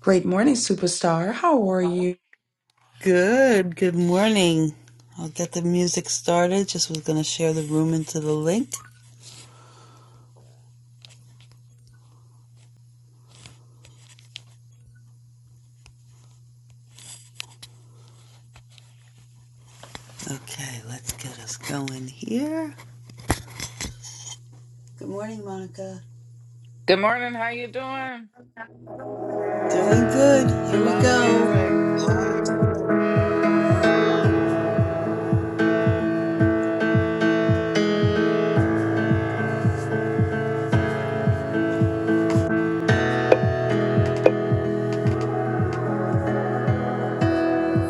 Great morning, superstar. How are you? Good, good morning. I'll get the music started. Just was going to share the room into the link. Okay, let's get us going here. Good morning, Monica. Good morning. How you doing? Doing good. Here we Love the go. music.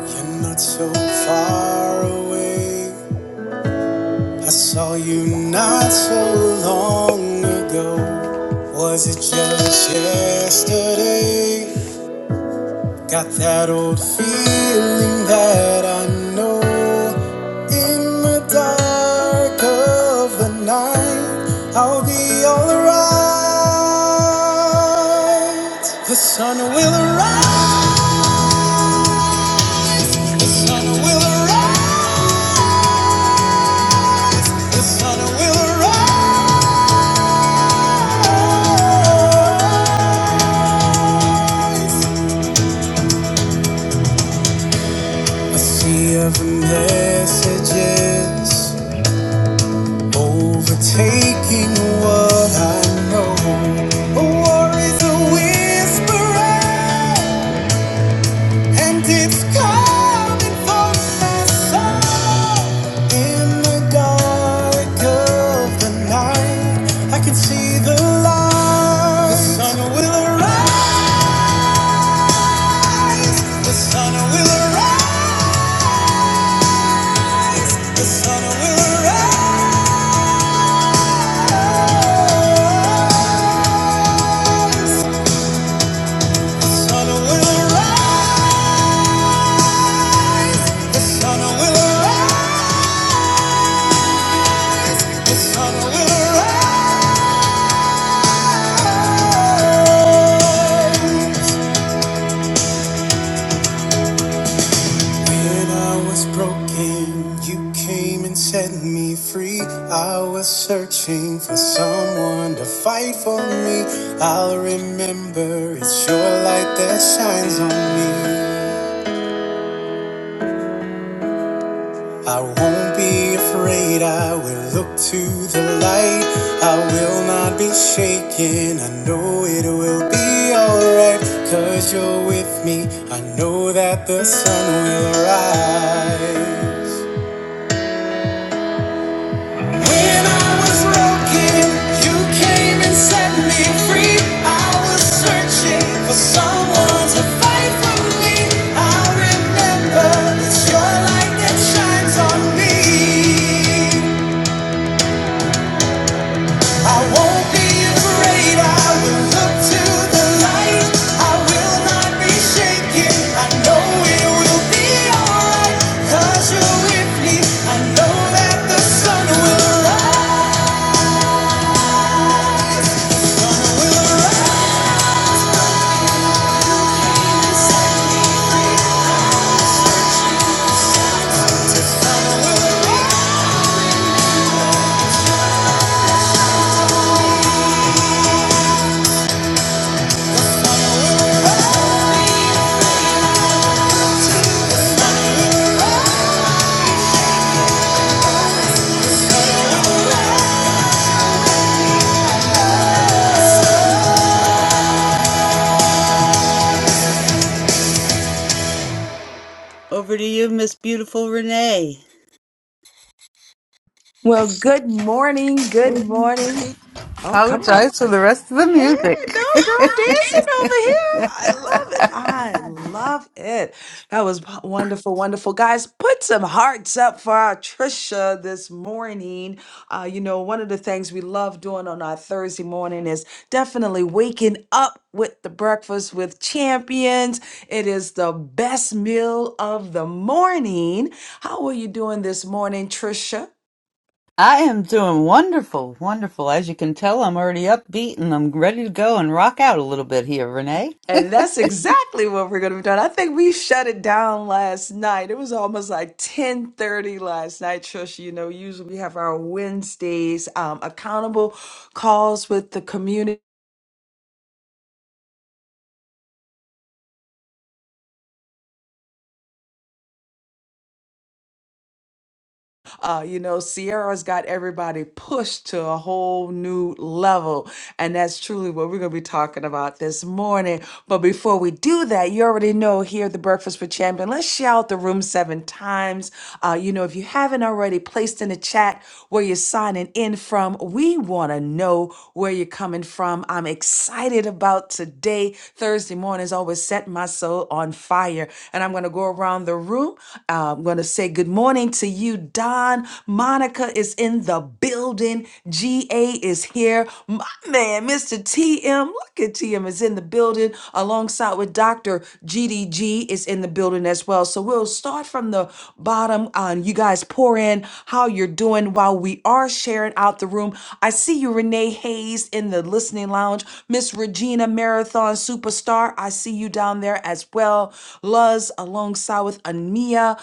You're not so far away. I saw you not so long ago. Was it just yesterday? Got that old feeling that I know in the dark of the night I'll be alright. The sun will arise, the sun will arise, the sun will arise. A sea of messages overtaking what I know. A war is a whisperer. And it's coming for my soul in the dark of the night. I can see the light. The sun will arise. The sun will arise. The sun will arise. The sun will arise. The sun will arise. The sun will arise. When I was broken, you came and set me free. I was searching for someone to fight for me. I'll remember it's your light that shines on me. I won't be afraid, I will look to the light. I will not be shaken, I know it will be alright. Cause you're with me, I know that the sun will rise. When I was broken, you came and set me free. I was searching for someone to fight for me. I remember it's your light that shines on me. I won't be afraid. I will look to the light. I will not be shaken. I know it will be alright. you're with me. I know that the sun will rise. Over to you, Miss Beautiful Renee. Well, good morning. Good morning. Oh, come on. Apologize for the rest of the Hey, music. no, girl, dancing over here. I love it. I love it. That was w- wonderful, wonderful. Guys, put some hearts up for our Trisha this morning. Uh, you know, one of the things we love doing on our Thursday morning is definitely waking up with the breakfast with champions. It is the best meal of the morning. How are you doing this morning, Trisha? I am doing wonderful, wonderful. As you can tell, I'm already upbeat and I'm ready to go and rock out a little bit here, Renee. And that's exactly what we're going to be doing. I think we shut it down last night. It was almost like 10:30 last night, Trisha. You know, usually we have our Wednesdays um, accountable calls with the community. Uh, you know, Sierra's got everybody pushed to a whole new level. And that's truly what we're going to be talking about this morning. But before we do that, you already know here at the Breakfast with Champion, let's shout the room seven times. Uh, you know, if you haven't already placed in the chat where you're signing in from, we want to know where you're coming from. I'm excited about today. Thursday mornings always set my soul on fire. And I'm going to go around the room. Uh, I'm going to say good morning to to you, Don. Monica is in the building. GA is here. My man, Mr. TM, look at TM is in the building alongside with Dr. GDG is in the building as well. So we'll start from the bottom on you guys pour in how you're doing while we are sharing out the room. I see you, Renee Hayes, in the listening lounge. Miss Regina Marathon Superstar, I see you down there as well. Luz alongside with Ania.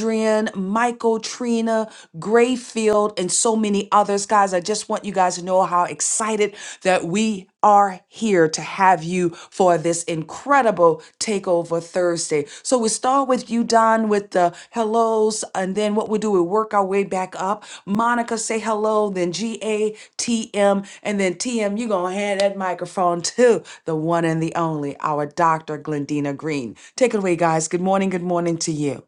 Adrian, Michael, Trina, Grayfield, and so many others. Guys, I just want you guys to know how excited that we are here to have you for this incredible Takeover Thursday. So we start with you, Don, with the hellos, and then what we do, we work our way back up. Monica, say hello, then G A T M, and then TM, you're going to hand that microphone to the one and the only, our Dr. Glendina Green. Take it away, guys. Good morning. Good morning to you.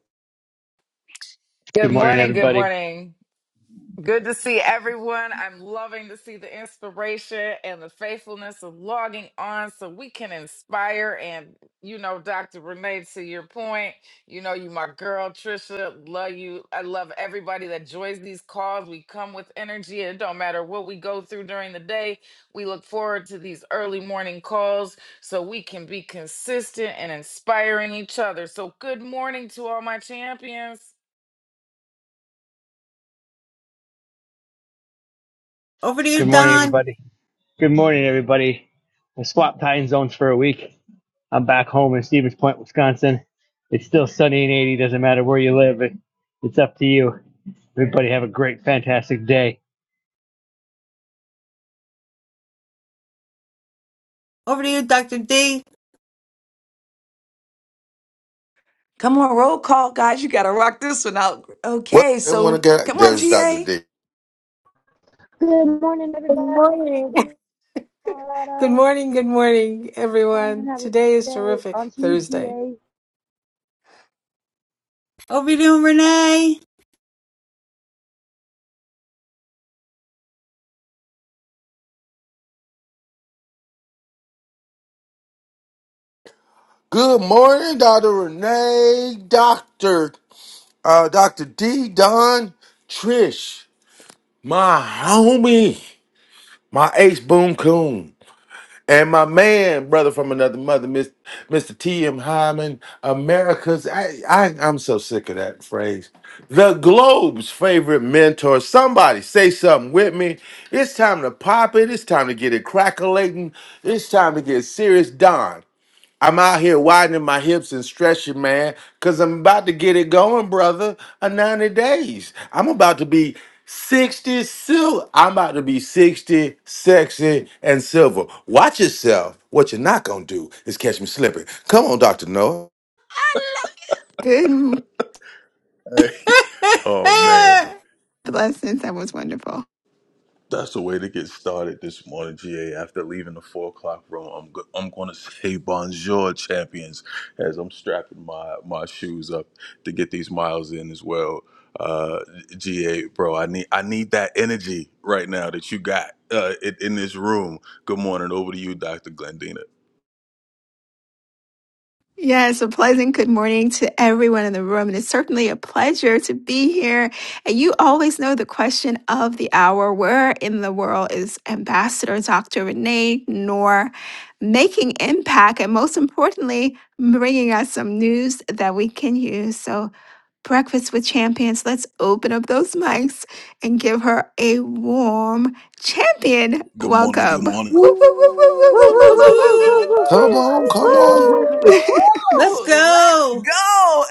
Good Good morning, morning. Good everybody. morning. Good to see everyone. I'm loving to see the inspiration and the faithfulness of logging on so we can inspire. And, you know, Dr. Renee, to your point, you know, you, my girl, Trisha, love you. I love everybody that joins these calls. We come with energy. It don't matter what we go through during the day. We look forward to these early morning calls so we can be consistent and inspiring each other. So, good morning to all my champions, Over to you, Good morning, Don. everybody. Good morning, everybody. I swapped time zones for a week. I'm back home in Stevens Point, Wisconsin. It's still sunny and 80. Doesn't matter where you live. It, it's up to you. Everybody have a great, fantastic day. Over to you, Dr. D. Come on, roll call, guys. You got to rock this one out. Well, Okay, they want to so get come on, there's It's Dr. GA. D. Good morning, Good everybody. From morning. beautiful Good Colorado. morning. Good morning. Morning, have a good day on Woo, TGA. Over to you, Renee. Good morning, Dr. Renee, Dr. Uh, Dr. D, Don, Trish, my homie, my ace boom coon, and my man, brother from another mother, Miss, Mr. T. M. Hyman, America's. I, I, I'm so sick of that phrase. The globe's favorite mentor. Somebody say something with me. It's time to pop it. It's time to get it crackling. It's time to get serious. Don. I'm out here widening my hips and stretching, man, because I'm about to get it going, brother. A 90 days. I'm about to be 60 silver. I'm about to be 60, sexy, and silver. Watch yourself. What you're not going to do is catch me slipping. Come on, Dr. Noah. Good Hey, oh man, blessings. That was wonderful. that's the way to get started this morning, GA. After leaving the four o'clock room, I'm go- I'm going to say bonjour, champions, as I'm strapping my my shoes up to get these miles in as well. Uh, GA, bro, I need I need that energy right now that you got uh, in, in this room. Good morning, over to you, Doctor Glendina. Yes, a pleasant good morning to everyone in the room. And it's certainly a pleasure to be here. And you always know the question of the hour where in the world is Ambassador Dr. Renee Noor making impact? And most importantly, bringing us some news that we can use. So Breakfast with Champions. Let's open up those mics and give her a warm champion Good morning. Good welcome. Woo, morning. woo, woo, woo, woo, woo, woo, woo, woo, Woo. woo, woo, woo, woo, woo, woo, Come woo. on, Whoop, come whoop, whoop, on Woo. with it. Woo woo, whoop. woo. Let's woo! Let's go. go.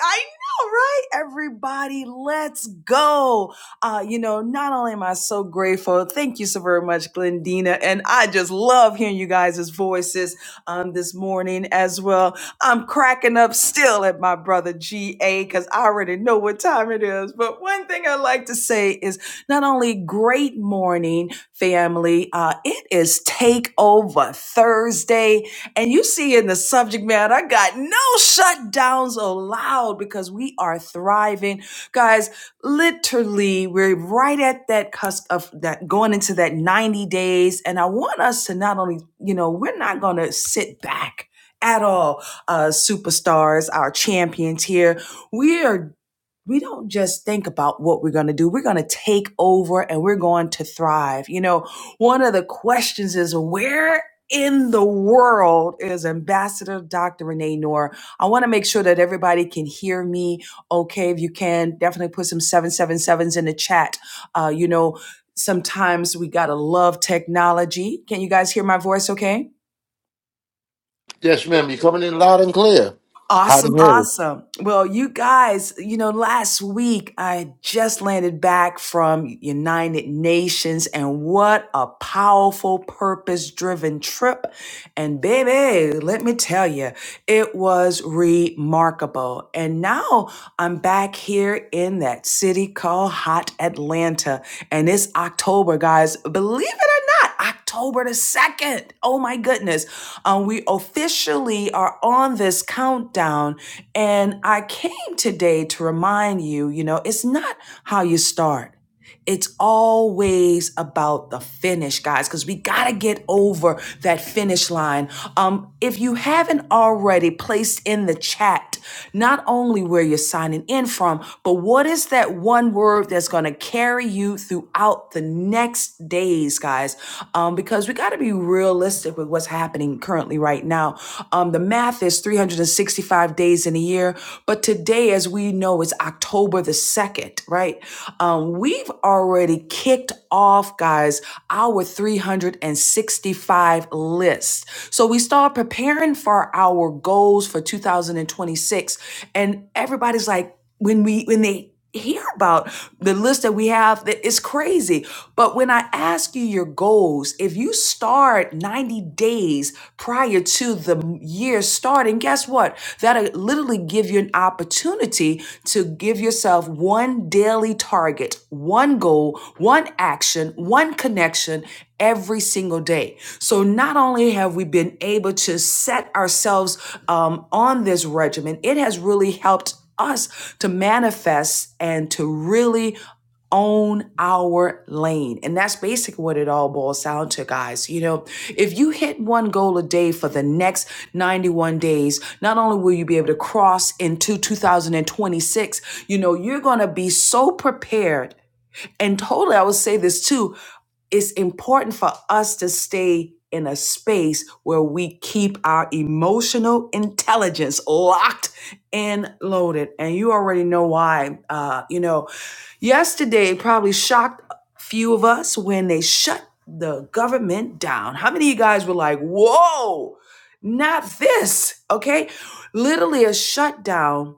I know, right? Everybody, let's go. Uh, you know, not only am I so grateful, thank you so very much, Glendina. And I just love hearing you guys' voices um this morning as well. I'm cracking up still at my brother GA because I already know what time it is. But one thing I like to say is not only great morning, family, uh, it is takeover Thursday and you see in the subject matter, I got no shutdowns allowed because we are thriving. Guys, literally, we're right at that cusp of that going into that 90 days. And I want us to not only, you know, we're not going to sit back at all, uh, superstars, our champions here. We are we don't just think about what we're going to do. We're going to take over and we're going to thrive. You know, one of the questions is where in the world is Ambassador Dr. Renee Noor? I want to make sure that everybody can hear me. Okay, if you can, definitely put some seven seven sevens in the chat. Uh, you know, sometimes we got to love technology. Can you guys hear my voice okay? Yes, ma'am. You're coming in loud and clear. Hot Awesome, and heavy. awesome. Well, you guys, you know, last week I just landed back from United Nations and what a powerful purpose driven trip. And baby, let me tell you. It was remarkable. And now I'm back here in that city called Hot Atlanta. And it's October, guys. Believe it or not, October the 2nd. Oh my goodness. Um, we officially are on this countdown. And I came today to remind you, you know, it's not how you start. It's always about the finish, guys, because we got to get over that finish line. Um, if you haven't already placed in the chat, not only where you're signing in from, but what is that one word that's going to carry you throughout the next days, guys? Um, because we got to be realistic with what's happening currently right now. Um, the math is 365 days in a year year. But today, as we know, is October the 2nd, right? Um, we've already kicked off, guys, our 365 list. So we start preparing for our goals for 2026, and everybody's like, when we when they hear about the list that we have that is crazy but when i ask you your goals if you start 90 days prior to the year starting guess what that'll literally give you an opportunity to give yourself one daily target one goal one action one connection every single day so not only have we been able to set ourselves um, on this regimen it has really helped us to manifest and to really own our lane. And that's basically what it all boils down to, guys. You know, if you hit one goal a day for the next 91 days, not only will you be able to cross into 2026, you know, you're going to be so prepared and totally, I would say this too it's important for us to stay in a space where we keep our emotional intelligence locked and loaded. And you already know why. Uh, you know, yesterday probably shocked a few of us when they shut the government down. How many of you guys were like, whoa, not this? Okay. Literally a shutdown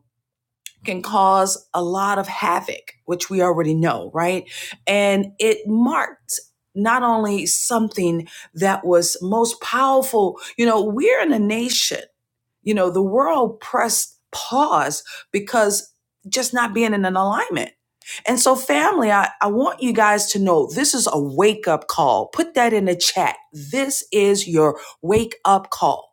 can cause a lot of havoc, which we already know, right? And it marked not only something that was most powerful, you know, we're in a nation, you know, the world pressed pause because just not being in an alignment. And so, family, I, I want you guys to know this is a wake up call. Put that in the chat. This is your wake up call.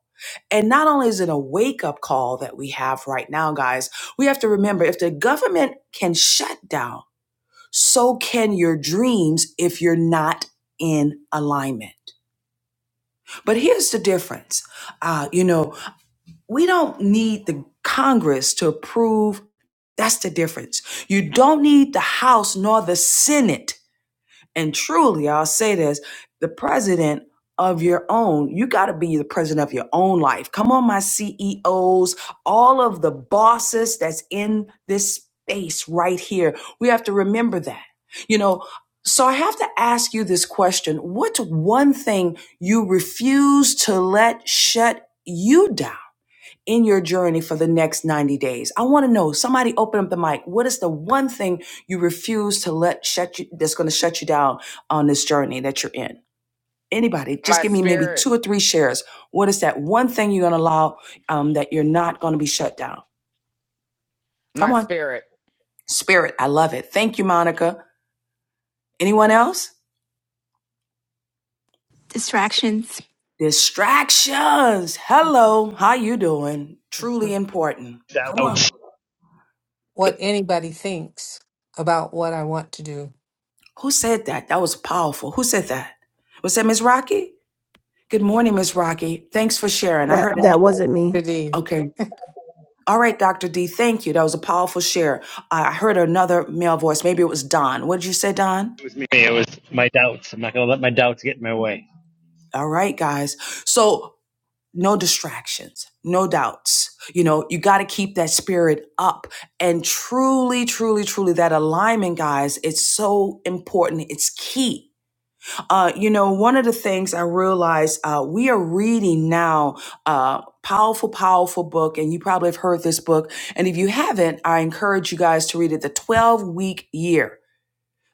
And not only is it a wake up call that we have right now, guys, we have to remember if the government can shut down, so can your dreams if you're not in alignment. But here's the difference. Uh, you know, we don't need the Congress to approve. That's the difference. You don't need the House nor the Senate and truly, I'll say this the president of your own, you got to be the president of your own life. Come on, my CEOs, all of the bosses that's in this space right here. We have to remember that. You know, so I have to ask you this question What's one thing you refuse to let shut you down? in your journey for the next 90 days. I want to know, somebody open up the mic. What is the one thing you refuse to let shut you, that's going to shut you down on this journey that you're in? Anybody, just my give me maybe spirit, two or three shares. What is that one thing you're going to allow um, that you're not going to be shut down? Come my on. spirit. Spirit, I love it. Thank you, Monica. Anyone else? Distractions. Distractions. Hello. How you doing? Truly important. Come Doubts. on. Who said that? That was powerful. Who said that? Was that Miss Rocky? Good morning, Ms. Rocky. Thanks for sharing. I That heard, that ano- wasn't me. okay. All right, Dr. D, thank you. That was a powerful share. I heard another male voice. Maybe it was Don. What did you say, Don? It was me. It was my doubts. I'm not going to let my doubts get in my way. All right, guys. So, no distractions, no doubts. You know, you got to keep that spirit up. And truly, truly, truly, that alignment, guys, it's so important. It's key Uh, you know, one of the things I realized uh, we are reading now. Uh, Powerful, powerful book, and you probably have heard this book. And if you haven't, I encourage you guys to read it. The 12 week year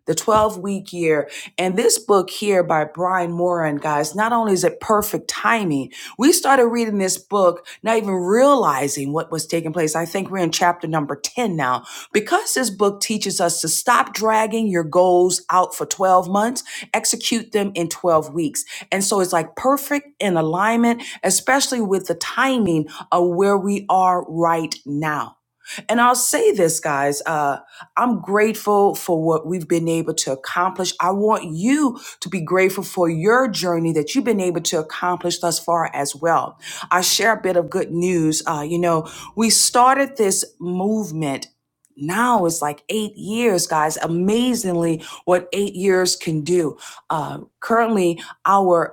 the 12 week year. And this book here by Brian Moran, guys, not only is it perfect timing, we started reading this book, not even realizing what was taking place. I think we're in chapter number 10 now. Because this book teaches us to stop dragging your goals out for 12 months, execute them in 12 weeks. And so it's like perfect in alignment, especially with the timing of where we are right now. And I'll say this, guys. Uh, I'm grateful for what we've been able to accomplish. I want you to be grateful for your journey that you've been able to accomplish thus far as well. I share a bit of good news. Uh, you know, we started this movement. Now it's like eight years, guys. Amazingly, what eight years can do. Uh, currently, our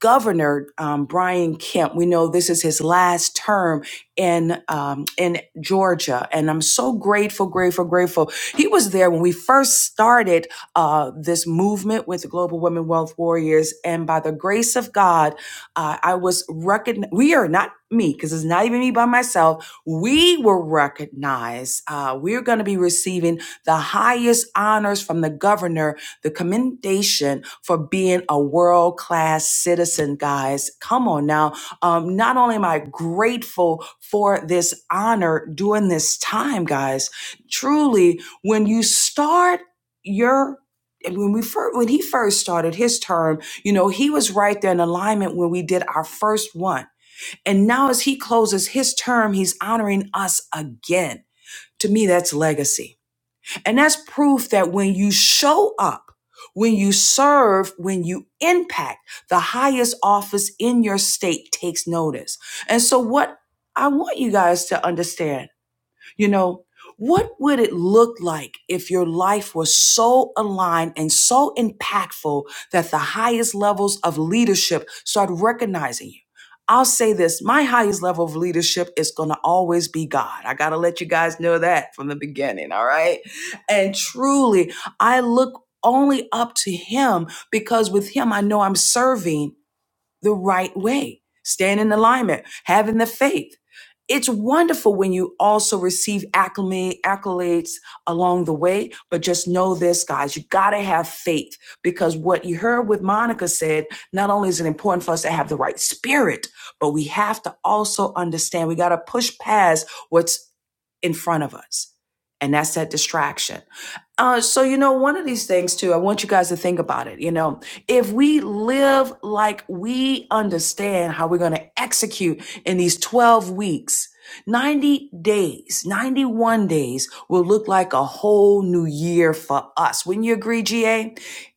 Governor um, Brian Kemp, we know this is his last term in um, in Georgia, and I'm so grateful, grateful, grateful. He was there when we first started uh, this movement with the Global Women Wealth Warriors, and by the grace of God, uh, I was recognized. We are not me because it's not even me by myself. We were recognized. Uh, we're going to be receiving the highest honors from the governor the commendation for being a world class citizen, guys. Come on now. Um, not only am I grateful for this honor during this time, guys, truly, when you start your and when we first, when he first started his term, you know, he was right there in alignment when we did our first one. And now as he closes his term, he's honoring us again. To me, that's legacy and that's proof that when you show up, when you serve, when you impact, the highest office in your state takes notice. And so, what I want you guys to understand you know, what would it look like if your life was so aligned and so impactful that the highest levels of leadership start recognizing you? I'll say this my highest level of leadership is going to always be God. I got to let you guys know that from the beginning, all right? And truly, I look only up to Him because with Him, I know I'm serving the right way, staying in alignment, having the faith. It's wonderful when you also receive acclama- accolades along the way, but just know this, guys, you got to have faith because what you heard with Monica said, not only is it important for us to have the right spirit, but we have to also understand we got to push past what's in front of us, and that's that distraction. Uh, so, you know, one of these things too, I want you guys to think about it. You know, if we live like we understand how we're going to execute in these 12 weeks, 90 days, 91 days will look like a whole new year for us. Wouldn't you agree, GA?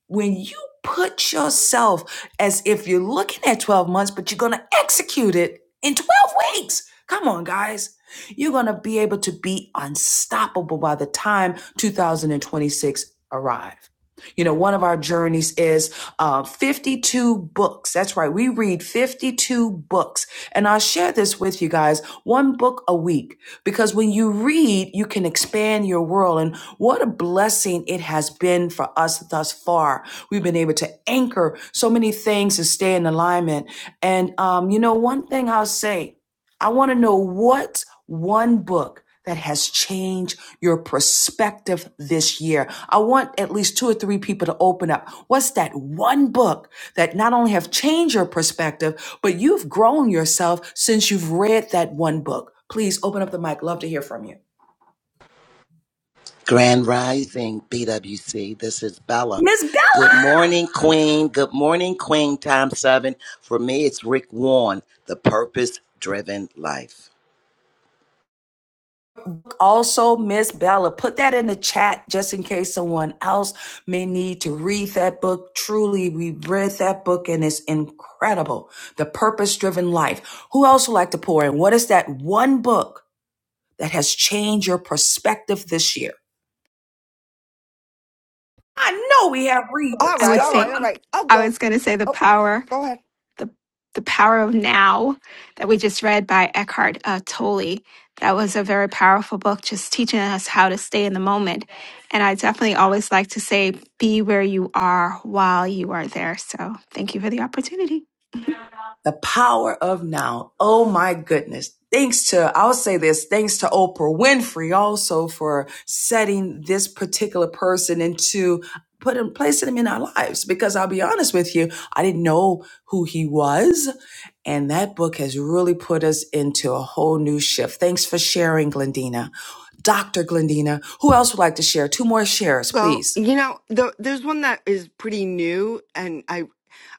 When you put yourself as if you're looking at 12 months, but you're going to execute it in 12 weeks. Come on, guys. You're going to be able to be unstoppable by the time 2026 arrives. You know, one of our journeys is uh, 52 books. That's right. We read 52 books. And I'll share this with you guys one book a week because when you read, you can expand your world. And what a blessing it has been for us thus far. We've been able to anchor so many things and stay in alignment. And, um, you know, one thing I'll say, I want to know what one book that has changed your perspective this year. I want at least two or three people to open up. What's that one book that not only have changed your perspective, but you've grown yourself since you've read that one book? Please open up the mic. Love to hear from you. Grand Rising BWC. This is Bella. Miss Bella. Good morning, Queen. Good morning, Queen. Time seven. For me, it's Rick Warren, The Purpose Driven Life. Also, Miss Bella, put that in the chat just in case someone else may need to read that book. Truly, we read that book and it's incredible. The Purpose Driven Life. Who else would like to pour in? What is that one book that has changed your perspective this year? I know we have All I readers. right, would Come all say, right, on. all right. I'll I go. was going to say the Oh, power. go ahead. the the power of now that we just read by Eckhart uh, Tolle. That was a very powerful book, just teaching us how to stay in the moment. And I definitely always like to say, be where you are while you are there. So thank you for the opportunity. The power of now. Oh my goodness. Thanks to, I'll say this, thanks to Oprah Winfrey also for setting this particular person into putting, placing him in our lives. Because I'll be honest with you, I didn't know who he was. And that book has really put us into a whole new shift. Thanks for sharing, Glendina. Dr. Glendina, who else would like to share? Two more shares, Go. please. you know, the, there's one that is pretty new, and I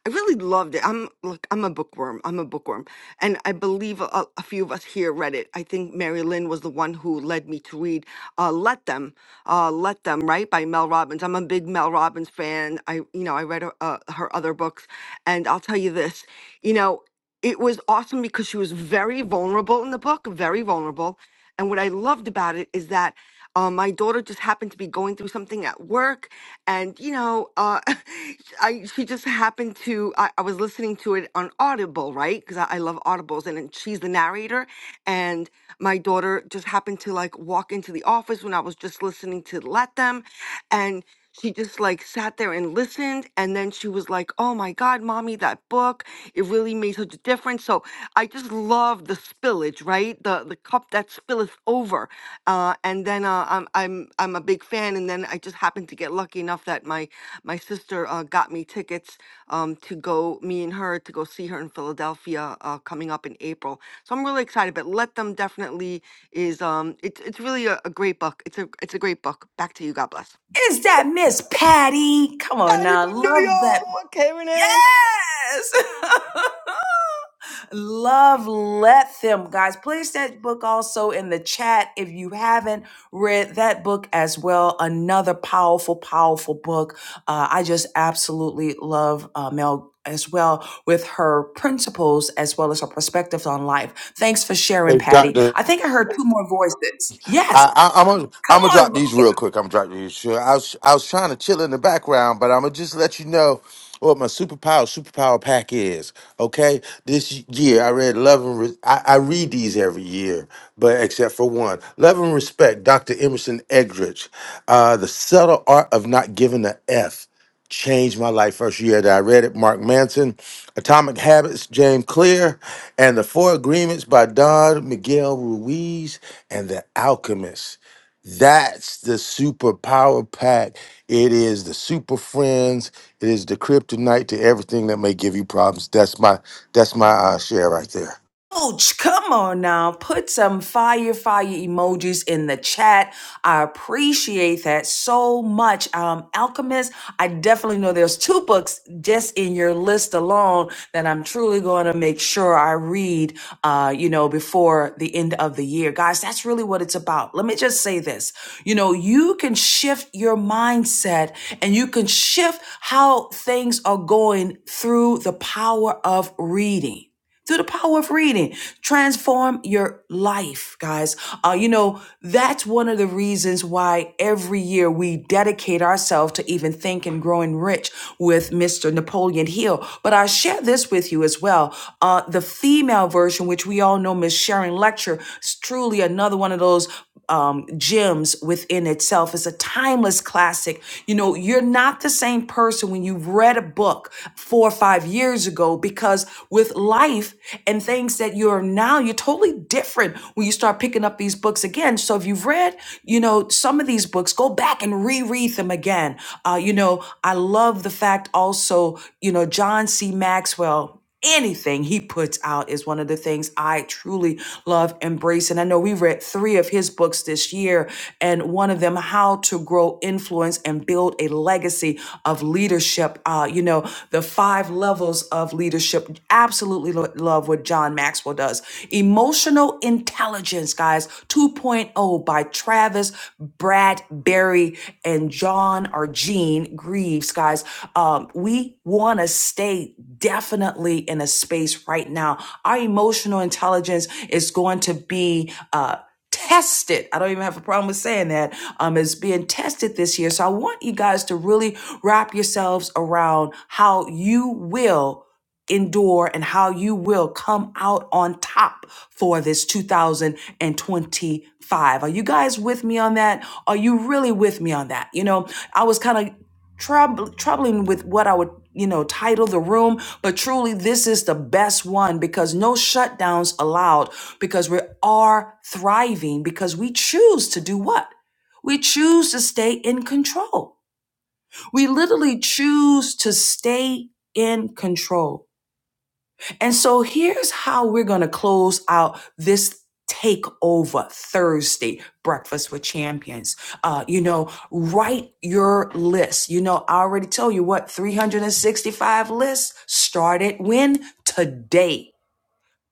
I really loved it. I'm look, I'm a bookworm. I'm a bookworm, and I believe a, a few of us here read it. I think Mary Lynn was the one who led me to read uh, "Let Them," uh, "Let Them," right by Mel Robbins. I'm a big Mel Robbins fan. I you know I read her, uh, her other books. And I'll tell you this, you know, it was awesome because she was very vulnerable in the book, very vulnerable. And what I loved about it is that um, my daughter just happened to be going through something at work, and you know, uh, I she just happened to. I, I was listening to it on Audible, right? Because I, I love Audibles, and, and she's the narrator. And my daughter just happened to like walk into the office when I was just listening to Let Them, and she just like sat there and listened. And then she was like, oh my God, mommy, that book, it really made such a difference. So I just love the spillage, right? The the cup that spilleth over. Uh, and then uh, I'm, I'm, I'm a big fan. And then I just happened to get lucky enough that my, my sister uh, got me tickets um, to go, me and her, to go see her in Philadelphia uh, coming up in April. So I'm really excited. But Let Them Definitely is, um, it's, it's really a, a great book. It's a, it's a great book. Back to you. God bless. Is that Miss Patty? Come on Patty now. from New Love that York. Hey, Renee. Yes. Love Let Them. Guys, place that book also in the chat if you haven't read that book as well. Another powerful, powerful book. Uh, I just absolutely love uh, Mel as well with her principles as well as her perspectives on life. Thanks for sharing, Hey, Patty. Dr. I think I heard two more voices. Yes. I, I, I'm gonna Come I'm gonna drop on. these real quick. I'm dropping these. Sure, I was I was trying to chill in the background, but I'm gonna just let you know what my superpower superpower pack is. Okay, this year I read Love and Re- I, I read these every year, but except for one, Love and Respect, Dr. Emerson Eldridge, uh, the subtle art of not giving a f changed my life first year that I read it. Mark Manson, Atomic Habits, James Clear, and The Four Agreements by Don Miguel Ruiz and The Alchemist. That's the superpower pack. It is the super friends. It is the kryptonite to everything that may give you problems. That's my that's my uh, share right there. Coach, come on now. Put some fire, fire emojis in the chat. I appreciate that so much. Um, Alchemist, I definitely know there's two books just in your list alone that I'm truly going to make sure I read, uh, you know, before the end of the year. Guys, that's really what it's about. Let me just say this. You know, you can shift your mindset and you can shift how things are going through the power of reading. Through the power of reading. Transform your life, guys. Uh, you know, that's one of the reasons why every year we dedicate ourselves to even think and growing rich with Mr. Napoleon Hill. But I share this with you as well. Uh, the female version, which we all know, Miss Sharon Lecture, is truly another one of those um, gems within itself. It's a timeless classic. You know, you're not the same person when you've read a book four or five years ago because with life and things that you're now, you're totally different when you start picking up these books again. So if you've read, you know, some of these books, go back and reread them again. Uh, you know, I love the fact also, you know, John C. Maxwell anything he puts out is one of the things I truly love embrace, and I know we read three of his books this year, and one of them, How to Grow Influence and Build a Legacy of Leadership. Uh, you know, the five levels of leadership. Absolutely lo- love what John Maxwell does. Emotional Intelligence, guys, 2.0 point oh by Travis Bradberry and John or Gene Greaves, guys. Um, we we want to stay definitely in a space right now. Our emotional intelligence is going to be, uh, tested. I don't even have a problem with saying that. Um, is being tested this year. So I want you guys to really wrap yourselves around how you will endure and how you will come out on top for this 2025. Are you guys with me on that? Are you really with me on that? You know, I was kind of troub- troubling with what I would, you know, title the room, but truly this is the best one because no shutdowns allowed because we are thriving because we choose to do what? We choose to stay in control. We literally choose to stay in control. And so here's how we're going to close out this takeover Thursday breakfast with champions. Uh, you know, write your list. You know, I already told you what 365 lists started when today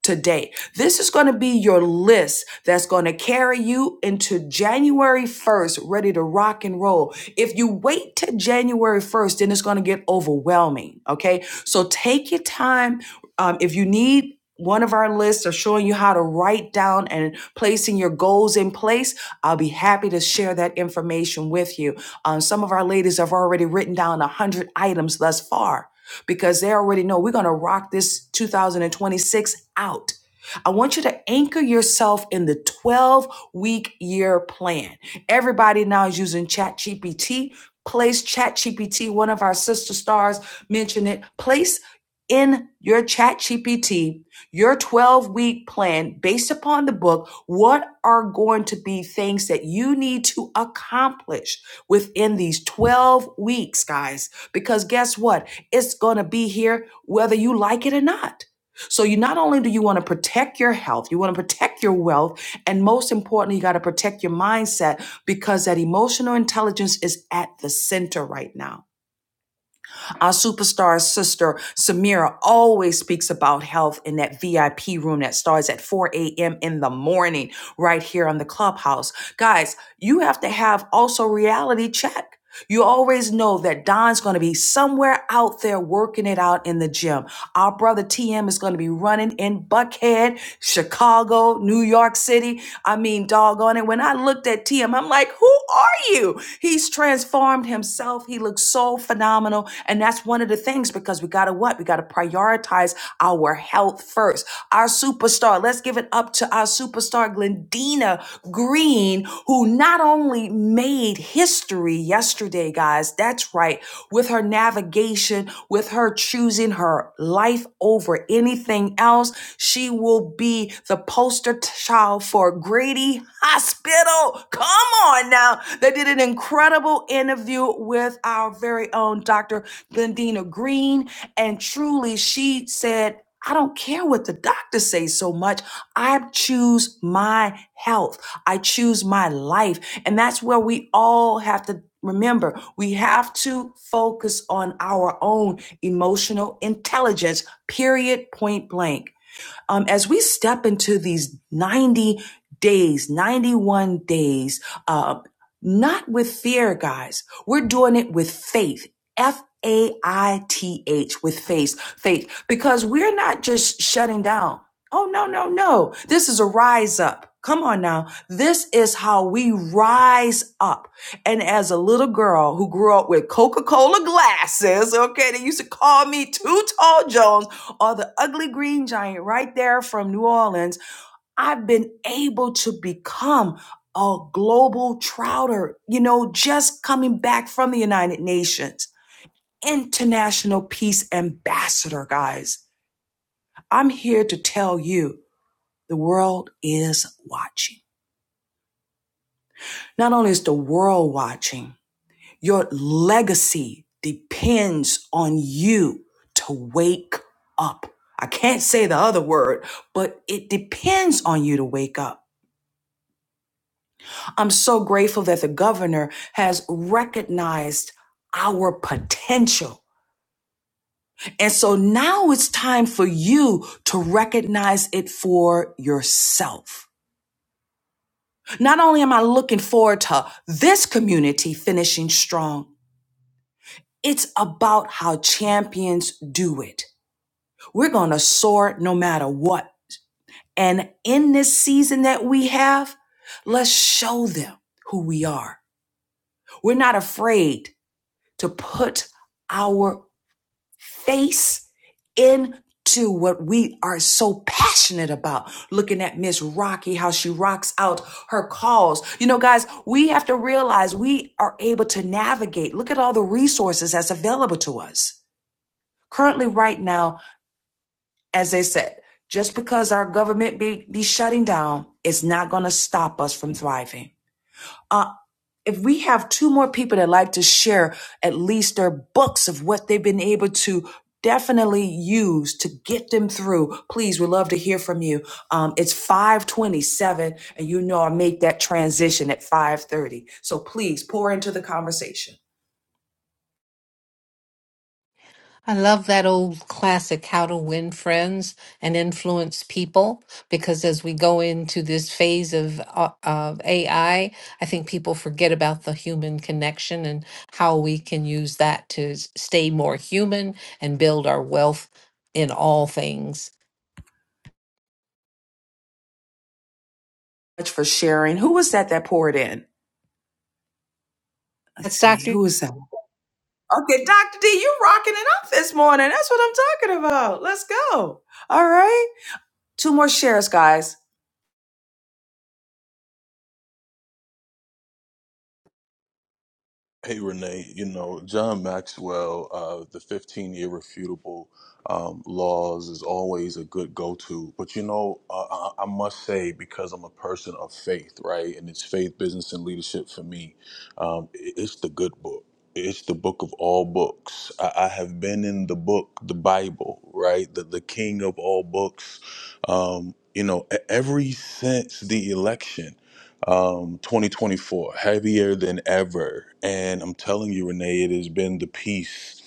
today. This is going to be your list that's going to carry you into January 1st, ready to rock and roll. If you wait to January 1st, then it's going to get overwhelming. Okay. So take your time. Um, if you need, one of our lists of showing you how to write down and placing your goals in place. I'll be happy to share that information with you. Um, some of our ladies have already written down 100 items thus far because they already know we're going to rock this 2026 out. I want you to anchor yourself in the 12 week year plan. Everybody now is using ChatGPT. Place ChatGPT, one of our sister stars mentioned it. Place in your ChatGPT your 12 week plan based upon the book. What are going to be things that you need to accomplish within these 12 weeks, guys? Because guess what? It's going to be here whether you like it or not. So you not only do you want to protect your health, you want to protect your wealth, and most importantly, you got to protect your mindset because that emotional intelligence is at the center right now. Our superstar sister Samira always speaks about health in that VIP room that starts at 4 a.m. in the morning, right here on the clubhouse. Guys, you have to have also reality check. You always know that Don's going to be somewhere out there working it out in the gym. Our brother TM is going to be running in Buckhead, Chicago, New York City. I mean, doggone it. When I looked at TM, I'm like, who are you? He's transformed himself. He looks so phenomenal. And that's one of the things because we got to what? We got to prioritize our health first. Our superstar, let's give it up to our superstar, Glendina Green, who not only made history yesterday, guys. That's right. With her navigation, with her choosing her life over anything else, she will be the poster child for Grady Hospital. Come on now. They did an incredible interview with our very own Dr. Glendina Green, and truly she said, I don't care what the doctors say so much. I choose my health. I choose my life. And that's where we all have to remember we have to focus on our own emotional intelligence, period, point blank um, as we step into these 90 days, 91 days, uh, not with fear, guys. We're doing it with faith. F A I T H with faith, faith, because we're not just shutting down. Oh, no, no, no. This is a rise up. Come on now. This is how we rise up. And as a little girl who grew up with Coca Cola glasses, okay, they used to call me Too Tall Jones or the ugly green giant right there from New Orleans, I've been able to become a global trouter, you know, just coming back from the United Nations, international peace ambassador, guys. I'm here to tell you the world is watching. Not only is the world watching, Your legacy depends on you to wake up. I can't say the other word, but it depends on you to wake up. I'm so grateful that the governor has recognized our potential. And so now it's time for you to recognize it for yourself. Not only am I looking forward to this community finishing strong, it's about how champions do it. We're going to soar no matter what. And in this season that we have, let's show them who we are. We're not afraid to put our face into what we are so passionate about. Looking at Miss Rocky, how she rocks out her calls. You know, guys, we have to realize we are able to navigate. Look at all the resources that's available to us. Currently, right now, as they said, just because our government be, be shutting down, it's not going to stop us from thriving. Uh, if we have two more people that like to share at least their books of what they've been able to definitely use to get them through, please, we love to hear from you. Um, it's 527 and you know I make that transition at 530. So please pour into the conversation. Much for sharing. Who was that that poured in? Let's see. Who was that? Okay, Dr. D, you rocking it up this morning. That's what I'm talking about. Let's go. All right. Two more shares, guys. Hey Renee, you know John Maxwell, uh, the 15 irrefutable um, laws is always a good go-to. But you know, uh, I, I must say because I'm a person of faith, right, and it's faith, business, and leadership for me. Um, it- it's the good book. It's the book of all books. I, I have been in the book, the Bible, right, the the king of all books. Um, you know, e- every since the election um, 2024, heavier than ever. And I'm telling you, Renee, it has been the peace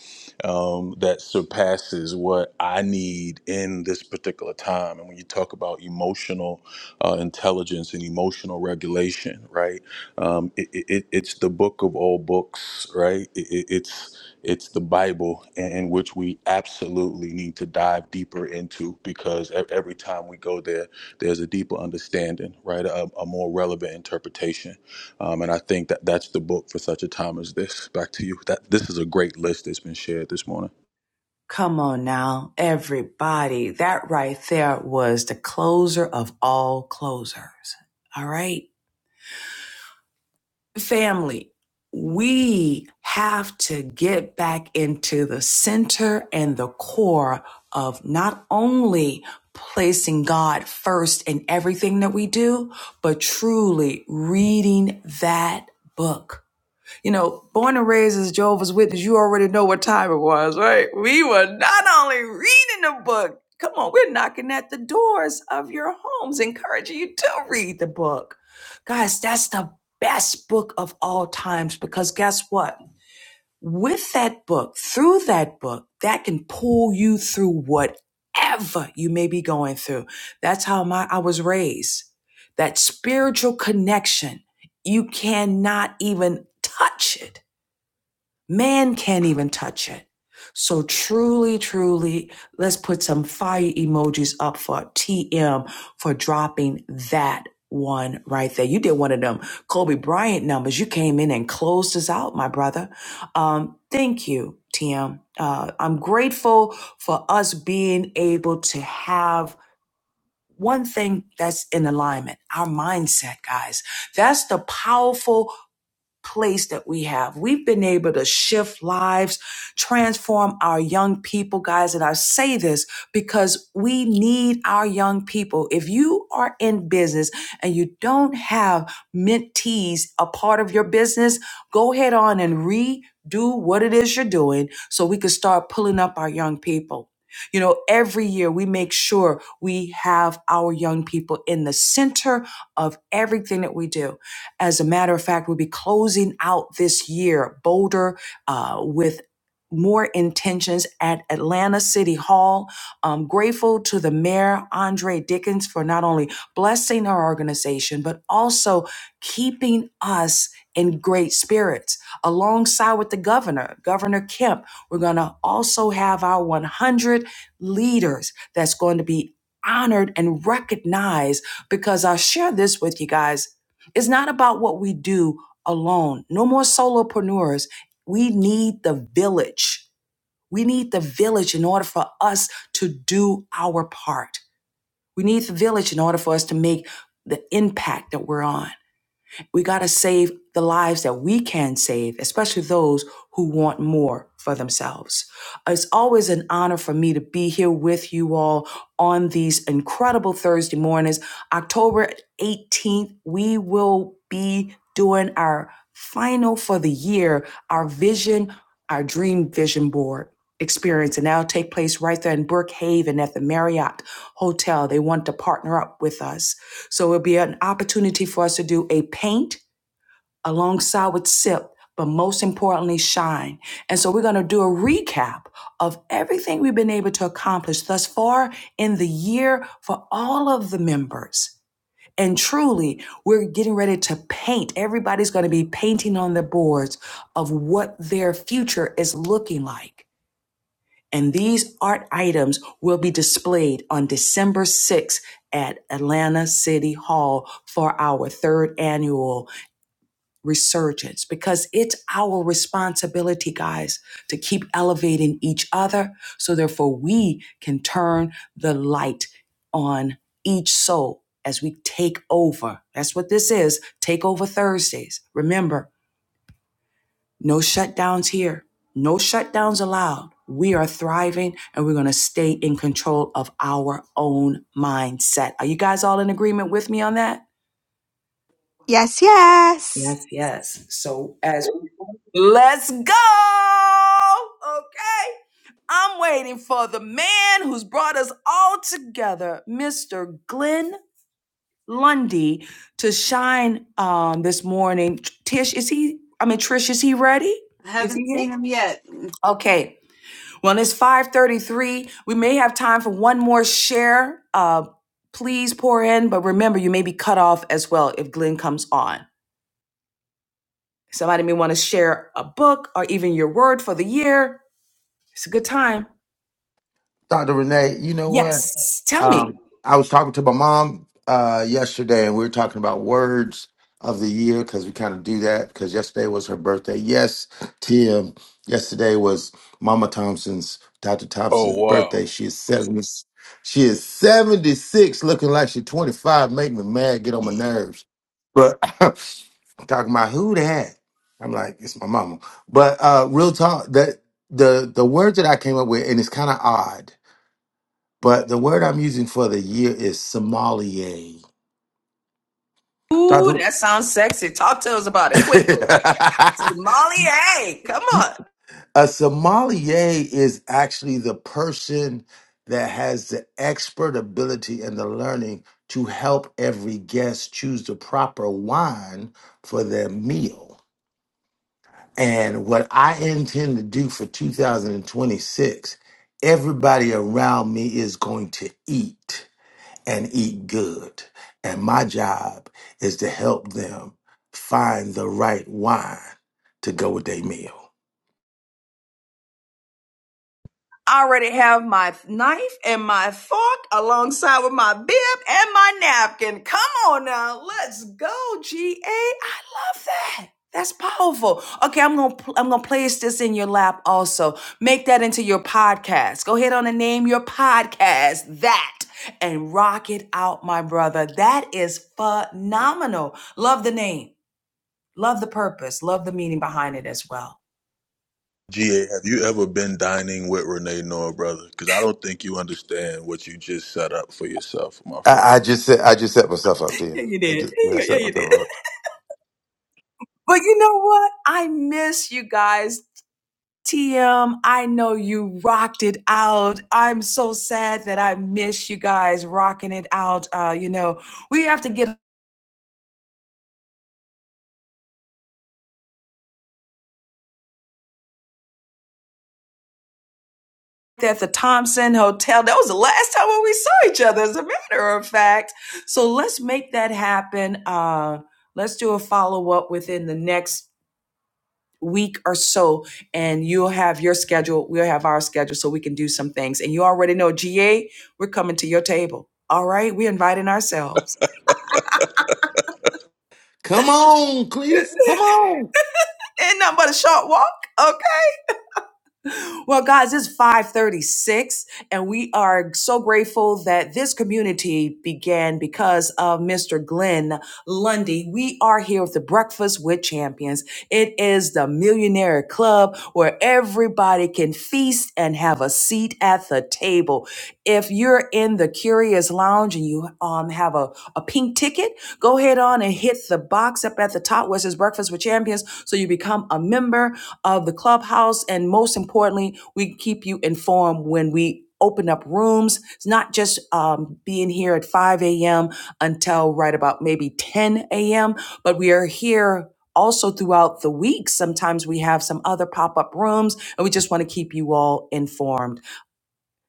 um, that surpasses what I need in this particular time. And when you talk about emotional uh, intelligence and emotional regulation, right? Um, it, it, it- it's the book of all books, right? It, it, it's it's the Bible in in which we absolutely need to dive deeper into because e- every time we go there, there's a deeper understanding, right? A, a more relevant interpretation. Um, and I think that that's the book for such a time as this. Back to you. That This is a great list that's been shared this morning. Come on now, everybody. That right there was the closer of all closers. All right. Family, we have to get back into the center and the core of not only placing God first in everything that we do, but truly reading that book you know, born and raised as Jehovah's Witness, you already know what time it was, right? We were not only reading the book, come on, we're knocking at the doors of your homes, encouraging you to read the book. Guys, that's the best book of all times because guess what? With that book, through that book, that can pull you through whatever you may be going through. That's how my I was raised. That spiritual connection, you cannot even touch it Man can't even touch it. So truly, truly, let's put some fire emojis up for TM for dropping that one right there. You did one of them Kobe Bryant numbers. You came in and closed us out, my brother. Um, thank you, TM. Uh, I'm grateful for us being able to have one thing that's in alignment, our mindset, guys. That's the powerful place that we have. We've been able to shift lives, transform our young people, guys. And I say this because we need our young people. If you are in business and you don't have mentees a part of your business, go ahead on and redo what it is you're doing so we can start pulling up our young people. You know, every year we make sure we have our young people in the center of everything that we do as a matter of fact, we'll be closing out this year bolder uh, with more intentions at Atlanta City Hall. I'm grateful to the mayor, Andre Dickens, for not only blessing our organization, but also keeping us in great spirits. Alongside with the governor, Governor Kemp, we're going to also have our 100 leaders that's going to be honored and recognized because I'll share this with you guys it's not about what we do alone. No more solopreneurs. We need the village. We need the village in order for us to do our part. We need the village in order for us to make the impact that we're on. We got to save the lives that we can save, especially those who want more for themselves. It's always an honor for me to be here with you all on these incredible Thursday mornings. October 18th, we will be doing our final for the year, our vision, our dream vision board experience and that'll take place right there in Brookhaven at the Marriott Hotel. They want to partner up with us. So it'll be an opportunity for us to do a paint alongside with sip, but most importantly, shine. And so we're going to do a recap of everything we've been able to accomplish thus far in the year for all of the members. And truly, we're getting ready to paint. Everybody's going to be painting on the boards of what their future is looking like. And these art items will be displayed on December 6th at Atlanta City Hall for our third annual resurgence because it's our responsibility, guys, to keep elevating each other so therefore we can turn the light on each soul as we take over. That's what this is. Take over Thursdays. Remember, no shutdowns here. No shutdowns allowed. We are thriving and we're going to stay in control of our own mindset. Are you guys all in agreement with me on that? Yes, yes. Yes, yes. So as let's go. Okay. I'm waiting for the man who's brought us all together, Mr. Glenn Lundy, to shine um this morning. Tish, is he I mean Trish, is he ready? I Is he haven't here? seen him yet. Okay. Well, it's 5:33. We may have time for one more share. Uh, please pour in, but remember you may be cut off as well if Glenn comes on. Somebody may want to share a book or even your word for the year. It's a good time. Dr. Renee, you know what? Yes, tell me. Um, I was talking to my mom uh, yesterday, and we were talking about words of the year because we kind of do that. Because yesterday was her birthday. Yes, Tim. Yesterday was Mama Thompson's, Dr. Oh Thompson's wow. birthday. She is seventy. She is seventy six, looking like she's twenty five. Make me mad. Get on my nerves. But talking about who that? I'm like, it's my mama. But uh, real talk. That the the words that I came up with, and it's kind of odd but the word I'm using for the year is sommelier. Ooh, Dr. that sounds sexy. Talk to us about it quickly. Molly, hey, come on. a sommelier is actually the person that has the expert ability and the learning to help every guest choose the proper wine for their meal. And what I intend to do for 2026, everybody around me is going to eat. and eat good. And my job is to help them find the right wine to go with their meal. I already have my knife and my fork alongside with my bib and my napkin. Come on now, let's go, GA. I love that. That's powerful. Okay, I'm gonna I'm gonna place this in your lap also. Make that into your podcast. Go ahead on and name your podcast that and rock it out, my brother. That is phenomenal. Love the name. Love the purpose. Love the meaning behind it as well. GA, have you ever been dining with Renee Noor, brother? Because I don't think you understand what you just set up for yourself, my friend. I, I just set I just set myself up Yeah, there. you I, did. just, I Yeah, set you did. myself up. But you know what? I miss you guys. TM, I know you rocked it out. I'm so sad that I miss you guys rocking it out. Uh, you know, we have to get at the Thompson Hotel. That was the last time when we saw each other, as a matter of fact. So let's make that happen. Uh, let's do a follow up within the next week or so and you'll have your schedule we'll have our schedule so we can do some things and you already know ga we're coming to your table all right we're inviting ourselves Come on, Cletus. Come on. ain't nothing but a short walk okay? Well, guys, it's 536, and we are so grateful that this community began because of Mr. Glenn Lundy. We are here with the Breakfast with Champions. It is the millionaire club where everybody can feast and have a seat at the table. If you're in the Curious Lounge and you um, have a, a pink ticket, Go ahead on and hit the box up at the top where it says Breakfast with Champions so you become a member of the clubhouse. And most importantly, we keep you informed when we open up rooms. It's not just um, being here at 5 a.m. until right about maybe 10 a.m., but we are here. Also, throughout the week, sometimes we have some other pop up rooms, and we just want to keep you all informed.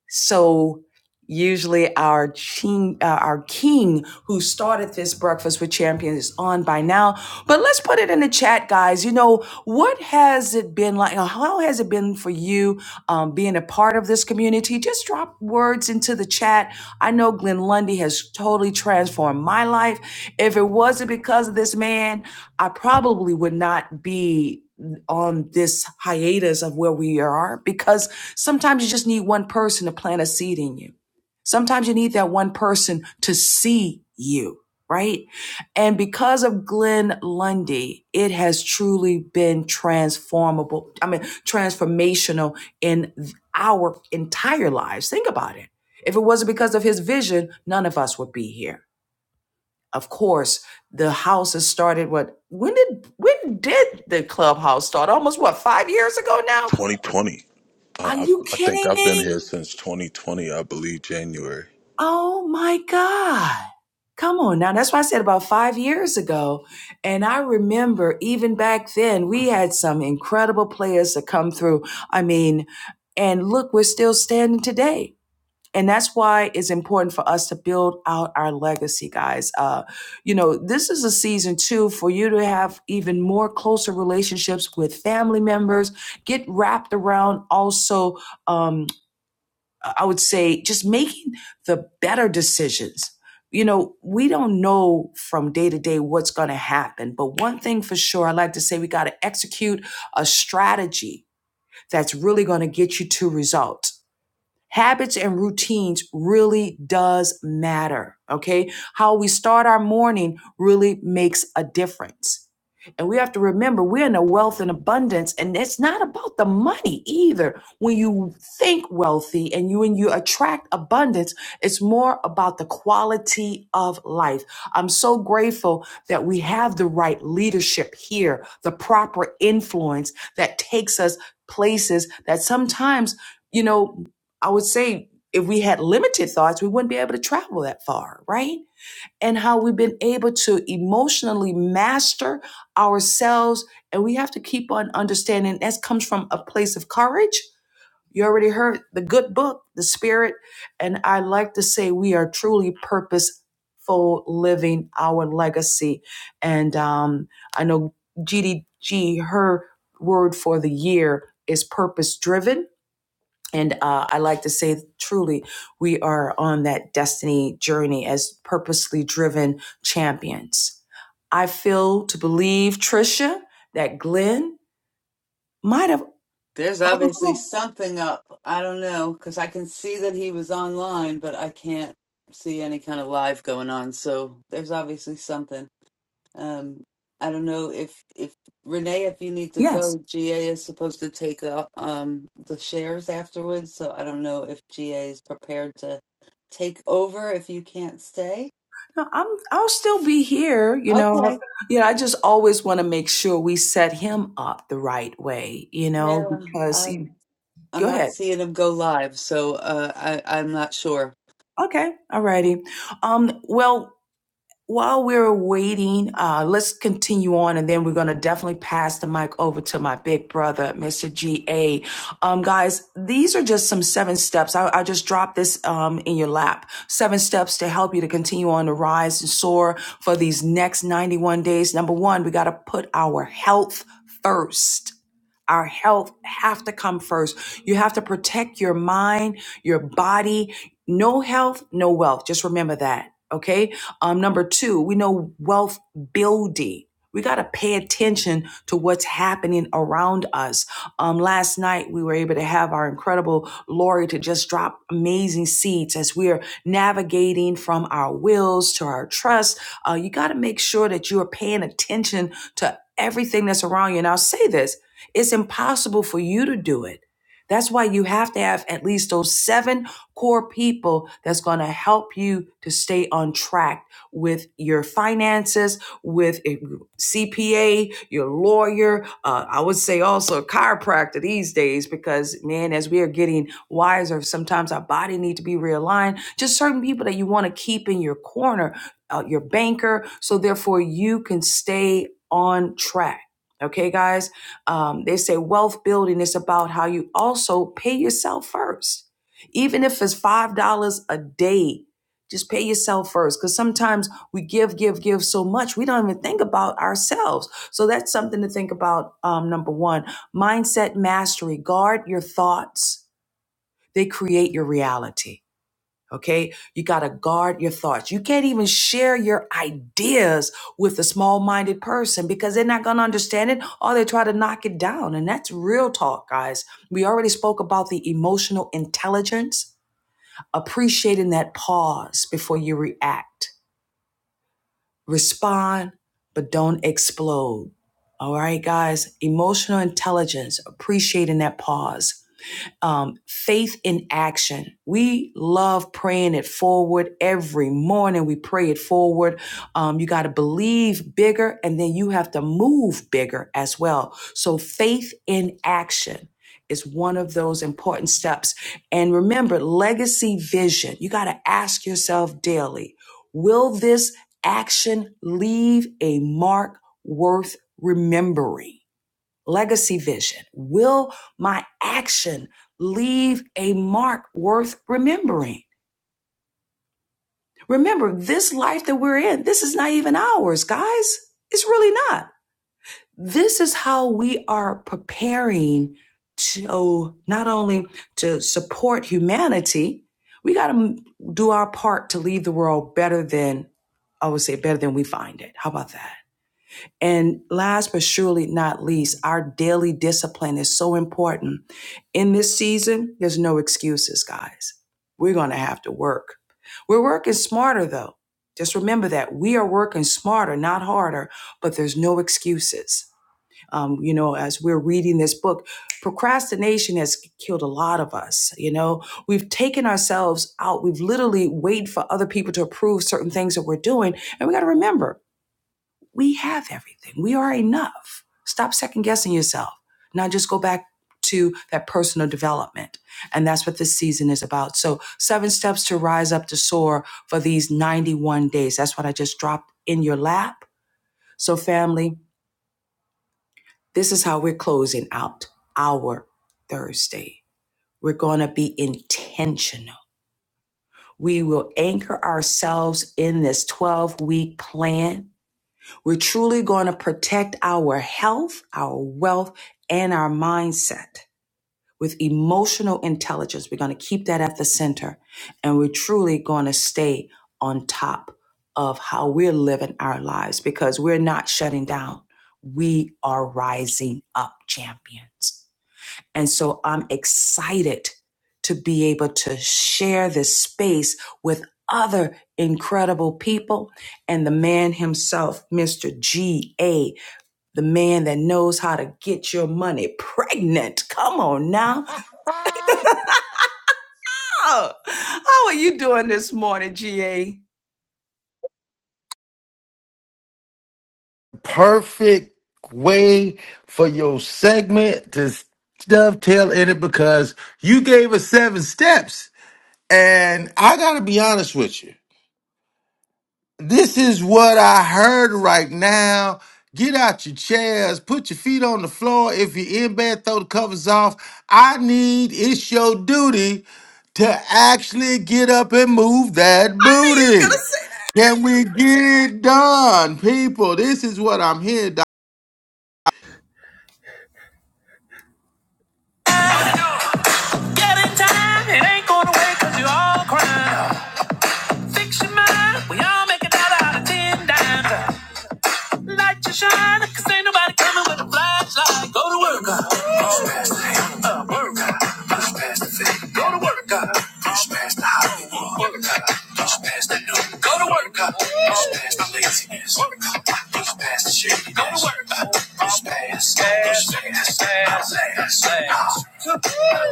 So usually our king, uh, our king who started this breakfast with champions is on by now. But let's put it in the chat, guys. You know what has it been like? or How has it been for you um, being a part of this community? Just drop words into the chat. I know Glenn Lundy has totally transformed my life. If it wasn't because of this man, I probably would not be on this hiatus of where we are because Sometimes you just need one person to plant a seed in you. Sometimes you need that one person to see you, right? And because of Glenn Lundy, it has truly been transformable. I mean, transformational in our entire lives. Think about it. If it wasn't because of his vision, none of us would be here. Of course, the house has started what when did when did the clubhouse start? Almost what, five years ago now? 2020. I, Are I, you I think kidding I've been me? here since 2020, I believe, January. Oh my God. Come on now. That's why I said about five years ago. And I remember even back then, we had some incredible players that come through. I mean, and look, we're still standing today. And that's why it's important for us to build out our legacy, guys. Uh, you know, this is a season too for you to have even more closer relationships with family members. Get wrapped around also um, I would say just making the better decisions. You know, we don't know from day to day what's going to happen, but one thing for sure, I like to say we got to execute a strategy that's really going to get you to results habits and routines really does matter okay how we start our morning really makes a difference and we have to remember we're in a wealth and abundance and it's not about the money either when you think wealthy and you and you attract abundance it's more about the quality of life i'm so grateful that we have the right leadership here the proper influence that takes us places that sometimes you know I would say if we had limited thoughts, we wouldn't be able to travel that far, right? And how we've been able to emotionally master ourselves. And we have to keep on understanding that comes from a place of courage. You already heard the good book, The Spirit. And I like to say we are truly purposeful living our legacy. And um, I know GDG, her word for the year is purpose driven and uh, I like to say, truly, we are on that destiny journey as purposely driven champions. I feel to believe, Trisha, that Glenn might have There's obviously overlooked. something up. I don't know because I can see that he was online, but I can't see any kind of live going on. So there's obviously something. Um, I don't know if if Renee, if you need to Yes, go, GA is supposed to take uh, um the shares afterwards. So I don't know if GA is prepared to take over if you can't stay. no, I'm. I'll still be here. You know, Okay. you know. I just always want to make sure we set him up the right way. You know, Yeah. because he, Um, I'm go not ahead. seeing him go live, so uh, I I'm not sure. Okay, all righty. Um, well, while we're waiting, uh, let's continue on, and then we're going to definitely pass the mic over to my big brother, Mr. GA. Um, guys, these are just some seven steps. I, I just dropped this um, in your lap. Seven steps to help you to continue on to rise and soar for these next 91 days. Number one, we got to put our health first. Our health have to come first. You have to protect your mind, your body. No health, no wealth. Just remember that. Okay um, number two, we know wealth building. We got to pay attention to what's happening around us. Um, last night, we were able to have our incredible Lori to just drop amazing seeds as we are navigating from our wills to our trust. Uh, you got to make sure that you are paying attention to everything that's around you. And I'll say this it's impossible for you to do it. That's why you have to have at least those seven core people that's going to help you to stay on track with your finances, with a CPA, your lawyer. Uh, I would say also a chiropractor these days because, man, as we are getting wiser, sometimes our body needs to be realigned. Just certain people that you want to keep in your corner, uh, your banker, so therefore you can stay on track. Okay, guys. Um, they say wealth building is about how you also pay yourself first, even if it's five dollars a day just pay yourself first. Because sometimes we give, give, give so much, we don't even think about ourselves. So that's something to think about. Um, number one, mindset mastery. Guard your thoughts, they create your reality. Okay. You got to guard your thoughts. You can't even share your ideas with a small minded person because they're not going to understand it or they try to knock it down. And that's real talk, guys. We already spoke about the emotional intelligence, appreciating that pause before you react respond, but don't explode. All right, guys, emotional intelligence, appreciating that pause um, faith in action. We love praying it forward every morning. We pray it forward. Um, you got to believe bigger and then you have to move bigger as well. So, faith in action is one of those important steps. And remember, legacy vision. You got to ask yourself daily will this action leave a mark worth remembering? legacy vision. Will my action leave a mark worth remembering? Remember, this life that we're in, this is not even ours, guys. It's really not. This is how we are preparing to not only to support humanity, we got to do our part to leave the world better than, I would say, better than we find it. How about that? And last but surely not least, our daily discipline is so important. In this season, there's no excuses, guys. We're going to have to work. We're working smarter, though. Just remember that we are working smarter, not harder, but there's no excuses. Um, you know, as we're reading this book, procrastination has killed a lot of us. You know, we've taken ourselves out. We've literally waited for other people to approve certain things that we're doing. And we got to remember we have everything. We are enough. Stop second guessing yourself. Now just go back to that personal development. And that's what this season is about. So, seven steps to rise up to soar for these 91 days. That's what I just dropped in your lap. So, family, this is how we're closing out our Thursday. We're going to be intentional. We will anchor ourselves in this 12 week plan We're truly going to protect our health, our wealth, and our mindset with emotional intelligence. We're going to keep that at the center. And we're truly going to stay on top of how we're living our lives because we're not shutting down. We are rising up champions. And so I'm excited to be able to share this space with other incredible people and the man himself, Mr. G.A., the man that knows how to get your money pregnant. Come on now. Oh, how are you doing this morning, G.A.? He's Perfect way for your segment to dovetail in it because you gave us seven steps. And I got to be honest with you. This is what I heard right now. Get out your chairs, put your feet on the floor. If you're in bed, throw the covers off. I need, it's your duty to actually get up and move that gonna booty. say, Can we get it done, people? This is what I'm here, Doc. Get in time, it ain't going away cause you all crying. Fix your mind, we all make a dollar out of ten dimes. Light your shine, cause ain't nobody coming with a flashlight. Go to work, uh, push past the hate, uh, work, uh, push past the fake. Go to work, uh, push past the Hollywood, work, uh, push past the new. Go to work, uh, push past the laziness, work, uh, push past the shady. Go to work, uh, push past, push past, outlast. uh.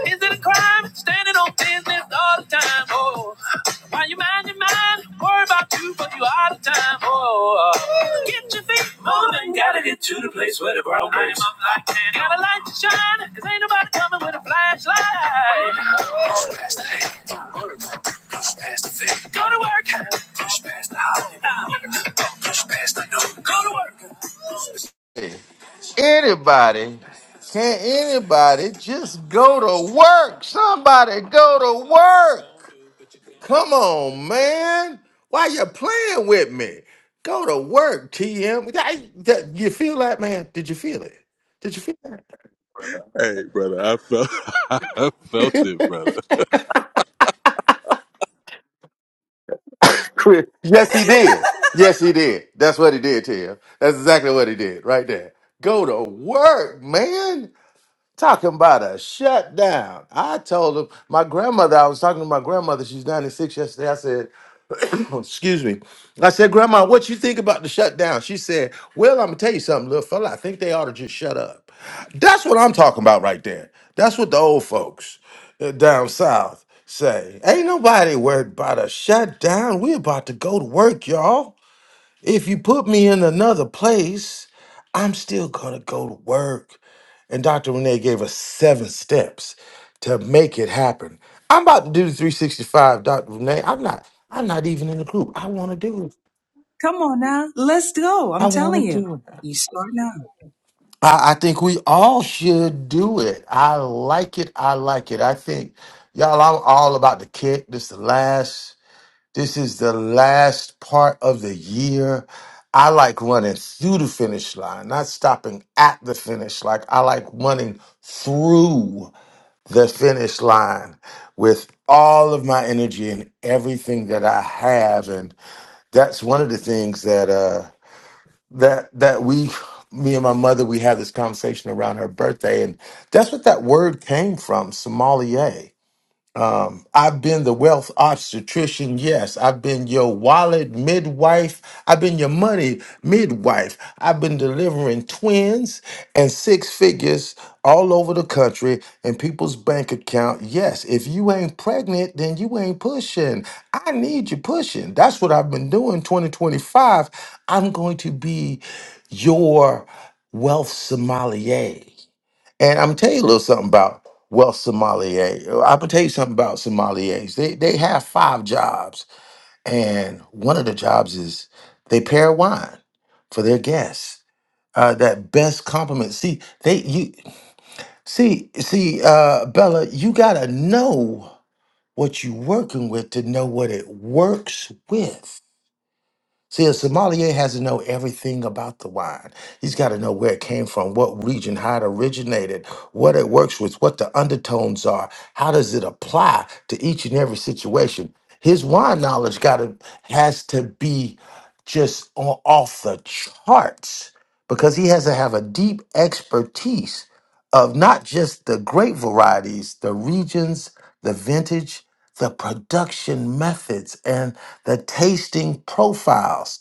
Is it a crime standing on business all the time? Oh. Mind your mind, your mind. Worry about you, but you out of time. Oh, uh, get your feet moving. Gotta get to the place where the brown goes. I'm like that. Got a light to shine, cause ain't nobody coming with a flashlight. Push past the hate. Push past the fear. Go to work. Push past the holiday. Push past the no. Go to work. Hey, Anybody, can anybody just go to work? Somebody go to work. Come on, man. Why you playing with me? Go to work, TM. that- you feel that, man? Did you feel it? Did you feel that? Hey, brother, I felt, I felt it, brother. Yes, he did. Yes, he did. That's what he did, TM. That's exactly what he did right there. Go to work, man. Talking about a shutdown. I told him, my grandmother, I was talking to my grandmother, she's 96 yesterday. I said, excuse me. I said, Grandma, what you think about the shutdown? She said, Well, I'm gonna tell you something, little fella. I think they ought to just shut up. That's what I'm talking about right there. That's what the old folks uh, down south say. Ain't nobody worried about a shutdown. we about to go to work, y'all. If you put me in another place, I'm still gonna go to work. And Dr. Renee gave us seven steps to make it happen. I'm about to do the 365, Dr. Renee. I'm not, I'm not even in the group. I want to do it. Come on now. Let's go. I I'm telling want to you. do it. You start now. I, I think we all should do it. I like it. I like it. I think y'all, I'm all about the kick. This the last, this is the last part of the year. I like running through the finish line, not stopping at the finish. Like I like running through. the finish line with all of my energy and everything that I have. And that's one of the things that uh that that we me and my mother we had this conversation around her birthday and that's what that word came from, sommelier. I've been the wealth obstetrician. Yes. I've been your wallet midwife. I've been your money midwife. I've been delivering twins and six figures all over the country in people's bank account. Yes. If you ain't pregnant, then you ain't pushing. I need you pushing. That's what I've been doing 2025. I'm going to be your wealth sommelier. And I'm gonna tell you a little something about wealth sommelier. I'm gonna tell you something about sommeliers. They they have five jobs, and one of the jobs is they pair wine for their guests. Uh, that best compliment. See, they you see see uh, Bella, you gotta know what you're working with to know what it works with. See, a sommelier has to know everything about the wine. He's got to know where it came from, what region, how it originated, what it works with, what the undertones are, how does it apply to each and every situation. His wine knowledge got to has to be just on, off the charts because he has to have a deep expertise of not just the grape varieties, the regions, the vintage the production methods and the tasting profiles.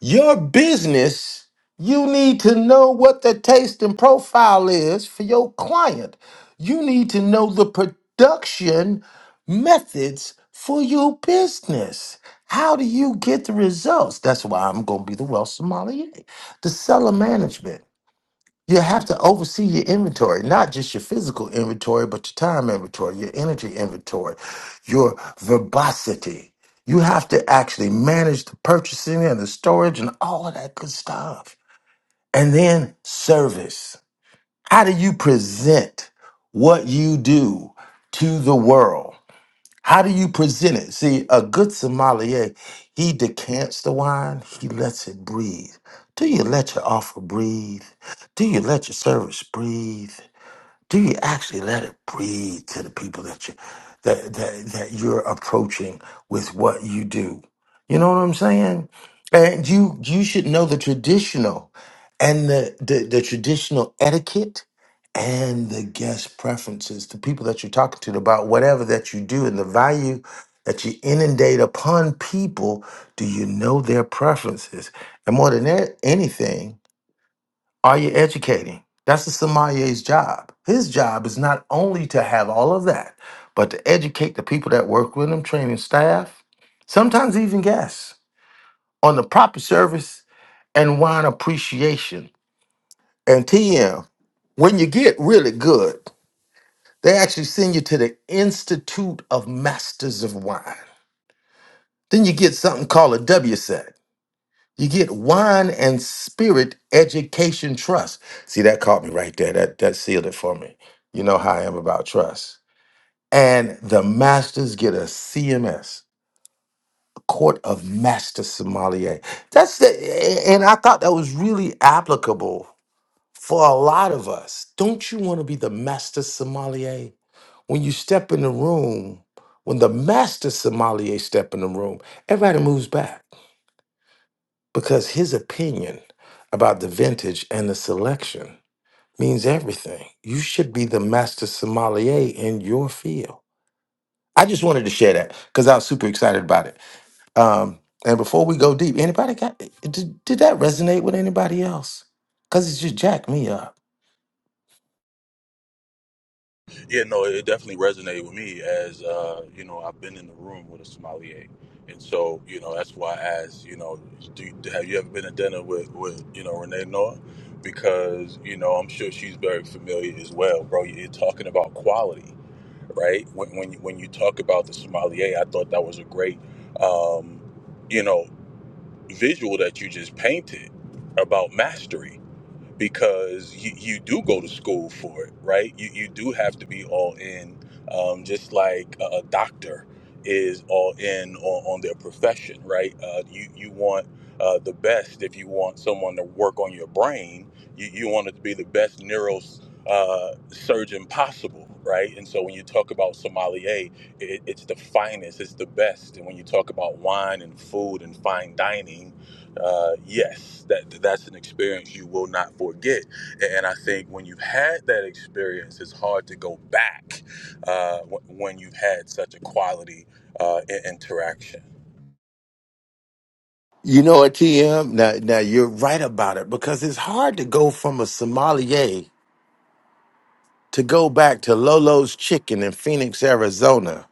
Your business, you need to know what the tasting profile is for your client. You need to know the production methods for your business. How do you get the results? That's why I'm going to be the wealth sommelier, the seller management. You have to oversee your inventory, not just your physical inventory, but your time inventory, your energy inventory, your verbosity. You have to actually manage the purchasing and the storage and all of that good stuff. And then service. How do you present what you do to the world? How do you present it? See, a good sommelier, he decants the wine, he lets it breathe. Do you let your offer breathe? Do you let your service breathe? do you actually let it breathe to the people that you that that, that you're approaching with what you do you know what i'm saying and you you should know the traditional and the the, the traditional etiquette and the guest preferences the people that you're talking to about whatever that you do and the value that you inundate upon people do you know their preferences and more than that, anything are you educating? That's the sommelier's job. His job is not only to have all of that, but to educate the people that work with him, training staff, sometimes even guests, on the proper service and wine appreciation. And TM, when you get really good, they actually send you to the Institute of Masters of Wine. Then you get something called a W set. You get wine and spirit education trust. See, that caught me right there. That that sealed it for me. You know how I am about trust. And the masters get a CMS, Court of Master Sommelier. That's the and I thought that was really applicable for a lot of us. Don't you want to be the master sommelier? When you step in the room, when the master sommelier step in the room, everybody moves back. because his opinion about the vintage and the selection means everything. You should be the master sommelier in your field. I just wanted to share that because I was super excited about it. Um, and before we go deep, anybody got did, did that resonate with anybody else? Because it just jacked me up. Yeah, no, it definitely resonated with me as uh, you know I've been in the room with a sommelier, and so you know that's why I asked you know do you, have you ever been to dinner with with you know Renee Noah because you know I'm sure she's very familiar as well, bro. You're talking about quality, right? When when you, when you talk about the sommelier, I thought that was a great um, you know visual that you just painted about mastery because you, you do go to school for it, right? You, you do have to be all in, um, just like a, a doctor is all in on, on their profession, right? Uh, you, you want uh, the best if you want someone to work on your brain, you, you want it to be the best neuro uh, surgeon possible. Right, and so when you talk about sommelier, it, it's the finest, it's the best. And when you talk about wine and food and fine dining, uh, yes, that that's an experience you will not forget. And I think when you've had that experience, it's hard to go back uh, wh- when you've had such a quality uh, i- interaction. You know what, TM? Now, now you're right about it because it's hard to go from a sommelier to go back to Lolo's Chicken in Phoenix, Arizona,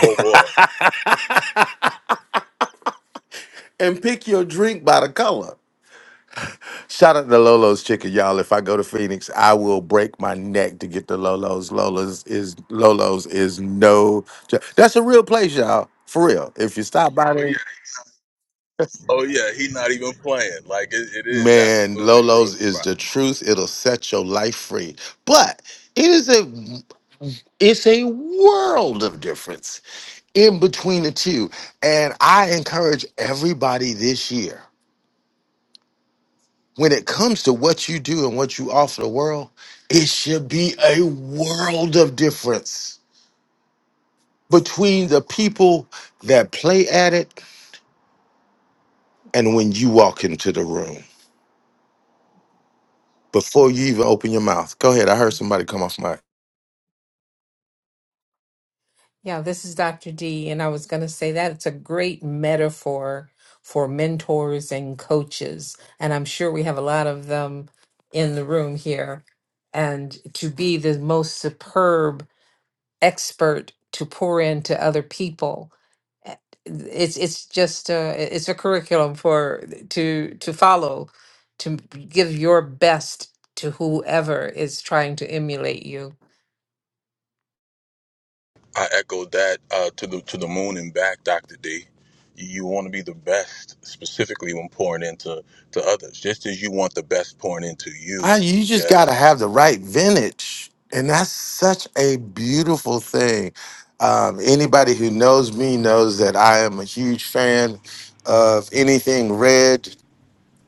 Oh boy. and pick your drink by the color. Shout out to Lolo's Chicken, y'all. If I go to Phoenix, I will break my neck to get to Lolo's. Lolo's is Lolo's is no. jo- That's a real place, y'all. For real. If you stop by there, Oh yeah, he's not even playing. Like it, it is man, absolutely a real Lolo's is spot. the truth. It'll set your life free. But it is a it's a world of difference in between the two. And I encourage everybody this year. when it comes to what you do and what you offer the world, it should be a world of difference between the people that play at it and when you walk into the room before you even open your mouth. Go ahead. I heard somebody come off mic. I echoed that uh, to the to the moon and back, Doctor D. You, you want to be the best, specifically when pouring into to others, just as you want the best pouring into you. I, you just got to Yes. have the right vintage. And that's such a beautiful thing. Um, anybody who knows me knows that I am a huge fan of anything red.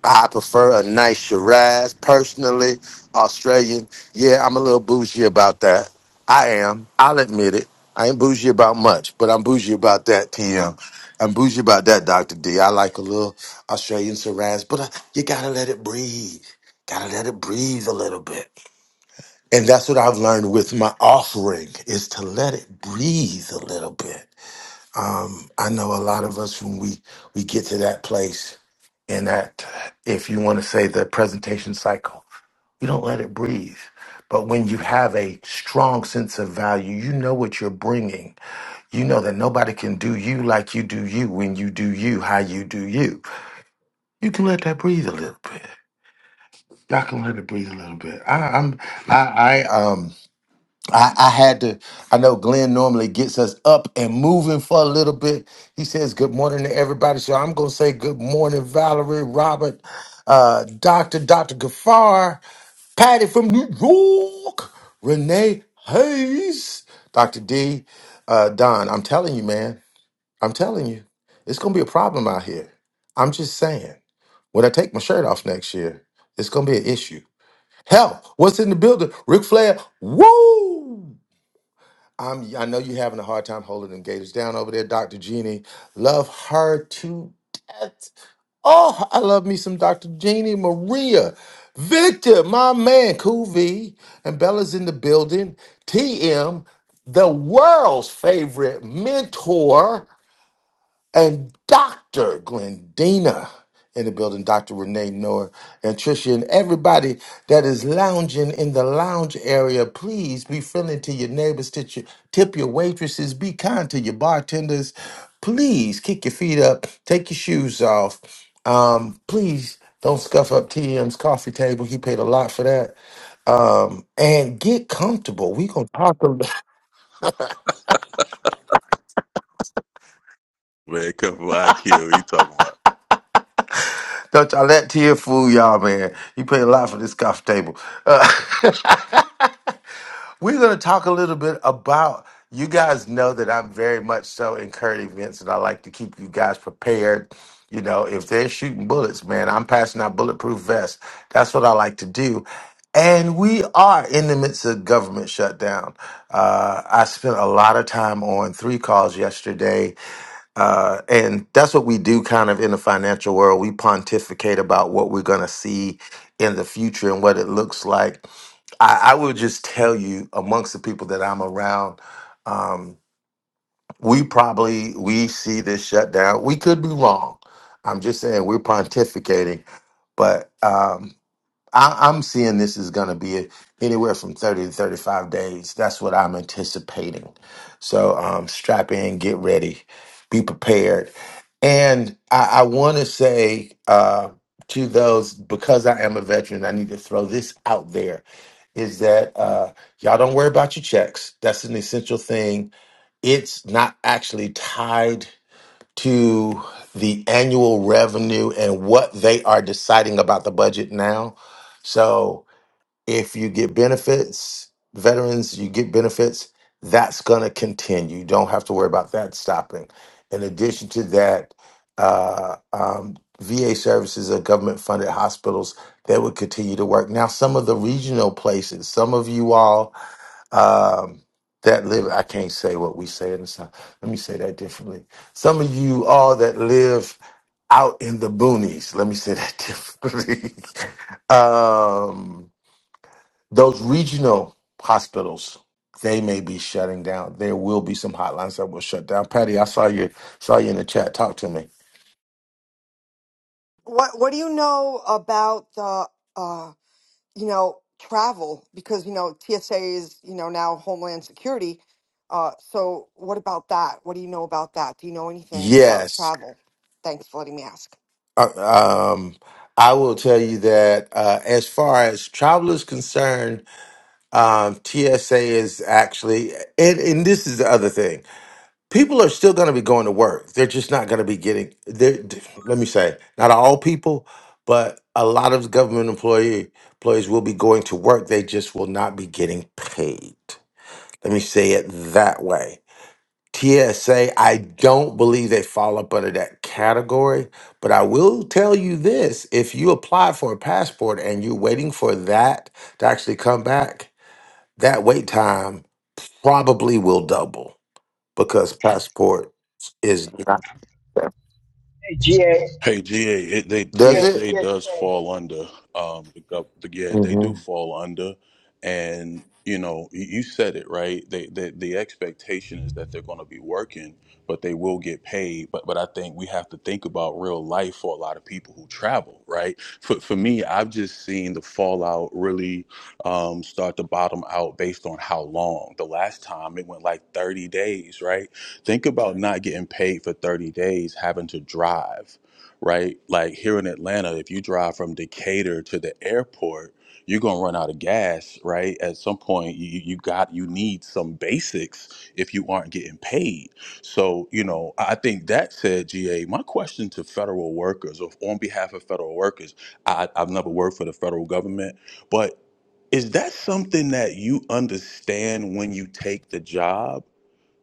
I prefer a nice Shiraz. Personally, Australian. Yeah, I'm a little bougie about that. I am. I'll admit it. I ain't bougie about much, but I'm bougie about that, PM. I'm bougie about that, Dr. D. I like a little Australian Shiraz, but uh, you gotta let it breathe. Gotta let it breathe a little bit. And that's what I've learned with my offering is to let it breathe a little bit. I know a lot of us when we we get to that place in that if you want to say the presentation cycle you don't let it breathe but when you have a strong sense of value you know what you're bringing you know that nobody can do you like you do you when you do you how you do you you can let that breathe a little bit y'all can let it breathe a little bit I, i'm i i um, I, I had to. I know Glenn normally gets us up and moving for a little bit. He says good morning to everybody. So I'm going to say good morning, Valerie, Robert, uh, Dr. Dr. Gafar, Patty from New York, Renee Hayes, Dr. D, uh, Don. I'm telling you, man. I'm telling you, it's going to be a problem out here. I'm just saying. When I take my shirt off next year, it's going to be an issue. Hell, what's in the building? Ric Flair, woo! I'm I know you're having a hard time holding them gators down over there, Dr. Jeannie. Love her to death. Oh, I love me some Dr. Jeannie Maria. Victor, my man, Cool V, and Bella's in the building. TM, the world's favorite mentor and Dr. Glendina in the building, Dr. Renee Noah and Tricia, and everybody that is lounging in the lounge area. Please be friendly to your neighbors, tip your, tip your waitresses, be kind to your bartenders. Please kick your feet up, take your shoes off. Um, please don't scuff up TM's coffee table. He paid a lot for that. Um, and get comfortable. We gonna talk a Man, come from IQ. What you talking about? Don't y'all let Tia fool y'all, man. He paid a lot for this coffee table. Uh, We're going to talk a little bit about. You guys know that I'm very much so in current events, and I like to keep you guys prepared. You know, if they're shooting bullets, man, I'm passing out bulletproof vests. That's what I like to do. And we are in the midst of government shutdown. Uh, I spent a lot of time on three calls yesterday uh, and that's what we do kind of in the financial world. We pontificate about what we're going to see in the future and what it looks like. I, I will just tell you, amongst the people that I'm around, um, we probably we see this shutdown. We could be wrong. I'm just saying we're pontificating, but um, I, I'm seeing this is going to be anywhere from 30 to 35 days. That's what I'm anticipating. So um, strap in, get ready, be prepared. And I, I want to say uh, to those, because I am a veteran, I need to throw this out there is that uh, y'all don't worry about your checks. That's an essential thing. It's not actually tied to the annual revenue and what they are deciding about the budget now. So if you get benefits, veterans, you get benefits, that's going to continue. You don't have to worry about that stopping. In addition to that, uh, um, VA services are government funded hospitals that would continue to work. Now, some of the regional places, some of you all um, that live. I can't say what we say in the South. Let me say that differently. Some of you all that live out in the boonies. Let me say that differently. um, those regional hospitals, they may be shutting down. There will be some hotlines that will shut down. Patty, I saw you saw you in the chat. Talk to me. What What do you know about the uh, you know travel? Because you know TSA is you know now Homeland Security. Uh, so what about that? What do you know about that? Do you know anything about Yes. travel? Thanks for letting me ask. Uh, um, I will tell you that uh, as far as travel is concerned, Um, TSA is actually, and, and this is the other thing. People are still going to be going to work. They're just not going to be getting, they're- let me say, not all people, but a lot of government employee, employees will be going to work. They just will not be getting paid. Let me say it that way. TSA, I don't believe they fall up under that category, but I will tell you this if you apply for a passport and you're waiting for that to actually come back, that wait time probably will double because passport is GA, Hey, GA, it, they does it TSA does fall under um, the, gov- the yeah they do hmm fall under, and you know you, you said it right. They, they the expectation is that they're going to be working, but they will get paid. But but I think we have to think about real life for a lot of people who travel, right? For for me, I've just seen the fallout really um, start to bottom out based on how long. The last time it went like thirty days, right? Think about not getting paid for thirty days, having to drive right? Like here in Atlanta, if you drive from Decatur to the airport, you're gonna run out of gas, right? At some point, you you got you need some basics if you aren't getting paid. So you know, I think that said, GA. My question to federal workers, or on behalf of federal workers, I, I've never worked for the federal government, but is that something that you understand when you take the job?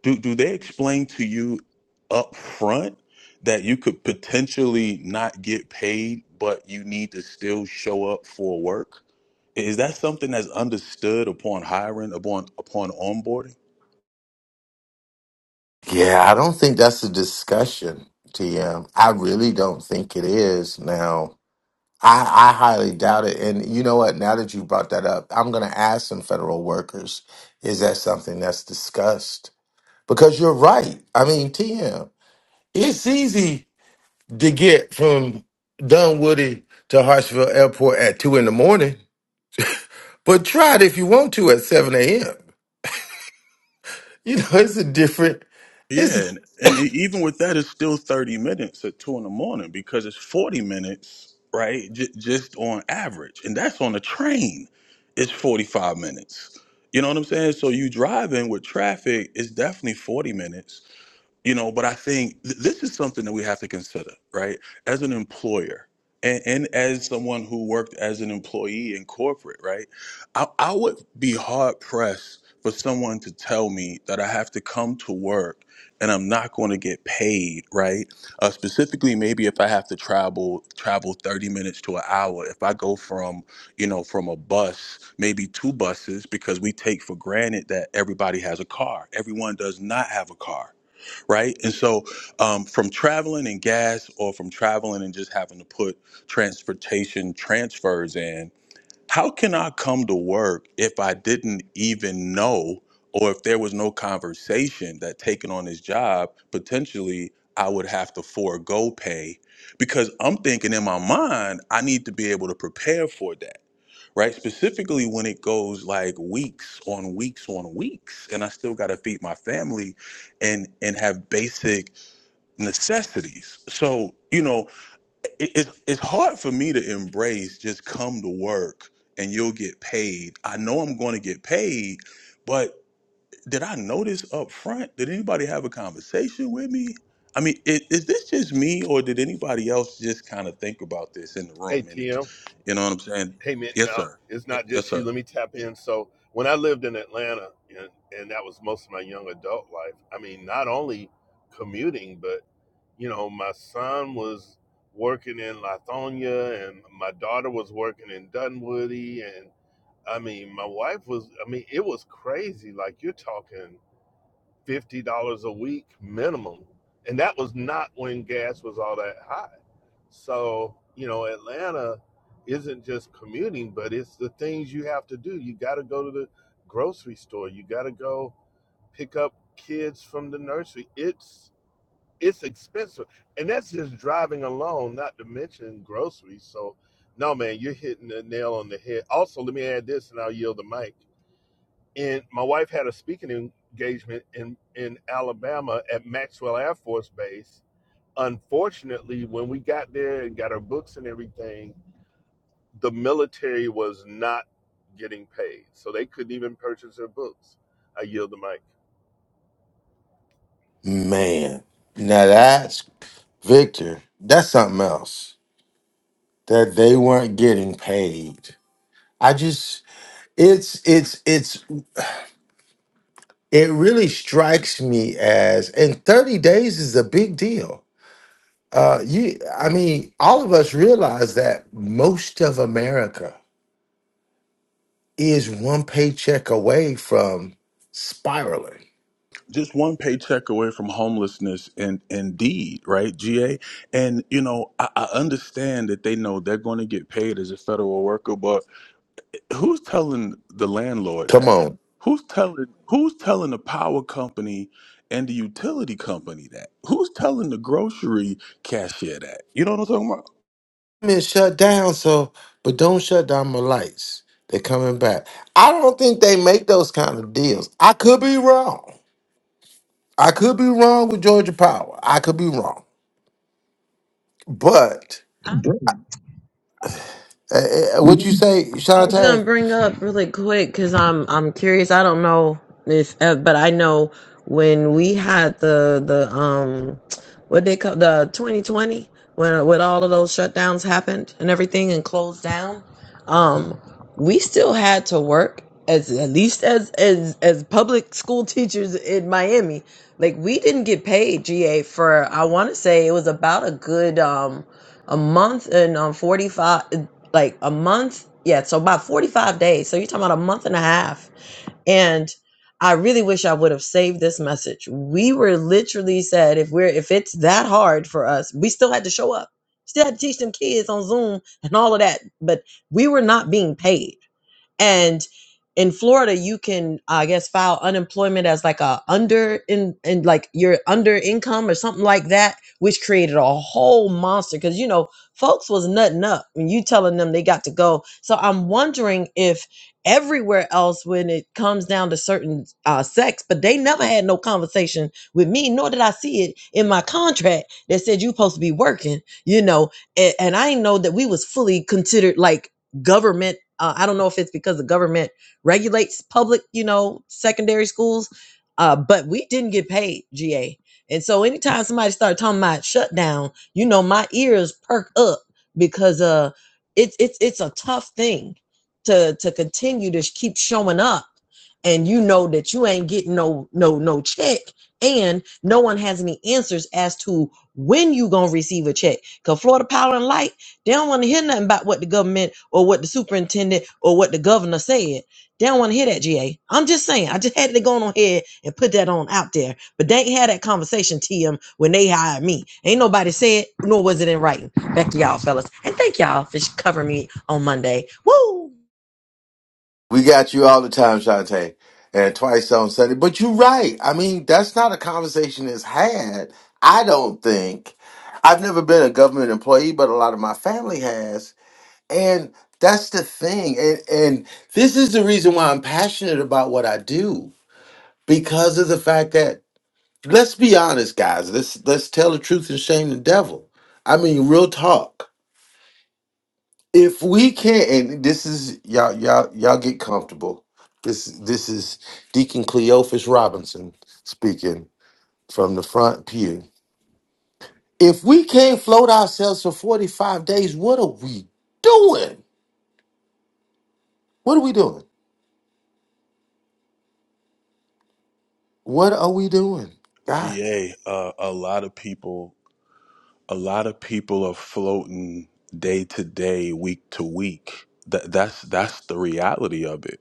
do do they explain to you up front that you could potentially not get paid but you need to still show up for work is that something that's understood upon hiring upon upon onboarding yeah i don't think that's a discussion tm i really don't think it is now I, I highly doubt it and you know what now that you brought that up i'm going to ask some federal workers is that something that's discussed because you're right i mean tm it's easy to get from dunwoody to hartsville airport at two in the morning But try it if you want to at 7 a.m. You know, it's a different, yeah it's and, and e, even with that it's still 30 minutes at 2 in the morning because it's 40 minutes right j- just on average and that's on a train it's 45 minutes you know what i'm saying so you driving with traffic it's definitely 40 minutes you know but i think th- this is something that we have to consider right as an employer and, and as someone who worked as an employee in corporate right I, I would be hard pressed for someone to tell me that i have to come to work and i'm not going to get paid right uh, specifically maybe if i have to travel travel 30 minutes to an hour if i go from you know from a bus maybe two buses because we take for granted that everybody has a car everyone does not have a car right? And so, um, from traveling and gas, or from traveling and just having to put transportation transfers in, how can I come to work if I didn't even know, or if there was no conversation that taking on this job potentially I would have to forego pay? Because I'm thinking in my mind, I need to be able to prepare for that right? Specifically when it goes like weeks on weeks on weeks, and I still got to feed my family, and and have basic necessities. So you know, it, it's it's hard for me to embrace just come to work and you'll get paid. I know I'm going to get paid, but did I notice up front? Did anybody have a conversation with me? I mean, is, is this just me, or did anybody else just kind of think about this in the Hey room? And it, TM. you know what I'm saying? Hey man, Yes, no, sir. it's not Yes, just sir. you. Let me tap in. So when I lived in Atlanta, and, and that was most of my young adult life. I mean, not only commuting, but you know, my son was working in Lithonia, and my daughter was working in Dunwoody, and I mean, my wife was. I mean, it was crazy. Like you're talking fifty dollars a week minimum, and that was not when gas was all that high. So, you know, Atlanta isn't just commuting, but it's the things you have to do. You got to go to the grocery store. You got to go pick up kids from the nursery. It's it's expensive. And that's just driving alone, not to mention groceries. So, no man, you're hitting the nail on the head. Also, let me add this and I'll yield the mic. And my wife had a speaking engagement in in Alabama at Maxwell Air Force Base unfortunately, when we got there and got our books and everything, the military was not getting paid. So they couldn't even purchase their books. I yield the mic. man. Now that's Victor, that's something else that they weren't getting paid. I just it's it's it's it really strikes me as and 30 days is a big deal. Uh you I mean, all of us realize that most of America is one paycheck away from spiraling. just one paycheck away from homelessness and indeed right ga and you know I, I understand that they know they're going to get paid as a federal worker but who's telling the landlord Come that on. who's telling who's telling the power company and the utility company that who's telling the grocery cashier that you know what i'm talking about been shut down, so but don't shut down my lights. They're coming back. I don't think they make those kind of deals. I could be wrong. I could be wrong with Georgia Power. I could be wrong. But I uh, uh, what you say, I was gonna Shantae? bring up really quick because I'm I'm curious. I don't know if, uh, but I know when we had the the um what they call the 2020 when with all of those shutdowns happened and everything and closed down, um, we still had to work as at least as as as public school teachers in Miami. Like we didn't get paid GA for I want to say it was about a good um a month and um 45 like a month. Yeah, so about 45 days. So you're talking about a month and a half. And I really wish I would have saved this message. We were literally said if we're if it's that hard for us, we still had to show up. Still had to teach them kids on Zoom and all of that. But we were not being paid and in Florida, you can, I guess, file unemployment as like a under in and like you're under income or something like that, which created a whole monster because you know folks was nutting up when you telling them they got to go. So I'm wondering if everywhere else, when it comes down to certain uh, sex, but they never had no conversation with me, nor did I see it in my contract that said you supposed to be working, you know, and, and I didn't know that we was fully considered like government uh, i don't know if it's because the government regulates public you know secondary schools uh, but we didn't get paid ga and so anytime somebody started talking about shutdown you know my ears perk up because uh it's it's it's a tough thing to to continue to sh- keep showing up and you know that you ain't getting no no no check and no one has any answers as to when you gonna receive a check because florida power and light they don't want to hear nothing about what the government or what the superintendent or what the governor said. They don't want to hear that, GA. I'm just saying. I just had to go on ahead and put that on out there. But they ain't had that conversation, TM, when they hired me. Ain't nobody said, nor was it in writing. Back to y'all, fellas. And thank y'all for covering me on Monday. Woo! We got you all the time, Shantae, and twice on Sunday. But you're right. I mean, that's not a conversation that's had. I don't think. I've never been a government employee, but a lot of my family has. And that's the thing. And and this is the reason why I'm passionate about what I do. Because of the fact that let's be honest, guys. Let's let's tell the truth and shame the devil. I mean, real talk. If we can't and this is y'all y'all y'all get comfortable. This this is Deacon Cleophas Robinson speaking from the front pew. If we can't float ourselves for 45 days, what are we doing? What are we doing? What are we doing? ga uh, a lot of people a lot of people are floating day to day week to week that that's that's the reality of it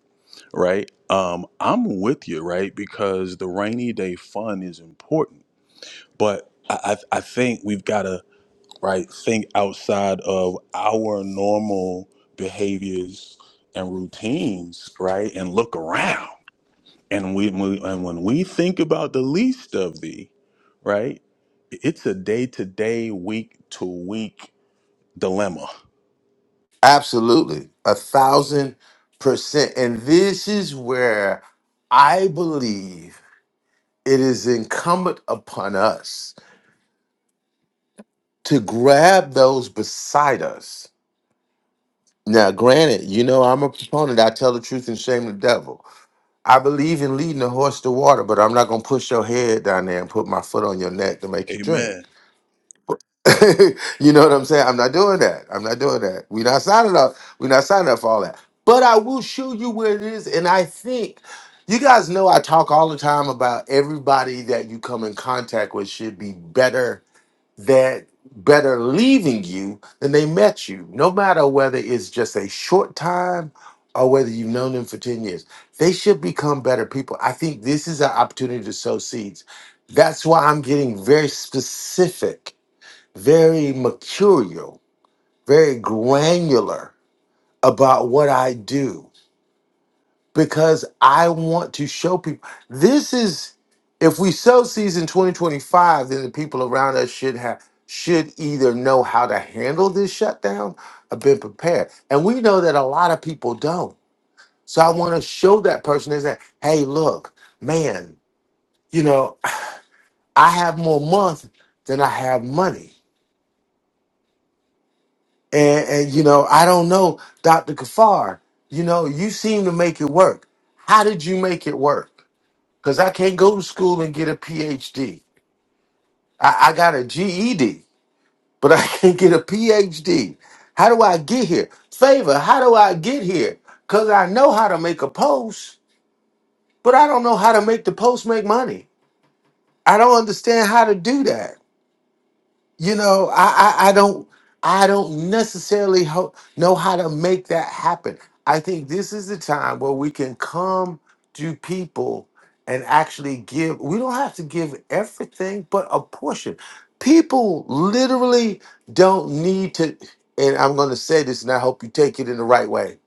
right? Um, I'm with you, right? Because the rainy day fund is important, but I, I, I think we've got to right think outside of our normal behaviors and routines, right? And look around, and we, we and when we think about the least of thee, right? It's a day to day, week to week dilemma. Absolutely. A thousand percent. And this is where I believe it is incumbent upon us to grab those beside us. Now, granted, you know, I'm a proponent. I tell the truth and shame the devil. I believe in leading the horse to water, but I'm not going to push your head down there and put my foot on your neck to make you drink. Amen. you know what I'm saying? I'm not doing that. I'm not doing that. We're not signing up. We're not signing up for all that. But I will show you where it is. And I think you guys know I talk all the time about everybody that you come in contact with should be better that better leaving you than they met you. No matter whether it's just a short time or whether you've known them for 10 years. They should become better people. I think this is an opportunity to sow seeds. That's why I'm getting very specific very mercurial, very granular about what I do because I want to show people. This is if we sow seeds in 2025, then the people around us should have should either know how to handle this shutdown or been prepared. And we know that a lot of people don't. So I want to show that person is that, hey, look, man, you know, I have more month than I have money And, and you know, I don't know, Dr. Kafar, you know, you seem to make it work. How did you make it work? Because I can't go to school and get a PhD. I, I got a GED, but I can't get a PhD. How do I get here? Favor, how do I get here? Because I know how to make a post, but I don't know how to make the post make money. I don't understand how to do that. you know i i, I don't i don't necessarily ho- know how to make that happen i think this is the time where we can come to people and actually give we don't have to give everything but a portion people literally don't need to and i'm going to say this and i hope you take it in the right way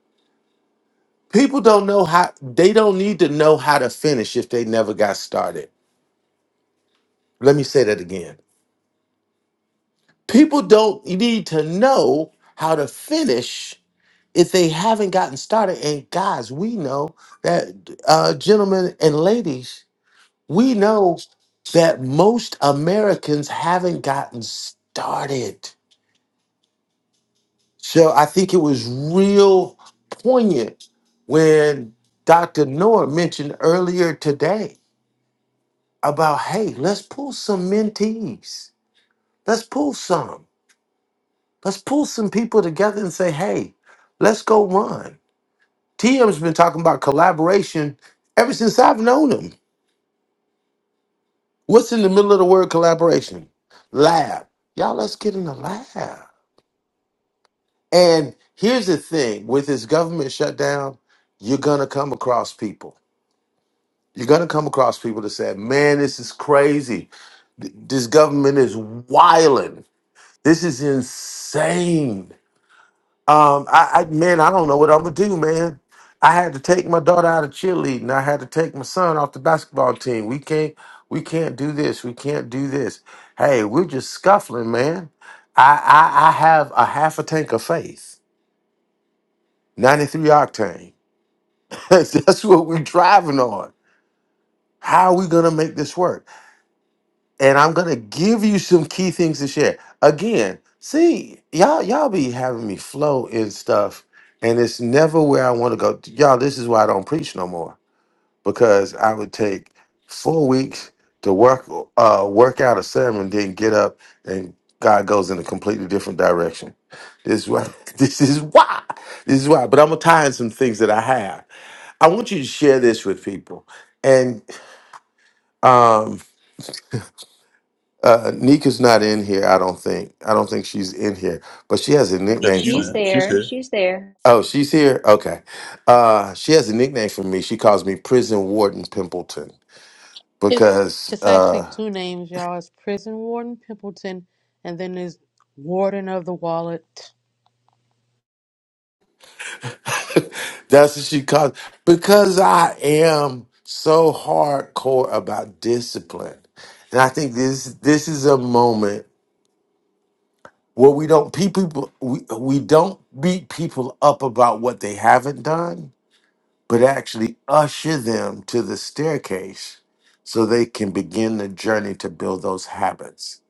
people don't know how they don't need to know how to finish if they never got started let me say that again people don't need to know how to finish if they haven't gotten started. And guys, we know that, uh, gentlemen and ladies, we know that most Americans haven't gotten started. So I think it was real poignant when Dr. Noor mentioned earlier today about hey, let's pull some mentees, let's pull some. Let's pull some people together and say, hey, let's go run. TM's been talking about collaboration ever since I've known him. What's in the middle of the word collaboration? Lab. Y'all, let's get in the lab. And here's the thing with this government shutdown, you're going to come across people. You're going to come across people that say, man, this is crazy. Th- This government is wilding. This is insane. Um, I, I man, I don't know what I'm gonna do, man. I had to take my daughter out of cheerleading. I had to take my son off the basketball team. We can't, we can't do this. We can't do this. Hey, we're just scuffling, man. I, I, I have a half a tank of faith, 93 octane. That's what we're driving on. How are we gonna make this work? and I'm gonna give you some key things to share. Again, see, y'all, y'all be having me flow in stuff, and it's never where I want to go. Y'all, this is why I don't preach no more because I would take four weeks to work uh work out a sermon, then get up and God goes in a completely different direction. This is why. This is why. This is why. But I'm gonna tie in some things that I have. I want you to share this with people, and um. Uh, Nika's not in here, I don't think. I don't think she's in here, but she has a Yeah, nickname she's She's from in. me. She's there, here. she's there. Oh, she's here? Okay. Uh, she has a nickname for me. She calls me Prison Warden Pimpleton It's because it's actually uh, two names, y'all. It's prison warden Pimpleton, and then there's warden of the wallet. that's what she calls because I am so hardcore about discipline. And I think this this is a moment where we don't pe- people we, we don't beat people up about what they haven't done but actually usher them to the staircase so they can begin the journey to build those habits.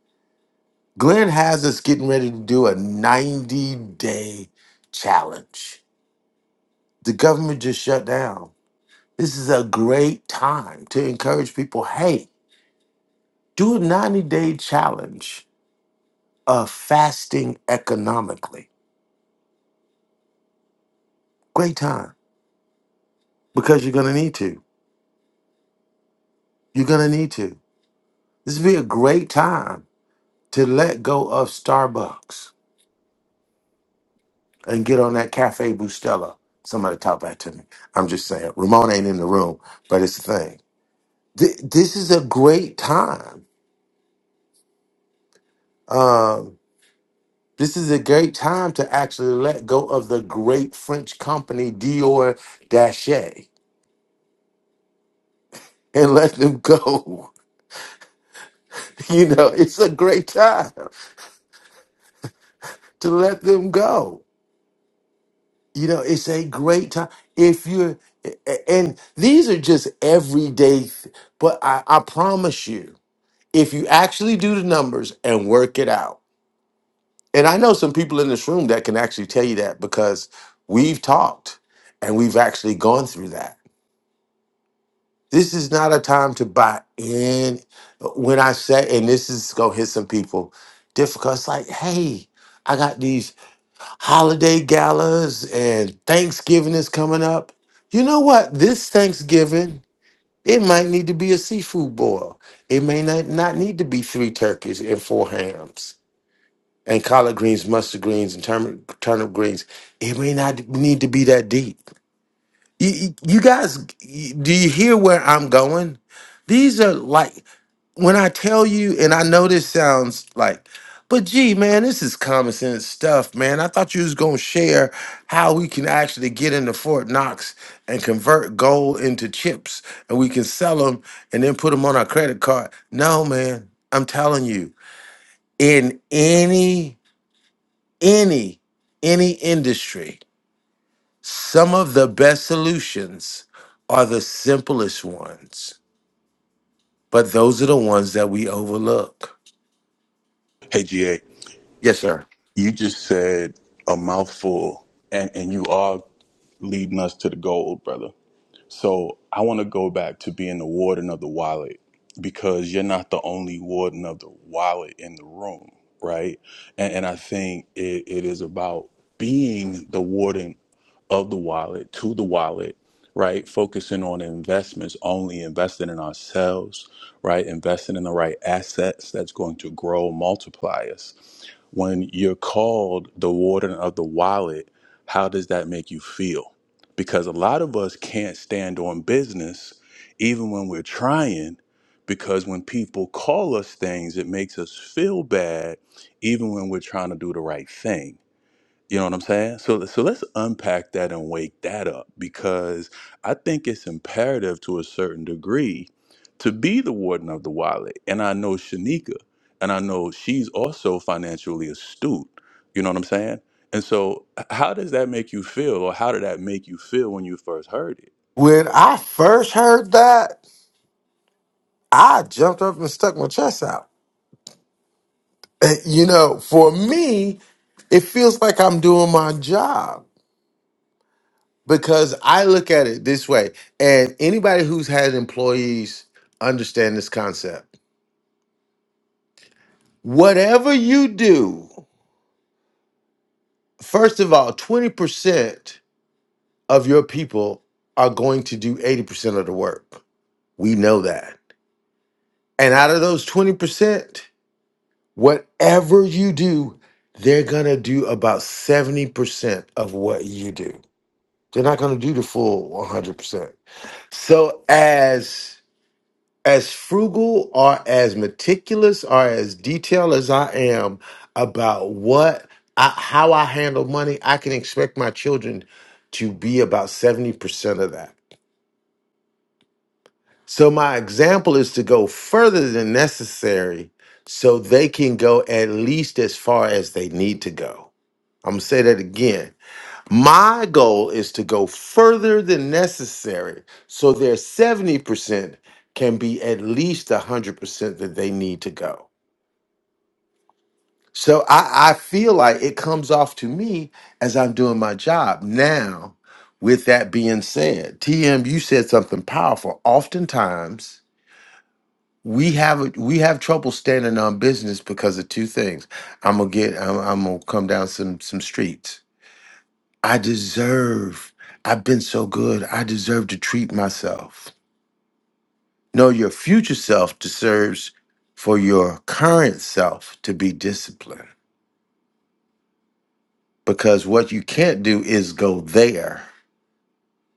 Glenn has us getting ready to do a 90 day challenge. The government just shut down. This is a great time to encourage people hey, do a 90 day challenge of fasting economically. Great time because you're going to need to. You're going to need to. This would be a great time to let go of Starbucks and get on that Cafe Bustelo. Somebody talk back to me. I'm just saying. Ramon ain't in the room, but it's the thing. Th- this is a great time. Um, this is a great time to actually let go of the great French company Dior Dachet and let them go. You know, it's a great time to let them go. You know, it's a great time. If you're, a- a- and these are just everyday, th- but I, I promise you, if you actually do the numbers and work it out, and I know some people in this room that can actually tell you that because we've talked and we've actually gone through that. This is not a time to buy in. When I say, and this is gonna hit some people difficult, it's like, hey, I got these holiday galas and Thanksgiving is coming up. You know what? This Thanksgiving, it might need to be a seafood boil. It may not, not need to be three turkeys and four hams and collard greens, mustard greens, and turnip, turnip greens. It may not need to be that deep. You, you you guys, you- do you hear where I'm going? These are like when I tell you, and I know this sounds like, but gee, man, this is common sense stuff, man. I thought you was gonna share how we can actually get into Fort Knox and convert gold into chips, and we can sell them and then put them on our credit card. No, man, I'm telling you, in any any any industry some of the best solutions are the simplest ones but those are the ones that we overlook Hey, GA. yes sir You just said a mouthful, and, and you are leading us to the gold, brother. So I want to go back to being the warden of the wallet because you're not the only warden of the wallet in the room, right? And, and I think it, it is about being the warden of the wallet to the wallet, right? Focusing on investments, only investing in ourselves, right? Investing in the right assets that's going to grow, multiply us when you're called the warden of the wallet, how does that make you feel? Because a lot of us can't stand on business, even when we're trying, because when people call us things, it makes us feel bad, even when we're trying to do the right thing. You know what I'm saying? So so let's unpack that and wake that up because I think it's imperative to a certain degree to be the warden of the wallet. And I know Shanika, and I know she's also financially astute. You know what I'm saying? And so h- how does that make you feel or how did that make you feel when you first heard it? When I first heard that, I jumped up and stuck my chest out. Eh, You know, for me, it feels like I'm doing my job because I look at it this way. And anybody who's had employees understand this concept. Whatever you do, First of all, 20% of your people are going to do 80% of the work. We know that. And out of those 20%, whatever you do, they're going to do about 70% of what you do. They're not going to do the full 100%. So, as as frugal or as meticulous or as detailed as I am about what I, how I handle money, I can expect my children to be about 70% of that. So my example is to go further than necessary so they can go at least as far as they need to go. I'm gonna say that again my goal is to go further than necessary so their 70% can be at least 100% that they need to go. So I, I feel like it comes off to me as I'm doing my job. Now, with that being said, TM, you said something powerful. Oftentimes, we have a, we have trouble standing on business because of two things. I'm gonna get I'm, I'm gonna come down some some streets I deserve, I've been so good. I deserve to treat myself. No, your future self deserves for your current self to be disciplined because what you can't do is go there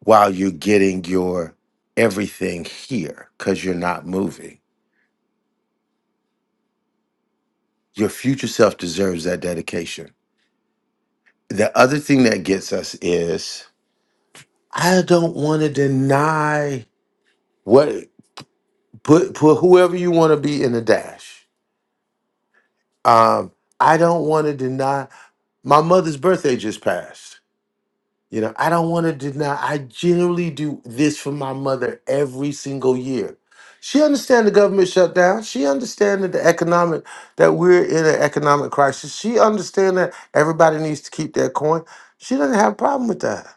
while you're getting your everything here because you're not moving. Your future self deserves that dedication. The other thing that gets us is I don't want to deny what, put, put whoever you want to be in the dash. Um, I don't want to deny my mother's birthday just passed. You know, I don't want to deny. I generally do this for my mother every single year. She understands the government shutdown. She understands that the economic that we're in an economic crisis. She understands that everybody needs to keep their coin. She doesn't have a problem with that.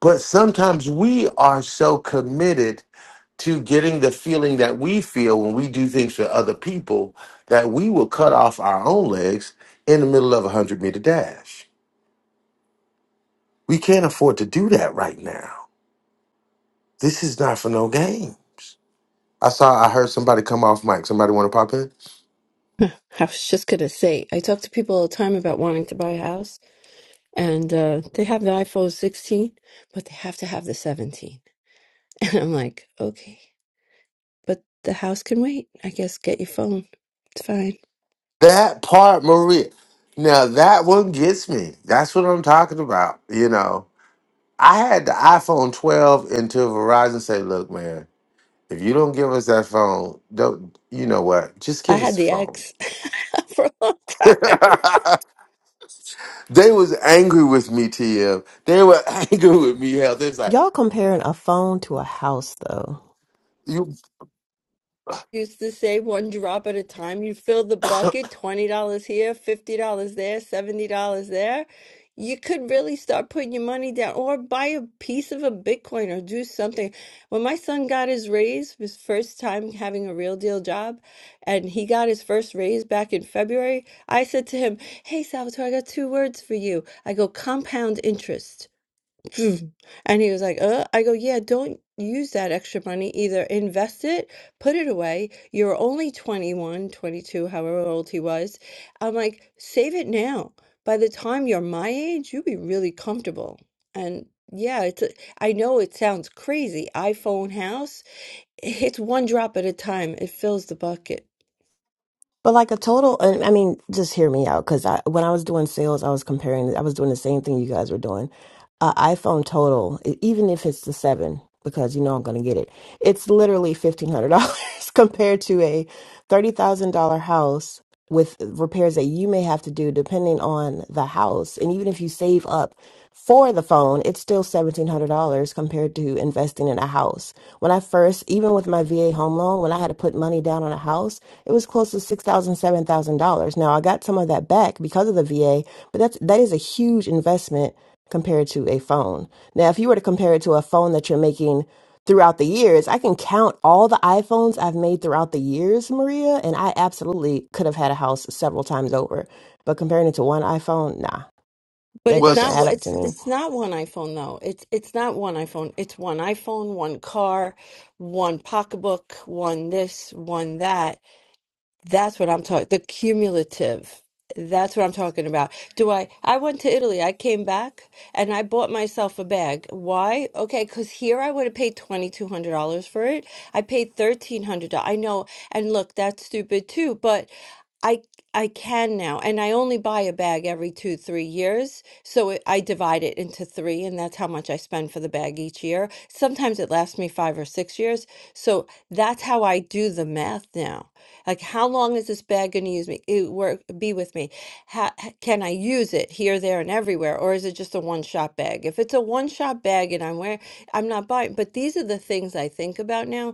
But sometimes we are so committed to getting the feeling that we feel when we do things for other people that we will cut off our own legs in the middle of a 100 meter dash. We can't afford to do that right now. This is not for no games. I saw, I heard somebody come off mic. Somebody want to pop in? I was just gonna say, I talk to people all the time about wanting to buy a house, and uh, they have the iPhone 16, but they have to have the 17. And I'm like, okay, but the house can wait. I guess get your phone. It's fine. That part, Maria. Now that one gets me. That's what I'm talking about. You know, I had the iPhone 12 until Verizon said, look, man. If you don't give us that phone, don't you know what? Just I give had us the the phone. X for a long time. they was angry with me, TM. They were angry with me. Hell, they was like, Y'all comparing a phone to a house though. you used to say one drop at a time. You fill the bucket, $20 here, $50 there, $70 there. You could really start putting your money down or buy a piece of a Bitcoin or do something. When my son got his raise, his first time having a real deal job, and he got his first raise back in February, I said to him, Hey, Salvatore, I got two words for you. I go, compound interest. And he was like, uh, I go, yeah, don't use that extra money. Either invest it, put it away. You're only 21, 22. however old he was. I'm like, save it now. By the time you're my age, you'll be really comfortable. And yeah, it's a, I know it sounds crazy. iPhone house, it's one drop at a time. It fills the bucket. But like a total, and I mean, just hear me out because I, when I was doing sales, I was comparing, I was doing the same thing you guys were doing. Uh, iPhone total, e- even if it's the seven, because you know I'm going to get it, it's literally $1,500 compared to a $30,000 house with repairs that you may have to do depending on the house. And even if you save up for the phone, it's still $1,700 compared to investing in a house. When I first, even with my VA home loan, when I had to put money down on a house, it was close to six thousand, seven thousand dollars. Now I got some of that back because of the VA, but that's that is a huge investment compared to a phone. Now, if you were to compare it to a phone that you're making throughout the years, I can count all the iPhones I've made throughout the years, Maria, and I absolutely could have had a house several times over. But comparing it to one iPhone, nah, But that it's doesn't not add wh- was up to it's me. it's not one iPhone though. It's it's not one iPhone. It's one iPhone, one car, one pocketbook, one this, one that. That's what I'm talking, the cumulative. That's what I'm talking about. Do I I went to Italy. I came back and I bought myself a bag. Why? Okay, because here I would have paid $2,200 for it. I paid $1,300. I know, and look, that's stupid too, but I I can now, and I only buy a bag every two, three years. So it, I divide it into three, and that's how much I spend for the bag each year. Sometimes it lasts me five or six years. So that's how I do the math now. Like, how long is this bag going to use me? It, work, be with me. How, can I use it here, there, and everywhere, or is it just a one-shot bag? If it's a one-shot bag and I'm wearing, I'm not buying. But these are the things I think about now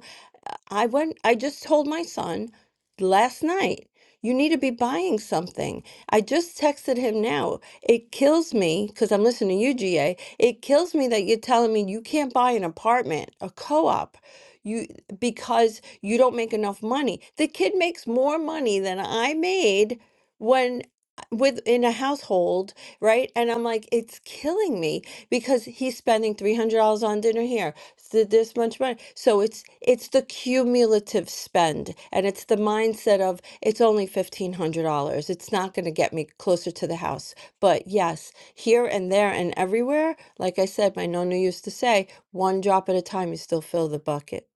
I went, I just told my son last night, you need to be buying something. I just texted him now. It kills me because I'm listening to you, GA. It kills me that you're telling me you can't buy an apartment, a co-op, you because you don't make enough money. The kid makes more money than I made. When with in a household, right? And I'm like, it's killing me because he's spending three hundred dollars on dinner here, so this much money. So it's it's the cumulative spend, and it's the mindset of it's only fifteen hundred dollars. It's not going to get me closer to the house, but yes, here and there and everywhere. Like I said, my nonna used to say, one drop at a time, you still fill the bucket.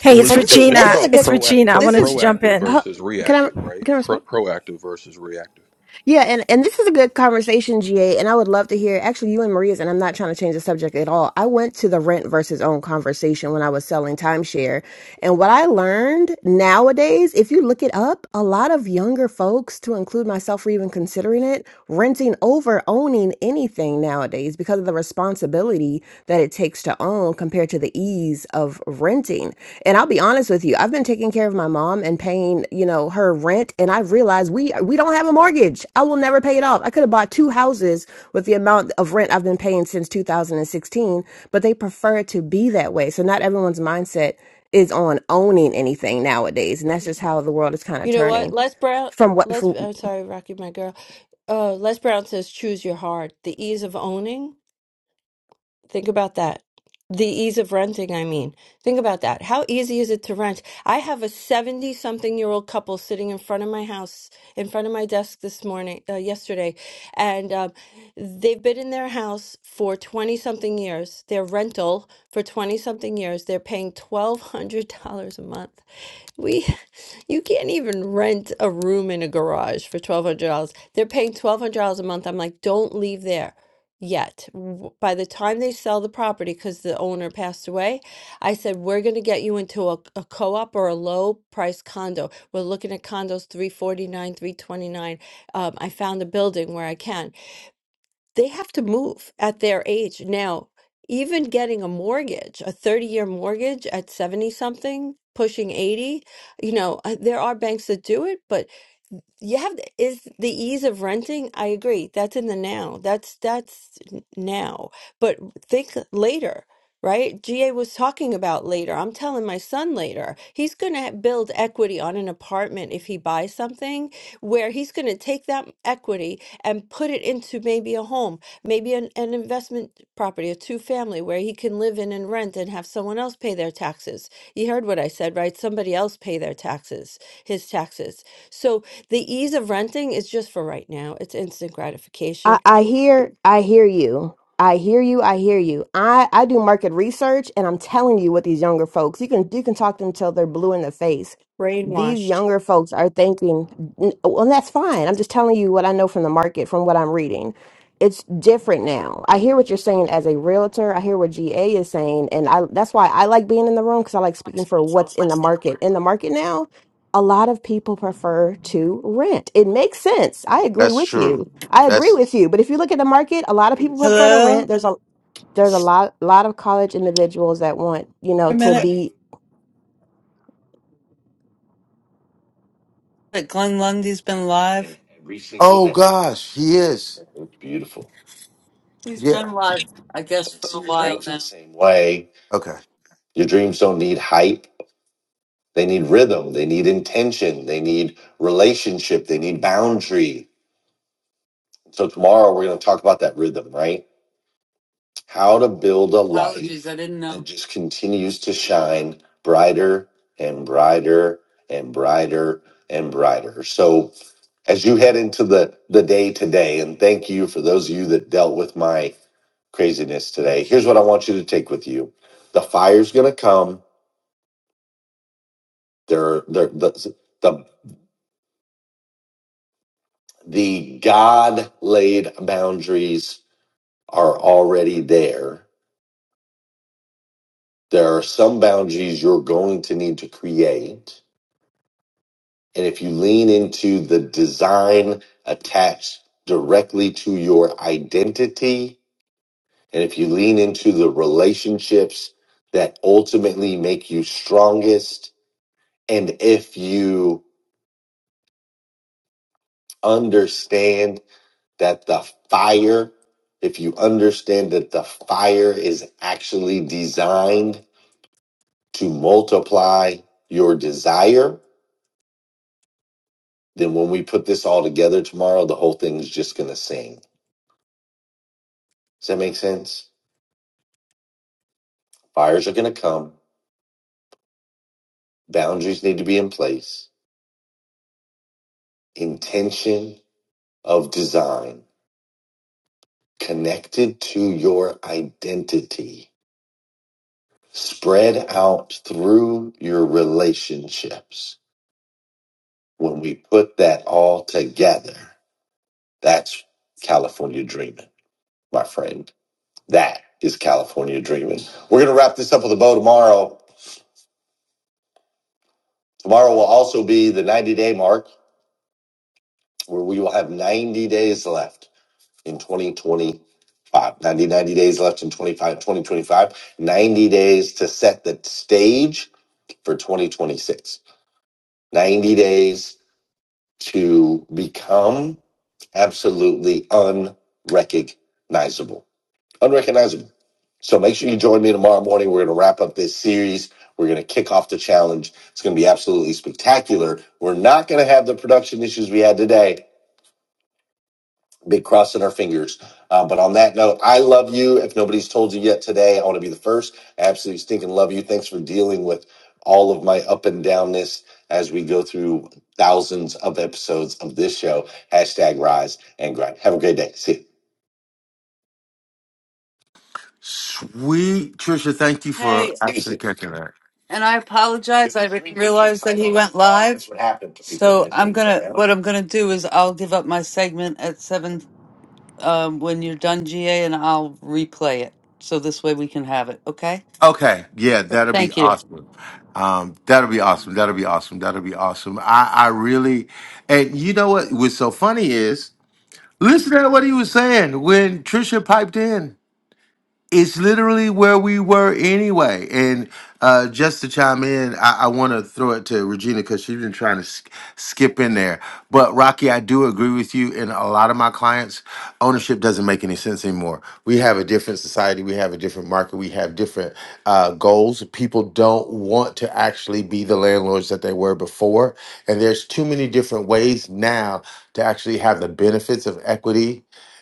Hey, Well, it's it's and this it's, is it's this Regina. is a about good It's proact, Regina. I pro, this wanted to is jump proactive in. huh, versus can i reactive, right? can i Pro, respond proactive versus reactive. yeah and and this is a good conversation ga and i would love to hear actually you and maria's and i'm not trying to change the subject at all i went to the rent versus own conversation when i was selling timeshare and what i learned nowadays if you look it up a lot of younger folks to include myself for even considering it renting over owning anything nowadays because of the responsibility that it takes to own compared to the ease of renting. And I'll be honest with you, I've been taking care of my mom and paying, you know, her rent and I've realized we we don't have a mortgage. I will never pay it off. I could have bought two houses with the amount of rent I've been paying since 2016, but they prefer it to be that way. So not everyone's mindset is on owning anything nowadays, and that's just how the world is kind of You know what? turning Les Brown. from what Les, from I'm sorry, Rocky, my girl. Uh, Les Brown says, choose your heart. The ease of owning. Think about that. The ease of renting, I mean. Think about that. How easy is it to rent? I have a 70 something year old couple sitting in front of my house, in front of my desk this morning, uh, yesterday, and um, they've been in their house for 20 something years, their rental for 20 something years. They're paying $1,200 a month. We, you can't even rent a room in a garage for $1,200. They're paying $1,200 a month. I'm like, don't leave there yet. W- By the time they sell the property, because the owner passed away, I said, we're going to get you into a, a co-op or a low price condo. We're looking at condos 349, 329. Um, I found a building where I can they have to move at their age. Now, even getting a mortgage, a 30-year mortgage at 70 something, pushing 80, you know, uh, there are banks that do it, but you have the- is the ease of renting. I agree. That's in the now. That's that's n- now. But think later, right? GA was talking about later. I'm telling my son later. He's going to build equity on an apartment if he buys something where he's going to take that equity and put it into maybe a home, maybe an, an investment property, a two family where he can live in and rent and have someone else pay their taxes. You heard what I said, right? Somebody else pay their taxes, his taxes. So the ease of renting is just for right now. It's instant I, gratification, I hear I hear you. I hear you. I hear you. I, I do market research and I'm telling you what these younger folks, you can you can talk to them till they're blue in the face. These brainwashed. younger folks are thinking, "N- well, that's fine. I'm just telling you what I know from the market, from what I'm reading. It's different now. I hear what you're saying as a realtor. I hear what GA is saying, and I that's why I like being in the room because I like speaking for what's in the market. In the market now, a lot of people prefer to rent. It makes sense. I agree that's with you true. I agree That's with you, but if you look at the market, a lot of people prefer to Hello? rent. There's a there's a lot lot of college individuals that want, you know, A to minute. be, that Glenn Lundy's been live? every single oh day. gosh, he is. It's beautiful. He's Yeah. been live, I guess, for a while now. same way. Okay. Your dreams don't need hype. They need rhythm. They need intention. They need relationship. They need boundary. So tomorrow we're going to talk about that rhythm, right? How to build a light Apologies, I didn't that know. That just continues to shine brighter and brighter and brighter and brighter. So as you head into the the day today and thank you for those of you that dealt with my craziness today. Here's what I want you to take with you. The fire's going to come. There there the the, the God laid boundaries are already there. There are some boundaries you're going to need to create And if you lean into the design attached directly to your identity, and if you lean into the relationships that ultimately make you strongest, and if you understand that the fire, if you understand that the fire is actually designed to multiply your desire, then when we put this all together tomorrow, the whole thing's just going to sing. Does that make sense? Fires are going to come. Boundaries need to be in place. Intention of design connected to your identity, spread out through your relationships. When we put that all together, that's California dreaming, my friend. That is California dreaming. We're going to wrap this up with a bow tomorrow. Tomorrow will also be the 90 day mark where we will have 90 days left in 2025. 90, ninety days left in twenty-five twenty twenty-five. 90 days to set the stage for 2026. 90 days to become absolutely unrecognizable. Unrecognizable. So make sure you join me tomorrow morning. We're going to wrap up this series. We're going to kick off the challenge. It's going to be absolutely spectacular. We're not going to have the production issues we had today Be crossing our fingers. Uh, but on that note, I love you. If nobody's told you yet today, I want to be the first. absolutely stinking love you. Thanks for dealing with all of my up and downness as we go through thousands of episodes of this show. Hashtag rise and grind. Have a great day. See you. Sweet Trisha, thank you for Hey, See you after soon. catching that. and I apologize. I didn't realize that he went live. That's what happened. to people So when they I'm gonna. go down. What I'm gonna do is I'll give up my segment at seven um, when you're done, GA, and I'll replay it. So this way we can have it. Okay. Okay. Yeah, that'll be Thank you. awesome. Um, that'll be awesome. That'll be awesome. That'll be awesome. I, I really and you know what was so funny is Listen to what he was saying when Trisha piped in. It's literally where we were anyway. And uh, just to chime in, I, I want to throw it to Regina because she's been trying to sk- skip in there. But Rocky, I do agree with you. And a lot of my clients, ownership doesn't make any sense anymore. We have a different society, we have a different market, we have different uh, goals. People don't want to actually be the landlords that they were before. And there's too many different ways now to actually have the benefits of equity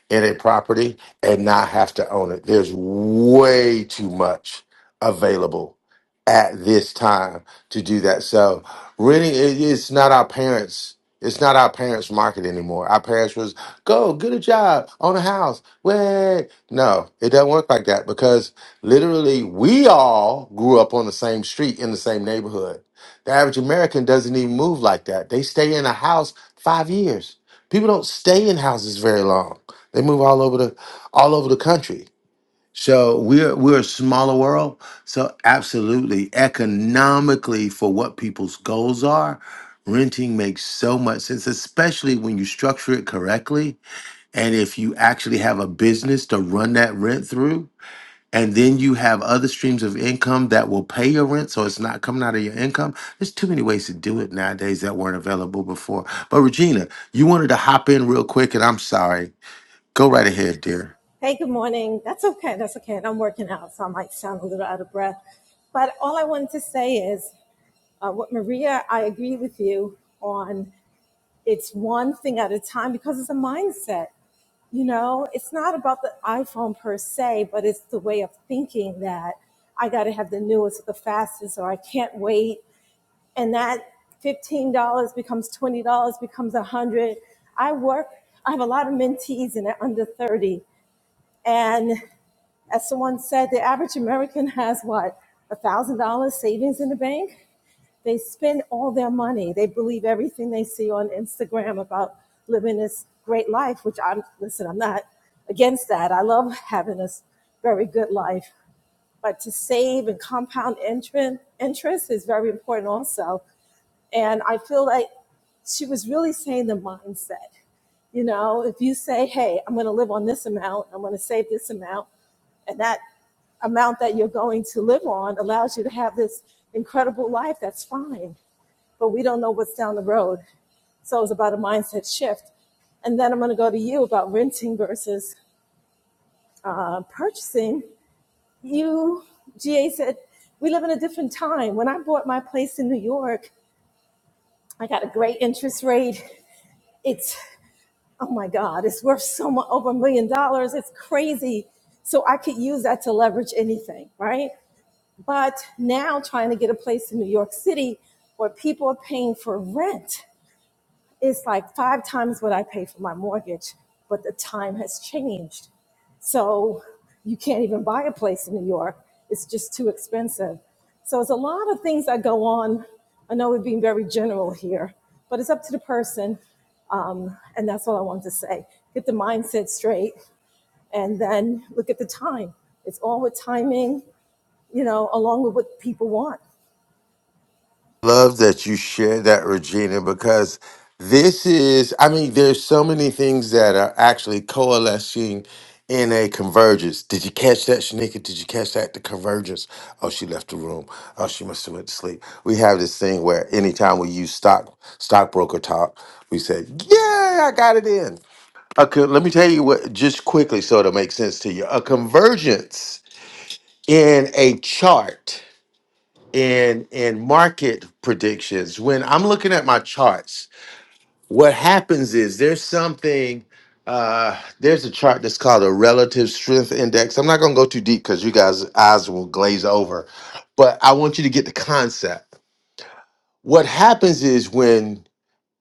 in a property and not have to own it. There's way too much available at this time to do that. So renting it, it's not our parents. It's not our parents' market anymore. Our parents was go get a job, own a house. Wait, no, it doesn't work like that because literally we all grew up on the same street in the same neighborhood. The average American doesn't even move like that. They stay in a house five years. People don't stay in houses very long. They move all over the all over the country. So we're we're a smaller world. So absolutely, economically, for what people's goals are, renting makes so much sense, especially when you structure it correctly. And if you actually have a business to run that rent through, and then you have other streams of income that will pay your rent, so it's not coming out of your income. There's too many ways to do it nowadays that weren't available before. But Regina, you wanted to hop in real quick, and I'm sorry. Go right ahead, dear. Hey, good morning. That's okay. That's okay. And I'm working out, so I might sound a little out of breath. But all I wanted to say is uh, what Maria, I agree with you on it's one thing at a time because it's a mindset. You know, it's not about the iPhone per se, but it's the way of thinking that I got to have the newest, the fastest, or I can't wait. and that $15 becomes $20 becomes 100 i work i have a lot of mentees and they're under 30 and as someone said the average american has what $1000 savings in the bank they spend all their money they believe everything they see on instagram about living this great life which i'm listen i'm not against that i love having a very good life but to save and compound interest is very important also and i feel like she was really saying the mindset. You know, if you say, hey, I'm going to live on this amount, I'm going to save this amount, and that amount that you're going to live on allows you to have this incredible life, that's fine. But we don't know what's down the road. So it was about a mindset shift. And then I'm going to go to you about renting versus uh, purchasing. You, GA said, we live in a different time. When I bought my place in New York, I got a great interest rate. It's oh my God, it's worth so much over a million dollars. It's crazy. So I could use that to leverage anything, right? But now trying to get a place in New York City where people are paying for rent is like five times what I pay for my mortgage, but the time has changed. So you can't even buy a place in New York. It's just too expensive. So it's a lot of things that go on. I know we're being very general here, but it's up to the person. Um, and that's all I wanted to say. Get the mindset straight and then look at the time. It's all with timing, you know, along with what people want. love that you shared that, Regina, because this is, I mean, there's so many things that are actually coalescing in a convergence. Did you catch that, Shanika? Did you catch that? The convergence. Oh, she left the room. Oh, she must have went to sleep. We have this thing where anytime we use stock stockbroker talk, we say, "Yeah, I got it in." Okay, let me tell you what, just quickly, so it'll make sense to you. A convergence in a chart and and market predictions when i'm looking at my charts what happens is there's something uh there's a chart that's called a relative strength index i'm not going to go too deep because you guys eyes will glaze over but i want you to get the concept what happens is when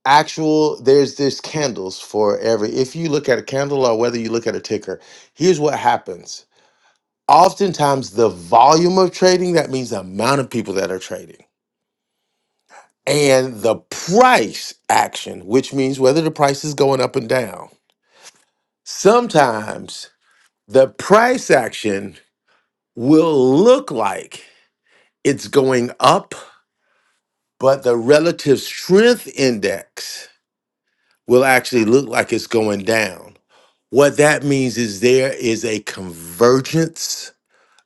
actual there's this candles for every if you look at a candle or whether you look at a ticker here's what happens oftentimes the volume of trading that means the amount of people that are trading and the price action, which means whether the price is going up and down. Sometimes the price action will look like it's going up, but the relative strength index will actually look like it's going down. What that means is there is a convergence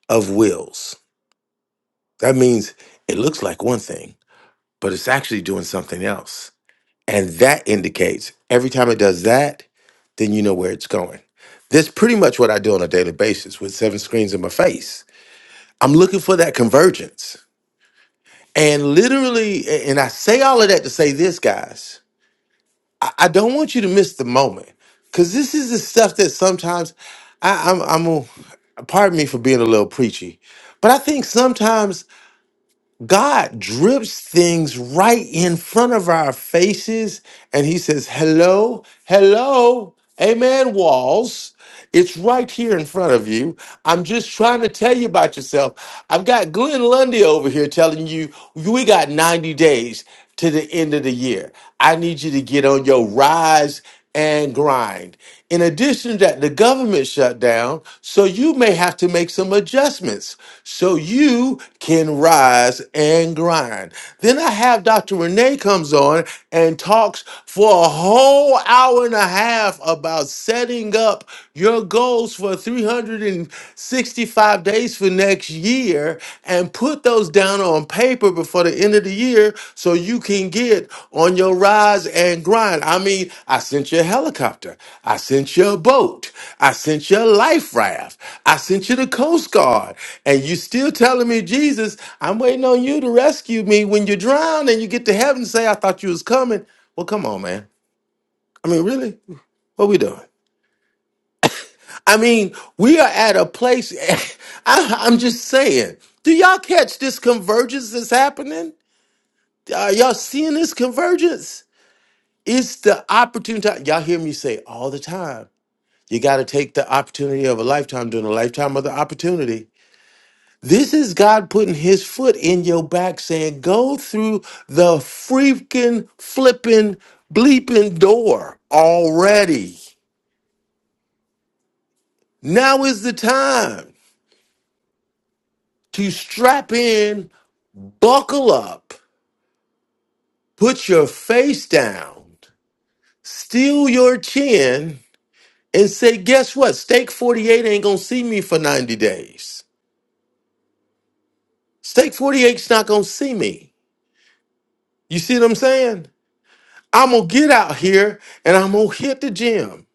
of wills. That means it looks like one thing, but it's actually doing something else. And that indicates every time it does that, then you know where it's going. That's pretty much what I do on a daily basis with seven screens in my face. I'm looking for that convergence. And literally, a- and I say all of that to say this, guys, I, I don't want you to miss the moment because this is the stuff that sometimes I, I'm, I'm, a- pardon me for being a little preachy, but I think sometimes. God drips things right in front of our faces, and He says, Hello, hello, amen, walls. It's right here in front of you. I'm just trying to tell you about yourself. I've got Glenn Lundy over here telling you we got 90 days to the end of the year. I need you to get on your rise and grind. In addition to that, the government shut down, so you may have to make some adjustments so you can rise and grind. Then I have Dr. Renee comes on and talks for a whole hour and a half about setting up your goals for 365 days for next year and put those down on paper before the end of the year so you can get on your rise and grind. I mean, I sent you a helicopter. I sent you a boat. I sent you a life raft. I sent you the Coast Guard. And you still telling me, Jesus, I'm waiting on you to rescue me when you drown and you get to heaven and say, I thought you was coming. Well, come on, man. I mean, really? What we doing? I mean, we are at a place. I, I'm just saying. Do y'all catch this convergence that's happening? Y'all, y'all seeing this convergence? It's the opportunity. Y'all hear me say all the time. You got to take the opportunity of a lifetime during a lifetime of the opportunity. This is God putting his foot in your back saying, go through the freaking flipping bleeping door already. Now is the time to strap in, buckle up, put your face down, steal your chin, and say, guess what? Stake 48 ain't gonna see me for 90 days. Stake forty-eight's not gonna see me. You see what I'm saying? I'm gonna get out here and I'm gonna hit the gym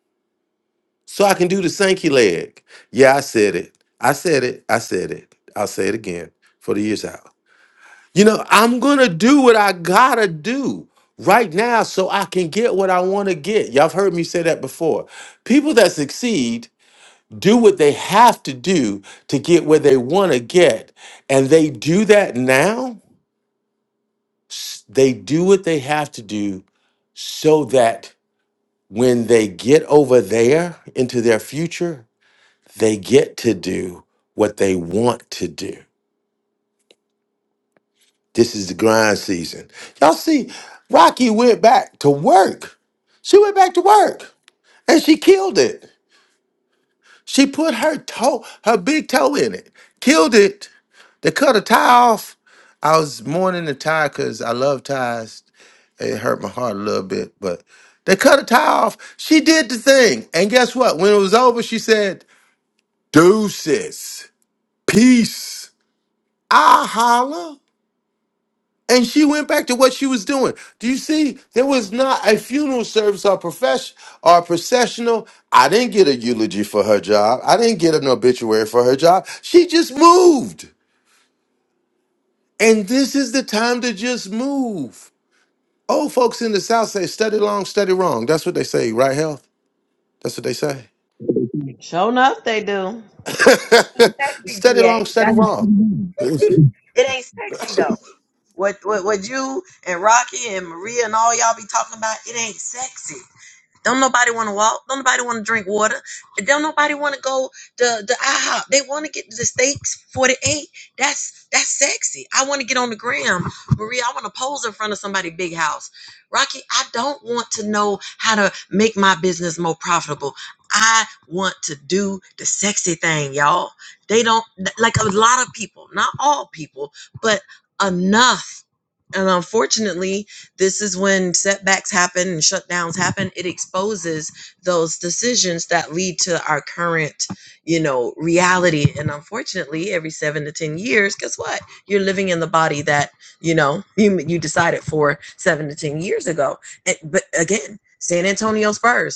so I can do the Sankey leg. Yeah, I said it. I said it. I said it. I'll say it again for the years out. You know, I'm gonna do what I gotta do right now so I can get what I wanna get. Y'all have heard me say that before. People that succeed do what they have to do to get where they want to get. And they do that now. S- They do what they have to do so that when they get over there into their future, they get to do what they want to do. This is the grind season. Y'all see, Rocky went back to work. She went back to work and she killed it. She put her toe, her big toe in it, killed it. They cut a tie off. I was mourning the tie because I love ties. It hurt my heart a little bit, but they cut a tie off. She did the thing. And guess what? When it was over, she said, Deuces, peace. I holla. And she went back to what she was doing. Do you see? There was not a funeral service or profession or processional. I didn't get a eulogy for her job. I didn't get an obituary for her job. She just moved. And this is the time to just move. Old folks in the South say, study long, study wrong. That's what they say, right, Health? That's what they say. Sure enough, they do. Sexy, study long, GA. study That- wrong. There it ain't sexy, though. What, what, what you and Rocky and Maria and all y'all be talking about, it ain't sexy. Don't nobody want to walk. Don't nobody want to drink water. Don't nobody want to go to the IHOP. They want to get the steaks 48. That's that's sexy. I want to get on the gram. Maria, I want to pose in front of somebody big house. Rocky, I don't want to know how to make my business more profitable. I want to do the sexy thing, y'all. They don't like a lot of people, not all people, but enough. And unfortunately, this is when setbacks happen and shutdowns happen. It exposes those decisions that lead to our current, you know, reality. And unfortunately, every seven to 10 years, guess what? You're living in the body that, you know, you, you decided for seven to 10 years ago. And, but again, San Antonio Spurs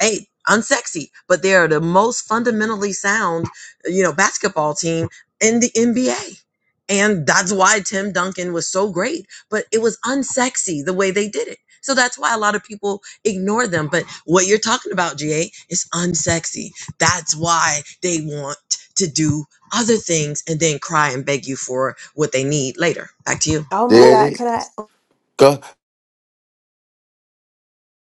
hey, unsexy, but they are the most fundamentally sound, you know, basketball team in the NBA. And that's why Tim Duncan was so great, but it was unsexy the way they did it. So that's why a lot of people ignore them. But what you're talking about, GA, is unsexy. That's why they want to do other things and then cry and beg you for what they need later. Back to you. oh my Woo! God, it can I? is.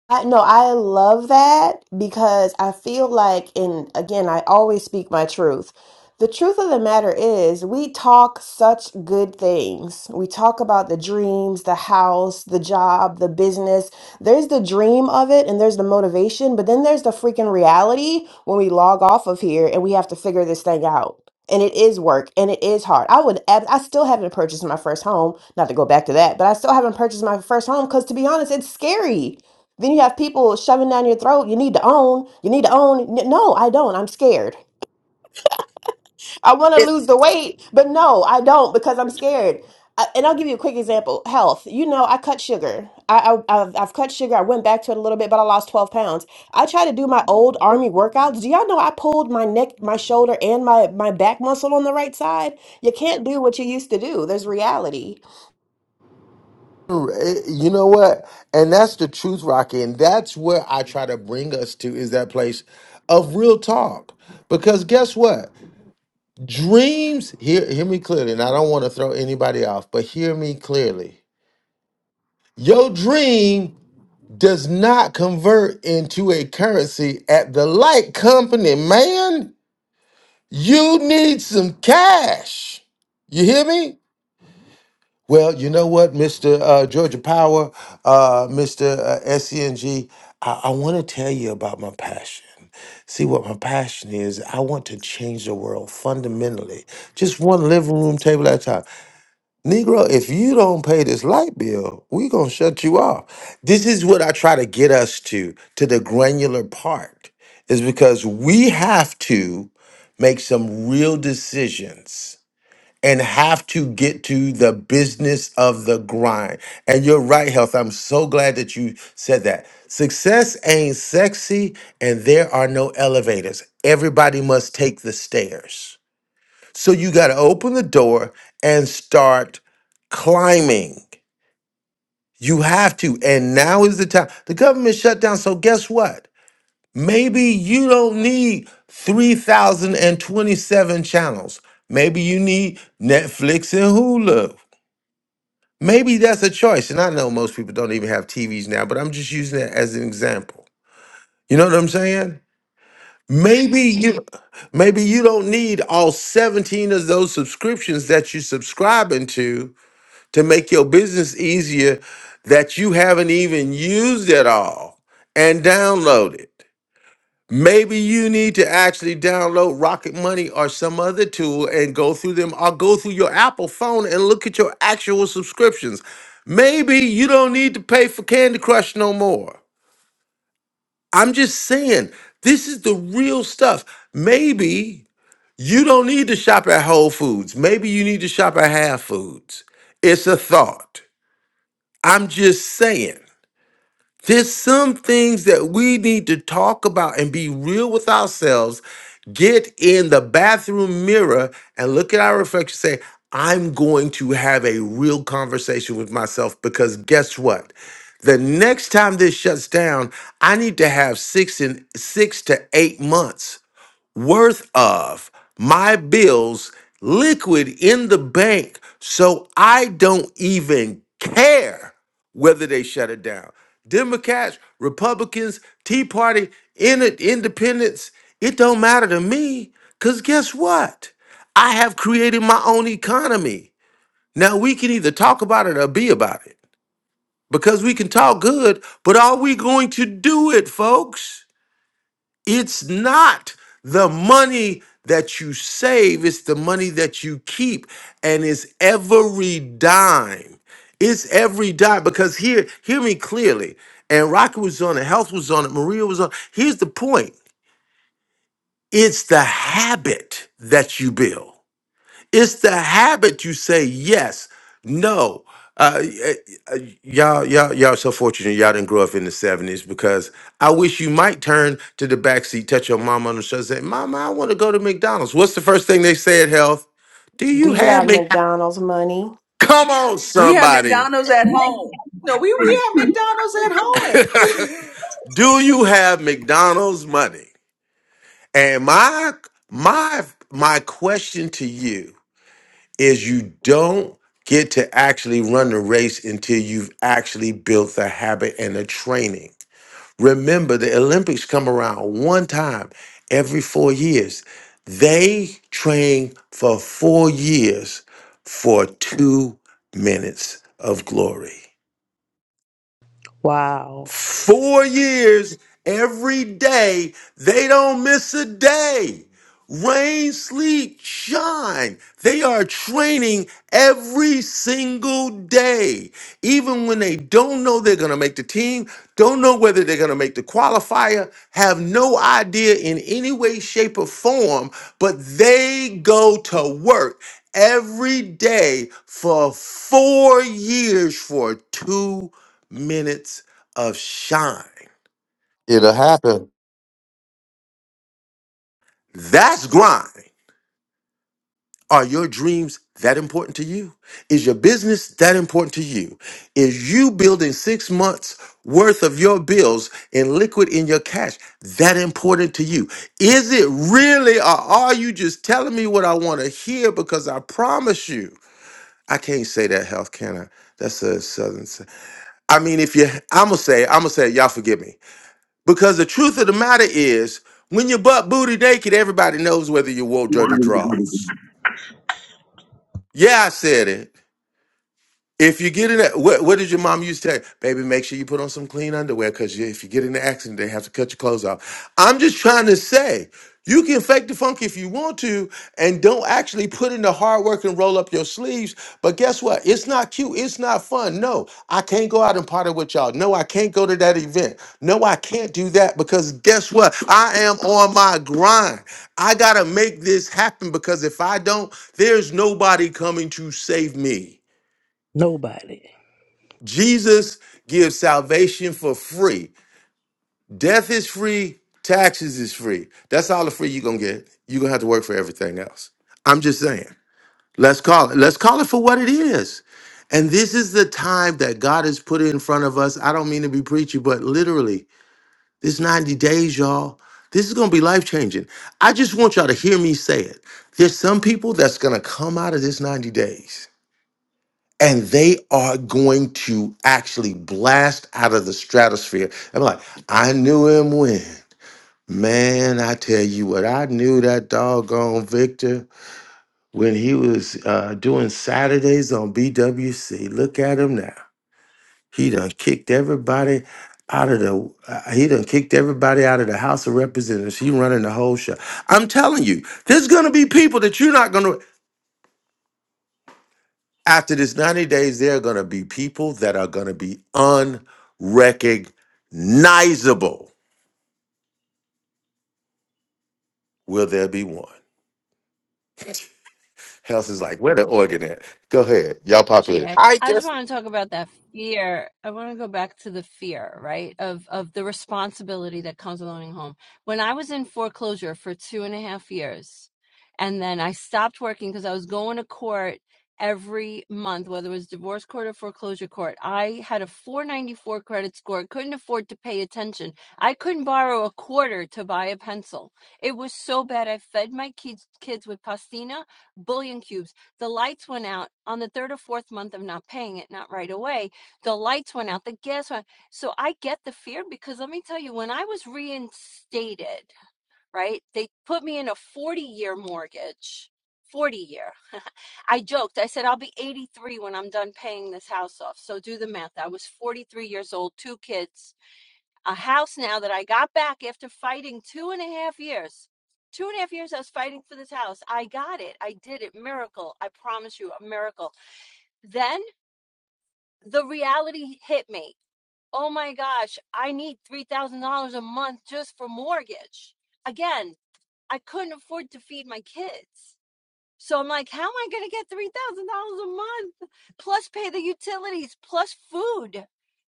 I no, I love that because I feel like, and again, I always speak my truth. The truth of the matter is, we talk such good things. We talk about the dreams, the house, the job, the business. There's the dream of it and there's the motivation, but then there's the freaking reality when we log off of here and we have to figure this thing out. And it is work and it is hard. I would, ab- I still haven't purchased my first home, not to go back to that, but I still haven't purchased my first home because to be honest, it's scary. Then you have people shoving down your throat. You need to own. You need to own. N- No, I don't. I'm scared. I want to lose the weight, but no, I don't because I'm scared. I, and I'll give you a quick example. Health. You know, I cut sugar. I, I I've, I've cut sugar. I went back to it a little bit, but I lost 12 pounds. I tried to do my old army workouts. Do y'all know I pulled my neck, my shoulder, and my my back muscle on the right side? You can't do what you used to do. There's reality. Eh, You know what? And that's the truth, Rocky. And that's where I try to bring us to is that place of real talk. Because guess what? Dreams, hear, hear me clearly, and I don't want to throw anybody off, but hear me clearly. Your dream does not convert into a currency at the light company, man. You need some cash. You hear me? Well, you know what, Mr. Uh, Georgia Power, uh, Mr. Uh, SCNG, I I want to tell you about my passion. See what my passion is. I want to change the world fundamentally, just one living room table at a time. Negro, if you don't pay this light bill, we gonna shut you off. This is what I try to get us to, to the granular part, is because we have to make some real decisions and have to get to the business of the grind. And you're right, Health. I'm so glad that you said that. Success ain't sexy, and there are no elevators. Everybody must take the stairs. So you got to open the door and start climbing. You have to. And now is the time. The government shut down. So guess what? Maybe you don't need 3,027 channels. Maybe you need Netflix and Hulu. Maybe that's a choice. And I know most people don't even have TVs now, but I'm just using that as an example. You know what I'm saying? Maybe you maybe you don't need all 17 of those subscriptions that you're subscribing to to make your business easier that you haven't even used at all and downloaded. Maybe you need to actually download Rocket Money or some other tool and go through them or go through your Apple phone and look at your actual subscriptions. Maybe you don't need to pay for Candy Crush no more. I'm just saying, this is the real stuff. Maybe you don't need to shop at Whole Foods. Maybe you need to shop at Half Foods. It's a thought. I'm just saying. There's some things that we need to talk about and be real with ourselves. Get in the bathroom mirror and look at our reflection. Say, I'm going to have a real conversation with myself because guess what? The next time this shuts down, I need to have six and six to eight months worth of my bills liquid in the bank so I don't even care whether they shut it down. Democrats, Republicans, Tea Party, in- independents, it don't matter to me because guess what? I have created my own economy. Now we can either talk about it or be about it because we can talk good, but are we going to do it, folks? It's not the money that you save, it's the money that you keep, and it's every dime. It's every dime because here, hear me clearly. And Rocky was on it, Health was on it, Maria was on. Here's the point: it's the habit that you build. It's the habit you say yes, no. Uh, y- uh, y'all, y'all, y'all so fortunate y'all didn't grow up in the 70s because I wish you might turn to the backseat, touch your mama on the shoulder, say, Mama, I want to go to McDonald's. What's the first thing they say at health? Do Do you you have have Mc McDonald's money? Come on, We have somebody. McDonald's at home. No, we, we have McDonald's at home. Do you have McDonald's money? And my my my question to you is you don't get to actually run the race until you've actually built the habit and the training. Remember, the Olympics come around one time every four years. They train for four years for two minutes of glory. Wow. Four years, every day, they don't miss a day. Rain, sleet, shine. They are training every single day. Even when they don't know they're going to make the team, don't know whether they're going to make the qualifier, have no idea in any way, shape, or form, but they go to work every day for four years for two minutes of shine. It'll happen. That's grind. Are your dreams that important to you? Is your business that important to you? Is you building six months worth of your bills in liquid in your cash that important to you? Is it really, or are you just telling me what I want to hear? Because I promise you, I can't say that health, can I? That's a southern. s- I mean, if you, I'm gonna say, I'm gonna say, y'all forgive me. Because the truth of the matter is, when you're butt booty naked, everybody knows whether you wore dirty draws. Yeah, I said it. If you get in that, what, what did your mom used to say, Baby, make sure you put on some clean underwear because if you get in the accident, they have to cut your clothes off. I'm just trying to say, you can fake the funk if you want to and don't actually put in the hard work and roll up your sleeves. But guess what? It's not cute. It's not fun. No, I can't go out and party with y'all. No, I can't go to that event. No, I can't do that because guess what? I am on my grind. I got to make this happen because if I don't, there's nobody coming to save me. Nobody. Jesus gives salvation for free. Death is free, taxes is free. That's all the free you're gonna get. You're gonna have to work for everything else. I'm just saying. Let's call it. Let's call it for what it is. And this is the time that God has put in front of us. I don't mean to be preachy, but literally, this 90 days, y'all, this is gonna be life changing. I just want y'all to hear me say it. There's some people that's gonna come out of this 90 days and they are going to actually blast out of the stratosphere. I'm like, I knew him when. Man, I tell you what, I knew that doggone Victor when he was uh, doing Saturdays on BWC. Look at him now. He done kicked everybody out of the. Uh, he done kicked everybody out of the House of Representatives. He running the whole show. I'm telling you, there's gonna be people that you're not gonna. after this 90 days, there are going to be people that are going to be unrecognizable. Will there be one? Health is like, where the organ at? Go ahead. Y'all populate GA. I I just just, want to talk about that fear. I want to go back to the fear, right? Of of the responsibility that comes with owning a home. When I was in foreclosure for two and a half years, and then I stopped working because I was going to court every month, whether it was divorce court or foreclosure court. I had a 494 credit score, couldn't afford to pay attention. I couldn't borrow a quarter to buy a pencil. It was so bad. I fed my kids kids with pastina, bullion cubes the lights went out on the third or fourth month of not paying it, not right away. The lights went out, the gas went. So I get the fear because let me tell you, when I was reinstated, right, they put me in a 40 year mortgage. 40 year. I joked. I said, I'll be 83 when I'm done paying this house off. So do the math. I was 43 years old, two kids a house now that I got back after fighting two and a half years. Two and a half years I was fighting for this house. I got it. I did it. Miracle. I promise you, a miracle. Then the reality hit me. Oh my gosh, I need $3,000 a month just for mortgage. Again, I couldn't afford to feed my kids. So I'm like, how am I going to get $3,000 a month plus pay the utilities plus food?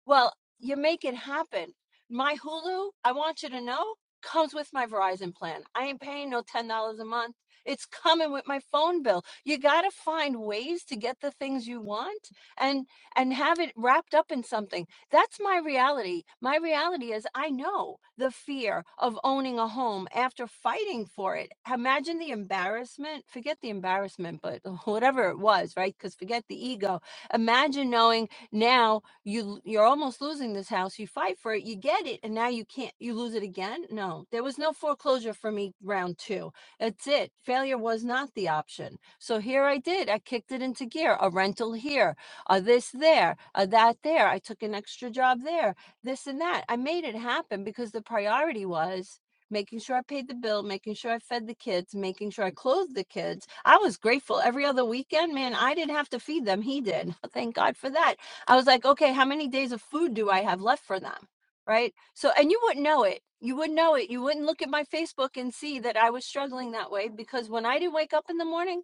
Well, you make it happen. My Hulu, I want you to know, comes with my Verizon plan. I ain't paying no $10 a month. It's coming with my phone bill. You got to find ways to get the things you want and and have it wrapped up in something. That's my reality. My reality is I know the fear of owning a home after fighting for it. Imagine the embarrassment, forget the embarrassment, but whatever it was, right? Cuz forget the ego. Imagine knowing now you you're almost losing this house, you fight for it, you get it, and now you can't you lose it again? No. There was no foreclosure for me round 2. That's it. Failure was not the option. So here I did. I kicked it into gear. A rental here, uh, this there, uh, that there. I took an extra job there, this and that. I made it happen because the priority was making sure I paid the bill, making sure I fed the kids, making sure I clothed the kids. I was grateful every other weekend, man. I didn't have to feed them. He did. Thank God for that. I was like, okay, how many days of food do I have left for them? Right. So, and you wouldn't know it. You wouldn't know it. You wouldn't look at my Facebook and see that I was struggling that way because when I didn't wake up in the morning,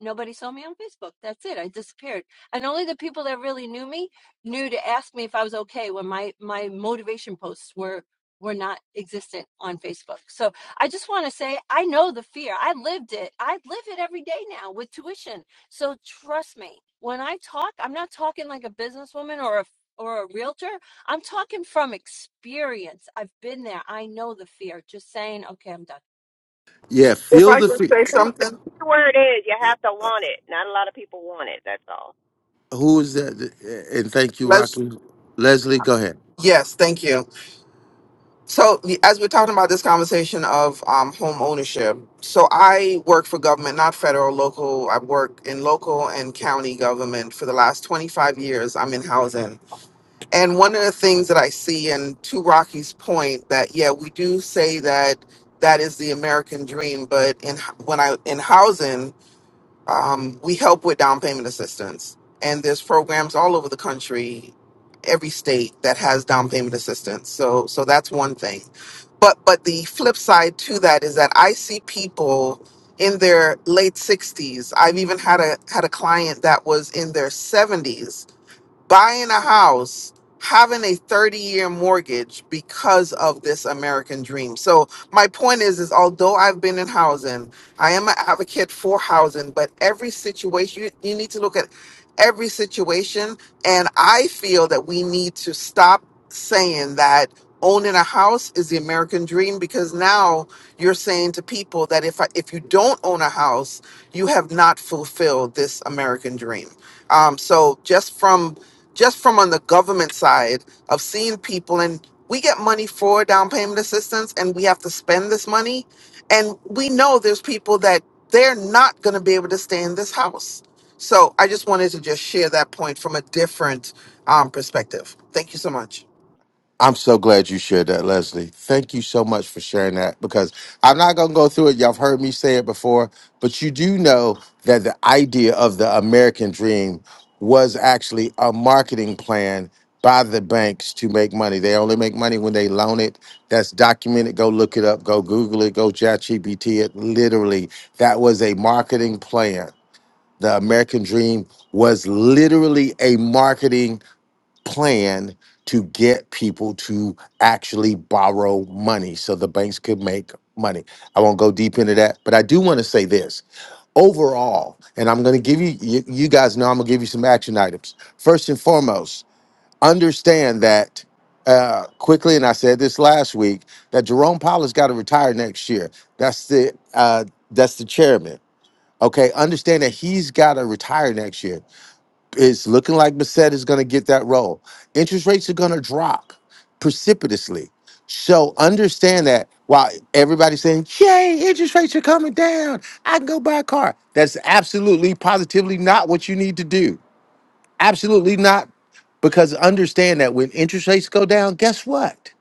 nobody saw me on Facebook. That's it. I disappeared and only the people that really knew me knew to ask me if I was okay when my my motivation posts were were not existent on Facebook. So I just want to say I know the fear. I lived it. I live it every day now with tuition. So trust me, when I talk, I'm not talking like a businesswoman or a or a realtor. I'm talking from experience. I've been there. I know the fear. Just saying, okay, I'm done. Yeah, if feel I the could fear. say The something, key word is you have to want it. Not a lot of people want it. That's all. Who is that? And thank you, let's, Rocky. Leslie, go yes, thank you. So, the- as we're talking about this conversation of um, home ownership, so I work for government, not federal, local. I work in local and county government for the last 25 years. I'm in housing. And one of the things that I see, and to Rocky's point, that yeah, we do say that that is the American dream, but in when I in housing, Um, we help with down payment assistance, and there's programs all over the country, every state that has down payment assistance. So, so that's one thing. But but the flip side to that is that I see people in their late 60s. I've even had a had a client that was in their 70s buying a house, having a 30 year mortgage because of this American dream. So my point is is although I've been in housing, I am an advocate for housing, but every situation you, you need to look at every situation and I feel that we need to stop saying that owning a house is the American dream because now you're saying to people that if I, if you don't own a house, you have not fulfilled this American dream. Um, so just from just from on the government side of seeing people and we get money for down payment assistance and we have to spend this money and we know there's people that they're not going to be able to stay in this house so i just wanted to just share that point from a different um, perspective thank you so much I'm so glad you shared that, Leslie. Thank you so much for sharing that because I'm not going to go through it. Y'all have heard me say it before, but you do know that the idea of the American dream was actually a marketing plan by the banks to make money. They only make money when they loan it. That's documented. Go look it up. Go Google it. Go ChatGPT it. Literally, that was a marketing plan. The American dream was literally a marketing plan to get people to actually borrow money so the banks could make money. I won't go deep into that, but I do want to say this overall, and I'm going to give you, you, you guys know I'm going to give you some action items. First and foremost, understand that uh, quickly, and I said this last week, that Jerome Powell's got to retire next year. That's the uh, that's the chairman. Okay, understand that he's got to retire next year. It's looking like Bissett is going to get that role. Interest rates are going to drop precipitously. So understand that while everybody's saying, yay, interest rates are coming down, I can go buy a car. That's absolutely, positively not what you need to do. Absolutely not. Because understand that when interest rates go down, guess what?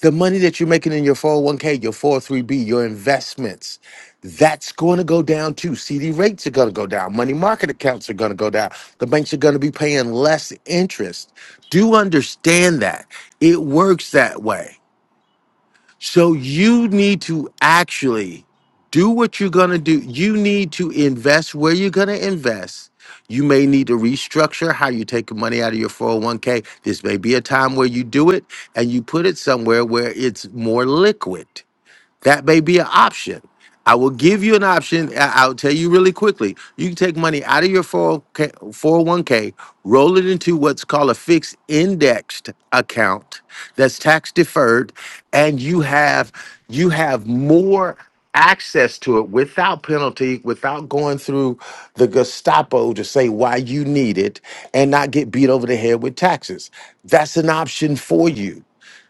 The money that you're making in your 401k, your 403b, your investments, that's going to go down too. CD rates are going to go down. Money market accounts are going to go down. The banks are going to be paying less interest. Do understand that. It works that way. So you need to actually do what you're going to do. You need to invest where you're going to invest. You may need to restructure how you take money out of your 401k. This may be a time where you do it and you put it somewhere where it's more liquid. That may be an option. I will give you an option. I- I'll tell you really quickly. You can take money out of your 401k, roll it into what's called a fixed indexed account that's tax deferred, and you have you have more access to it without penalty, without going through the Gestapo to say why you need it and not get beat over the head with taxes. That's an option for you.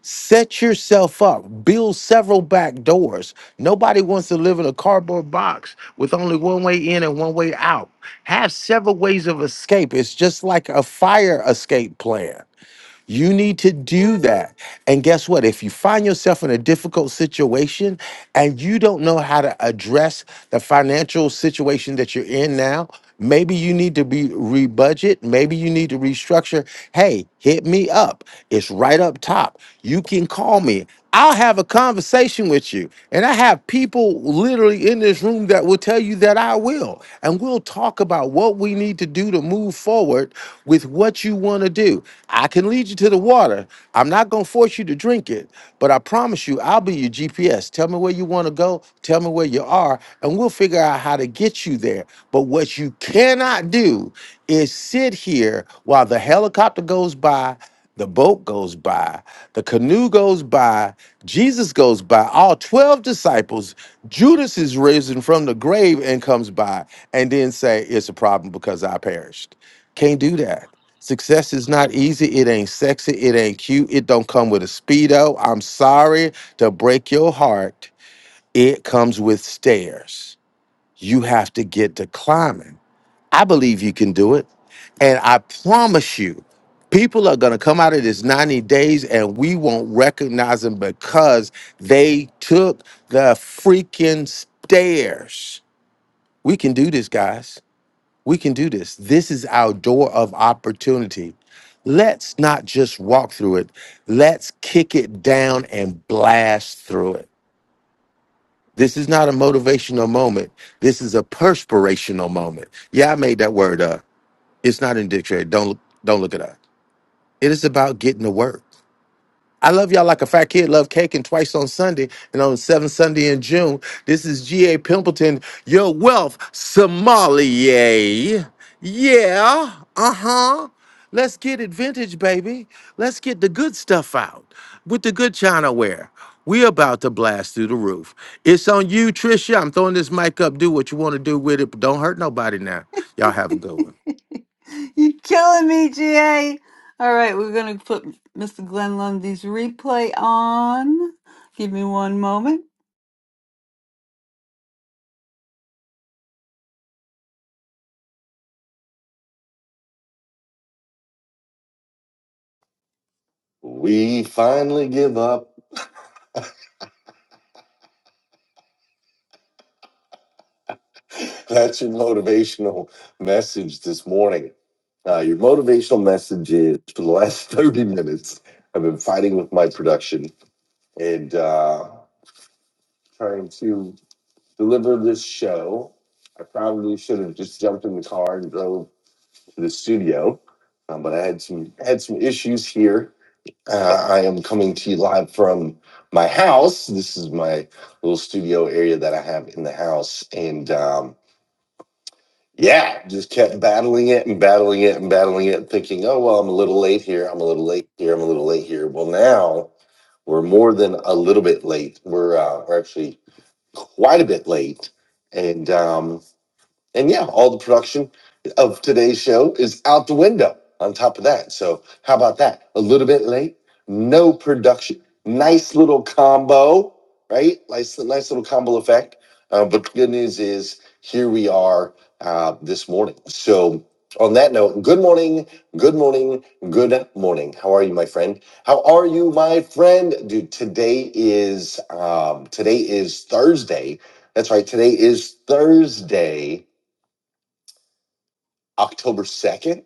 Set yourself up, build several back doors. Nobody wants to live in a cardboard box with only one way in and one way out. Have several ways of escape. It's just like a fire escape plan. You need to do that. And guess what? If you find yourself in a difficult situation and you don't know how to address the financial situation that you're in now, maybe you need to be rebudget, maybe you need to restructure. Hey, hit me up. It's right up top. You can call me. I'll have a conversation with you. And I have people literally in this room that will tell you that I will. And we'll talk about what we need to do to move forward with what you want to do. I can lead you to the water. I'm not going to force you to drink it, but I promise you, I'll be your GPS. Tell me where you want to go. Tell me where you are. And we'll figure out how to get you there. But what you cannot do is sit here while the helicopter goes by the boat goes by, the canoe goes by, Jesus goes by, all 12 disciples. Judas is risen from the grave and comes by, and then say, It's a problem because I perished. Can't do that. Success is not easy. It ain't sexy. It ain't cute. It don't come with a Speedo. I'm sorry to break your heart. It comes with stairs. You have to get to climbing. I believe you can do it. And I promise you, people are going to come out of this 90 days and we won't recognize them because they took the freaking stairs. We can do this, guys. We can do this. This is our door of opportunity. Let's not just walk through it, let's kick it down and blast through it. This is not a motivational moment. This is a perspirational moment. Yeah, I made that word up. It's not in the dictionary. Don't look, don't look it up. It is about getting to work. I love y'all like a fat kid love cake and twice on Sunday and on the seventh Sunday in June. This is G.A. Pimpleton, your wealth sommelier. Yeah, uh-huh. Let's get it vintage, baby. Let's get the good stuff out with the good china ware. We about to blast through the roof. It's on you, Trisha. I'm throwing this mic up. Do what you want to do with it, but don't hurt nobody now. Y'all have a good one. You're killing me, GA. All right, we're going to put Mr. Glenn Lundy's replay on. Give me one moment. We finally give up. That's your motivational message this morning. Uh, your motivational message is for the last 30 minutes, I've been fighting with my production and uh, trying to deliver this show. I probably should have just jumped in the car and drove to the studio, um, but I had some had some issues here. Uh, I am coming to you live from my house. This is my little studio area that I have in the house, and um, yeah, just kept battling it and battling it and battling it, thinking, oh well, I'm a little late here. I'm a little late here. I'm a little late here. Well, now we're more than a little bit late. We're uh, we're actually quite a bit late, and um, and yeah, all the production of today's show is out the window on top of that. So, how about that? A little bit late, no production. Nice little combo, right? Nice, nice little combo effect. Uh, but the good news is, here we are uh, this morning. So, on that note, good morning, good morning, good morning. How are you, my friend? How are you, my friend? Dude, today is um, today is Thursday. That's right. Today is Thursday October 2nd?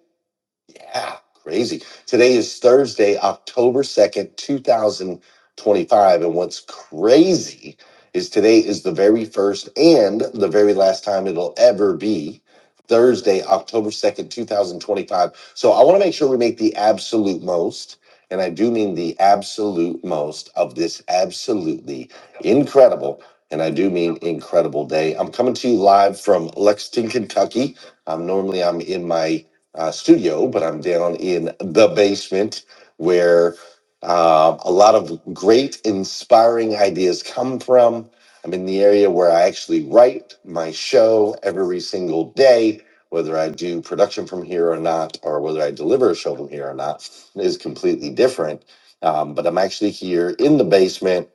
Yeah, crazy. Today is Thursday, October 2nd, 2025. And what's crazy is today is the very first and the very last time it'll ever be Thursday, October 2nd, 2025. So I want to make sure we make the absolute most. And I do mean the absolute most of this absolutely incredible, and I do mean incredible day. I'm coming to you live from Lexington, Kentucky. I'm normally I'm in my uh, studio, but I'm down in the basement where uh, a lot of great, inspiring ideas come from. I'm in the area where I actually write my show every single day. Whether I do production from here or not, or whether I deliver a show from here or not, is completely different. Um, but I'm actually here in the basement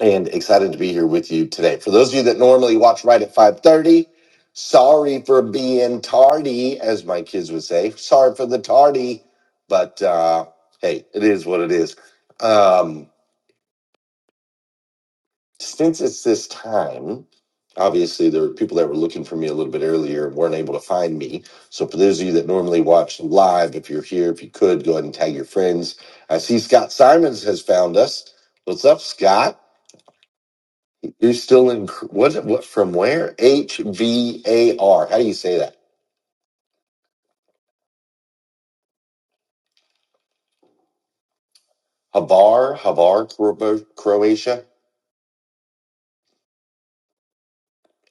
and excited to be here with you today. For those of you that normally watch right at 5:30, sorry for being tardy, as my kids would say. Sorry for the tardy, but uh, hey, it is what it is. Um, since it's this time, obviously there were people that were looking for me a little bit earlier and weren't able to find me. So for those of you that normally watch live, if you're here, if you could go ahead and tag your friends. I see Scott Simons has found us. What's up, Scott? You're still in what? What from where? H V A R. How do you say that? Hvar, Hvar, Cro- Croatia.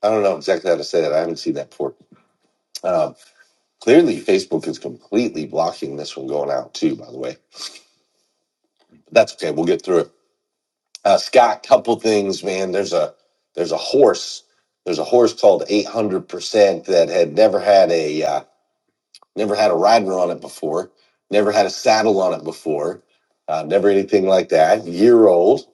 I don't know exactly how to say that. I haven't seen that before. Um, clearly, Facebook is completely blocking this from going out too. By the way, but that's okay. We'll get through it. Uh, Scott, couple things, man. There's a there's a horse. There's a horse called 800 percent that had never had a. uh, Never had a rider on it before. Never had a saddle on it before. Uh, never anything like that. Year old,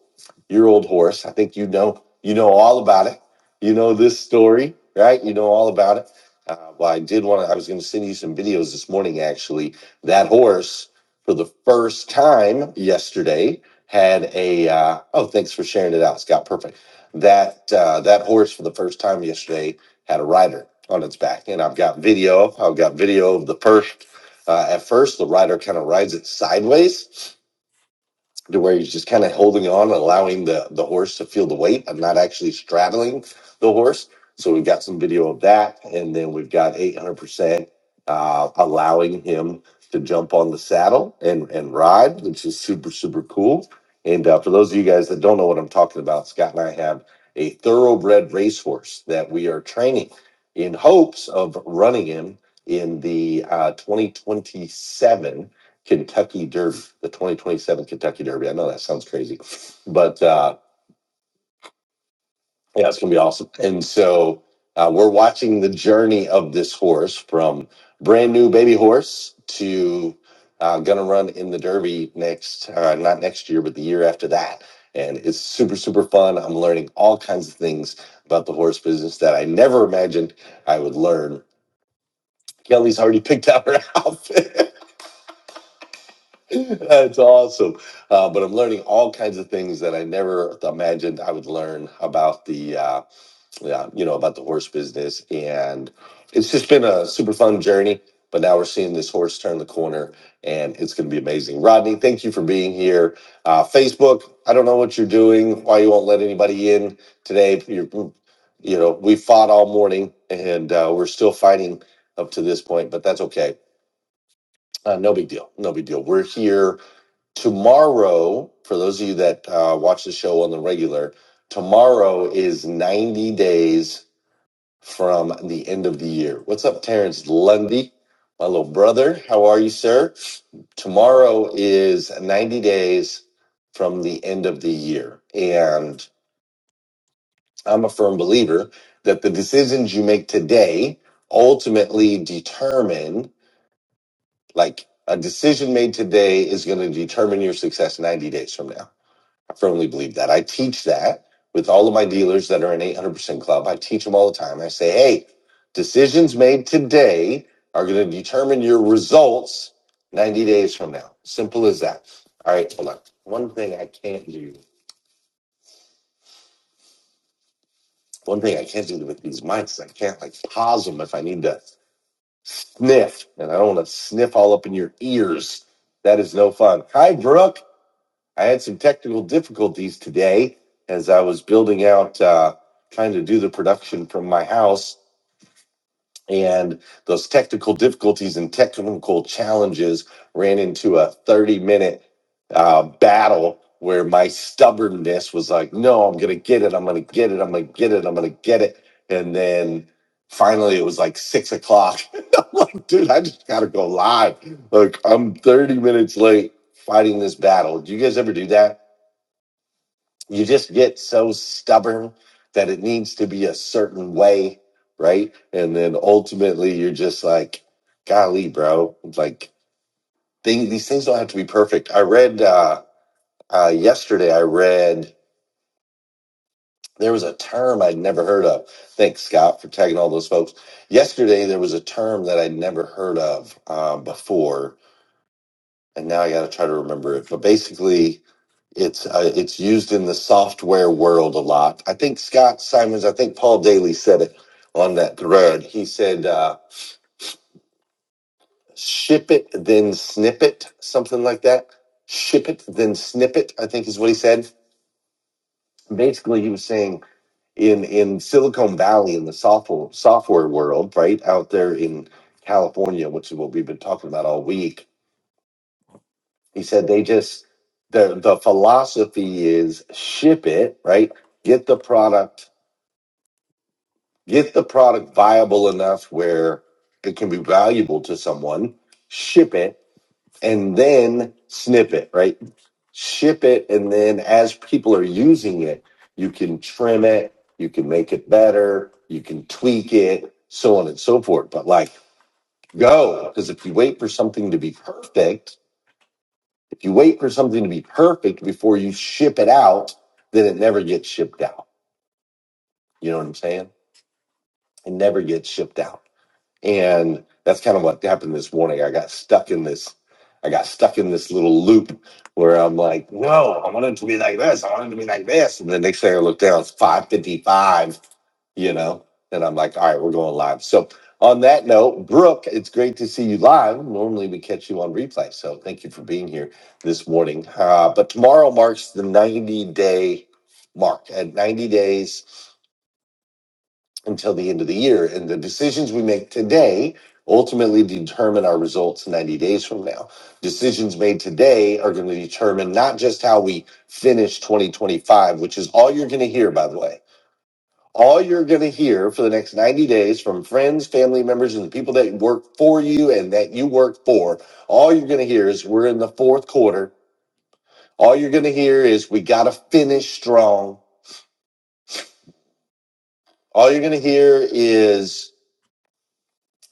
year old horse. I think you know you know all about it. You know this story, right? You know all about it. Uh, well, I did want to. I was going to send you some videos this morning. Actually, that horse for the first time yesterday had a. Uh, oh, thanks for sharing it out, Scott. Perfect. That uh, that horse for the first time yesterday had a rider on its back, and I've got video. I've got video of the first. Uh, at first, the rider kind of rides it sideways, to where he's just kind of holding on and allowing the, the horse to feel the weight. I'm not actually straddling the horse. So we've got some video of that. And then we've got 800% uh, allowing him to jump on the saddle and, and ride, which is super, super cool. And uh, for those of you guys that don't know what I'm talking about, Scott and I have a thoroughbred racehorse that we are training in hopes of running him in the uh, 2027 Kentucky Derby, the 2027 Kentucky Derby. I know that sounds crazy, but uh, yeah, it's going to be awesome. And so uh, we're watching the journey of this horse from brand new baby horse to uh, going to run in the Derby next, uh, not next year, but the year after that. And it's super, super fun. I'm learning all kinds of things about the horse business that I never imagined I would learn. Kelly's already picked out her outfit. That's awesome. Uh, but I'm learning all kinds of things that I never imagined I would learn about the, uh, yeah, you know, about the horse business. And it's just been a super fun journey. But now we're seeing this horse turn the corner, and it's going to be amazing. Rodney, thank you for being here. Uh, Facebook, I don't know what you're doing, why you won't let anybody in today. You're, you know, we fought all morning, and uh, we're still fighting up to this point, but that's okay. Uh, no big deal. No big deal. We're here Tomorrow, for those of you that uh, watch the show on the regular, tomorrow is 90 days from the end of the year. What's up, Terrence Lundy? My little brother, how are you, sir? Tomorrow is 90 days from the end of the year. And I'm a firm believer that the decisions you make today ultimately determine, like, a decision made today is going to determine your success 90 days from now. I firmly believe that. I teach that with all of my dealers that are in 800% Club. I teach them all the time. I say, hey, decisions made today are going to determine your results 90 days from now. Simple as that. All right, hold on. One thing I can't do, one thing I can't do with these mics, I can't like pause them if I need to sniff, and I don't want to sniff all up in your ears. That is no fun. Hi, Brooke. I had some technical difficulties today as I was building out, uh, trying to do the production from my house. And those technical difficulties and technical challenges ran into a 30 minute uh, battle where my stubbornness was like, no, I'm going to get it. I'm going to get it. I'm going to get it. I'm going to get it. And then finally it was like six o'clock. I'm like, dude, I just got to go live. Like, I'm 30 minutes late fighting this battle. Do you guys ever do that? you just get so stubborn that it needs to be a certain way, right? And then ultimately you're just like, golly, bro, like thing, these things don't have to be perfect. I read uh, uh, yesterday, I read there was a term I'd never heard of. Thanks, Scott, for tagging all those folks. Yesterday, there was a term that I'd never heard of uh, before, and now I got to try to remember it. But basically, It's uh, it's used in the software world a lot. I think Scott Simons, I think Paul Daly said it on that thread. He said, uh, "Ship it, then snip it," something like that. Ship it, then snip it. I think is what he said. Basically, he was saying in in Silicon Valley in the software software world, right out there in California, which is what we've been talking about all week. He said they just the the philosophy is ship it, right? Get the product Get the product viable enough where it can be valuable to someone, ship it, and then snip it, right? Ship it, and then as people are using it, you can trim it, you can make it better, you can tweak it, so on and so forth. But like, go, because if you wait for something to be perfect, if you wait for something to be perfect before you ship it out, then it never gets shipped out. You know what I'm saying? It never gets shipped out. and that's kind of what happened this morning i got stuck in this i got stuck in this little loop where i'm like no i want it to be like this i want it to be like this and the next thing i look down it's 555 you know and i'm like all right we're going live so on that note brooke it's great to see you live normally we catch you on replay so thank you for being here this morning uh, but tomorrow marks the 90 day mark at 90 days until the end of the year. And the decisions we make today ultimately determine our results 90 days from now. Decisions made today are going to determine not just how we finish 2025, which is all you're going to hear, by the way. All you're going to hear for the next 90 days from friends, family members, and the people that work for you and that you work for, all you're going to hear is we're in the fourth quarter. All you're going to hear is we got to finish strong. All you're going to hear is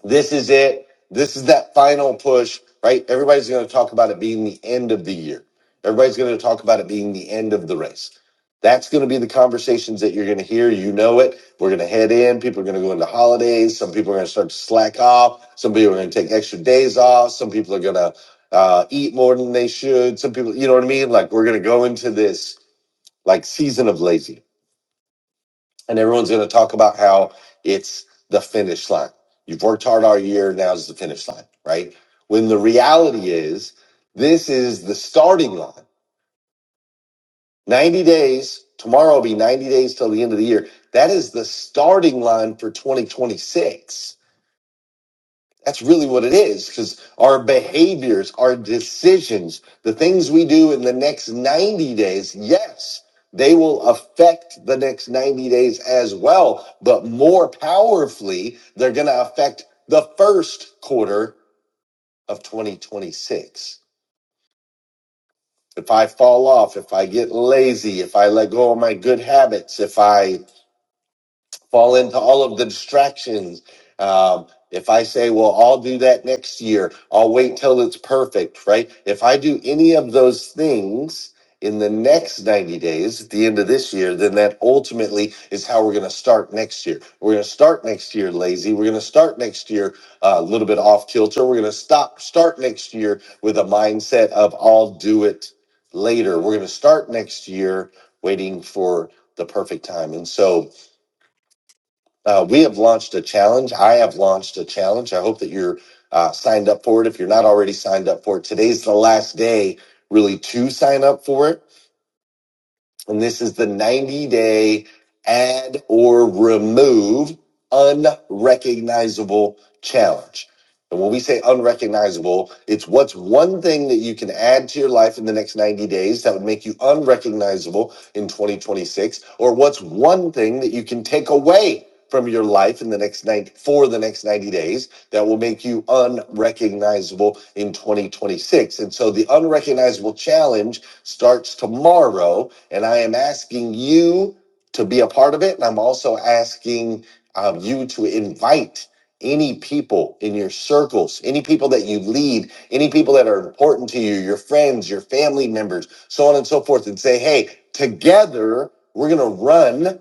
This is it. This is that final push, right? Everybody's going to talk about it being the end of the year. Everybody's going to talk about it being the end of the race. That's going to be the conversations that you're going to hear. You know it. We're going to head in. People are going to go into holidays. Some people are going to start to slack off. Some people are going to take extra days off. Some people are going to uh, eat more than they should. Some people, you know what I mean? Like we're going to go into this like season of laziness and everyone's going to talk about how it's the finish line. You've worked hard all year, now's the finish line, right? When the reality is, this is the starting line. 90 days, tomorrow will be 90 days till the end of the year. That is the starting line for 2026. That's really what it is because our behaviors, our decisions, the things we do in the next 90 days, yes, they will affect the next 90 days as well. But more powerfully, they're going to affect the first quarter of 2026. If I fall off, if I get lazy, if I let go of my good habits, if I fall into all of the distractions. Um, if I say, well, I'll do that next year, I'll wait till it's perfect, right? If I do any of those things in the next 90 days at the end of this year, then that ultimately is how we're going to start next year. We're going to start next year lazy. We're going to start next year uh, a little bit off kilter. We're going to stop, start next year with a mindset of I'll do it later. We're going to start next year waiting for the perfect time. And so, uh, we have launched a challenge. I have launched a challenge. I hope that you're uh, signed up for it. If you're not already signed up for it, today's the last day, really, to sign up for it. And this is the 90 day add or remove unrecognizable challenge. And when we say unrecognizable, it's what's one thing that you can add to your life in the next 90 days that would make you unrecognizable in 2026, or what's one thing that you can take away from your life in the next 90 for the next 90 days that will make you unrecognizable in 2026. And so the unrecognizable challenge starts tomorrow. And I am asking you to be a part of it. And I'm also asking um, you to invite any people in your circles, any people that you lead, any people that are important to you, your friends, your family members, so on and so forth, and say, hey, together we're going to run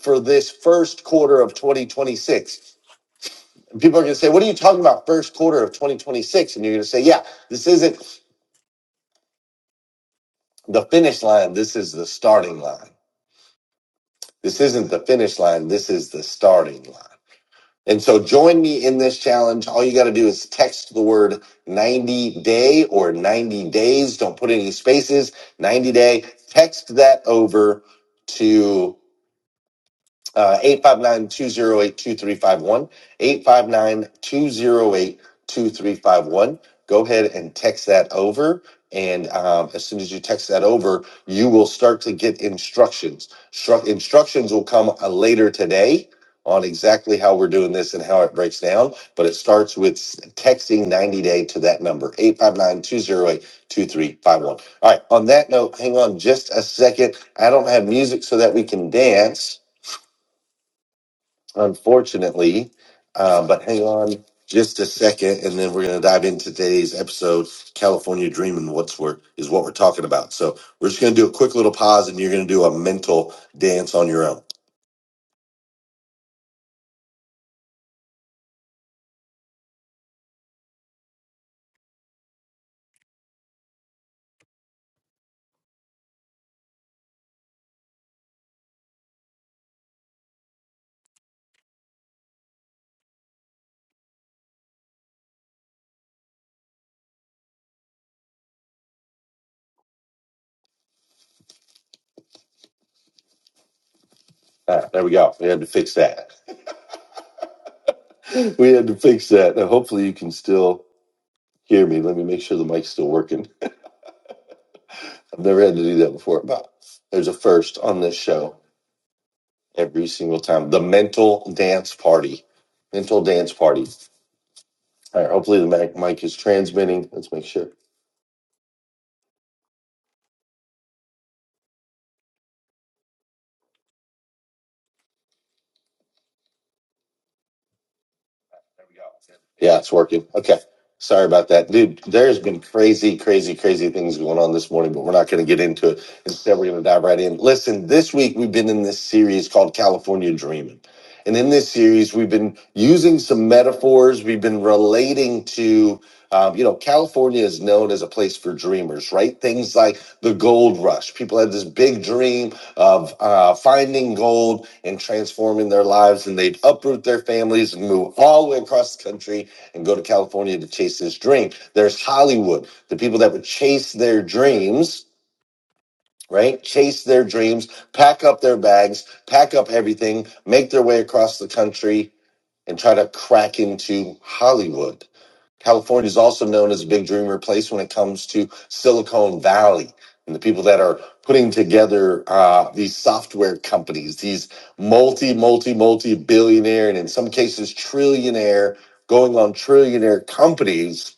for this first quarter of 2026. And people are going to say, What are you talking about, first quarter of 2026? And you're going to say, Yeah, this isn't the finish line, this is the starting line. This isn't the finish line, this is the starting line. And so join me in this challenge. All you got to do is text the word 90 day or 90 days. Don't put any spaces, 90 day. Text that over to uh, 859 Go ahead and text that over. And um, as soon as you text that over, you will start to get instructions. Stru- instructions will come uh, later today on exactly how we're doing this and how it breaks down. But it starts with s- texting 90 day to that number, eight five nine two zero eight two three five one. All right. On that note, hang on just a second. I don't have music so that we can dance unfortunately. Um, but hang on just a second, and then we're going to dive into today's episode. California Dreaming what's we're, is what we're talking about. So we're just going to do a quick little pause, and you're going to do a mental dance on your own. Ah, there we go. We had to fix that. we had to fix that. Now, hopefully, you can still hear me. Let me make sure the mic's still working. I've never had to do that before, but there's a first on this show every single time. The mental dance party. Mental dance party. All right. Hopefully the mic, mic is transmitting. Let's make sure. Yeah, it's working. Okay. Sorry about that. Dude, there's been crazy, crazy, crazy things going on this morning, but we're not going to get into it. Instead, we're going to dive right in. Listen, this week we've been in this series called California Dreaming. And in this series, we've been using some metaphors. We've been relating to, um, you know, California is known as a place for dreamers, right? Things like the gold rush. People had this big dream of uh, finding gold and transforming their lives. And they'd uproot their families and move all the way across the country and go to California to chase this dream. There's Hollywood, the people that would chase their dreams. Right? Chase their dreams, pack up their bags, pack up everything, make their way across the country, and try to crack into Hollywood. California is also known as a big dreamer place when it comes to Silicon Valley and the people that are putting together uh, these software companies, these multi, multi, multi billionaire, and in some cases, trillionaire, going on trillionaire companies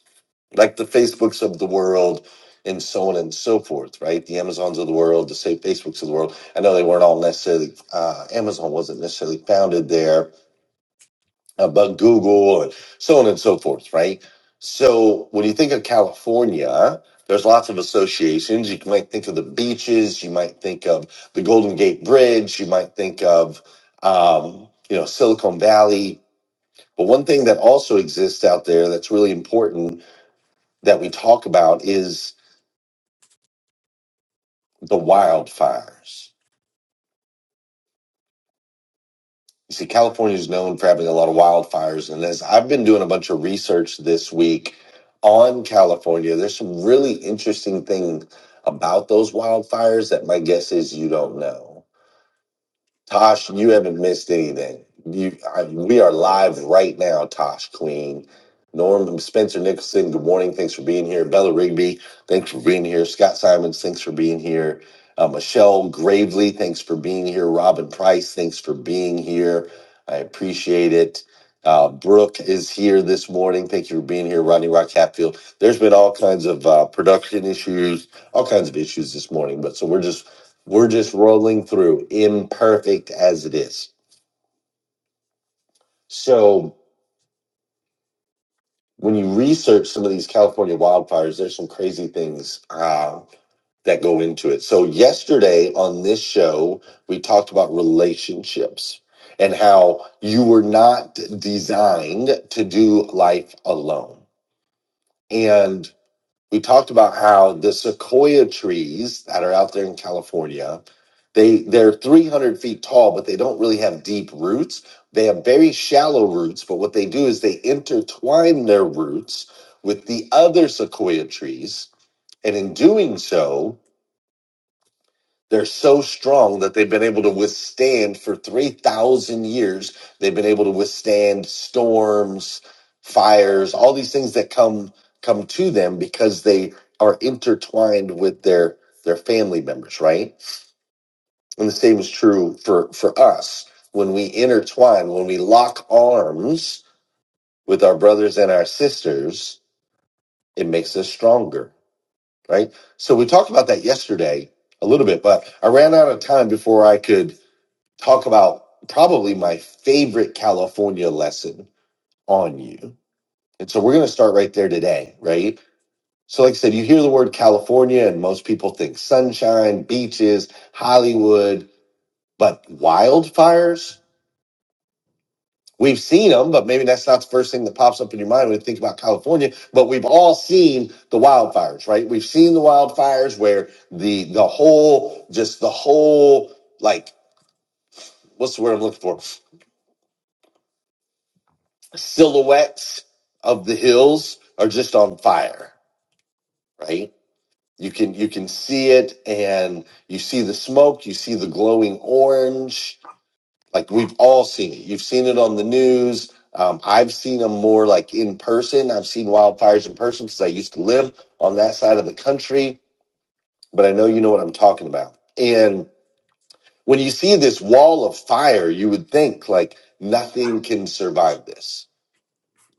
like the Facebooks of the world and so on and so forth, right? The Amazons of the world, the say Facebooks of the world. I know they weren't all necessarily, uh, Amazon wasn't necessarily founded there about Google and so on and so forth, right? So when you think of California, there's lots of associations. You might think of the beaches, you might think of the Golden Gate Bridge, you might think of um, you know Silicon Valley. But one thing that also exists out there that's really important that we talk about is the wildfires You see, California is known for having a lot of wildfires. And as I've been doing a bunch of research this week on California, there's some really interesting things about those wildfires that my guess is you don't know. Tosh, you haven't missed anything. You, I, we are live right now, Tosh Queen. Norm Spencer Nicholson, good morning. Thanks for being here. Bella Rigby, thanks for being here. Scott Simons, thanks for being here. Uh, Michelle Gravely, thanks for being here. Robin Price, thanks for being here. I appreciate it. Uh, Brooke is here this morning. Thank you for being here, Rodney Rock Hatfield. There's been all kinds of uh, production issues, all kinds of issues this morning, but so we're just we're just rolling through, imperfect as it is. So when you research some of these California wildfires, there's some crazy things uh, that go into it. So yesterday on this show, we talked about relationships and how you were not designed to do life alone. And we talked about how the sequoia trees that are out there in California, they they're 300 feet tall, but they don't really have deep roots. They have very shallow roots, but what they do is they intertwine their roots with the other sequoia trees, and in doing so, they're so strong that they've been able to withstand for 3,000 years. They've been able to withstand storms, fires, all these things that come come to them because they are intertwined with their their family members, right? And the same is true for for us. When we intertwine, when we lock arms with our brothers and our sisters, it makes us stronger, right? So we talked about that yesterday a little bit, but I ran out of time before I could talk about probably my favorite California lesson on you. And so we're going to start right there today, right? So, like I said, you hear the word California, and most people think sunshine, beaches, Hollywood, but wildfires? We've seen them, but maybe that's not the first thing that pops up in your mind when you think about California. But we've all seen the wildfires, right? We've seen the wildfires where the the whole, just the whole, like, what's the word I'm looking for? silhouettes of the hills are just on fire right you can you can see it and you see the smoke you see the glowing orange like we've all seen it you've seen it on the news um, i've seen them more like in person i've seen wildfires in person because i used to live on that side of the country but i know you know what i'm talking about and when you see this wall of fire you would think like nothing can survive this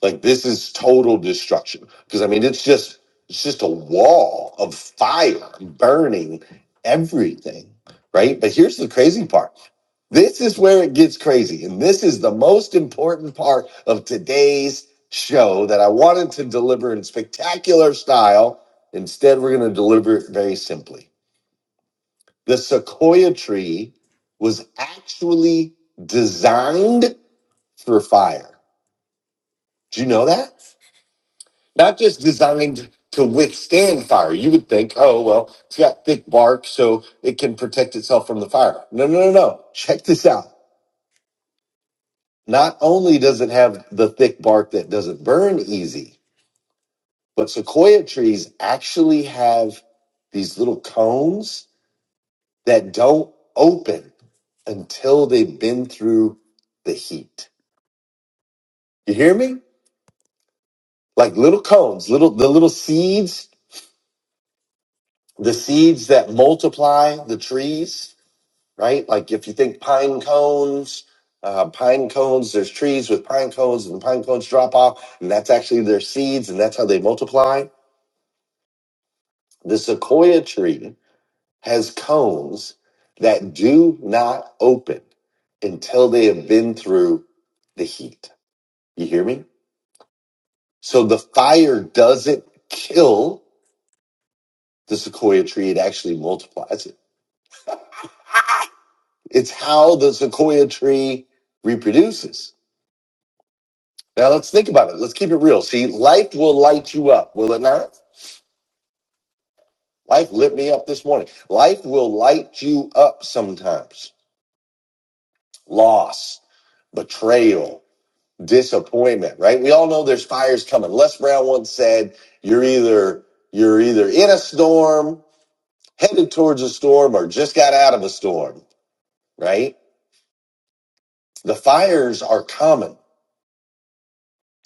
Like this is total destruction. Because I mean, it's just it's just a wall of fire burning everything, right? But here's the crazy part. This is where it gets crazy, and this is the most important part of today's show that I wanted to deliver in spectacular style. Instead, we're going to deliver it very simply. The sequoia tree was actually designed for fire. Do you know that? not just designed to withstand fire. You would think, oh, well, it's got thick bark, so it can protect itself from the fire. No, no, no, no. Check this out. Not only does it have the thick bark that doesn't burn easy, but sequoia trees actually have these little cones that don't open until they've been through the heat. You hear me? Like little cones, little the little seeds, the seeds that multiply the trees right? Like if you think pine cones, uh, pine cones, there's trees with pine cones and the pine cones drop off and that's actually their seeds and that's how they multiply. The sequoia tree has cones that do not open until they have been through the heat. You hear me? So the fire doesn't kill the sequoia tree. It actually multiplies it. It's how the sequoia tree reproduces Now let's think about it. Let's keep it real. See, life will light you up, will it not? Life lit me up this morning. Life will light you up sometimes. Loss, betrayal, disappointment, right? We all know there's fires coming. Les Brown once said, you're either you're either in a storm, headed towards a storm, or just got out of a storm, right? The fires are common.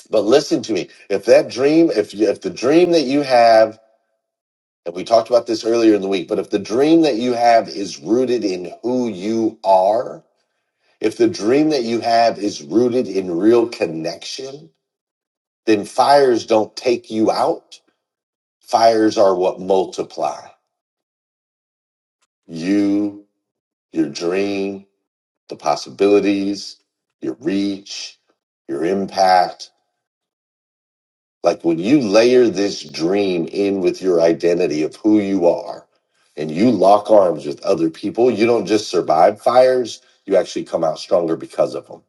But listen to me. If that dream, if you, if the dream that you have And we talked about this earlier in the week, but if the dream that you have is rooted in who you are, if the dream that you have is rooted in real connection, then fires don't take you out. Fires are what multiply you, your dream, the possibilities, your reach, your impact. Like when you layer this dream in with your identity of who you are and you lock arms with other people, you don't just survive fires, you actually come out stronger because of them.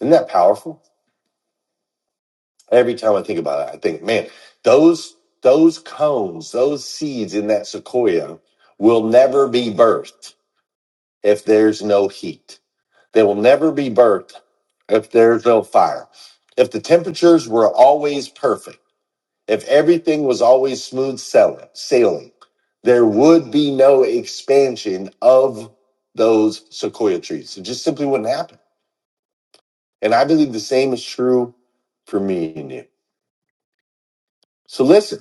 Isn't that powerful? Every time I think about it, I think, man, those those cones, those seeds in that sequoia will never be birthed if there's no heat. They will never be birthed if there's no fire. If the temperatures were always perfect, If everything was always smooth sailing, sailing, there would be no expansion of those sequoia trees. It just simply wouldn't happen. And I believe the same is true for me and you. So listen,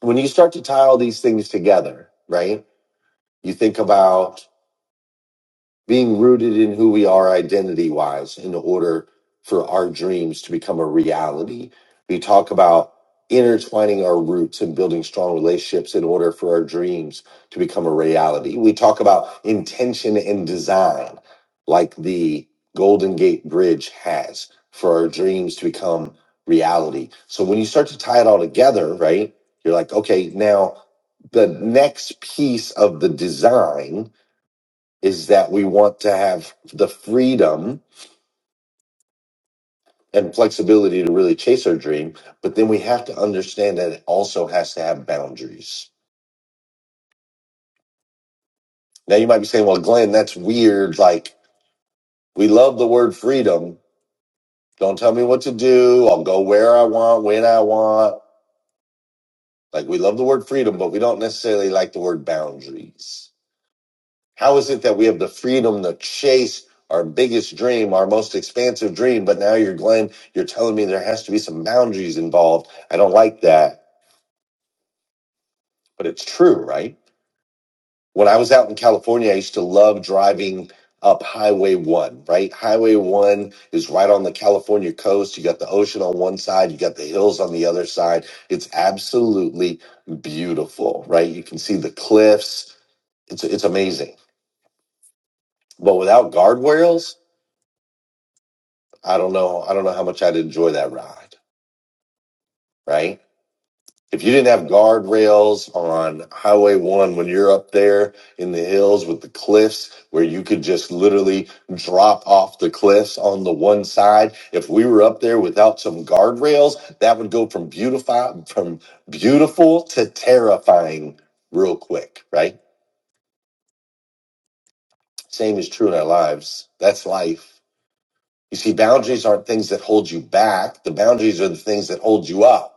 when you start to tie all these things together, right? You think about being rooted in who we are identity wise in order for our dreams to become a reality. We talk about intertwining our roots and building strong relationships in order for our dreams to become a reality. We talk about intention and design, like the Golden Gate Bridge has for our dreams to become reality. So when you start to tie it all together, right, you're like, okay, now the next piece of the design is that we want to have the freedom and flexibility to really chase our dream, but then we have to understand that it also has to have boundaries. Now you might be saying, well, Glenn, that's weird. Like we love the word freedom. Don't tell me what to do. I'll go where I want, when I want. Like we love the word freedom, but we don't necessarily like the word boundaries. How is it that we have the freedom to chase our biggest dream, our most expansive dream? But now you're Glenn, you're telling me there has to be some boundaries involved. I don't like that, but it's true, right? When I was out in California, I used to love driving up Highway One, right? Highway One is right on the California coast. You got the ocean on one side, you got the hills on the other side. It's absolutely beautiful, right? You can see the cliffs. It's, it's amazing. But without guardrails, I don't know. I don't know how much I'd enjoy that ride, right? If you didn't have guardrails on Highway One when you're up there in the hills with the cliffs where you could just literally drop off the cliffs on the one side, if we were up there without some guardrails, that would go from beautiful from beautiful to terrifying real quick, right? Same is true in our lives. That's life. You see, boundaries aren't things that hold you back. The boundaries are the things that hold you up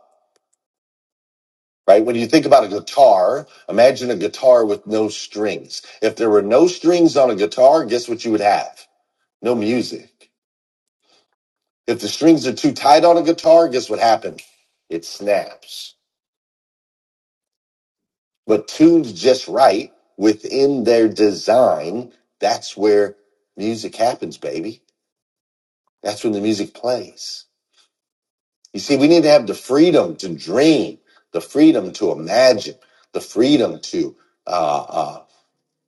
right? When you think about a guitar, imagine a guitar with no strings. If there were no strings on a guitar, guess what you would have? No music. If the strings are too tight on a guitar, guess what happens? It snaps. But tuned just right within their design, that's where music happens, baby. That's when the music plays. You see, we need to have the freedom to dream, the freedom to imagine, the freedom to uh, uh,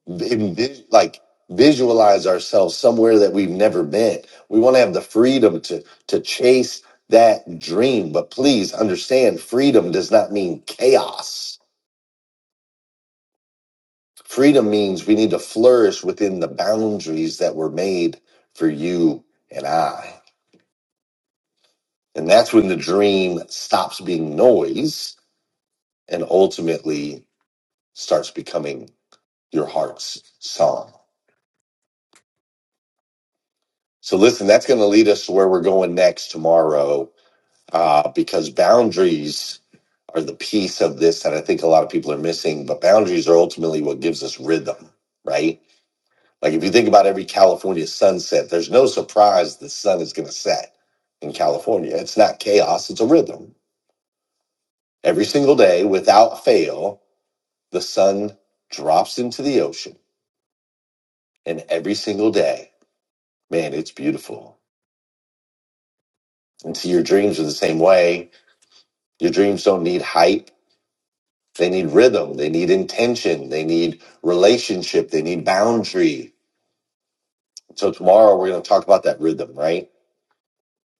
envis- like visualize ourselves somewhere that we've never been. We want to have the freedom to to chase that dream, but please understand freedom does not mean chaos. Freedom means we need to flourish within the boundaries that were made for you and I. And that's when the dream stops being noise and ultimately starts becoming your heart's song. So listen, that's going to lead us to where we're going next tomorrow uh, because boundaries are the piece of this that I think a lot of people are missing. But boundaries are ultimately what gives us rhythm, right? Like if you think about every California sunset, there's no surprise the sun is going to set in California. It's not chaos, it's a rhythm. Every single day, without fail, the sun drops into the ocean. And every single day, man, it's beautiful. And see, your dreams are the same way. Your dreams don't need hype They need rhythm. They need intention. They need relationship. They need boundary. So tomorrow we're going to talk about that rhythm, right?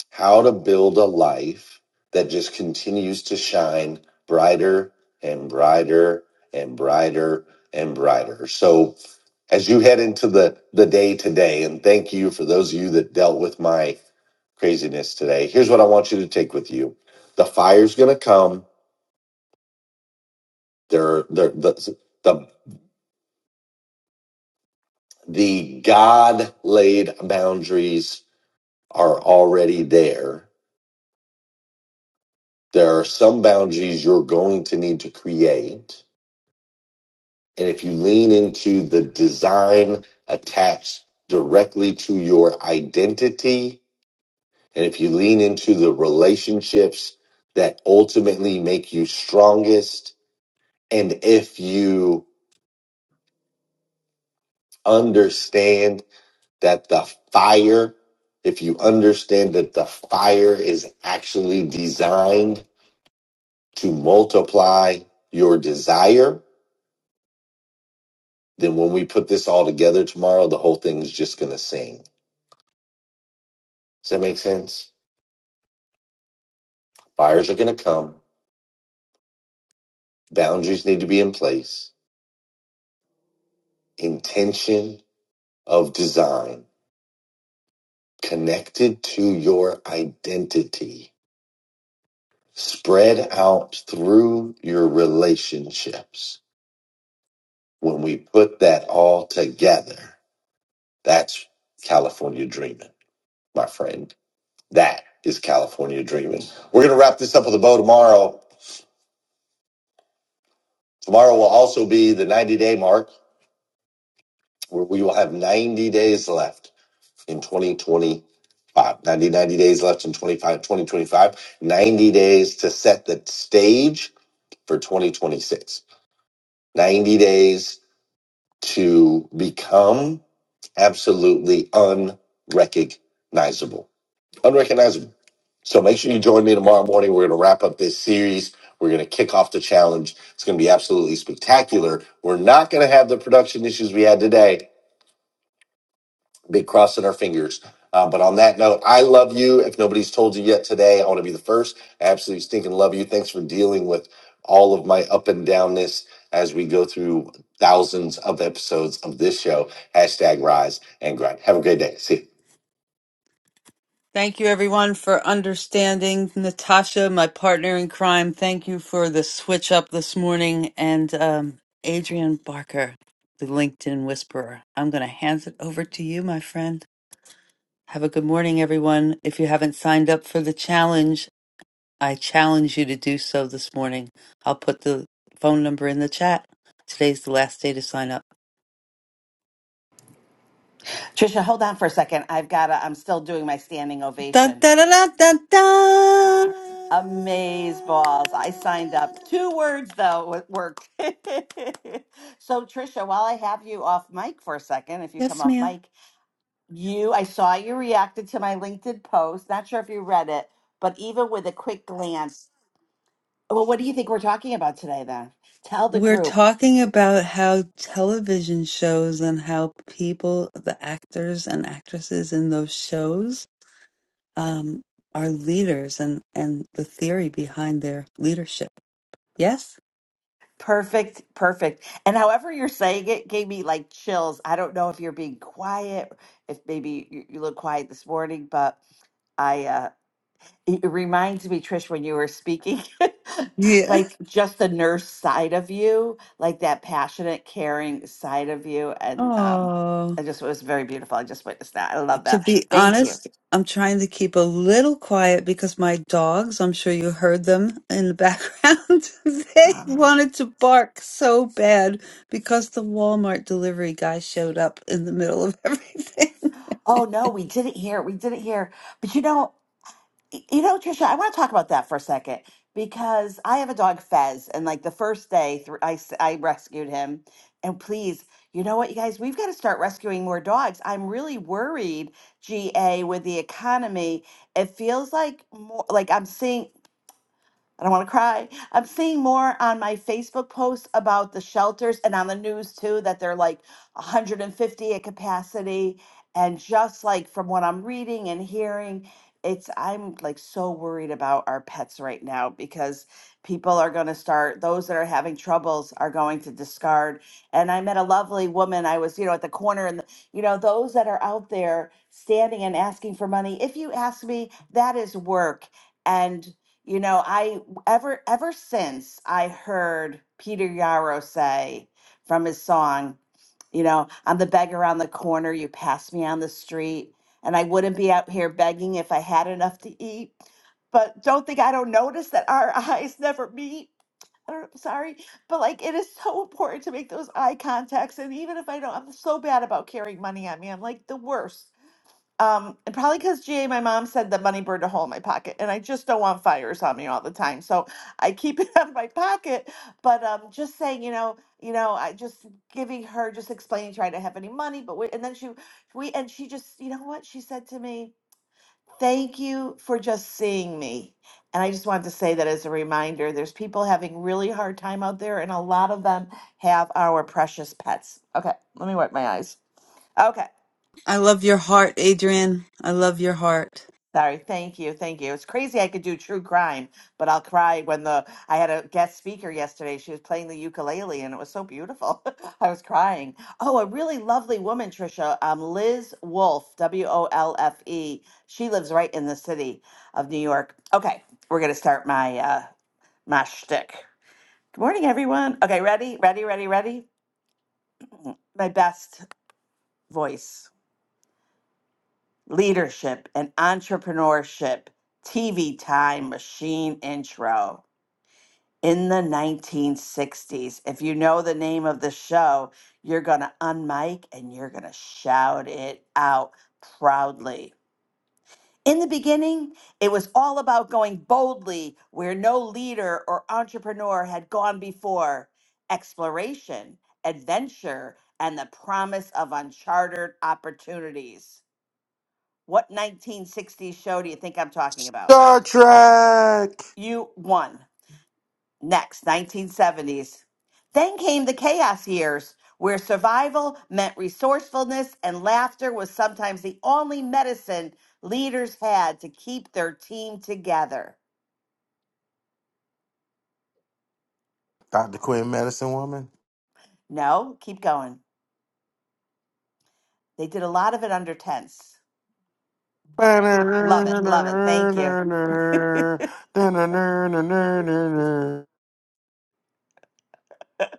How to build a life that just continues to shine brighter and brighter and brighter and brighter. So as you head into the, the day today, and thank you for those of you that dealt with my craziness today. Here's what I want you to take with you. The fire's going to come. There, there, the, the the God laid boundaries are already there. There are some boundaries you're going to need to create. And if you lean into the design attached directly to your identity, and if you lean into the relationships that ultimately make you strongest, and if you understand that the fire, if you understand that the fire is actually designed to multiply your desire, then when we put this all together tomorrow, the whole thing is just going to sing. Does that make sense? Fires are going to come. Boundaries need to be in place. Intention of design connected to your identity spread out through your relationships when we put that all together. That's California dreaming, my friend. That is California dreaming. We're going to wrap this up with a bow tomorrow. Tomorrow will also be the 90 day mark where we will have 90 days left in 2025. 90 90 days left in twenty-five twenty twenty-five. 90 days to set the stage for 2026. 90 days to become absolutely unrecognizable unrecognizable. So make sure you join me tomorrow morning. We're going to wrap up this series. We're going to kick off the challenge. It's going to be absolutely spectacular. We're not going to have the production issues we had today. Big crossing our fingers. Uh, but on that note, I love you. If nobody's told you yet today, I want to be the first. I absolutely stinking love you. Thanks for dealing with all of my up and downness as we go through thousands of episodes of this show. Hashtag rise and grind. Have a great day. See you. Thank you, everyone, for understanding. Natasha, my partner in crime, thank you for the switch up this morning. And um, Adrian Barker, the LinkedIn Whisperer, I'm going to hand it over to you, my friend. Have a good morning, everyone. If you haven't signed up for the challenge, I challenge you to do so this morning. I'll put the phone number in the chat. Today's the last day to sign up. Trisha, hold on for a second. I've got to, I'm still doing my standing Dun, ovation. dun, dun, dun, dun, dun. Amaze balls. I signed up. Two words though, it worked. so Trisha, while I have you off mic for a second, if you come Yes, off ma'am. mic, you, I saw you reacted to my LinkedIn post. Not sure if you read it, but even with a quick glance, well, what do you think we're talking about today then? Tell the We're group. talking about how television shows and how people, the actors and actresses in those shows, um, are leaders and, and the theory behind their leadership. Yes? Perfect, perfect. And however you're saying it gave me like chills. I don't know if you're being quiet, if maybe you, you look quiet this morning, but I uh it it reminds me, Trish, when you were speaking, Yeah. like just the nurse side of you, like that passionate, caring side of you. And um Oh, I just it was very beautiful. I just witnessed that. I love to that. be Thank you. honest, I'm trying to keep a little quiet because my dogs, I'm sure you heard them in the background, they Um, wanted to bark so bad because the Walmart delivery guy showed up in the middle of everything. oh no, we didn't hear. We didn't hear. But you know, Y- You know, Trisha, I want to talk about that for a second because I have a dog, Fez, and like the first day, th- I s- I rescued him. And please, you know what, you guys, we've got to start rescuing more dogs. I'm really worried, GA, with the economy. It feels like more like I'm seeing. I don't want to cry. I'm seeing more on my Facebook posts about the shelters and on the news too that they're like 150 at capacity. And just like from what I'm reading and hearing, it's, I'm like so worried about our pets right now because people are going to start, those that are having troubles are going to discard. And I met a lovely woman. I was, you know, at the corner and, the, you know, those that are out there standing and asking for money. If you ask me, that is work. And you know, I ever ever since I heard Peter Yarrow say from his song, you know, I'm the beggar on the corner, you pass me on the street, and I wouldn't be out here begging if I had enough to eat. But don't think I don't notice that our eyes never meet. I don't- sorry, but like it is so important to make those eye contacts. And even if I don't, I'm so bad about carrying money on me. I'm like the worst. Um, and probably because GA, my mom said that money burned a hole in my pocket, and I just don't want fires on me all the time, so I keep it out of my pocket. But um, just saying, you know, you know, I just giving her, just explaining, trying to her I didn't have any money, but we, and then she, we, and she just, you know what she said to me, thank you for just seeing me, and I just wanted to say that as a reminder, there's people having really hard time out there, and a lot of them have our precious pets. Okay, let me wipe my eyes. Okay. I love your heart, Adrian. I love your heart. Sorry, thank you, thank you. It's crazy I could do true crime, but I'll cry when the I had a guest speaker yesterday. She was playing the ukulele and it was so beautiful. I was crying. Oh, a really lovely woman, Trisha. Um, Liz Wolfe, W O L F E. She lives right in the city of New York. Okay, we're gonna start my uh my shtick. Good morning, everyone. Okay, ready, ready, ready, ready. My best voice, leadership and entrepreneurship. TV time machine intro. in the 1960s. If you know the name of the show, you're going to unmic and you're going to shout it out proudly. In the beginning, it was all about going boldly where no leader or entrepreneur had gone before. Exploration, adventure, and the promise of uncharted opportunities. What 1960s show do you think I'm talking about? Star Trek. You won. Next, 1970s. Then came the chaos years, where survival meant resourcefulness and laughter was sometimes the only medicine leaders had to keep their team together. Dr. Quinn, medicine woman. No, keep going. They did a lot of it under tense. Love it, love it. Thank you.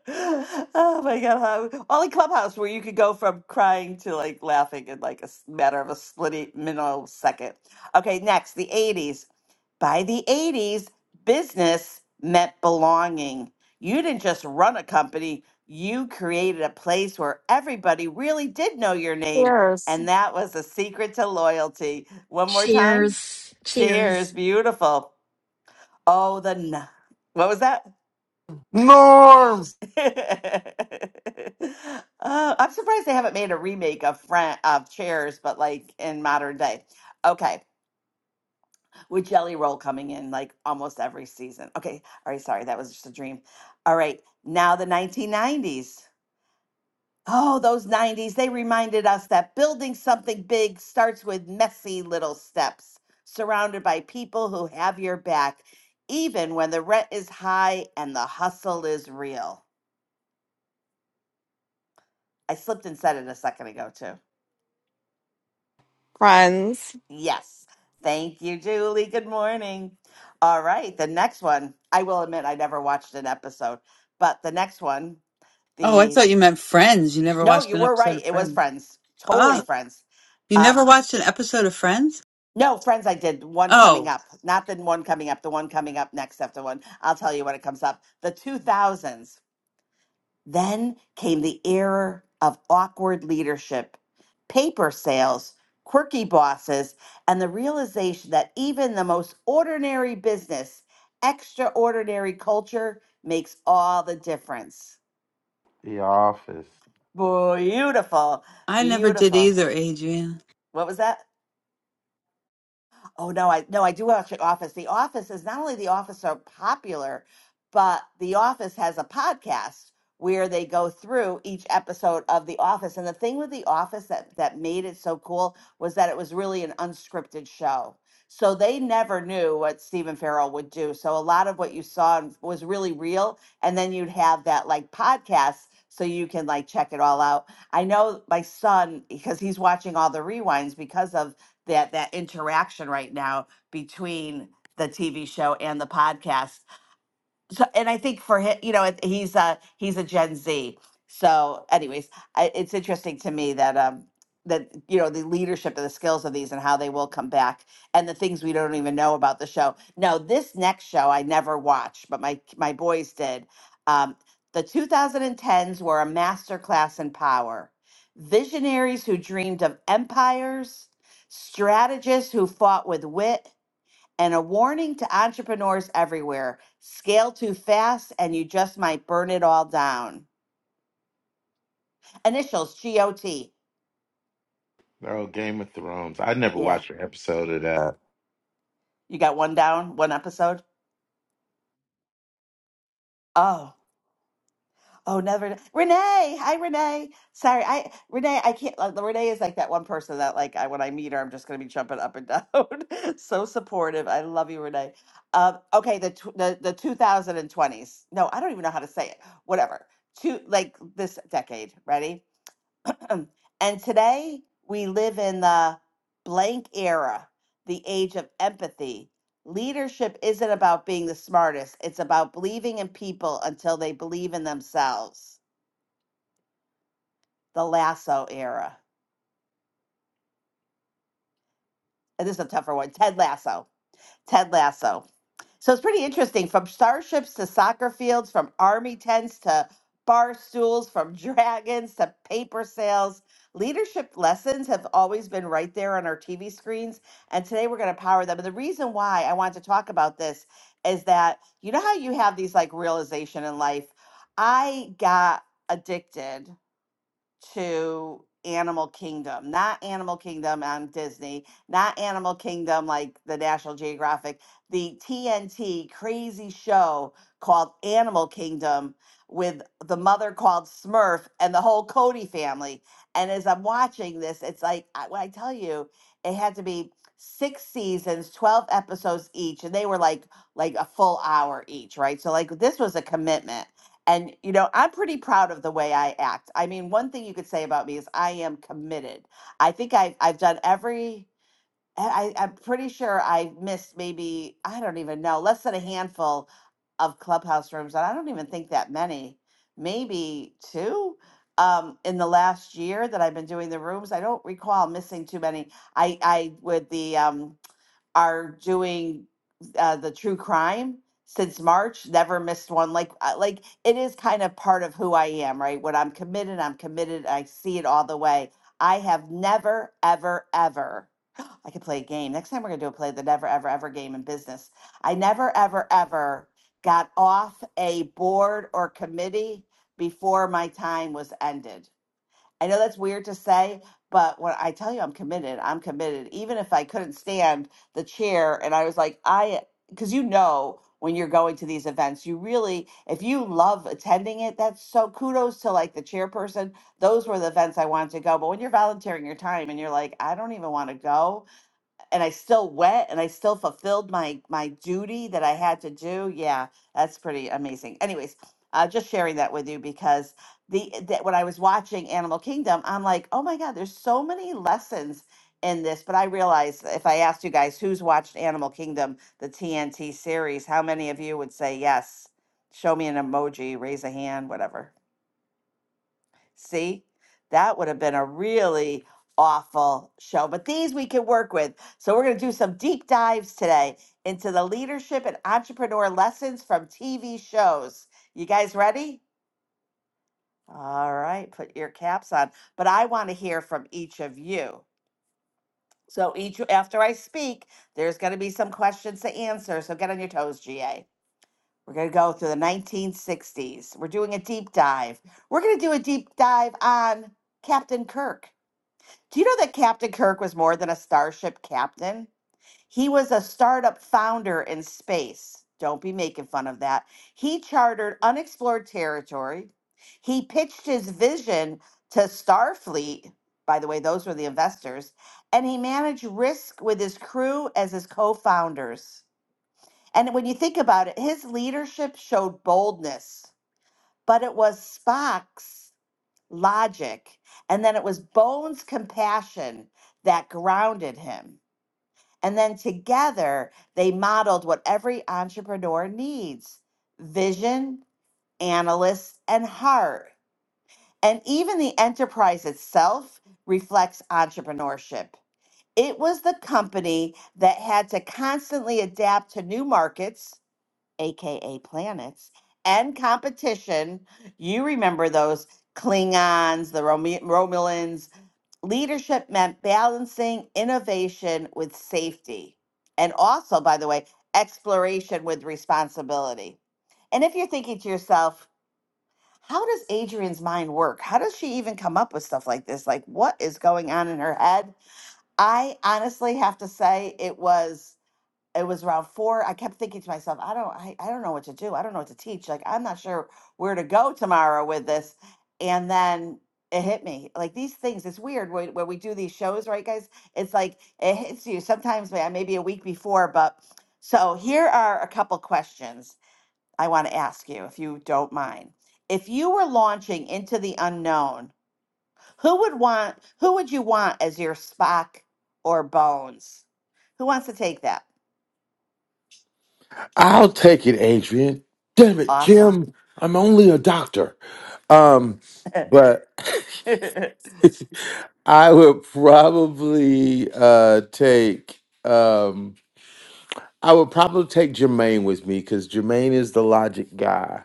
Oh my God. how- Only Clubhouse where you could go from crying to like laughing in like a s- matter of a split minute second. Okay, next, the 80s. By the 80s, business meant belonging. You didn't just run a company, you created a place where everybody really did know your name. Cheers, And that was the secret to loyalty. One more time. Cheers. Cheers. Cheers. Beautiful. Oh, the. N- what was that? Norm. Uh, I'm surprised they haven't made a remake of Fran- of Cheers, but like in modern day. Okay. with Jelly Roll coming in like almost every season. Okay, all right, sorry, that was just a dream. All right, now the 1990s. Oh, those 90s, they reminded us that building something big starts with messy little steps, surrounded by people who have your back, even when the rent is high and the hustle is real. I slipped and said it a second ago, too. friends. Yes. Thank you, Julie. Good morning. All right. The next one, I will admit I never watched an episode, but the next one, Oh, I the thought you meant Friends. You never no, watched you an were episode of right. It was Friends. Friends. Totally Oh, Friends. you never Um, watched an episode of Friends? no, Friends, I did one coming Oh, up, not the one coming up, the one coming up next after one. I'll tell you when it comes up. The 2000s. Then came the era of awkward leadership, paper sales, quirky bosses, and the realization that even the most ordinary business, extraordinary culture makes all the difference. Beautiful, I never did beautiful. either, Adrian. What was that? Oh no, I no, I do watch The Office. The Office is not only The Office are popular, but The Office has a podcast where they go through each episode of The Office. And the thing with The Office that that made it so cool was that it was really an unscripted show. So they never knew what Stephen Farrell would do. So a lot of what you saw was really real. And then you'd have that like podcast so you can like check it all out. I know my son because he's watching all the rewinds because of that that interaction right now between the TV show and the podcast so and I think for him, you know, it- he's a he's a Gen Z. So, anyways, I, it's interesting to me that um that you know the leadership and the skills of these and how they will come back and the things we don't even know about the show. No, this next show I never watched, but my my boys did. Um, the 2010s were a masterclass in power. Visionaries who dreamed of empires, strategists who fought with wit, and a warning to entrepreneurs everywhere scale too fast and you just might burn it all down. Initials GOT. Oh, Game of Thrones. I never Yeah. watched an episode of that. You got one down, one episode? Oh. Oh, never. Renee. Hi, Renee. Sorry. I, Renee, I can't. Like, Renee is like that one person that, like, I, when I meet her, I'm just going to be jumping up and down. so supportive. I love you, Renee. Um, okay. The, tw- the, the 2020s. No, I don't even know how to say it. Whatever. Two, like this decade. Ready? And today we live in the blank era, the age of empathy. Leadership isn't about being the smartest, it's about believing in people until they believe in themselves. The Lasso era. And this is a tougher one. Ted Lasso. Ted Lasso. So it's pretty interesting from starships to soccer fields, from army tents to bar stools, from dragons to paper sales. Leadership lessons have always been right there on our TV screens, and today we're going to power them. And the reason why I wanted to talk about this is that you know how you have these like realization in life. I got addicted to Animal Kingdom, not Animal Kingdom on Disney, not Animal Kingdom like the National Geographic, the TNT crazy show called Animal Kingdom with the mother called Smurf and the whole Cody family. And as I'm watching this, it's like, I, when I tell you, it had to be six seasons, 12 episodes each, and they were like like a full hour each, right? So like this was a commitment. And, you know, I'm pretty proud of the way I act. I mean, one thing you could say about me is I am committed. I think I, I've done every, I, I- I'm pretty sure I missed maybe, I don't even know, less than a handful of clubhouse rooms. And I don't even think that many, maybe two um, in the last year that I've been doing the rooms. I don't recall missing too many. I, I, with the, um, are doing uh, the true crime since March. Never missed one. Like uh, like it is kind of part of who I am, right? When I'm committed, I'm committed. I see it all the way. I have never, ever, ever. I could play a game. Next time we're gonna do a play the never, ever, ever game in business. I never, ever, ever got off a board or committee before my time was ended I know that's weird to say, but when I tell you I'm committed, I'm committed. Even if I couldn't stand the chair and I was like, I, because you know, when you're going to these events, you really, if you love attending it, that's so kudos to like the chairperson. Those were the events I wanted to go. But when you're volunteering your time and you're like, I don't even want to go, and I still went and I still fulfilled my my duty that I had to do. Yeah, that's pretty amazing. Anyways, uh, just sharing that with you because the that when I was watching Animal Kingdom, I'm like, oh my God, there's so many lessons in this. But I realized if I asked you guys who's watched Animal Kingdom, the TNT series, how many of you would say yes? Show me an emoji, raise a hand, whatever. See, that would have been a really awful show, but these we can work with. So, we're going to do some deep dives today into the leadership and entrepreneur lessons from TV shows. You guys ready? All right, put your caps on. But I want to hear from each of you. So, each after I speak, there's going to be some questions to answer. So, get on your toes, GA. We're going to go through the 1960s. We're doing a deep dive. We're going to do a deep dive on Captain Kirk. Do you know that Captain Kirk was more than a starship captain? He was a startup founder in space. Don't be making fun of that. He chartered unexplored territory. He pitched his vision to Starfleet. By the way, those were the investors. And he managed risk with his crew as his co founders. And when you think about it, his leadership showed boldness, but it was Spock's logic, and then it was Bones' compassion that grounded him. And then together, they modeled what every entrepreneur needs vision, analysts, and heart. And even the enterprise itself reflects entrepreneurship. It was the company that had to constantly adapt to new markets, AKA planets, and competition. You remember those Klingons, the Rome- Romulans, leadership meant balancing innovation with safety. And also, by the way, exploration with responsibility. And if you're thinking to yourself, how does Adrienne's mind work? How does she even come up with stuff like this? Like, what is going on in her head? I honestly have to say it was it was around four. I kept thinking to myself, I don't, I, I don't know what to do. I don't know what to teach. Like, I'm not sure where to go tomorrow with this. And then it hit me. Like these things, it's weird when, when we do these shows, right, guys? It's like it hits you sometimes, may- maybe a week before. But so here are a couple questions I want to ask you, if you don't mind. If you were launching into the unknown, who would want, who would you want as your Spock or Bones? Who wants to take that? I'll take it, Adrian. Damn it, Awesome. Jim. I'm only a doctor. Um, but I I would probably uh take um I would probably take Jermaine with me because Jermaine is the logic guy.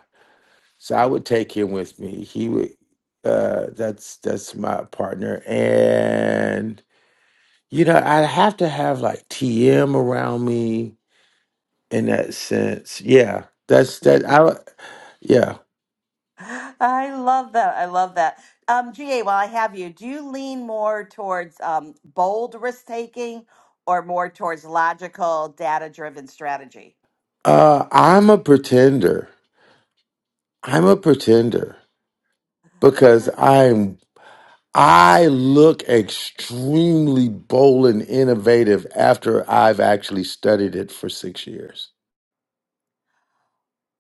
So I would take him with me. He would. Uh, that's that's my partner, and you know I have to have like TM around me in that sense. Yeah, that's that. I yeah. love that. I love that. Um, GA, while I have you, do you lean more towards um, bold risk taking or more towards logical, data driven strategy? Uh, I'm a pretender. I'm a pretender because I'm. I look extremely bold and innovative after I've actually studied it for six years.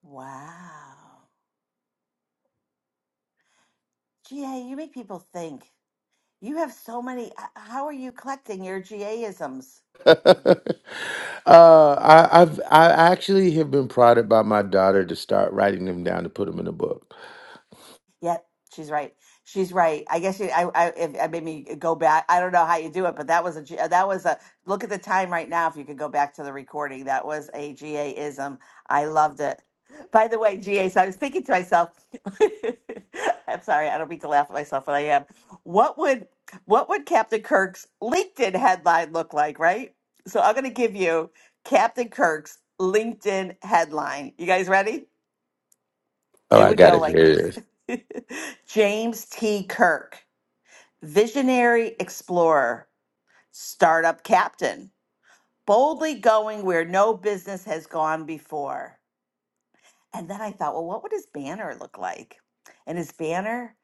Wow. GA, you make people think. You have so many. h- How are you collecting your GA isms? Uh, I, I've I actually have been prodded by my daughter to start writing them down to put them in a book. Yep, she's right. She's right. I guess you, I, I, if, I made me go back. I don't know how you do it, but that was a, G- that was a, look at the time right now. If you could go back to the recording, that was a GA-ism. I loved it. By the way, GA, so I was thinking to myself, I'm sorry, I don't mean to laugh at myself, but I am. What would, what would Captain Kirk's LinkedIn headline look like, right? So I'm going to give you Captain Kirk's LinkedIn headline. You guys ready? Oh, It I would got go it here. like It this is. James T. Kirk, visionary explorer, startup captain, boldly going where no business has gone before. And then I thought, well, what would his banner look like? And his banner,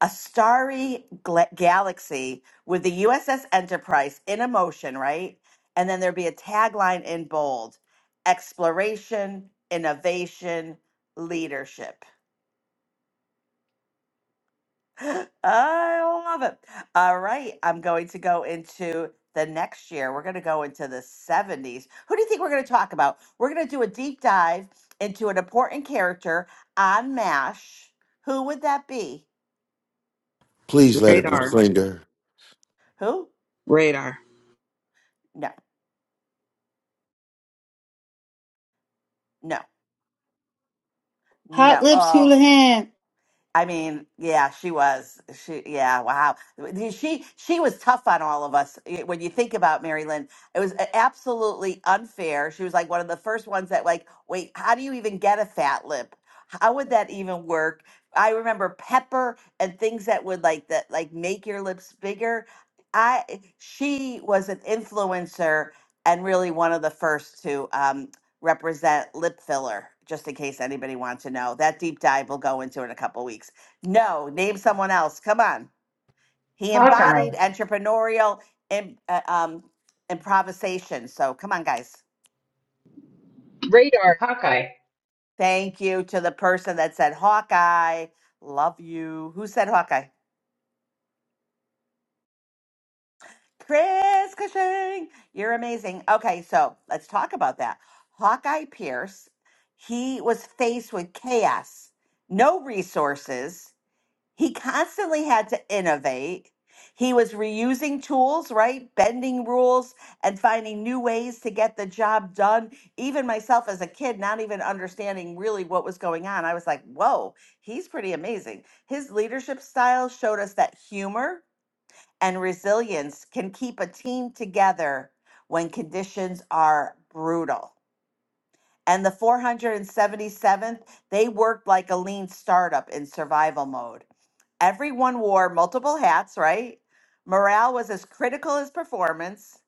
a starry gla- galaxy with the USS Enterprise in a motion, right? And then there'd be a tagline in bold exploration, innovation, leadership I love it. All right, I'm going to go into the next year. We're going to go into the 70s. Who do you think we're going to talk about? We're going to do a deep dive into an important character on MASH. Who would that be? Please let it be Radar. Klinger. Who? Radar. No, no, no. Hot Lips Oh. Houlihan. I mean, yeah, she was. She, yeah, wow. She she was tough on all of us. eh, When you think about Mary Lynn, it was a- absolutely unfair. She was like one of the first ones that, like, wait, how do you even get a fat lip? How would that even work? I remember pepper and things that would like that, like make your lips bigger. I she was an influencer and really one of the first to. um, represent lip filler, just in case anybody wants to know. That deep dive we'll go into in a couple weeks. No, name someone else. Come on. He Hawkeye, embodied entrepreneurial im- uh, um, improvisation. So come on, guys. radar Hawkeye. Thank you to the person that said Hawkeye. Love you. Who said Hawkeye? Chris Cushing. You're amazing. Okay, so let's talk about that. Hawkeye Pierce, he was faced with chaos, no resources he constantly had to innovate. He was reusing tools, right? Bending rules and finding new ways to get the job done. Even myself as a kid, not even understanding really what was going on, I was like, whoa, he's pretty amazing. His leadership style showed us that humor and resilience can keep a team together when conditions are brutal. And the 477th, they worked like a lean startup in survival mode Everyone wore multiple hats, right? Morale was as critical as performance.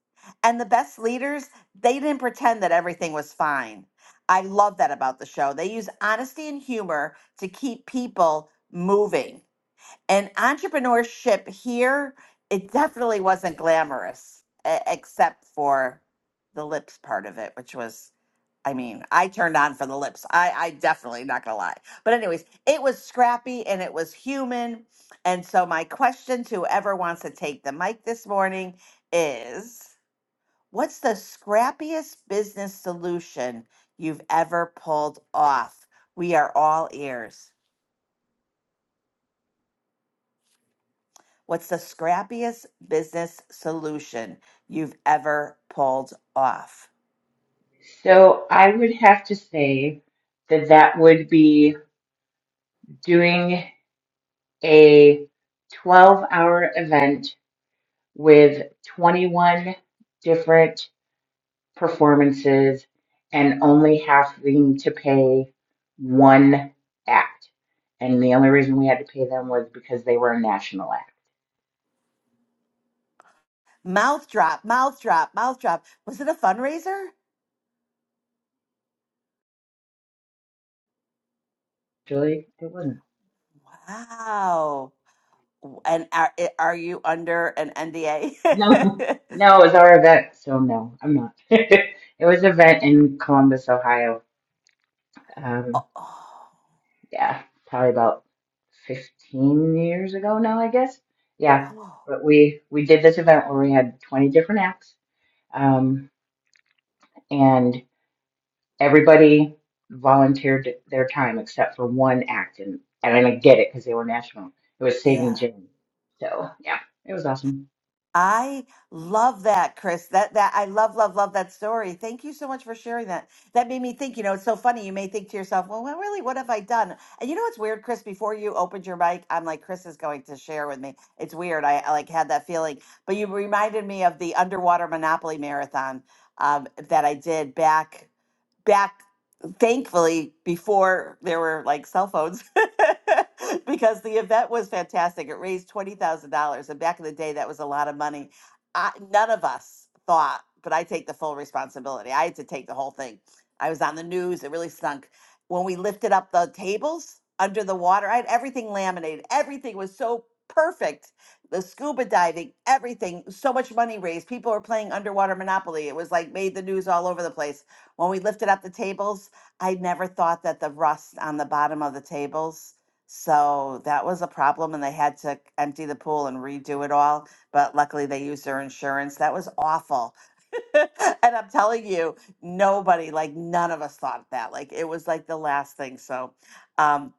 And the best leaders, they didn't pretend that everything was fine. I love that about the show. They use honesty and humor to keep people moving. And entrepreneurship here, it definitely wasn't glamorous, e- except for the lips part of it, which was I mean, I turned on for the lips. I, I definitely not gonna lie. But anyways, it was scrappy and it was human. And so my question to whoever wants to take the mic this morning is what's the scrappiest business solution you've ever pulled off? We are all ears. What's the scrappiest business solution you've ever pulled off? So I would have to say that that would be doing a 12 hour event with 21 different performances and only having to pay one act. And the only reason we had to pay them was because they were a national act. Mouth drop, mouth drop, mouth drop. Was it a fundraiser? Actually, it wasn't. Wow. And are, are you under an NDA? No, no, it was our event. So no, I'm not. it was an event in Columbus, Ohio. Um, oh, yeah, probably about 15 years ago now, I guess. Yeah, oh, but we we did this event where we had 20 different acts, um, and everybody volunteered their time except for one act, and and I get it because they were national. It was Saving yeah. Jane. So yeah, it was awesome. I love that, Chris. That that I love, love, love that story. Thank you so much for sharing that. That made me think. You know, it's so funny. You may think to yourself, "Well, well really, what have I done?" And you know what's weird, Chris? Before you opened your mic, I'm like, Chris is going to share with me. It's weird. I, I like had that feeling, but you reminded me of the underwater Monopoly marathon um, that I did back. back thankfully before there were like cell phones because the event was fantastic it raised $20000 and back in the day that was a lot of money I, none of us thought but i take the full responsibility i had to take the whole thing i was on the news it really stunk when we lifted up the tables under the water i had everything laminated everything was so perfect the scuba diving everything so much money raised people were playing underwater monopoly it was like made the news all over the place when we lifted up the tables, I never thought that the rust on the bottom of the tables. So that was a problem, and they had to empty the pool and redo it all. But luckily, they used their insurance. That was awful. and I'm telling you, nobody, like none of us thought that. Like it was like the last thing. So, um,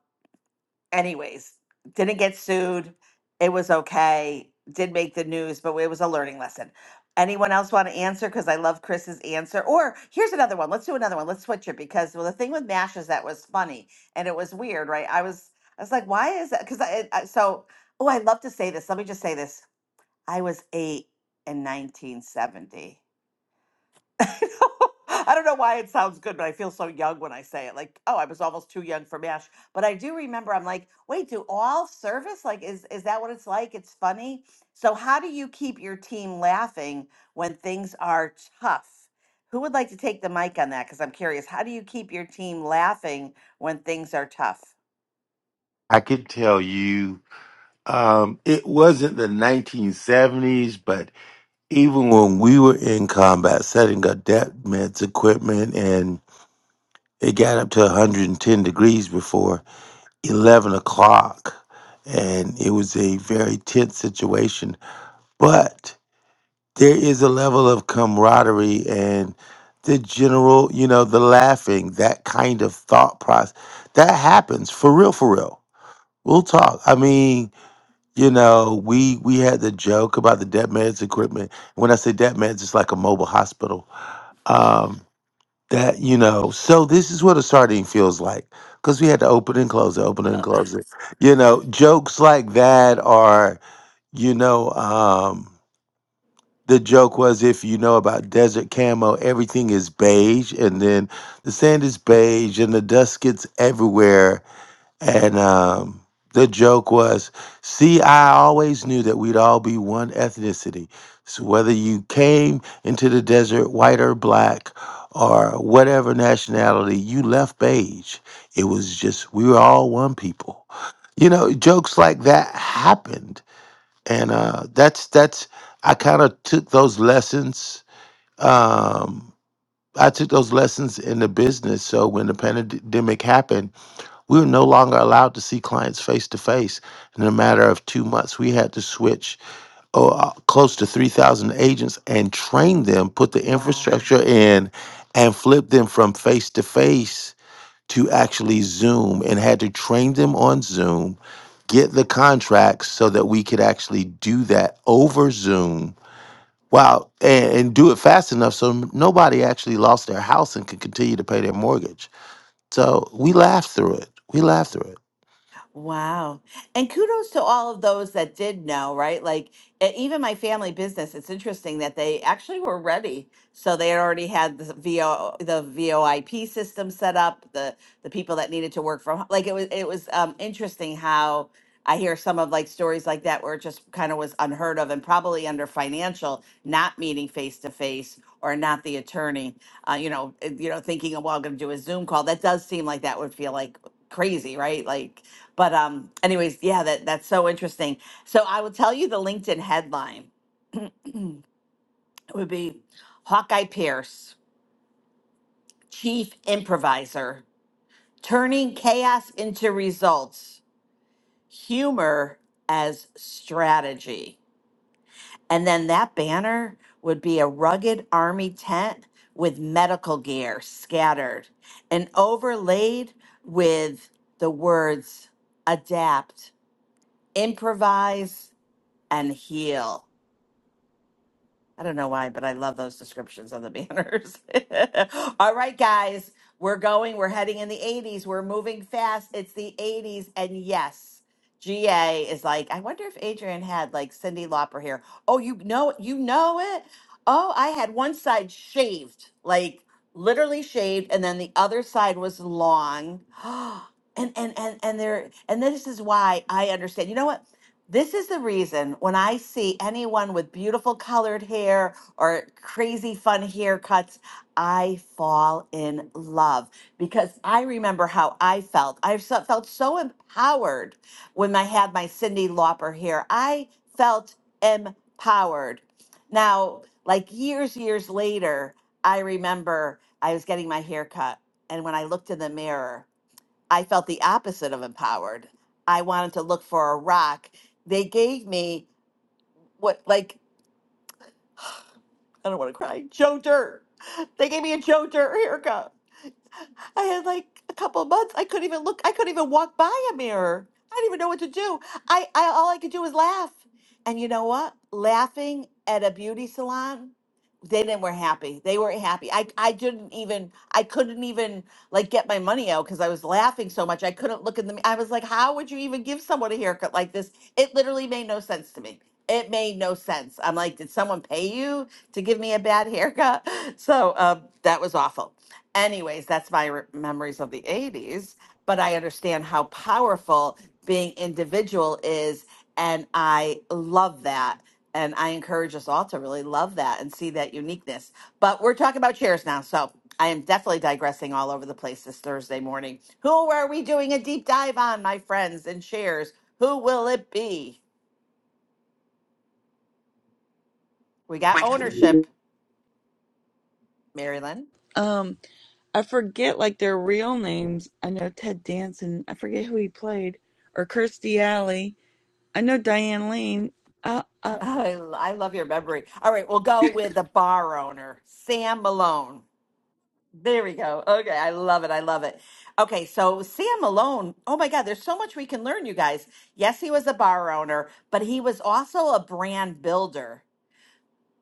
anyways, didn't get sued. It was okay. Did make the news, but it was a learning lesson. Anyone else want to answer? Because I love Chris's answer. Or here's another one. Let's do another one. Let's switch it because well, the thing with Mash is that was funny and it was weird, right? I was I was like, why is that? Because I, I so oh, I love to say this. Let me just say this. I was eight in 1970. I don't know why it sounds good, but I feel so young when I say it. Like, oh, I was almost too young for MASH. But I do remember I'm like, wait, do all service like is is that what it's like? It's funny. So how do you keep your team laughing when things are tough? Who would like to take the mic on that? Because I'm curious. How do you keep your team laughing when things are tough? I can tell you, um, it wasn't the 1970s, but even when we were in combat, setting up depth meds equipment, and it got up to 110 degrees before 11 o'clock, and it was a very tense situation, but. there is a level of camaraderie and the general, you know, the laughing, that kind of thought process that happens for real, for real. We'll talk. I mean, you know, we we had the joke about the debt meds equipment. When I say debt meds, it's like a mobile hospital. Um, that you know, so this is what a sardine feels like because we had to open and close it, open and close it. You know, jokes like that are, you know, um, the joke was if you know about desert camo, everything is beige, and then the sand is beige, and the dust gets everywhere. And um, the joke was, see, I always knew that we'd all be one ethnicity. So whether you came into the desert white or black or whatever nationality, you left beige. It was just we were all one people. You know, jokes like that happened and uh, that's that's I kind of took those lessons. Um, I took those lessons in the business. So when the pandemic happened, we were no longer allowed to see clients face to face. In a matter of two months, we had to switch oh, uh, close to three thousand agents and train them, put the Wow. infrastructure in, and flip them from face to face to actually Zoom, and had to train them on Zoom get the contracts so that we could actually do that over Zoom Wow, and, and do it fast enough so n- nobody actually lost their house and could continue to pay their mortgage. So we laughed through it. We laughed through it. Wow. And kudos to all of those that did know, right? Like e- even my family business, it's interesting that they actually were ready. So they had already had the VO the VOIP system set up, the the people that needed to work from ho- like it was it was um interesting how I hear some of like stories like that where it just kind of was unheard of and probably under financial, not meeting face to face or not the attorney, uh, you know, eh, you know, thinking, well, I'm going to do a Zoom call. That does seem like that would feel like crazy, right? Like but um, anyways, yeah, that that's so interesting. So I will tell you the LinkedIn headline. it would be Hawkeye Pierce, chief improviser, turning chaos into results, humor as strategy. And then that banner would be a rugged army tent with medical gear scattered and overlaid with the words adapt, improvise, and heal. I don't know why, but I love those descriptions on the banners. All right, guys, we're going. We're heading in the 80s. We're moving fast. It's the 80s. And yes, GA is like, I wonder if Adrian had like Cindy Lauper here. Oh, you know, you know it. Oh, I had one side shaved, like literally shaved, and then the other side was long. And and and and there and this is why I understand. You know what? This is the reason when I see anyone with beautiful colored hair or crazy fun haircuts, I fall in love because I remember how I felt. I so- felt so empowered when I had my Cindy Lauper hair. I felt empowered. Now, like years, years later, I remember I was getting my hair cut. And when I looked in the mirror, I felt the opposite of empowered. I wanted to look for a rock. They gave me what, like, I don't want to cry, Joe Dirt. They gave me a Joe Dirt haircut. I had like a couple of months. I couldn't even look. I couldn't even walk by a mirror. I didn't even know what to do. I, I all I could do was laugh. And you know what? Laughing at a beauty salon, they didn't were happy. They weren't happy. I I didn't even I couldn't even like get my money out because I was laughing so much. I couldn't look in the. mi- I was like, how would you even give someone a haircut like this? It literally made no sense to me. It made no sense. I'm like, did someone pay you to give me a bad haircut? So um, that was awful anyways, that's my re- memories of the 80s, but I understand how powerful being individual is. And I love that. And I encourage us all to really love that and see that uniqueness. But we're talking about chairs now. So I am definitely digressing all over the place this Thursday morning. Who are we doing a deep dive on, my friends, and shares? Who will it be? We got ownership, Marilyn. Um, I forget like their real names. I know Ted Danson. I forget who he played, or Kirstie Alley. I know Diane Lane. I I, I, I love your memory. All right, we'll go with the bar owner, Sam Malone. There we go. Okay, I love it. I love it. Okay, so Sam Malone, oh my God, there's so much we can learn, you guys. Yes, he was a bar owner, but he was also a brand builder.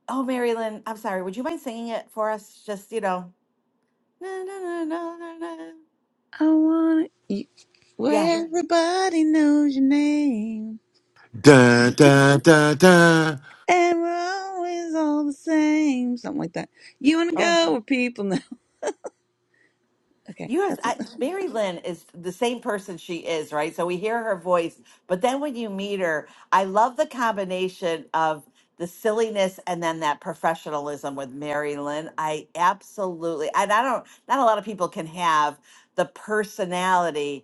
Oh, Marilyn, I'm sorry. Would you mind singing it for us? Just, you know. Na, na, na, na, na, na. I want you, Yeah. where everybody knows your name, Da da da da. and we're always all the same. Something like that. You want to Oh. go where people know? Okay, You guys, that's I, it. Mary Lynn is the same person she is, right? So we hear her voice, but then when you meet her, I love the combination of the silliness and then that professionalism with Mary Lynn. I absolutely, and I don't, not a lot of people can have the personality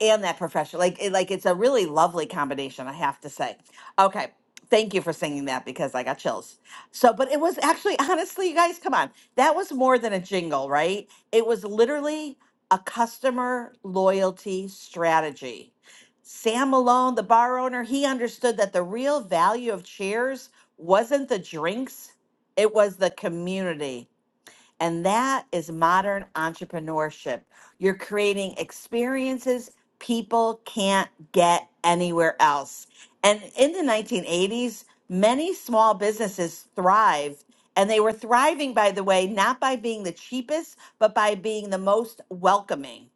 and that profession like it, like it's a really lovely combination i have to say okay thank you for singing that because i got chills so but it was actually honestly you guys come on that was more than a jingle right it was literally a customer loyalty strategy sam malone the bar owner he understood that the real value of cheers wasn't the drinks it was the community and that is modern entrepreneurship. You're creating experiences people can't get anywhere else. And in the 1980s, many small businesses thrived. And they were thriving, by the way, not by being the cheapest, but by being the most welcoming.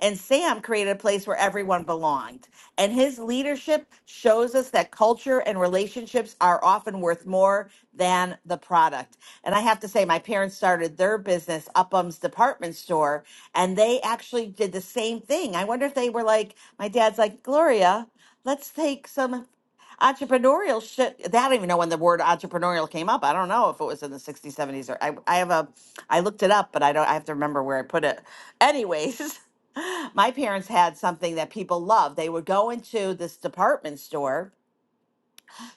And Sam created a place where everyone belonged. And his leadership shows us that culture and relationships are often worth more than the product. And I have to say, my parents started their business, Upham's Department Store, and they actually did the same thing. I wonder if they were like, my dad's like, Gloria, let's take some entrepreneurial shit. They- I don't even know when the word entrepreneurial came up. I don't know if it was in the 60s, 70s, or I, I have a, I looked it up, but I don't, I have to remember where I put it. Anyways. My parents had something that people loved. They would go into this department store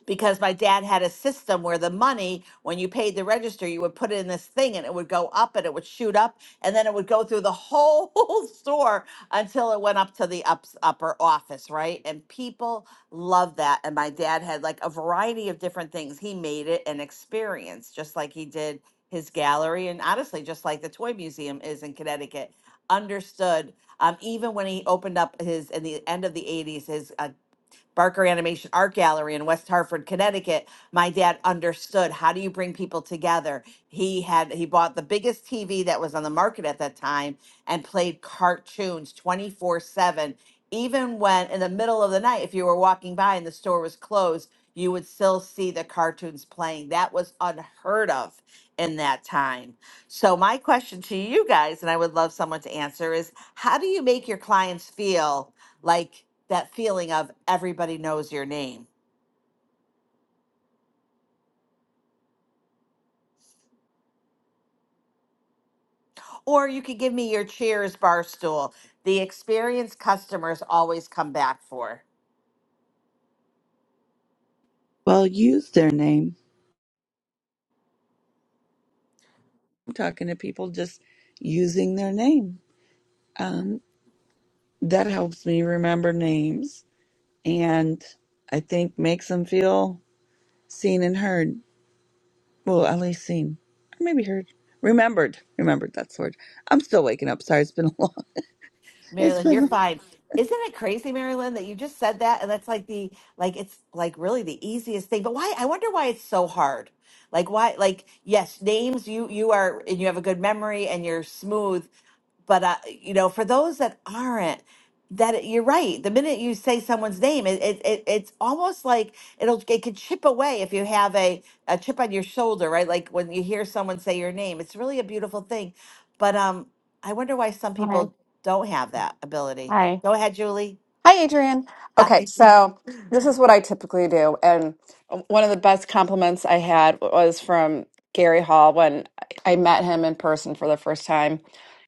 because my dad had a system where the money, when you paid the register, you would put it in this thing and it would go up and it would shoot up and then it would go through the whole store until it went up to the ups, upper office, right? And people love that. And my dad had like a variety of different things. He made it an experience, just like he did his gallery and honestly, just like the Toy Museum is in Connecticut. Understood. Um, even when he opened up his in the end of the 80s, his uh, Barker Animation Art Gallery in West Hartford, Connecticut, my dad understood how do you bring people together. He had he bought the biggest TV that was on the market at that time and played cartoons 24/7 even when in the middle of the night if you were walking by and the store was closed, you would still see the cartoons playing. That was unheard of in that time. So my question to you guys and I would love someone to answer is how do you make your clients feel like that feeling of everybody knows your name. Or you could give me your Cheers barstool. The experienced customers always come back for. well. Use their name. I'm talking to people just using their name. Um, that helps me remember names. and I think makes them feel seen and heard. Well, at least seen, or maybe heard, remembered. Remembered that's the word. I'm still waking up. Sorry, it's been a long. It's Marilyn, you're been fine. Isn't it crazy, Marilyn, that you just said that? And that's like the like it's like really the easiest thing. But why I wonder why it's so hard. Like why like yes, names you you are and you have a good memory and you're smooth, but uh, you know, for those that aren't, that you're right. The minute you say someone's name, it, it, it it's almost like it'll it can chip away if you have a a chip on your shoulder, right? Like when you hear someone say your name, it's really a beautiful thing. But um, I wonder why some Hi. people don't have that ability. Hi. Go ahead, Julie. Hi, Ann. Hi. Okay, so this is what I do. And one of the best compliments I had was from Gary Hall when I met him in person for the first time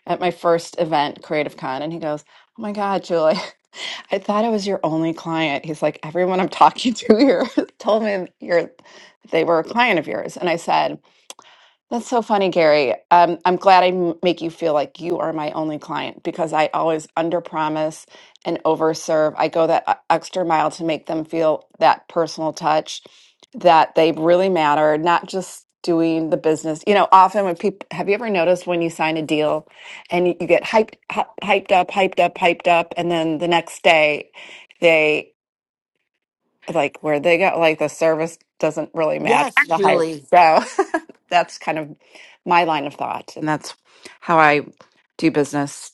at my first event, Creative Con. And he goes, Oh my God, Julie, I thought I was your only client. He's like, Everyone I'm talking to here told me you're, they were a client of yours. And I said, That's so funny, Gary. Um, I'm glad I m- make you feel like you are my only client because I always underpromise and overserve. I go that uh, extra mile to make them feel that personal touch that they really matter, not just doing the business. You know, often when people have you ever noticed when you sign a deal and you, you get hyped, hy- hyped up, hyped up, hyped up, and then the next day like where they got like the service doesn't really match Yes, the hype. Julie. So that's kind of my line of thought, and that's how I do business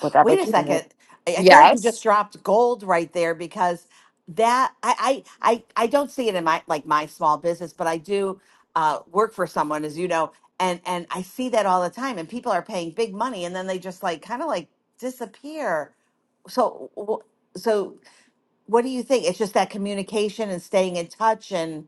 with Wait a everything. second. I, I feel like you Yes. just dropped gold right there because that I, I I I don't see it in my like my small business, but I do uh, work for someone, as you know, and and I see that all the time. And people are paying big money, and then they just like kind of like disappear. So wh- so what do you think? It's just that communication and staying in touch, and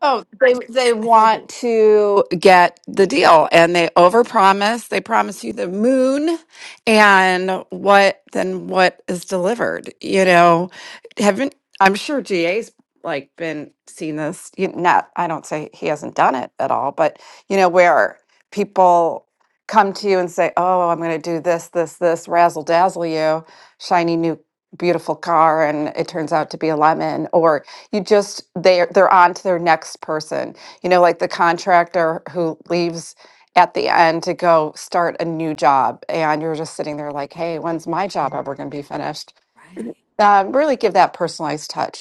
Oh, they they I feel like want you're to get the deal and they overpromise. They promise you the moon and what then what is delivered, you know. Haven't I'm sure GA's like been seeing this you not I don't say he hasn't done it at all, but you know, where people come to you and say, Oh, I'm gonna do this, this, this, razzle dazzle you, shiny new beautiful car and it turns out to be a lemon, or you just they're they're on to their next person you know like the contractor who leaves at the end to go start a new job and you're just sitting there like hey when's my job ever going to be finished right. um, really give that personalized touch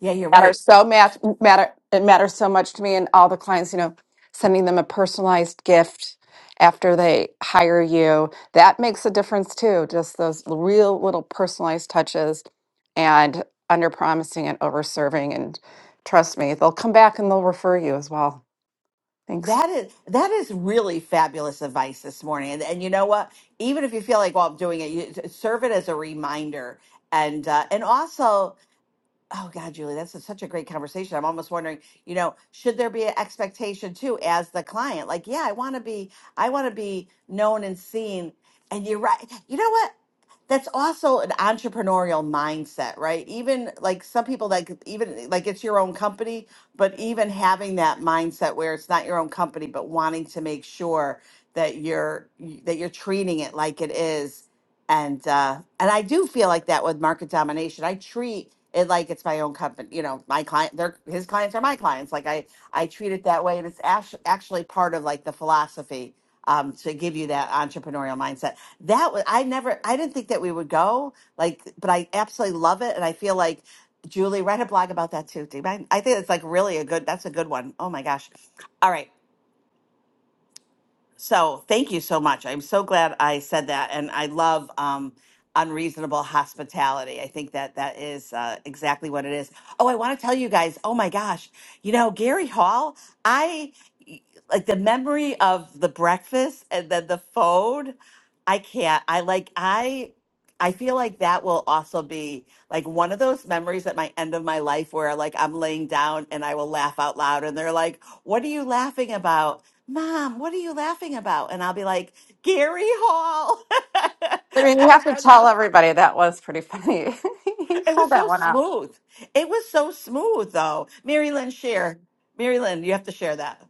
Yeah, you're right. matter so much matter it matters so much to me and all the clients you know sending them a personalized gift after they hire you that makes a difference too just those real little personalized touches and under promising and over serving and trust me they'll come back and they'll refer you as well thanks That is that is really fabulous advice this morning. And, and you know what? Even if you feel like, well, I'm doing it, you, serve it as a reminder. And uh, and also Oh God, Julie, that's a- such a great conversation. I'm almost wondering, you know, should there be an expectation too as the client? Like, yeah, I want to be, I want to be known and seen. And you're right. You know what? That's also an entrepreneurial mindset, right? Even like some people like even like it's your own company, but even having that mindset where it's not your own company, but wanting to make sure that you're that you're treating it like it is and uh, and I do feel like that with market domination. I treat it like it's my own company. You know, my client, their his clients are my clients. Like I I treat it that way, and it's actu- actually part of like the philosophy um, to give you that entrepreneurial mindset. That was I never I didn't think that we would go like, but I absolutely love it, and I feel like. Julie, write a blog about that too. Do you mind? I think it's like really a good. That's a good one. Oh my gosh! All right. So thank you so much. I'm so glad I said that, and I love um, unreasonable hospitality. I think that that is uh, exactly what it is. Oh, I want to tell you guys. Oh my gosh, you know Gary Hall. I like the memory of the breakfast and then the phone. I can't. I like I. I feel like that will also be like one of those memories at my end of my life where like I'm laying down and I will laugh out loud and they're like, "What are you laughing about?" Mom, what are you laughing about? And I'll be like, Gary Hall i mean you and the have to Red tell Phone. everybody that was pretty funny he It pulled was that so one out smooth. It was so smooth, though. Mary Lynn, share. Mary Lynn, you have to share that.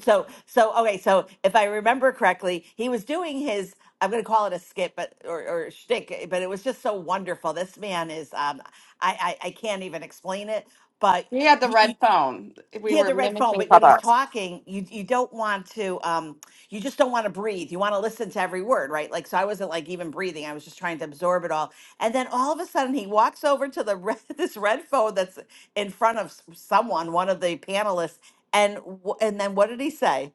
So, so okay. So, if I remember correctly, he was doing his. I'm going to call it a skit, but or, or shtick, but it was just so wonderful. This man is. Um, I, I I can't even explain it, but. he had the red phone we hear were the red phone, mimicking but when he's clubhouse talking, you you don't want to um you just don't want to breathe. You want to listen to every word, right? Like so I wasn't like even breathing. I was just trying to absorb it all. And then all of a sudden he walks over to the red, this red phone that's in front of s- someone, one of the panelists, and wh- and then what did he say?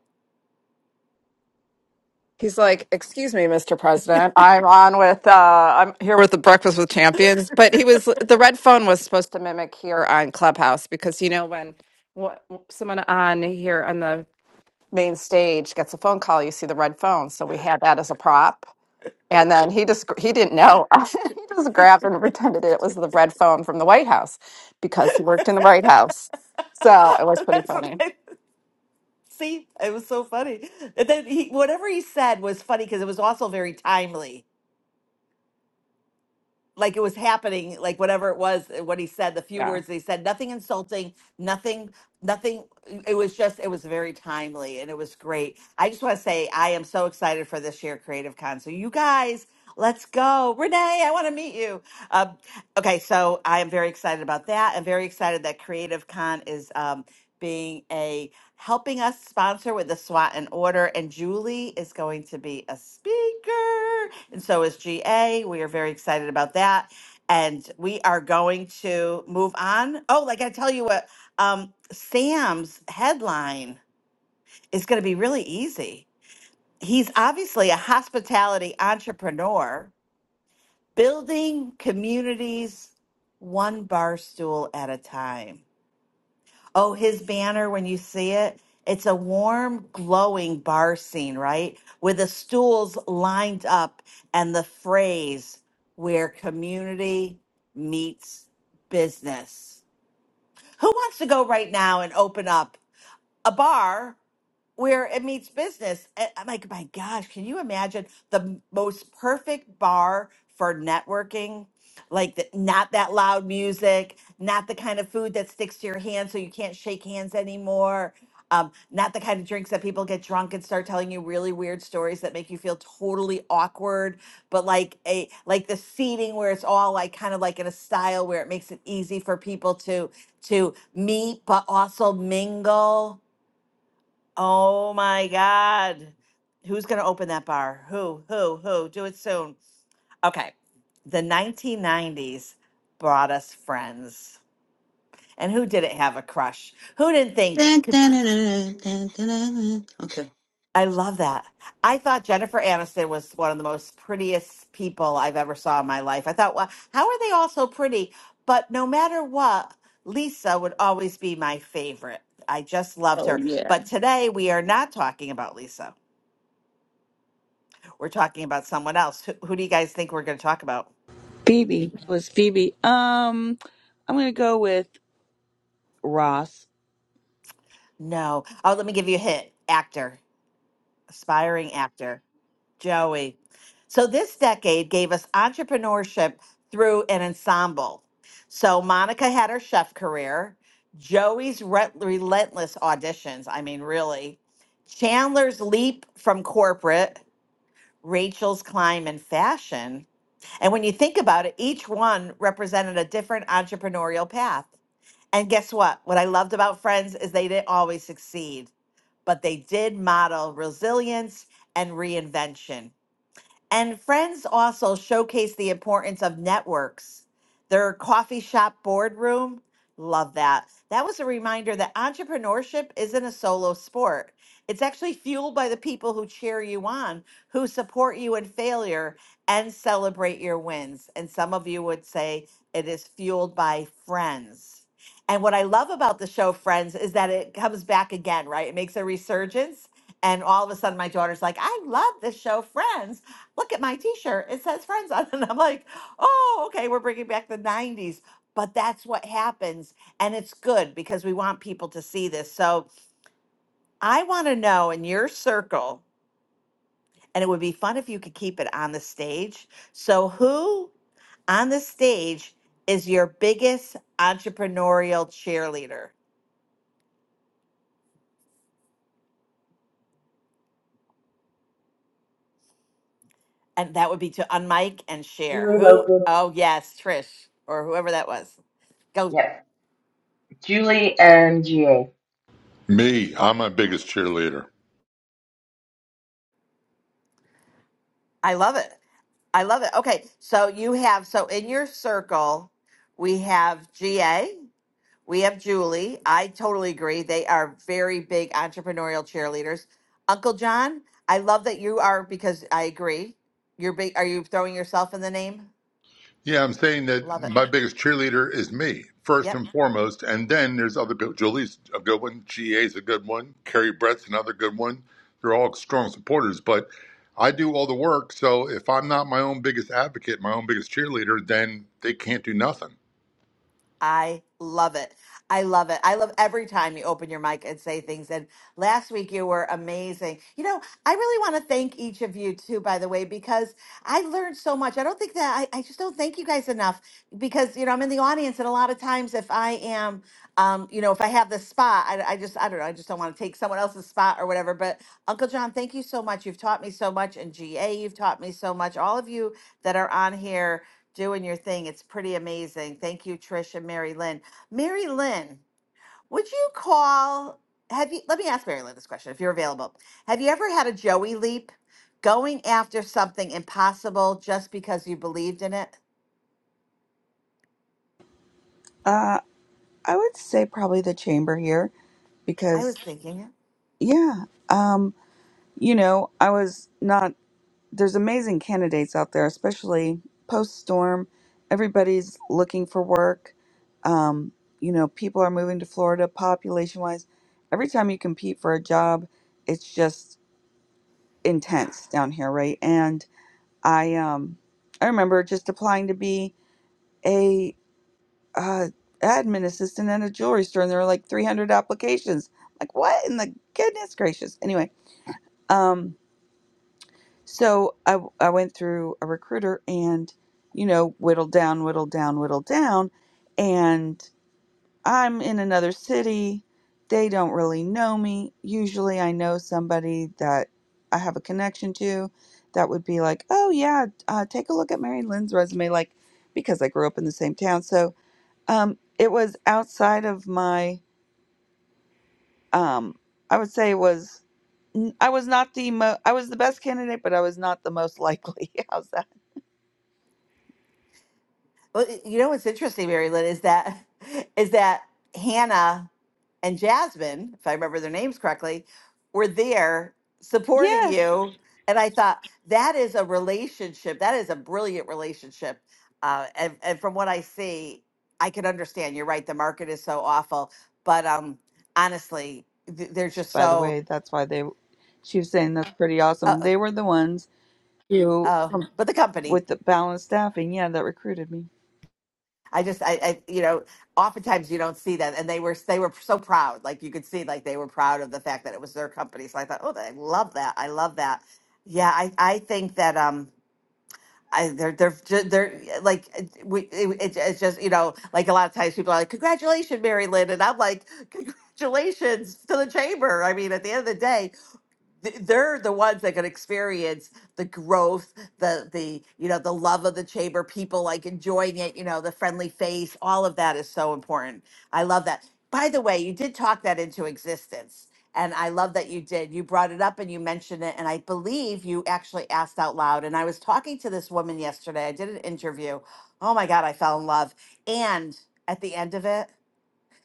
He's like, "Excuse me, Mr. President. I'm on with uh I'm here with the Breakfast with Champions." But he was the red phone was supposed to mimic here on Clubhouse because you know when wh- someone on here on the main stage gets a phone call, you see the red phone. So we had that as a prop. And then he just he didn't know. he just grabbed and pretended it was the red phone from the White House because he worked in the White House. So it was pretty that's what funny. I see. It was so funny. And then he whatever he said was funny because it was also very timely like it was happening, like whatever it was, uh, what he said, the few Yeah. words they said, nothing insulting, nothing, nothing. It was just, it was very timely and it was great. I just want to say, I am so excited for this year Creative Con. So, you guys, let's go. Renee, I want to meet you. Um, okay, so I am very excited about that. I'm very excited that Creative Con is um, being a helping us sponsor with the SWAT and order. And Julie is going to be a speaker. And so is GA. We are very excited about that. And we are going to move on. Oh, like I tell you what, um, Sam's headline is going to be really easy. He's obviously a hospitality entrepreneur building communities one bar stool at a time. Oh, his banner, when you see it, it's a warm, glowing bar scene, right? With the stools lined up and the phrase, where community meets business. Who wants to go right now and open up a bar where it meets business. And I'm like, my gosh, can you imagine the m- most perfect bar for networking? Like, the, not that loud music, not the kind of food that sticks to your hand so you can't shake hands anymore. Um, not the kind of drinks that people get drunk and start telling you really weird stories that make you feel totally awkward, but like a like the seating where it's all like kind of like in a style where it makes it easy for people to to meet but also mingle Oh my God. Who's going to open that bar? Who, who, who? Do it soon. Okay. The 1990s brought us friends. And who didn't have a crush? Who didn't think? Dun, Could, dun, dun, dun, dun, dun, dun, dun. Okay. I love that. I thought Jennifer Aniston was one of the most prettiest people I've ever saw in my life. I thought, well, how are they all so pretty? But no matter what, Lisa would always be my favorite. I just loved Oh, her. yeah. But today we are not talking about Lisa. We're talking about someone else. Who, who do you guys think we're going to talk about? Phoebe. It was Phoebe. Um, I'm gonna go with Ross. No. Oh, let me give you a hint. Actor, aspiring actor, Joey. So this decade gave us entrepreneurship through an ensemble. So Monica had her chef career, Joey's re- relentless auditions. I mean, really. Chandler's leap from corporate, Rachel's climb in fashion. And when you think about it, each one represented a different entrepreneurial path. And guess what? What I loved about Friends is they didn't always succeed, but they did model resilience and reinvention. And friends also showcase the importance of networks. Their coffee shop boardroom, love that. That was a reminder that entrepreneurship isn't a solo sport. It's actually fueled by the people who cheer you on, who support you in failure and celebrate your wins. And some of you would say it is fueled by friends. And what I love about the show Friends is that it comes back again, right? It makes a resurgence. And all of a sudden, my daughter's like, I love this show, Friends look at my t-shirt it says friends on it and i'm like oh okay we're bringing back the 90s but that's what happens and it's good because we want people to see this so i want to know in your circle and it would be fun if you could keep it on the stage so who on the stage is your biggest entrepreneurial cheerleader and that would be to unmic and share Julie Logan. who oh yes trish or whoever that was go Yep, Julie and GA. Me, I'm my biggest cheerleader. i love it I love it. Okay, so you have so in your circle, we have GA, we have Julie. I totally agree. They are very big entrepreneurial cheerleaders. Uncle John, I love that you are because I agree. You're big. Are you throwing yourself in the name? Yeah, I'm saying that Love it. my biggest cheerleader is me, Yep. first and foremost. And then there's other people. Julie's a good one. GA's a good one. Carrie Brett's another good one. They're all strong supporters, but I do all the work. So if I'm not my own biggest advocate, my own biggest cheerleader, then they can't do nothing. I love it. I love it. I love every time you open your mic and say things. And last week you were amazing. You know, I really want to thank each of you too, by the way, because I learned so much. I don't think that I, I just don't thank you guys enough because, you know, I'm in the audience and a lot of times if I am, um, you know, if I have the spot, I, I just, I don't know, I just don't want to take someone else's spot or whatever. But Uncle John, thank you so much. You've taught me so much. And GA, you've taught me so much. All of you that are on here doing your thing. It's pretty amazing. Thank you, Trish and Mary Lynn. Mary Lynn, would you call? Have you? Let me ask Mary Lynn this question, if you're available. Have you ever had a Joey leap, going after something impossible just because you believed in it? Uh, I would say probably the chamber here I because was thinking yeah, um, you know, I was not. there's amazing candidates out there, especially post storm. Everybody's looking for work. Um, you know, people are moving to Florida population wise. Every time you compete for a job, it's just intense down here, right? And I um I remember just applying to be a uh admin assistant at a jewelry store and there were like 300 applications. Like what in the goodness gracious. Anyway, um So I I went through a recruiter and, you know, whittled down, whittled down, whittled down. And I'm in another city. They don't really know me. Usually I know somebody that I have a connection to that would be like, oh, yeah, uh, take a look at Mary Lynn's resume, like, because I grew up in the same town. So um, it was outside of my, um, I would say it was. I was not the mo- I was the best candidate, but I was not the most likely. How's that? Well, y- you know what's interesting, Mary Lynn, is that is that Hannah and Jasmine, if I remember their names correctly, were there supporting Yes. you, and I thought that is a relationship. That is a brilliant relationship, uh, and and from what I see, I can understand. You're right. The market is so awful, but um, honestly, th- they're just By the so. way, that's why they, she was saying that's pretty awesome. Uh, They were the ones who, uh, but the company. with the balanced staffing, yeah, that recruited me. I just, I, I, you know, oftentimes you don't see them, and they were, they were so proud. Like you could see, like they were proud of the fact that it was their company. So I thought, oh, I love that. I love that. Yeah, I, I think that, um, I, they're, they're, ju- they're like, we, it, it, it's just, you know, like a lot of times people are like, congratulations, Mary Lynn, and I'm like, congratulations to the chamber. I mean, at the end of the day, th- they're the ones that can experience the growth the the you know the love of the chamber people like enjoying it you know the friendly face all of that is so important i love that by the way you did talk that into existence and i love that you did you brought it up and you mentioned it and i believe you actually asked out loud and i was talking to this woman yesterday i did an interview oh my god i fell in love and at the end of it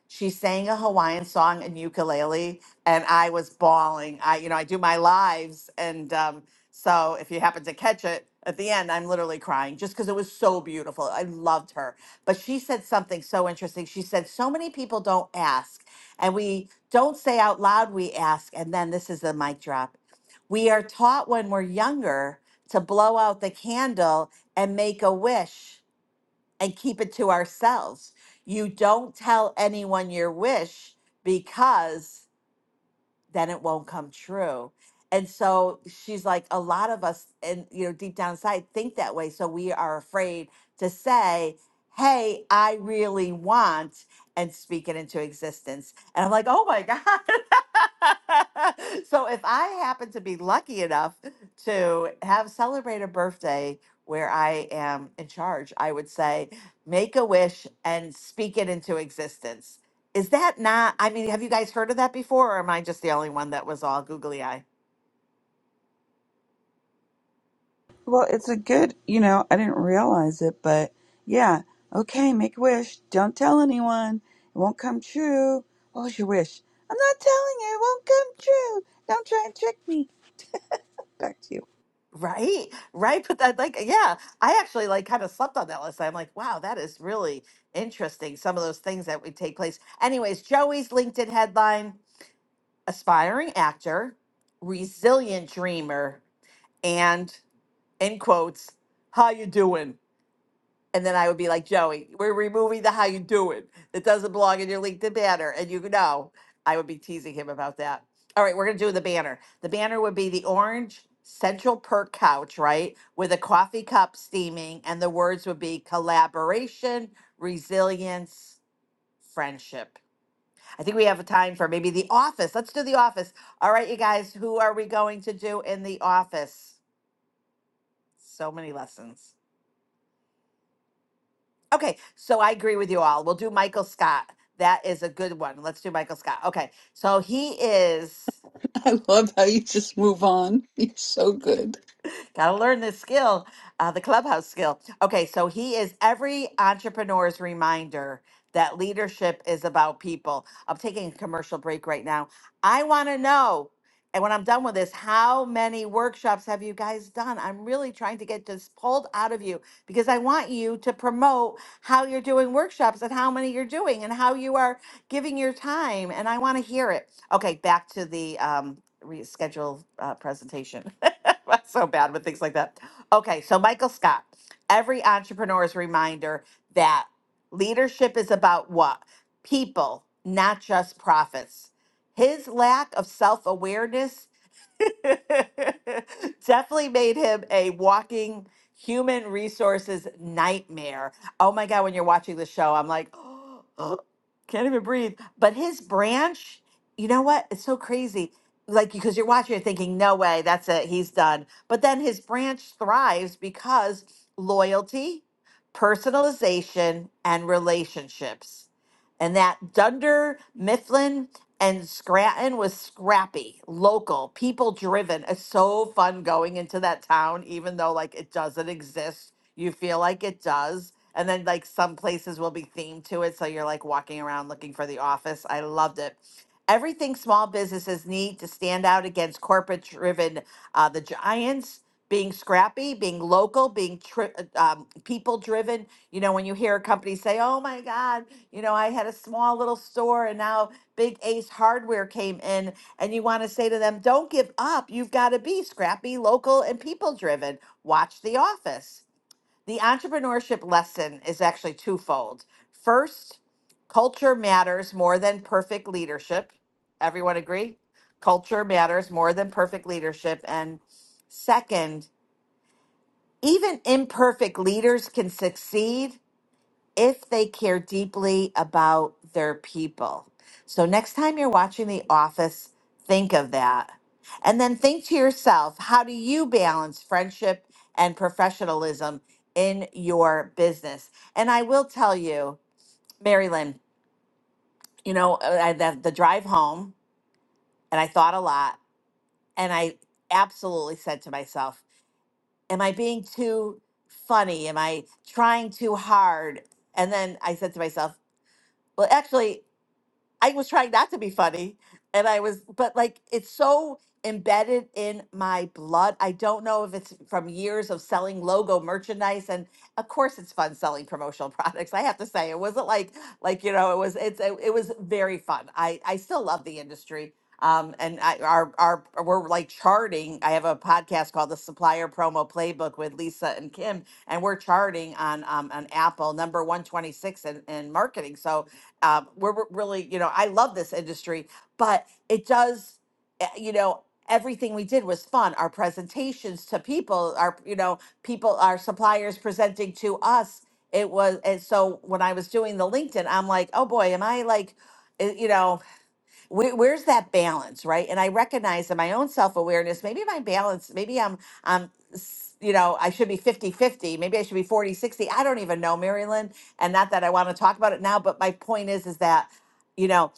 she sang a Hawaiian song and ukulele, and I was bawling. I, you know, I do my lives, and um, so if you happen to catch it at the end, I'm literally crying just because it was so beautiful. I loved her, but she said something so interesting. She said, "So many people don't ask, and we don't say out loud we ask." And then this is the mic drop. We are taught when we're younger to blow out the candle and make a wish and keep it to ourselves. You don't tell anyone your wish because then it won't come true. And so she's like, a lot of us, and you know, deep down inside, think that way. So we are afraid to say, "Hey, I really want," and speak it into existence. And I'm like, oh my god. so if I happen to be lucky enough to have celebrate a birthday where I am in charge, I would say, make a wish and speak it into existence is that not, I mean, have you guys heard of that before, or am I just the only one that was all googly eye? Well, it's a good, you know, I didn't realize it, but yeah. Okay, make a wish. Don't tell anyone. It won't come true. What was your wish? I'm not telling you. It won't come true. Don't try and trick me. Back to you. Right, right. But that, like, yeah, I actually like kind of slept on that last night. I'm like, wow, that is really interesting. Some of those things that would take place. Anyways, Joey's LinkedIn headline aspiring actor, resilient dreamer, and in quotes, how you doing? And then I would be like, Joey, we're removing the how you doing. It It doesn't belong in your LinkedIn banner. And you know, I would be teasing him about that. All right, we're going to do the banner. The banner would be the orange central perk couch, right? With a coffee cup steaming. And the words would be collaboration, resilience, friendship. I think we have a time for maybe the office. Let's do the office. All right, you guys, who are we going to do in the office? So many lessons. Okay, so I agree with you all. We'll do Michael Scott. That is a good one. Let's do Michael Scott. Okay, so he is. I love how you just move on. You're so good. Gotta learn this skill, uh, the clubhouse skill. Okay, so he is every entrepreneur's reminder that leadership is about people. I'm taking a commercial break right now. I wanna know, and when I'm done with this, how many workshops have you guys done? I'm really trying to get this pulled out of you because I want you to promote how you're doing workshops and how many you're doing and how you are giving your time. And I wanna hear it. Okay, back to the um, reschedule uh, presentation. I'm so bad with things like that. Okay, so Michael Scott, every entrepreneur's reminder that leadership is about what? People, not just profits. His lack of self awareness Definitely made him a walking human resources nightmare. Oh my God, when you're watching the show, I'm like, can't even breathe. But his branch, you know what? It's so crazy. Like, because you're watching, you're thinking, no way, that's it, he's done. But then his branch thrives because loyalty, personalization, and relationships. And that Dunder Mifflin and Scranton was scrappy, local, people driven. It's so fun going into that town, even though like it doesn't exist. You feel like it does. And then like some places will be themed to it. So you're like walking around looking for the office. I loved it. Everything small businesses need to stand out against corporate driven, uh, the giants being scrappy, being local, being tri- uh, um, people driven. You know, when you hear a company say, oh my God, you know, I had a small little store and now Big Ace Hardware came in, and you want to say to them, don't give up. You've got to be scrappy, local, and people driven. Watch The Office. The entrepreneurship lesson is actually twofold. First, culture matters more than perfect leadership. Everyone agree? Culture matters more than perfect leadership. And second, even imperfect leaders can succeed if they care deeply about their people. So next time you're watching The Office, think of that. And then think to yourself, how do you balance friendship and professionalism in your business? And I will tell you, Mary Lynn, you know, uh, I, the, the drive home, and I thought a lot, and I absolutely said to myself, am I being too funny? Am I trying too hard? And then I said to myself, well, actually, I was trying not to be funny. And I was, but like, it's so embedded in my blood. I don't know if it's from years of selling logo merchandise. And of course it's fun selling promotional products. I have to say, it wasn't like, like, you know, it was, it's, it, it was very fun. I, I still love the industry. Um, and I, our, our, we're like charting. I have a podcast called the supplier promo playbook with Lisa and Kim, and we're charting on, um, on Apple number 126 in, in marketing. So, um, we're we're really, you know, I love this industry, but it does, eh, you know, everything we did was fun. Our presentations to people, our, you know, people, our suppliers presenting to us. It was, and so when I was doing the LinkedIn, I'm like, oh boy, am I like, eh, you know, where, where's that balance right and i recognize in my own self-awareness maybe my balance maybe i'm i'm s- you know i should be 50 50. maybe i should be 40 60. i don't even know marilyn and not that i want to talk about it now but my point is is that you know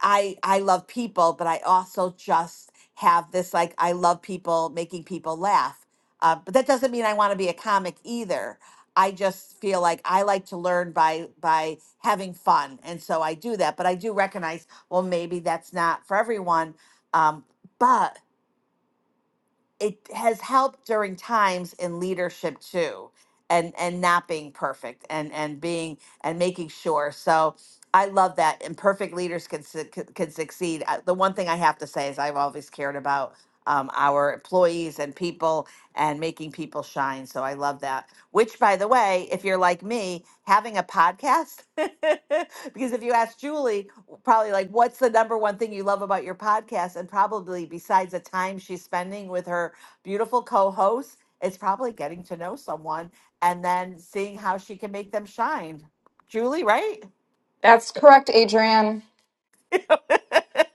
I I love people, but I also just have this like I love people, making people laugh. Uh, but that doesn't mean I want to be a comic either. I just feel like I like to learn by by having fun, and so I do that. But I do recognize, well, maybe that's not for everyone. Um, but it has helped during times in leadership too and and not being perfect and and being and making sure so i love that imperfect leaders can su- can can succeed Uh, the one thing i have to say is i've always cared about um, our employees and people and making people shine so i love that which by the way if you're like me having a podcast because if you ask julie probably like what's the number one thing you love about your podcast and probably besides the time she's spending with her beautiful co-host it's probably getting to know someone and then seeing how she can make them shine julie right That's correct, Adrian. oh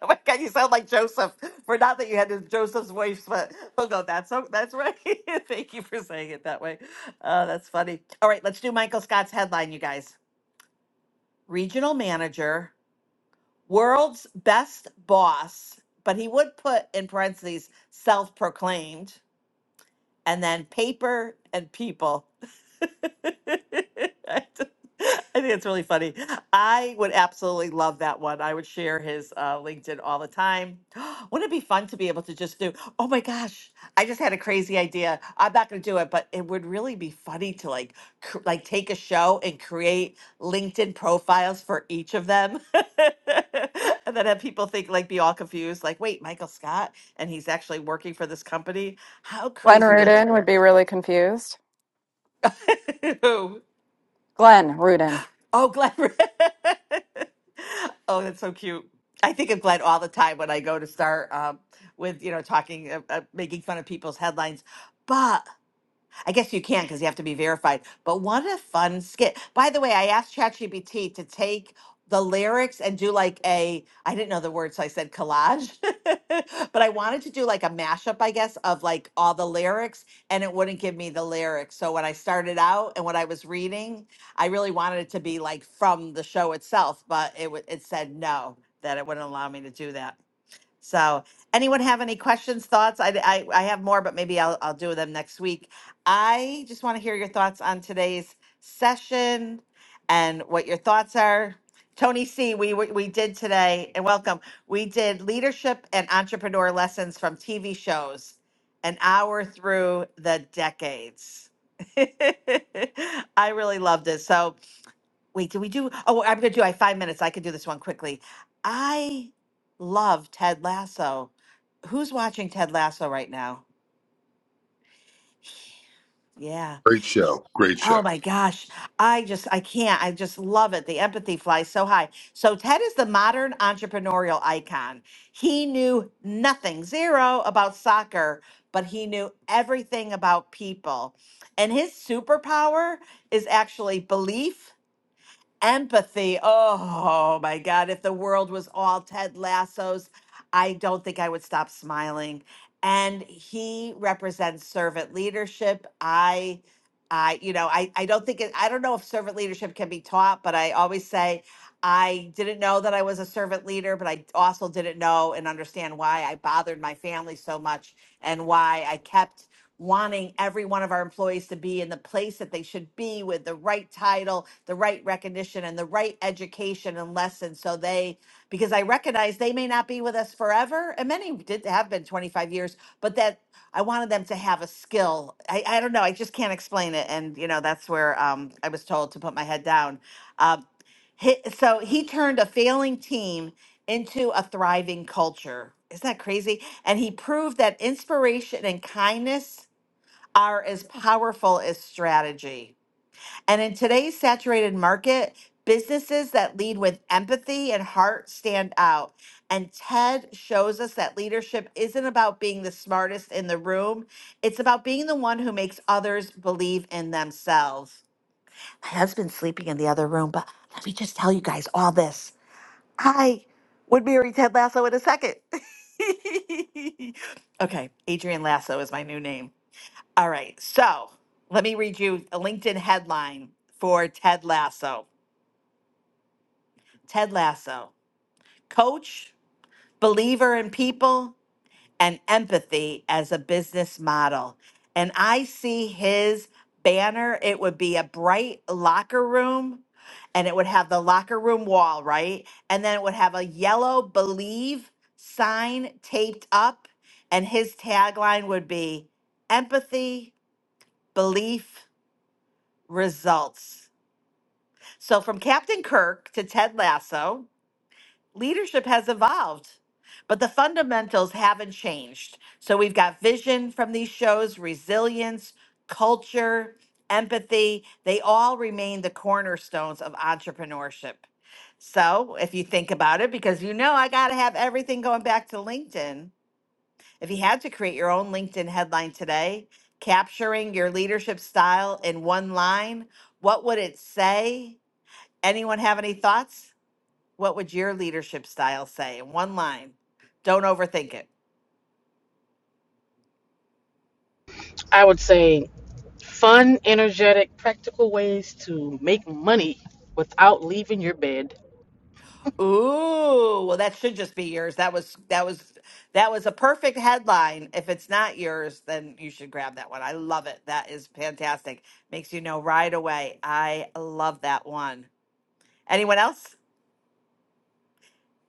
my god you sound like joseph for not that you had to joseph's voice but oh no that's so that's right thank you for saying it that way oh that's funny all right let's do michael scott's headline you guys regional manager world's best boss, but he would put in parentheses self proclaimed and then paper and people. I just- I think it's really funny. I would absolutely love that one. I would share his uh, LinkedIn all the time. Wouldn't it be fun to be able to just do? Oh my gosh! I just had a crazy idea. I'm not going to do it, but it would really be funny to like, cr- like take a show and create LinkedIn profiles for each of them, and then have people think like be all confused, like, wait, Michael Scott and he's actually working for this company. How crazy Leonard would that be? would be really confused. Who? Glenn Rudin. Oh, Glenn. oh, that's so cute. I think of Glenn all the time when I go to start um, with, you know, talking, uh, uh, making fun of people's headlines. but. I guess you can't because you have to be verified. But what a fun skit. By the way, I asked ChatGPT to take the lyrics and do like a, I didn't know the word, so I said collage. but I wanted to do like a mashup, I guess, of like all the lyrics, and it wouldn't give me the lyrics. So when I started out and what I was reading, I really wanted it to be like from the show itself, but it, w- it said no, that it wouldn't allow me to do that. So, anyone have any questions, thoughts? I, I, I have more, but maybe I'll, I'll do them next week. I just want to hear your thoughts on today's session and what your thoughts are. Tony C, we, we we did today, and welcome. We did leadership and entrepreneur lessons from TV shows, an hour through the decades. I really loved it. So, Wait, did we do? Oh, I'm gonna do. I have five minutes. I can do this one quickly. I love Ted Lasso. Who's watching Ted Lasso right now? Yeah. Great show. Great show. Oh my gosh. I just, I can't. I just love it. The empathy flies so high. So, Ted is the modern entrepreneurial icon. He knew nothing, zero about soccer, but he knew everything about people. And his superpower is actually belief Empathy. Oh my God. If the world was all Ted Lasso's, I don't think I would stop smiling. And he represents servant leadership. I, I, you know, I, I don't think it, I don't know if servant leadership can be taught, but I always say I didn't know that I was a servant leader, but I also didn't know and understand why I bothered my family so much and why I kept wanting every one of our employees to be in the place that they should be with the right title, the right recognition, and the right education and lessons. So they, because I recognize they may not be with us forever, and many did have been 25 years, but that I wanted them to have a skill. I, I don't know. I just can't explain it. And, you know, that's where um, I was told to put my head down. Uh, he, so he turned a failing team into a thriving culture. Isn't that crazy? And he proved that inspiration and kindness are as powerful as strategy. And in today's saturated market, businesses that lead with empathy and heart stand out. And TED shows us that leadership isn't about being the smartest in the room, it's about being the one who makes others believe in themselves. My husband's sleeping in the other room, but let me just tell you guys all this. I would marry Ted Lasso in a second. okay, Adrian Lasso is my new name. All right. So let me read you a LinkedIn headline for Ted Lasso. Ted Lasso, coach, believer in people, and empathy as a business model. And I see his banner. It would be a bright locker room, and it would have the locker room wall, right? And then it would have a yellow believe sign taped up. And his tagline would be empathy, belief, results. So, from Captain Kirk to Ted Lasso, leadership has evolved, but the fundamentals haven't changed. So, we've got vision from these shows, resilience, culture, empathy. They all remain the cornerstones of entrepreneurship. So, if you think about it, because you know I got to have everything going back to LinkedIn, if you had to create your own LinkedIn headline today, capturing your leadership style in one line, what would it say? Anyone have any thoughts? What would your leadership style say in one line? Don't overthink it. I would say fun, energetic, practical ways to make money without leaving your bed. Ooh, well that should just be yours. That was that was that was a perfect headline. If it's not yours, then you should grab that one. I love it. That is fantastic. Makes you know right away. I love that one. Anyone else?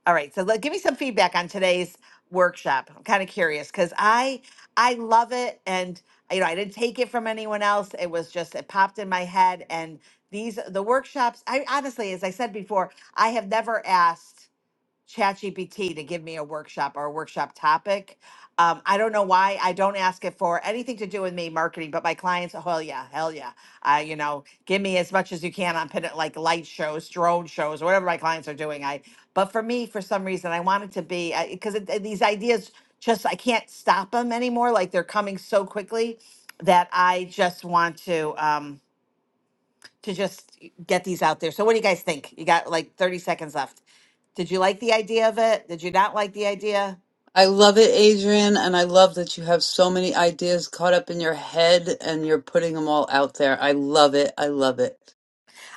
All right, so let, give me some feedback on today's workshop. I'm kind of curious because I I love it, and you know I didn't take it from anyone else. It was just it popped in my head, and these the workshops. I honestly, as I said before, I have never asked. ChatGPT to give me a workshop or a workshop topic. Um, I don't know why I don't ask it for anything to do with me marketing, but my clients, oh hell yeah, hell yeah, uh, you know, give me as much as you can on pin- like light shows, drone shows, whatever my clients are doing. I, but for me, for some reason, I want it to be because it, it- these ideas just I can't stop them anymore. Like they're coming so quickly that I just want to. Um, to just get these out there. So what do you guys think? You got like 30 seconds left. Did you like the idea of it? Did you not like the idea? I love it, Adrian, and I love that you have so many ideas caught up in your head and you're putting them all out there. I love it. I love it.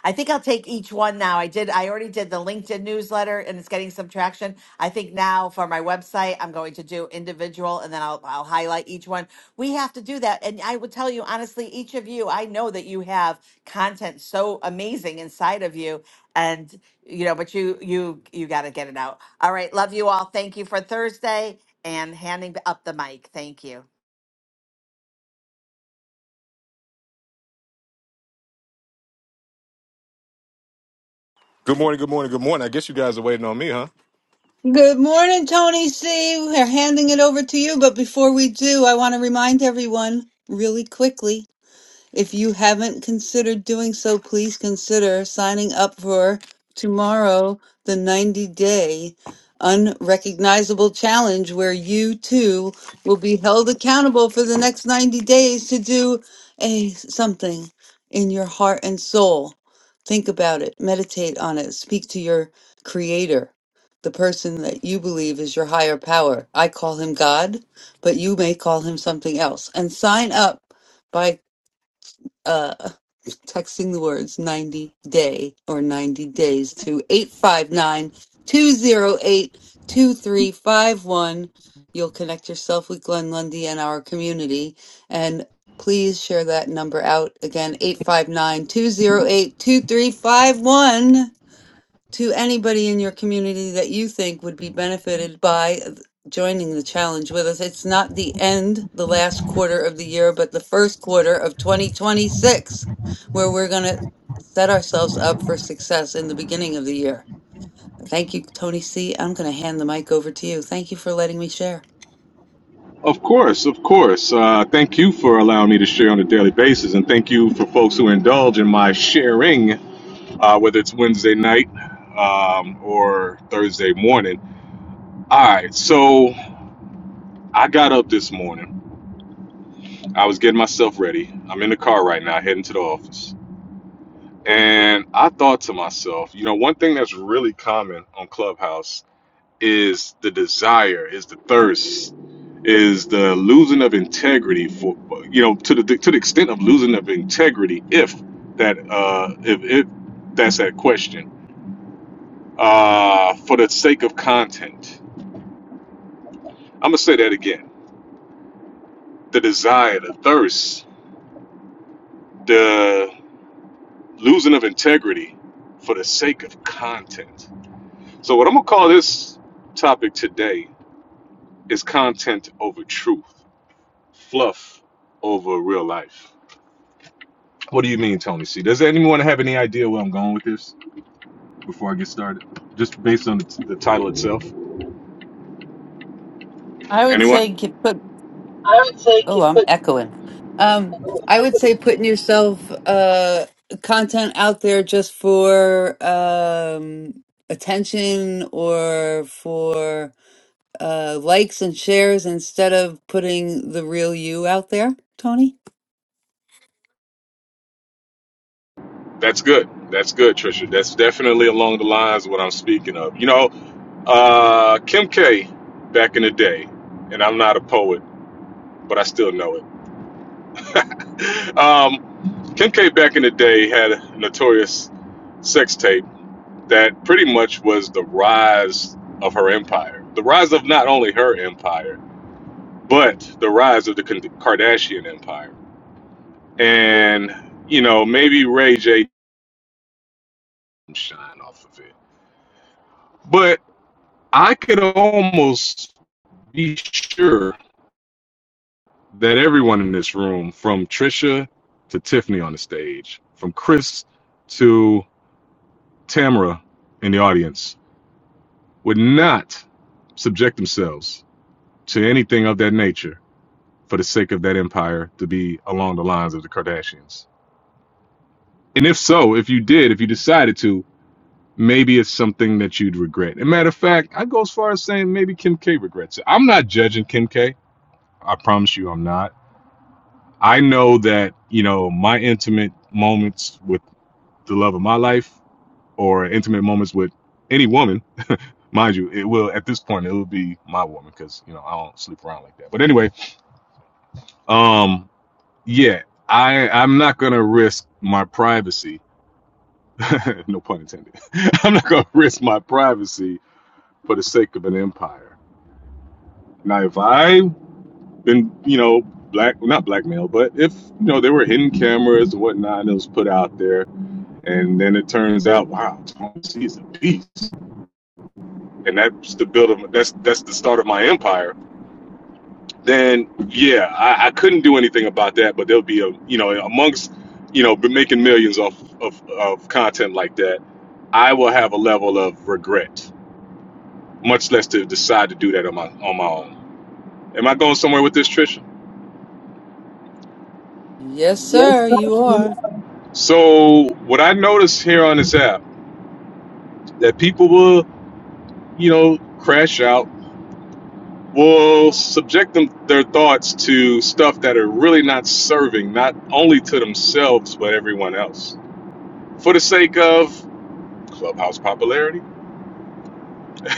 I think I'll take each one now. I did. I already did the LinkedIn newsletter, and it's getting some traction. I think now for my website, I'm going to do individual, and then I'll I'll highlight each one. We have to do that, and I would tell you honestly, each of you, I know that you have content so amazing inside of you, and you know, but you you you got to get it out. All right, love you all. Thank you for Thursday and handing up the mic. Thank you. Good morning, good morning, good morning. I guess you guys are waiting on me, huh? Good morning, Tony C. We're handing it over to you, but before we do, I want to remind everyone really quickly if you haven't considered doing so, please consider signing up for tomorrow, the 90 day unrecognizable challenge, where you too will be held accountable for the next 90 days to do a something in your heart and soul. Think about it, meditate on it, speak to your creator, the person that you believe is your higher power. I call him God, but you may call him something else. And sign up by uh, texting the words 90 day or 90 days to eight five nine two oh eight, two three five one. You'll connect yourself with Glenn Lundy and our community. And please share that number out again 859 208 2351 to anybody in your community that you think would be benefited by joining the challenge with us. It's not the end, the last quarter of the year, but the first quarter of 2026, where we're going to set ourselves up for success in the beginning of the year. Thank you, Tony C. I'm going to hand the mic over to you. Thank you for letting me share. Of course, of course. Uh, thank you for allowing me to share on a daily basis, and thank you for folks who indulge in my sharing, uh, whether it's Wednesday night um, or Thursday morning. All right, so I got up this morning. I was getting myself ready. I'm in the car right now, heading to the office. And I thought to myself, you know, one thing that's really common on Clubhouse is the desire, is the thirst, is the losing of integrity for you know to the to the extent of losing of integrity if that uh if if that's that question uh for the sake of content. I'm gonna say that again. The desire, the thirst, the losing of integrity for the sake of content. So what I'm gonna call this topic today is content over truth, fluff over real life. What do you mean, Tony C? Does anyone have any idea where I'm going with this before I get started? Just based on the, t the title itself? I would say Anyone? get put I would take Oh, it, I'm but echoing. Um, I would say putting yourself uh content out there just for um attention or for uh likes and shares instead of putting the real you out there, Tony. That's good. That's good, Trisha. That's definitely along the lines of what I'm speaking of. You know, uh, Kim K back in the day, and I'm not a poet, but I still know it. Um, Kim K back in the day had a notorious sex tape that pretty much was the rise of her empire, the rise of not only her empire. but the rise of the Kardashian empire. And, you know, maybe Ray J didn't shine off of it. But I could almost be sure that everyone in this room, from Trisha to Tiffany on the stage, from Chris to Tamara in the audience, would not subject themselves to anything of that nature for the sake of that empire to be along the lines of the Kardashians. And if so, if you did, if you decided to, maybe it's something that you'd regret. And matter of fact, I go as far as saying maybe Kim K regrets it. I'm not judging Kim K. I promise you, I'm not. I know that you know my intimate moments with the love of my life, or intimate moments with any woman. Mind you, it will at this point it will be my woman because you know I don't sleep around like that. But anyway, um, yeah, I I'm not gonna risk my privacy. no pun intended. I'm not gonna risk my privacy for the sake of an empire. Now, if I been, you know, black, well, not blackmail, but if, you know, there were hidden cameras and whatnot that was put out there, and then it turns out, wow, Tom C is a beast, and that's the build of, that's, that's the start of my empire, then yeah, I, I couldn't do anything about that, but there'll be a, you know, amongst, you know, been making millions off of, of content like that, I will have a level of regret, much less to decide to do that on my, on my own. Am I going somewhere with this, Trisha? Yes, Yes, sir, you sir. are. So what I notice here on this app that people will, you know, crash out, will subject them their thoughts to stuff that are really not serving not only to themselves but everyone else for the sake of clubhouse popularity.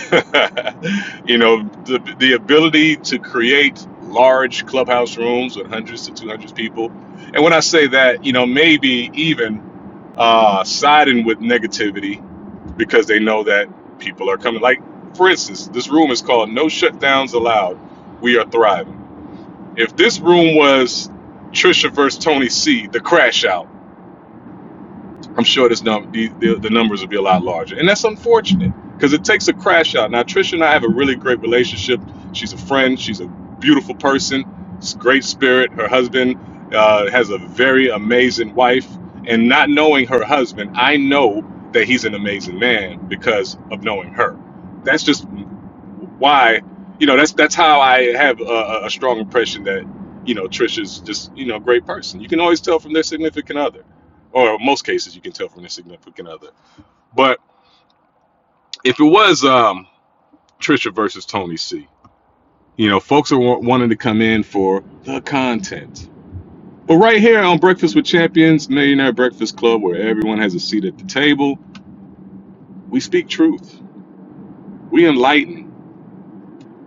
you know, the the ability to create large clubhouse rooms with hundreds to 200 people. And when I say that, you know, maybe even uh, siding with negativity because they know that people are coming. Like, for instance, this room is called No Shutdowns Allowed. We are thriving. If this room was Trisha versus Tony C, the crash out, I'm sure this num- the, the, the numbers will be a lot larger. And that's unfortunate because it takes a crash out. Now, Trisha and I have a really great relationship. She's a friend, she's a beautiful person, s- great spirit. Her husband uh, has a very amazing wife. And not knowing her husband, I know that he's an amazing man because of knowing her. That's just why, you know, that's that's how I have a, a a strong impression that, you know, Trisha's just, you know, a great person. You can always tell from their significant other or most cases you can tell from the significant other. But if it was um, Trisha versus Tony C, you know, folks are wa- wanting to come in for the content. But right here on Breakfast with Champions, Millionaire Breakfast Club, where everyone has a seat at the table, we speak truth, we enlighten,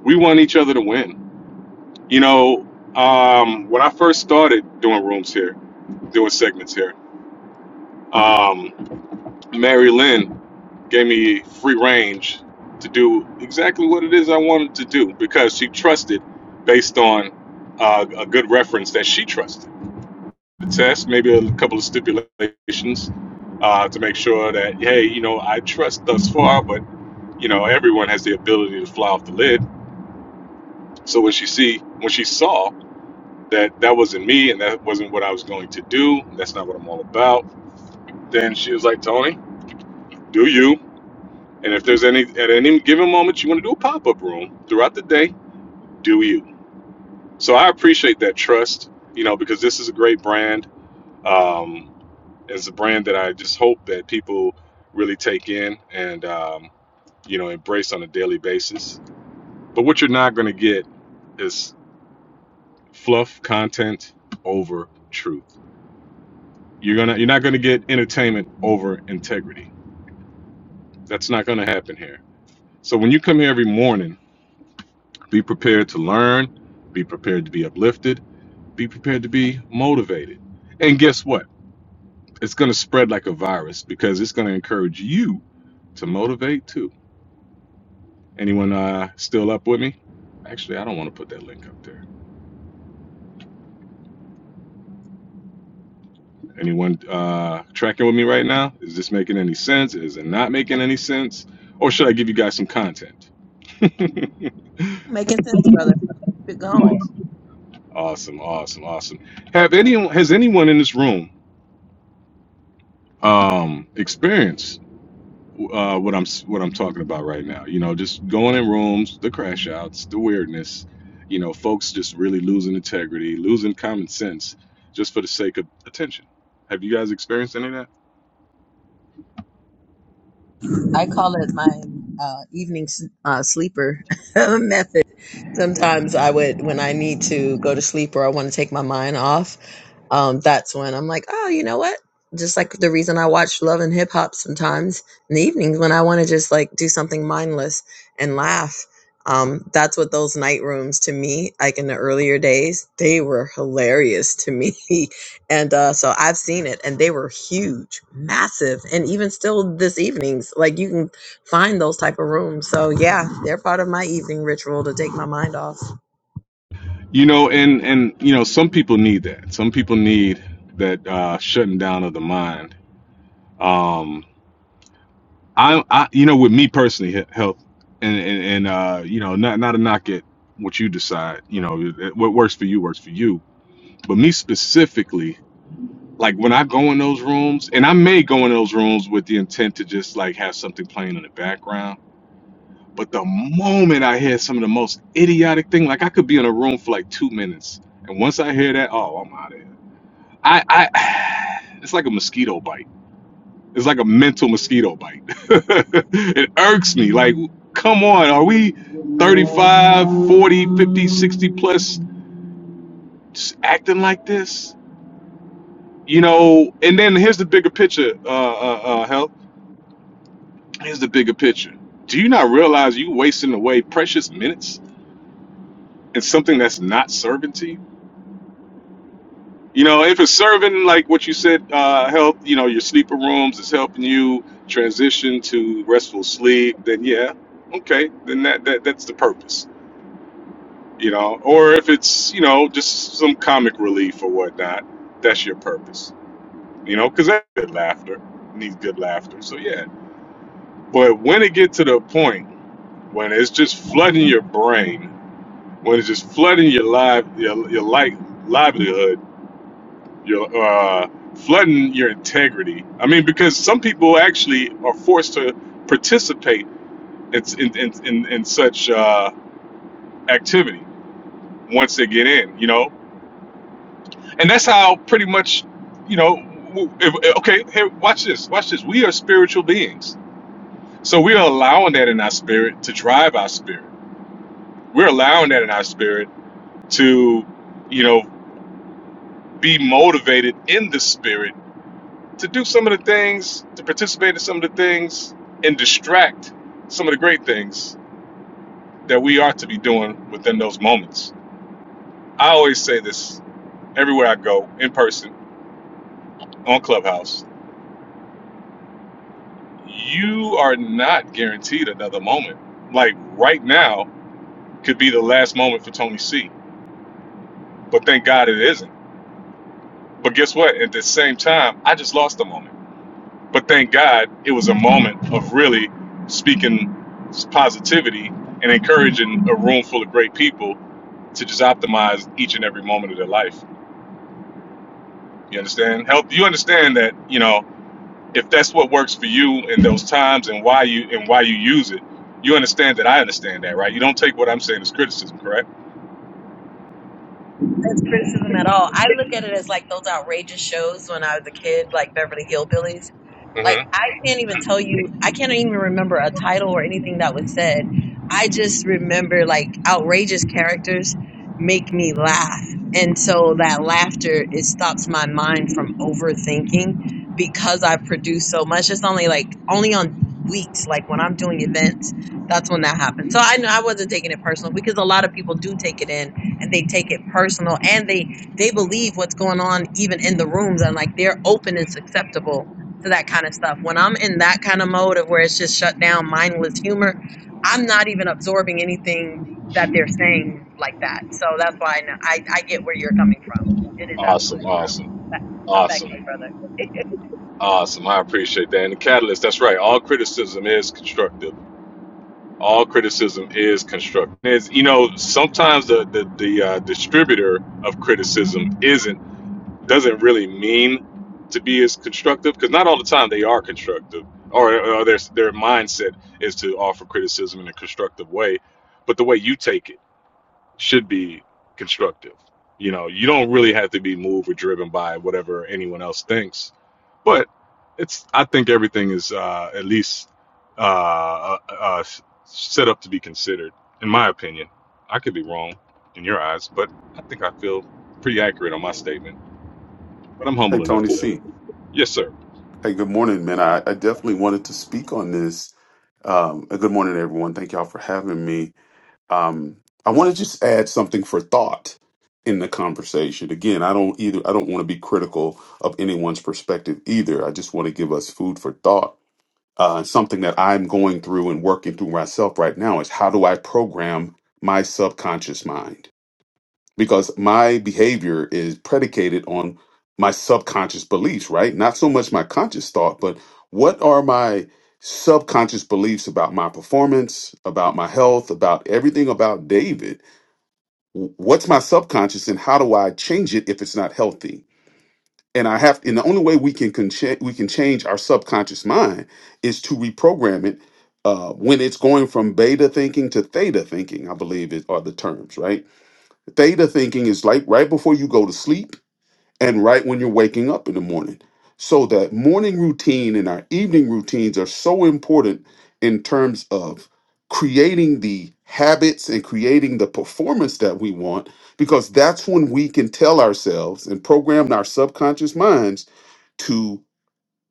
we want each other to win. You know, um, when I first started doing rooms here, doing segments here, um, Mary Lynn gave me free range to do exactly what it is I wanted to do because she trusted based on uh, a good reference that she trusted. The test, maybe a couple of stipulations uh, to make sure that, hey, you know, I trust thus far, but, you know, everyone has the ability to fly off the lid. So when she see, when she saw that that wasn't me and that wasn't what I was going to do, that's not what I'm all about, then she was like, Tony, do you? And if there's any at any given moment you want to do a pop-up room throughout the day, do you. So I appreciate that trust, you know, because this is a great brand. Um, it's a brand that I just hope that people really take in and um, you know, embrace on a daily basis. But what you're not gonna get is fluff content over truth. You're gonna you're not gonna get entertainment over integrity. That's not gonna happen here. So when you come here every morning Be prepared to learn, be prepared to be uplifted, be prepared to be motivated. And guess what? It's going to spread like a virus because it's going to encourage you to motivate too. Anyone uh, still up with me? Actually, I don't want to put that link up there. Anyone uh, tracking with me right now? Is this making any sense? Is it not making any sense? Or should I give you guys some content? Making sense, brother. Keep it going. Awesome, awesome, awesome, awesome. Have anyone has anyone in this room um, experienced uh, what I'm what I'm talking about right now. You know, just going in rooms, the crash outs, the weirdness. You know, folks just really losing integrity, losing common sense, just for the sake of attention. Have you guys experienced any of that? I call it my uh, evening s- uh, sleeper method. Sometimes I would, when I need to go to sleep or I want to take my mind off, um, that's when I'm like, oh, you know what? Just like the reason I watch Love and Hip Hop sometimes in the evenings when I want to just like do something mindless and laugh. Um, that's what those night rooms to me, like in the earlier days, they were hilarious to me. and uh, so I've seen it, and they were huge, massive, and even still this evenings, like you can find those type of rooms. So yeah, they're part of my evening ritual to take my mind off. You know, and and you know, some people need that. Some people need that uh, shutting down of the mind. Um, I, I, you know, with me personally, he- health, and and, and uh, you know, not not a knock at what you decide. You know, it- what works for you works for you. But me specifically, like when I go in those rooms, and I may go in those rooms with the intent to just like have something playing in the background. But the moment I hear some of the most idiotic thing, like I could be in a room for like two minutes, and once I hear that, oh, I'm out of here. I, I, it's like a mosquito bite. It's like a mental mosquito bite. it irks me. Like, come on, are we 35, 40, 50, 60 plus just acting like this? You know, and then here's the bigger picture, uh, uh, uh, Hel. Here's the bigger picture. Do you not realize you wasting away precious minutes in something that's not serving to you? You know, if it's serving like what you said, uh, help, you know, your sleeper rooms is helping you transition to restful sleep, then yeah, okay, then that, that that's the purpose, you know. Or if it's, you know, just some comic relief or whatnot, that's your purpose, you know, because that's good laughter, needs good laughter. So yeah. But when it get to the point when it's just flooding your brain when it's just flooding your life, your your like livelihood, your uh, flooding your integrity. I mean, because some people actually are forced to participate in in in, in, in such uh, activity once they get in, you know, and that's how pretty much, you know, w- if, okay, here, watch this, watch this. We are spiritual beings, so we are allowing that in our spirit to drive our spirit. We're allowing that in our spirit to, you know, be motivated in the spirit to do some of the things, to participate in some of the things, and distract some of the great things that we are to be doing within those moments. I always say this everywhere I go, in person, on Clubhouse. You are not guaranteed another moment. Like right now could be the last moment for Tony C, but thank God it isn't. But guess what? At the same time, I just lost a moment. But thank God it was a moment of really speaking positivity and encouraging a room full of great people to just optimize each and every moment of their life. You understand? Help you understand that, you know, if that's what works for you in those times and why you and why you use it, you understand that I understand that, right? You don't take what I'm saying as criticism, correct? That's criticism at all. I look at it as like those outrageous shows when I was a kid, like Beverly Hillbillies. Like hmm I can't even tell you. I can't even remember a title or anything that was said. I just remember like outrageous characters make me laugh, and so that laughter it stops my mind from overthinking because I produce so much. It's only like only on weeks like when i'm doing events that's when that happens so i know i wasn't taking it personal because a lot of people do take it in and they take it personal and they they believe what's going on even in the rooms and like they're open and susceptible to that kind of stuff. When I'm in that kind of mode of where it's just shut down, mindless humor, I'm not even absorbing anything that they're saying like that. So that's why I, know, I, I get where you're coming from. It is Awesome, absolutely true. awesome, Back, uh, back to awesome, you, brother. awesome. I appreciate that. And the catalyst, that's right. All criticism is constructive all criticism is constructive. Is you know sometimes the the, the uh, distributor of criticism isn't doesn't really mean to be as constructive because not all the time they are constructive or, or their their mindset is to offer criticism in a constructive way, but the way you take it should be constructive. You know, you don't really have to be moved or driven by whatever anyone else thinks, but it's. I think everything is uh, at least uh, uh, uh, set up to be considered, in my opinion. I could be wrong in your eyes, but I think I feel pretty accurate on my statement. But I'm Hey, humble enough Tony to live. C. Yes, sir. Hey, good morning, man. I, I definitely wanted to speak on this. Um, uh, good morning, everyone. Thank y'all for having me. Um, I want to just add something for thought in the conversation. Again, I don't either. I don't want to be critical of anyone's perspective either. I just want to give us food for thought. Uh, something that I'm going through and working through myself right now is how do I program my subconscious mind? because my behavior is predicated on my subconscious beliefs, right? Not so much my conscious thought, but what are my subconscious beliefs about my performance, about my health, about everything about David? W- What's my subconscious and how do I change it if it's not healthy? And I have, and the only way we can, con- cha- we can change our subconscious mind is to reprogram it uh, when it's going from beta thinking to theta thinking, I believe is, are the terms, right? Theta thinking is like right before you go to sleep and right when you're waking up in the morning. So that morning routine and our evening routines are so important in terms of creating the habits and creating the performance that we want because that's when we can tell ourselves and program our subconscious minds to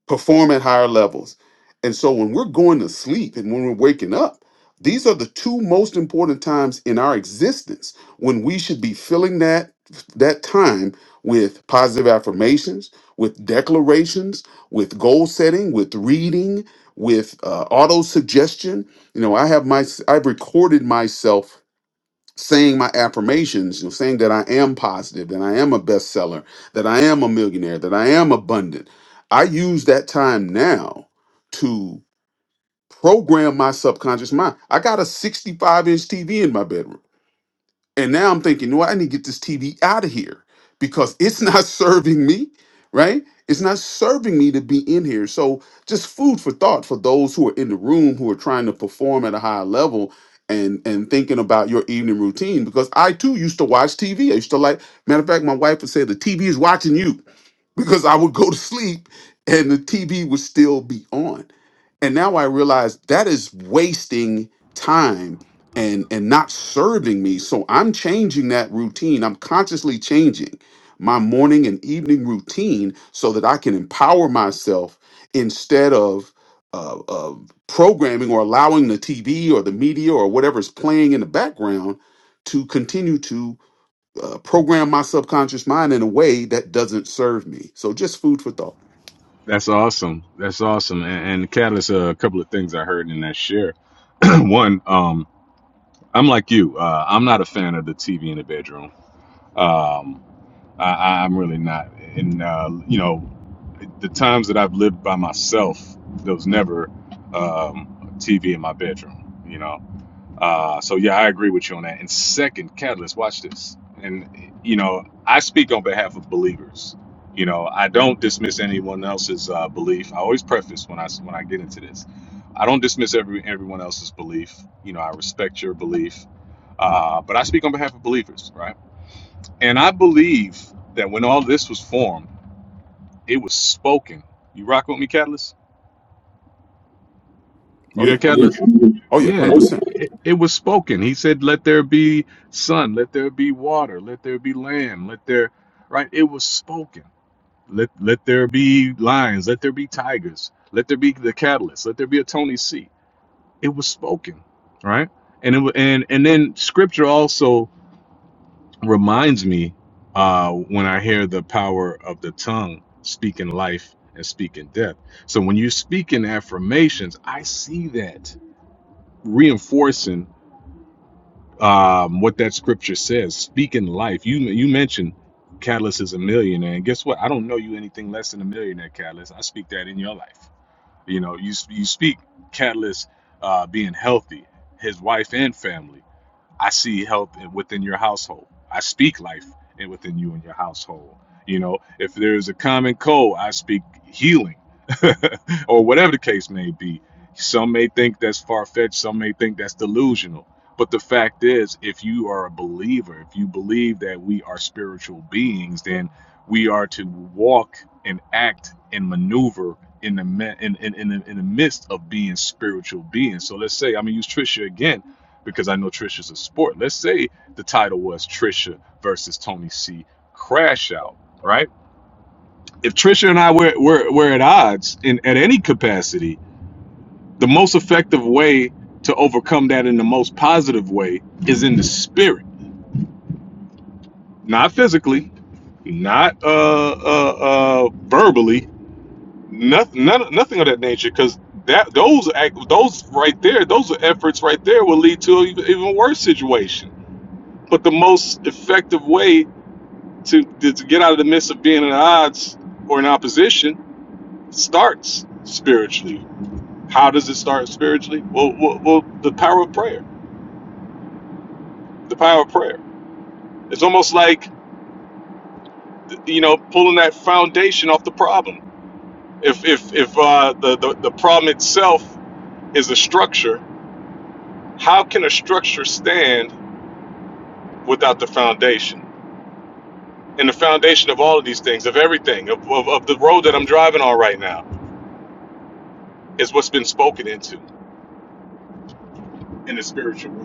perform at higher levels. And so when we're going to sleep and when we're waking up, these are the two most important times in our existence when we should be filling that that time with positive affirmations, with declarations, with goal setting, with reading, with uh, auto suggestion. You know, I have my I've recorded myself saying my affirmations, you know, saying that I am positive, that I am a bestseller, that I am a millionaire, that I am abundant. I use that time now to program my subconscious mind. I got a 65 inch TV in my bedroom. And now I'm thinking, no, I need to get this TV out of here because it's not serving me, right? It's not serving me to be in here. So, just food for thought for those who are in the room who are trying to perform at a higher level and and thinking about your evening routine because I too used to watch TV. I used to like matter of fact, my wife would say the TV is watching you because I would go to sleep and the TV would still be on and now i realize that is wasting time and and not serving me so i'm changing that routine i'm consciously changing my morning and evening routine so that i can empower myself instead of uh, of programming or allowing the tv or the media or whatever's playing in the background to continue to uh, program my subconscious mind in a way that doesn't serve me so just food for thought That's awesome. That's awesome. And, and Catalyst, uh, a couple of things I heard in that share. One, um. I'm like you. Uh, I'm not a fan of the TV in the bedroom. Um, I, I- am really not. And uh, you know, the times that I've lived by myself, there was never um, TV in my bedroom. You know. Uh, so yeah, I agree with you on that. And second, Catalyst, watch this. And you know, I speak on behalf of believers. You know, I don't dismiss anyone else's uh, belief. I always preface when I when I get into this. I don't dismiss every everyone else's belief. You know, I respect your belief uh, but I speak on behalf of believers, right? And I believe that when all this was formed, it was spoken. You rock with me, Catalyst? Oh You there, yeah, I'm here. Catalyst? Oh yeah, Yeah, hundred percent. it, it was spoken. He said, Let there be sun, let there be water, let there be land, let there, right? It was spoken. Let, let there be lions, let there be tigers, let there be the catalyst, let there be a Tony C. It was spoken, right? And it wa- and and then scripture also reminds me uh, when I hear the power of the tongue speaking life and speaking death. So when you speak in affirmations, I see that reinforcing um, what that scripture says, speaking life. You you mentioned Catalyst is a millionaire, and guess what? I don't know you anything less than a millionaire, Catalyst. I speak that in your life. You know, you you speak Catalyst uh, being healthy, his wife and family. I see help within your household. I speak life within you and your household. You know, if there's a common cold, I speak healing or whatever the case may be. Some may think that's far fetched, some may think that's delusional. But the fact is, if you are a believer, if you believe that we are spiritual beings, then we are to walk and act and maneuver in the in, in, in, the, in the midst of being spiritual beings. So let's say, I'm going to use Trisha again because I know Trisha's a sport. Let's say the title was Trisha versus Tony C. Crash Out, right? If Trisha and I were, were, were at odds in at any capacity, the most effective way to overcome that in the most positive way is in the spirit, not physically, not uh, uh, uh, verbally, nothing, none, nothing of that nature, because that those act, those right there, those efforts right there will lead to an even worse situation. But the most effective way to, to get out of the midst of being in odds or in opposition starts spiritually. How does it start spiritually? Well, well, well, the power of prayer. The power of prayer. It's almost like you know pulling that foundation off the problem. If if if uh, the, the the problem itself is a structure, how can a structure stand without the foundation? And the foundation of all of these things, of everything, of, of, of the road that I'm driving on right now, is what's been spoken into in the spiritual realm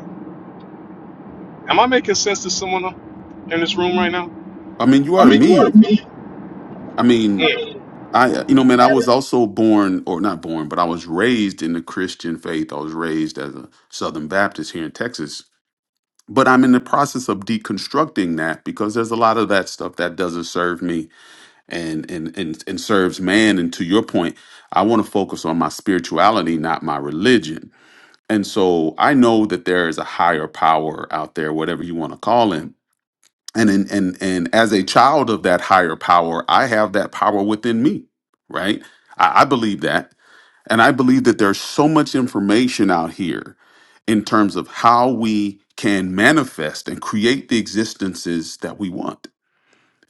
Am I making sense to someone in this room right now? I mean, you I are to mean, you are me. me. I mean, Mm. I uh, you know, man, I was also born or not born, but I was raised in the Christian faith. I was raised as a Southern Baptist here in Texas. But I'm in the process of deconstructing that because there's a lot of that stuff that doesn't serve me and and and, and serves man. And to your point, I want to focus on my spirituality, not my religion And so I know that there is a higher power out there, whatever you want to call him. And in, and and as a child of that higher power, I have that power within me, right? I, I believe that, and I believe that there's so much information out here in terms of how we can manifest and create the existences that we want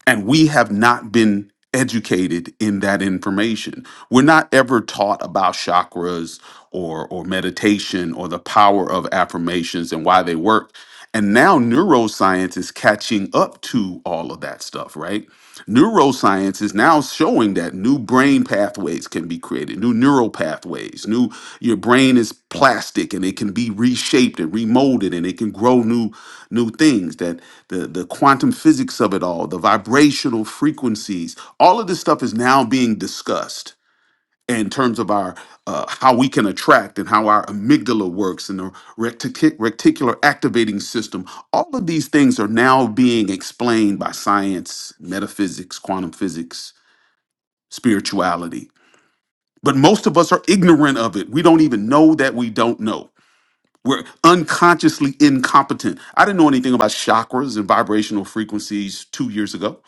and we have not been educated in that information. We're not ever taught about chakras or or meditation or the power of affirmations and why they work. And now neuroscience is catching up to all of that stuff, right? Neuroscience is now showing that new brain pathways can be created, new neural pathways, new your brain is plastic and it can be reshaped and remolded and it can grow new new things that the the quantum physics of it all the vibrational frequencies all of this stuff is now being discussed in terms of our uh, how we can attract and how our amygdala works and the retic- reticular activating system all of these things are now being explained by science metaphysics quantum physics spirituality but most of us are ignorant of it we don't even know that we don't know we're unconsciously incompetent. I didn't know anything about chakras and vibrational frequencies two years ago.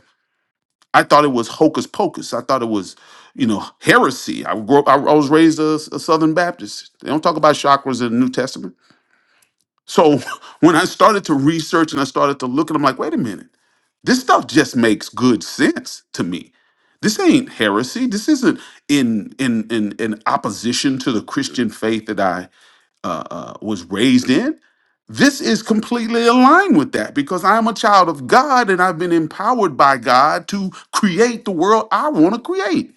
I thought it was hocus pocus. I thought it was, you know, heresy. I grew up, I I was raised a, a Southern Baptist. They don't talk about chakras in the New Testament. So when I started to research and I started to look, and I'm like, wait a minute, this stuff just makes good sense to me. This ain't heresy. This isn't in in in in opposition to the Christian faith that I uh, uh, was raised in this is completely aligned with that because I'm a child of God and I've been empowered by God to create the world I want to create.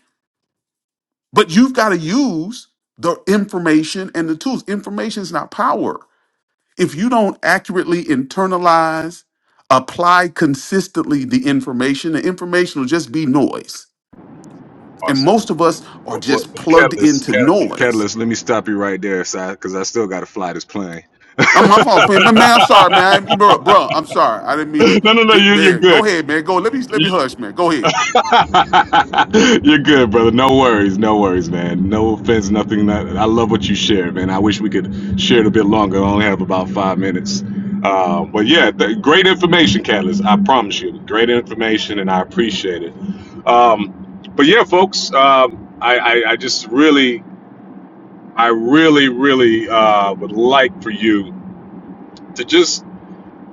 But you've got to use the information and the tools. Information is not power. If you don't accurately internalize, apply consistently the information, the information will just be noise. And Awesome. most of us are Well, well, just plugged Catalyst, into Cat- noise Catalyst, let me stop you right there, Si, because I still got to fly this plane. I'm my fault, man. Man, man, I'm sorry, man. I, bro, bro, I'm sorry. I didn't mean to, no, no, no, to. you, you're Man, go good. ahead, man. Go. Let me let me hush, man. Go ahead. You're good, brother. No worries, no worries, man. No offense, nothing. Not, I love what you shared, man. I wish we could share it a bit longer. I only have about five minutes. Uh, but yeah, th- great information, Catalyst. I promise you, great information, and I appreciate it. Um, but yeah, folks, um, I, I, I just really, I really, really uh, would like for you to just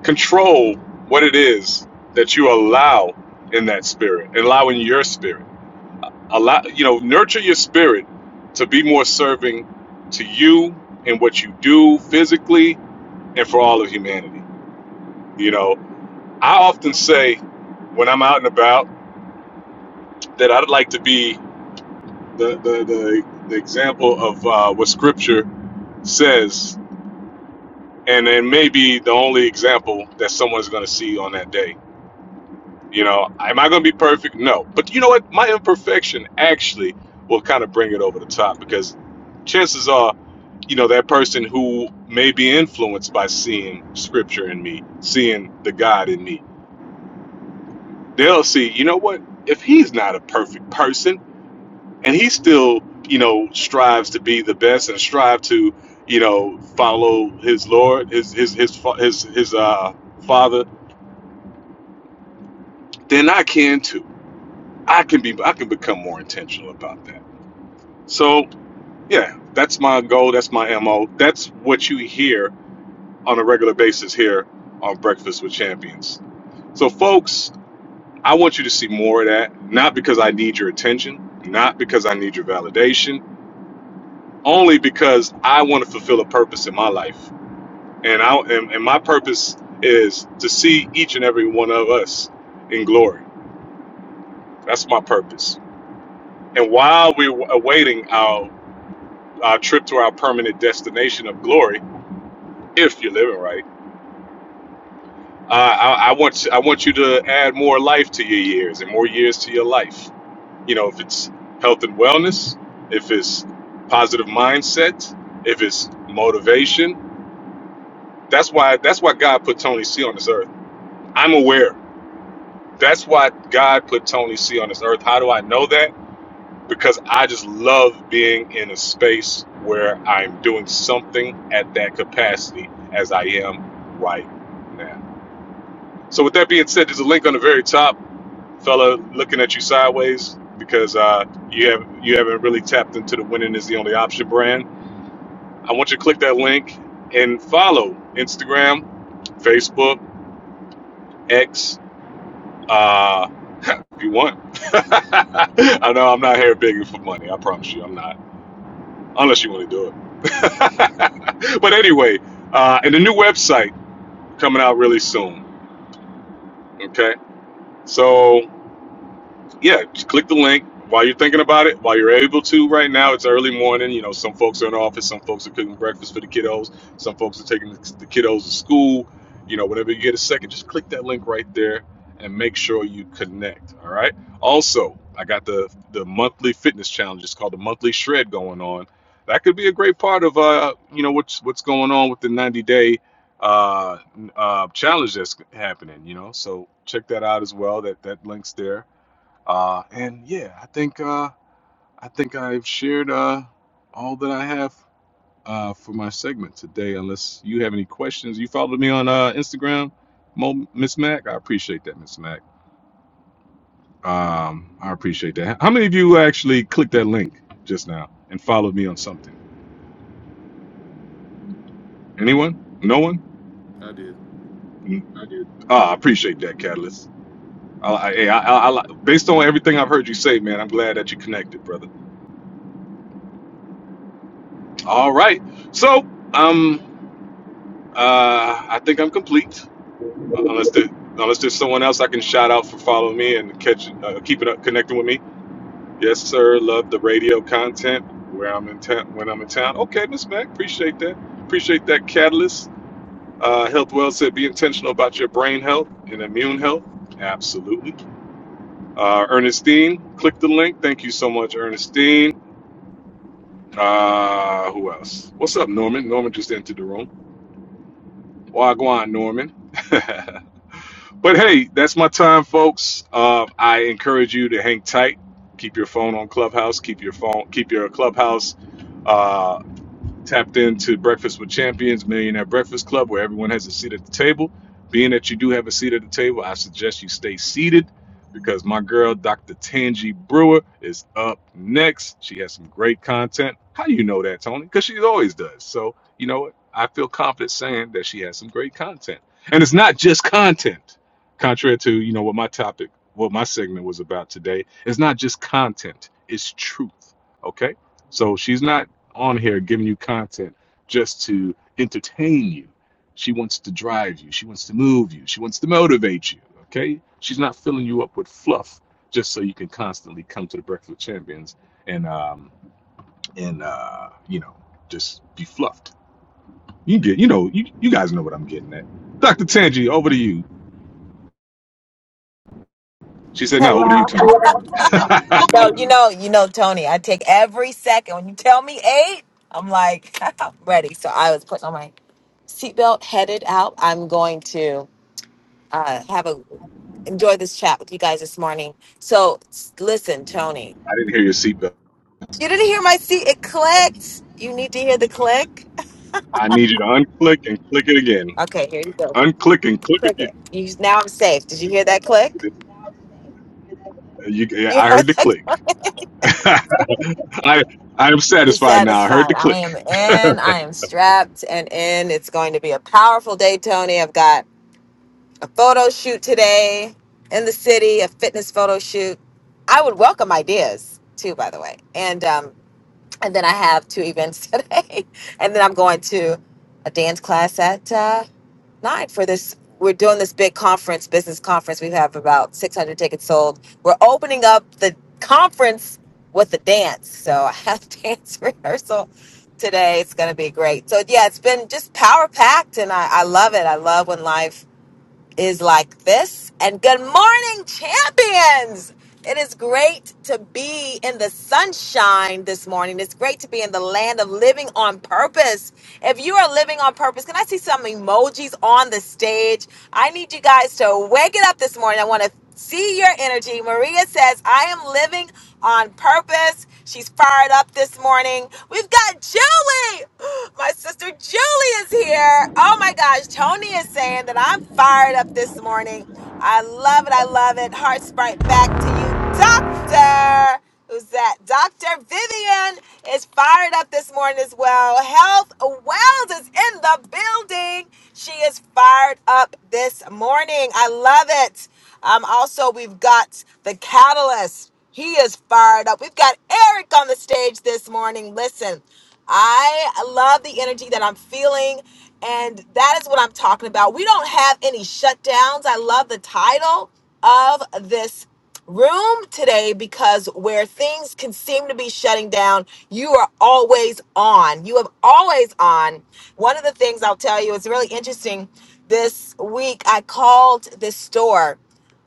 control what it is that you allow in that spirit, allowing your spirit allow you know nurture your spirit to be more serving to you and what you do physically and for all of humanity you know i often say when i'm out and about that i'd like to be the the, the, the example of uh, what scripture says and it may be the only example that someone's going to see on that day You know, am I going to be perfect? No. But you know what? My imperfection actually will kind of bring it over the top because chances are, you know, that person who may be influenced by seeing scripture in me, seeing the God in me, they'll see, you know what? If he's not a perfect person and he still, you know, strives to be the best and strive to, you know, follow his Lord, his his his fa- his his uh, father, then I can too. I can be I can become more intentional about that So yeah, that's my goal. That's my mo. That's what you hear on a regular basis here on Breakfast with Champions. So folks, I want you to see more of that. Not because I need your attention, not because I need your validation, only because I want to fulfill a purpose in my life. And I and, and my purpose is to see each and every one of us in glory. That's my purpose. And while we're awaiting our our trip to our permanent destination of glory, if you're living right Uh, I, I want I want you to add more life to your years and more years to your life. You know, if it's health and wellness, if it's positive mindset, if it's motivation. That's why that's why God put Tony C on this earth. I'm aware. That's why God put Tony C on this earth. How do I know that? Because I just love being in a space where I'm doing something at that capacity as I am right now. So with that being said, there's a link on the very top fella looking at you sideways because uh, you have you haven't really tapped into the winning is the only option brand. I want you to click that link and follow Instagram, Facebook, X, uh, if you want. I know I'm not here begging for money. I promise you, I'm not, unless you want to do it. but anyway, uh, and the new website coming out really soon. Okay, so yeah, just click the link while you're thinking about it, while you're able to. Right now, it's early morning. You know, some folks are in the office, some folks are cooking breakfast for the kiddos, some folks are taking the the kiddos to school. You know, whenever you get a second, just click that link right there and make sure you connect. All right. Also, I got the the monthly fitness challenge. It's called the monthly shred going on. That could be a great part of uh, you know, what's what's going on with the 90 day uh uh challenge that's happening you know so check that out as well that that links there uh, and yeah, I think uh, I think I've shared uh, all that I have uh, for my segment today. Unless you have any questions, you followed me on uh, Instagram, Mo- Miss Mac. I appreciate that, Miss Mac. Um, I appreciate that. How many of you actually clicked that link just now and followed me on something? Anyone? No one? I did. Mm, I did. Ah, I appreciate that, Catalyst. I, I, hey, I, I, I, li- based on everything I've heard you say, man, I'm glad that you connected, brother. All right. So, um. Uh, I think I'm complete. Uh, Unless there, unless there's someone else I can shout out for following me and catch, uh, keeping up, connecting with me. Yes, sir. Love the radio content where I'm in town. When I'm in town. Okay, Miss Mac. Appreciate that. Appreciate that catalyst. Uh, Health Well said, be intentional about your brain health and immune health. Absolutely. Uh, Ernestine, click the link. Thank you so much, Ernestine. Uh, who else? What's up, Norman? Norman just entered the room. Wagwan, Norman. But hey, that's my time, folks. Uh, I encourage you to hang tight. Keep your phone on Clubhouse. Keep your phone. Keep your Clubhouse uh, tapped into Breakfast with Champions, Millionaire Breakfast Club, where everyone has a seat at the table. Being that you do have a seat at the table, I suggest you stay seated because my girl, Dr. Tangi Brewer, is up next. She has some great content. How do you know that, Tony? Because she always does. So, you know what? I feel confident saying that she has some great content. And it's not just content. Contrary to, you know, what my topic, what my segment was about today, it's not just content, it's truth. Okay? So she's not on here giving you content just to entertain you. She wants to drive you. She wants to move you. She wants to motivate you. Okay? She's not filling you up with fluff just so you can constantly come to the Breakfast with Champions and um and uh you know just be fluffed. You get you know you, you guys know what I'm getting at. Dr. Tangi, over to you. She said, "No, over to you, Hello. Tony." I No, you know, you know, Tony. I take every second when you tell me eight. I'm like, I'm ready. So I was putting on my seatbelt, headed out. I'm going to uh, have a enjoy this chat with you guys this morning. So s- listen, Tony. didn't hear your seatbelt. You didn't hear my seat. It clicked. You need to hear the click. I need you to unclick and click it again. Okay, here you go. Unclick and click Click again. it. You now I'm safe. Did you hear that click? You, yeah, You I heard heard the that? click. I I am You're satisfied now. I heard satisfied. the I click. am in. I am strapped and in. It's going to be a powerful day, Tony. I've got a photo shoot today in the city, a fitness photo shoot. I would welcome ideas too, by the way. And um, and then I have two events today, and then I'm going to a dance class at uh, nine for this. We're doing this big conference, business conference. We have about 600 tickets sold. We're opening up the conference with a dance, so I have dance rehearsal today. It's going to be great. So yeah, it's been just power packed, and I, I love it. I love when life is like this. And good morning, champions! It is great to be in the sunshine this morning. It's great to be in the land of living on purpose. If you are living on purpose, can I see some emojis on the stage? I need you guys to wake it up this morning. I want to See your energy. Maria says, I am living on purpose. She's fired up this morning. We've got Julie. My sister Julie is here. Oh my gosh. Tony is saying that I'm fired up this morning. I love it. I love it. Heart sprite back to you, Doctor. Who's that? Dr. Vivian is fired up this morning as well. Health Wells is in the building. She is fired up this morning. I love it. Um, also, we've got the catalyst. He is fired up. We've got Eric on the stage this morning. Listen, I love the energy that I'm feeling, and that is what I'm talking about. We don't have any shutdowns. I love the title of this room today because where things can seem to be shutting down, you are always on. You have always on. One of the things I'll tell you is really interesting. This week, I called this store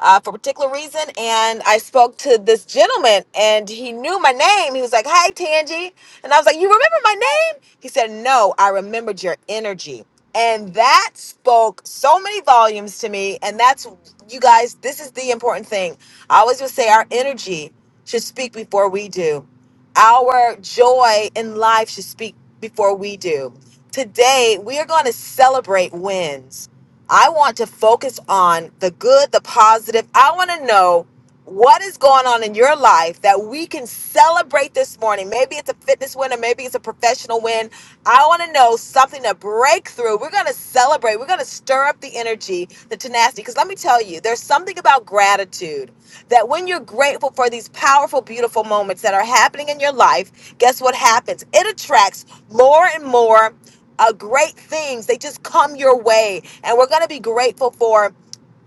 uh, for a particular reason, and I spoke to this gentleman, and he knew my name. He was like, "Hi, Tangie," and I was like, "You remember my name?" He said, "No, I remembered your energy." And that spoke so many volumes to me. And that's, you guys, this is the important thing. I always would say our energy should speak before we do, our joy in life should speak before we do. Today, we are going to celebrate wins. I want to focus on the good, the positive. I want to know what is going on in your life that we can celebrate this morning? Maybe it's a fitness win or maybe it's a professional win. I want to know something to break through. We're going to celebrate. We're going to stir up the energy, the tenacity. Because let me tell you, there's something about gratitude that when you're grateful for these powerful, beautiful moments that are happening in your life, guess what happens? It attracts more and more uh, great things. They just come your way. And we're going to be grateful for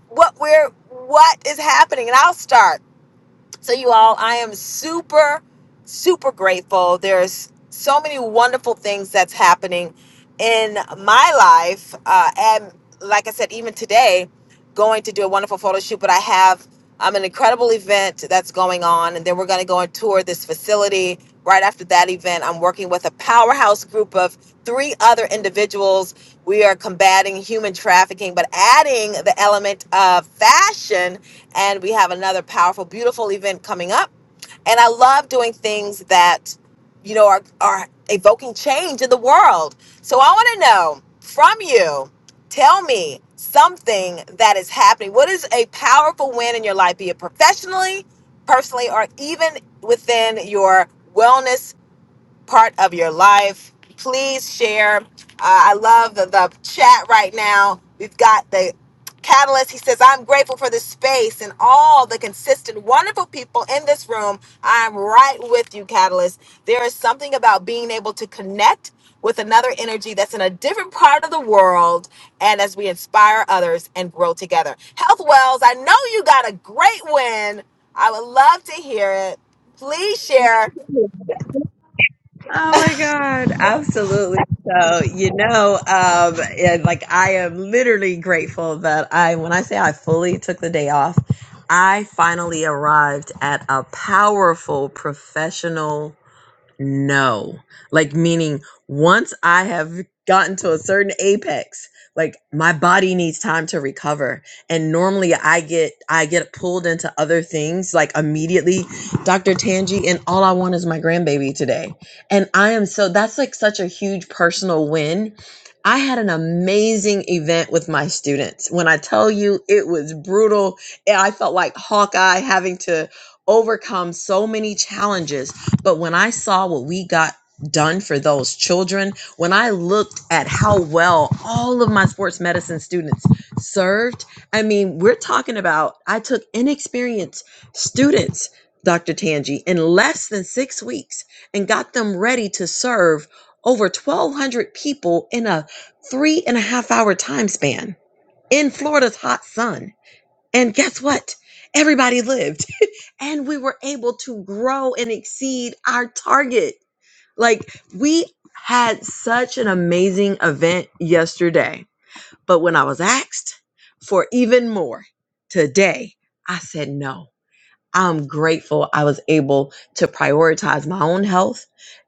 what we're, what is happening. And I'll start. So, you all, I am super, super grateful. There's so many wonderful things that's happening in my life. Uh, and like I said, even today, going to do a wonderful photo shoot, but I have um, an incredible event that's going on. And then we're going to go and tour this facility. Right after that event, I'm working with a powerhouse group of three other individuals. We are combating human trafficking, but adding the element of fashion. And we have another powerful, beautiful event coming up. And I love doing things that, you know, are, are evoking change in the world. So I want to know from you Tell me something that is happening. What is a powerful win in your life, be it professionally, personally, or even within your wellness part of your life. Please share. Uh, I love the, the chat right now. We've got the catalyst. He says, I'm grateful for this space and all the consistent, wonderful people in this room. I'm right with you, catalyst. There is something about being able to connect with another energy that's in a different part of the world and as we inspire others and grow together. Health Wells, I know you got a great win. I would love to hear it. Please share Oh my God, absolutely. So, you know, um, yeah, like I am literally grateful that I, when I say I fully took the day off, I finally arrived at a powerful professional No. Like meaning once I have gotten to a certain apex, like my body needs time to recover. And normally I get I get pulled into other things like immediately, Dr. Tangi, and all I want is my grandbaby today. And I am so that's like such a huge personal win. I had an amazing event with my students. When I tell you it was brutal, I felt like Hawkeye having to overcome so many challenges but when I saw what we got done for those children, when I looked at how well all of my sports medicine students served, I mean, we're talking about I took inexperienced students, Dr. Tangi, in less than six weeks and got them ready to serve over 1,200 people in a three and a half hour time span in Florida's hot sun. And guess what? Everybody lived and we were able to grow and exceed our target. Like we had such an amazing event yesterday. But when I was asked for even more today, I said no I'm grateful I was able to prioritize my own health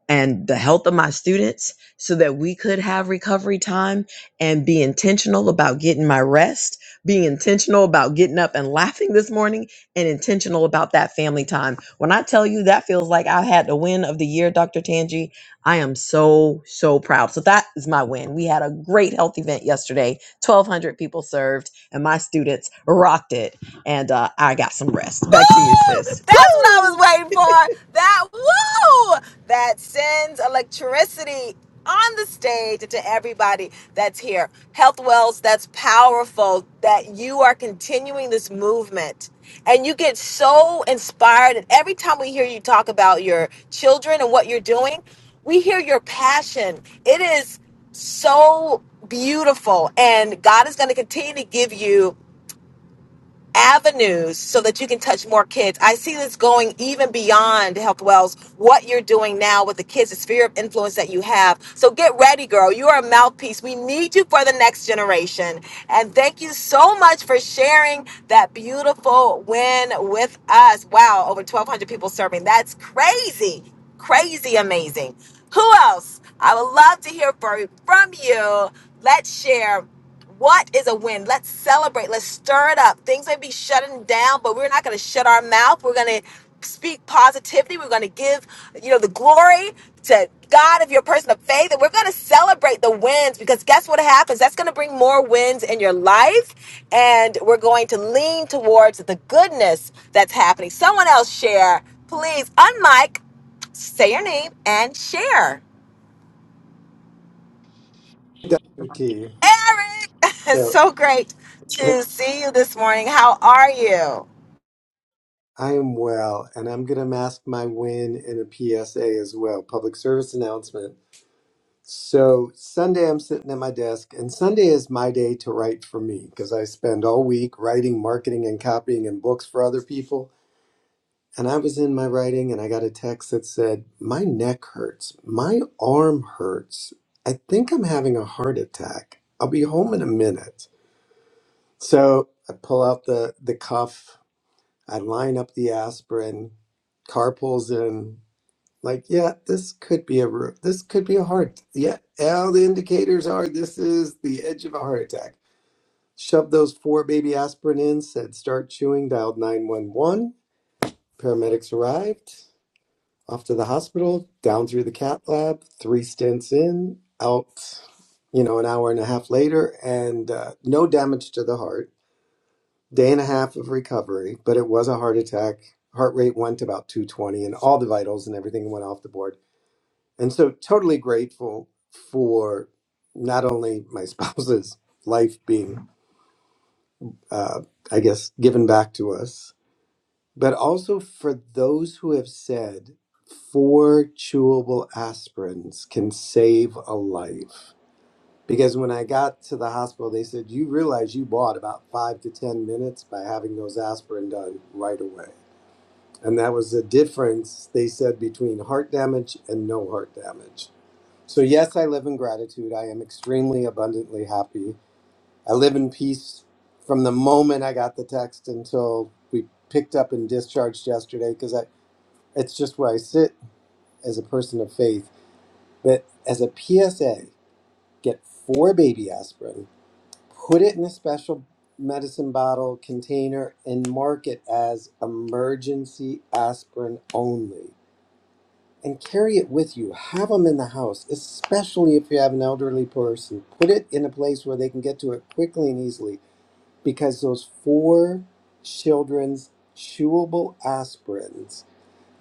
and the health of my students so that we could have recovery time and be intentional about getting my rest, being intentional about getting up and laughing this morning, and intentional about that family time. When I tell you that feels like I had the win of the year, Dr. Tangi, I am so, so proud. So that is my win. We had a great health event yesterday, 1,200 people served, and my students rocked it and uh, I got some rest. Back to you, Woo! sis. That's what I was Woo! waiting for. That woo! That sends electricity on the stage to everybody that's here. Health Wells, that's powerful that you are continuing this movement. And you get so inspired. And every time we hear you talk about your children and what you're doing, we hear your passion. It is so beautiful. And God is going to continue to give you avenues so that you can touch more kids. I see this going even beyond Health Wells, what you're doing now with the kids, the sphere of influence that you have. So get ready, girl. You are a mouthpiece. We need you for the next generation. And thank you so much for sharing that beautiful win with us. Wow, over 1,200 people serving. That's crazy, crazy amazing. Who else? I would love to hear from from you. Let's share. What is a win? Let's celebrate. Let's stir it up. Things may be shutting down, but we're not going to shut our mouth. We're going to speak positivity. We're going to give, you know, the glory to God if you're a person of faith. And we're going to celebrate the wins because guess what happens? That's going to bring more wins in your life. And we're going to lean towards the goodness that's happening. Someone else share. Please unmic, say your name, and share. Dr. T. Eric, it's So so great eh, to see you this morning. How are you? I am well, and I'm going to mask my win in a PSA as well, public service announcement. So Sunday, I'm sitting at my desk, and Sunday is my day to write for me because I spend all week writing, marketing, and copying and books for other people. And I was in my writing, and I got a text that said, My neck hurts. My arm hurts. I think I'm having a heart attack. I'll be home in a minute. So I pull out the the cuff I line up the aspirin. Car pulls in. Like, yeah, this could be a ru- this could be a heart. Yeah, all the indicators are this is the edge of a heart attack. Shoved those four baby aspirin in. Said start chewing. Dialed nine one one. Paramedics arrived. Off to the hospital. Down through the cath lab. Three stints in. Out. You know, an hour and a half later, and uh, no damage to the heart Day and a half of recovery, but it was a heart attack. Heart rate went to about 220 and all the vitals and everything went off the board. And so totally grateful for not only my spouse's life being, uh, I guess, given back to us, but also for those who have said four chewable aspirins can save a life. Because when I got to the hospital, they said, You realize you bought about five to 10 minutes by having those aspirin done right away. And that was the difference, they said, between heart damage and no heart damage. So, yes, I live in gratitude. I am extremely abundantly happy. I live in peace from the moment I got the text until we picked up and discharged yesterday because I it's just where I sit as a person of faith. But as a PSA, get four baby aspirin, put it in a special medicine bottle container, and mark it as emergency aspirin only and carry it with you. Have them in the house, especially if you have an elderly person. Put it in a place where they can get to it quickly and easily because those four children's chewable aspirins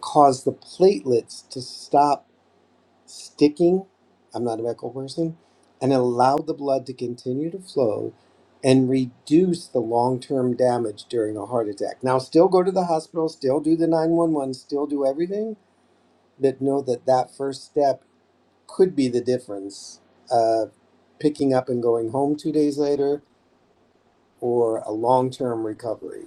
cause the platelets to stop sticking. I'm not a medical person, and allow the blood to continue to flow and reduce the long term damage during a heart attack. Now, still go to the hospital, still do the 911, still do everything, but know that that first step could be the difference uh, picking up and going home two days later or a long term recovery,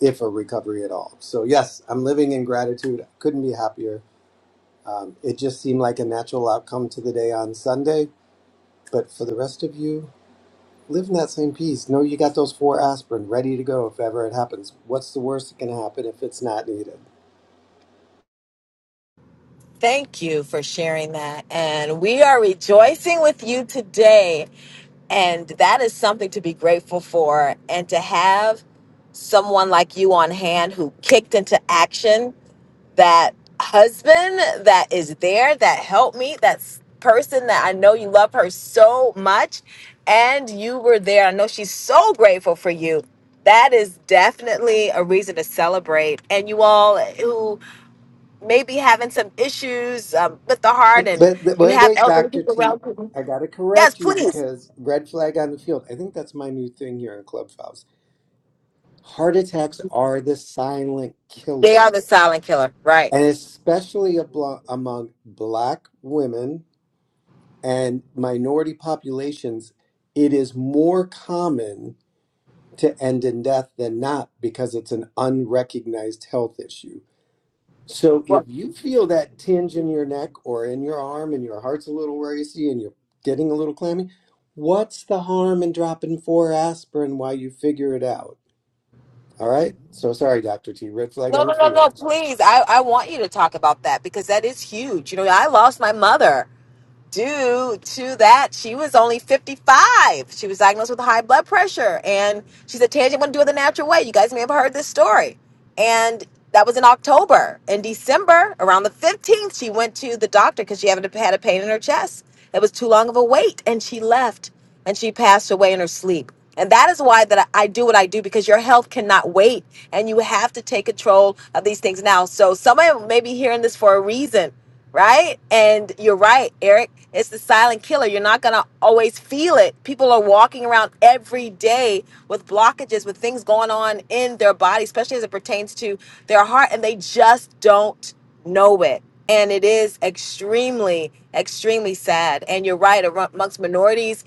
if a recovery at all. So, yes, I'm living in gratitude. Couldn't be happier. Um, it just seemed like a natural outcome to the day on Sunday. But for the rest of you, live in that same peace. Know you got those four aspirin ready to go if ever it happens. What's the worst that can happen if it's not needed? Thank you for sharing that. And we are rejoicing with you today. And that is something to be grateful for. And to have someone like you on hand who kicked into action that husband that is there that helped me that s- person that i know you love her so much and you were there i know she's so grateful for you that is definitely a reason to celebrate and you all eh, who may be having some issues um, with the heart But, and but but you wait, have wait, elderly Dr. people T, around you I got to yes correct you please because red flag on the field. I think that's my new thing here in Clubhouse. Heart attacks are the silent they are killer, the silent killer right and especially ablo- among Black women and minority populations, it is more common to end in death than not because it's an unrecognized health issue. So if well, you feel that tinge in your neck or in your arm and your heart's a little racy and you're getting a little clammy, what's the harm in dropping four aspirin while you figure it out? All right. So sorry, Dr. T. Red flag no, on the no, no, field. no, please. I, I want you to talk about that because that is huge. You know, I lost my mother due to that, she was only 55. She was diagnosed with high blood pressure. And she said, Tangie, I'm going to do it the natural way. You guys may have heard this story. And that was in October. In December, around the 15th, she went to the doctor because she had a pain in her chest. It was too long of a wait. And she left and she passed away in her sleep. And that is why that I do what I do because your health cannot wait and you have to take control of these things now. So somebody may be hearing this for a reason right? And you're right, Eric. It's the silent killer. You're not going to always feel it. People are walking around every day with blockages, with things going on in their body, especially as it pertains to their heart, and they just don't know it. And it is extremely, extremely sad. And you're right, amongst minorities,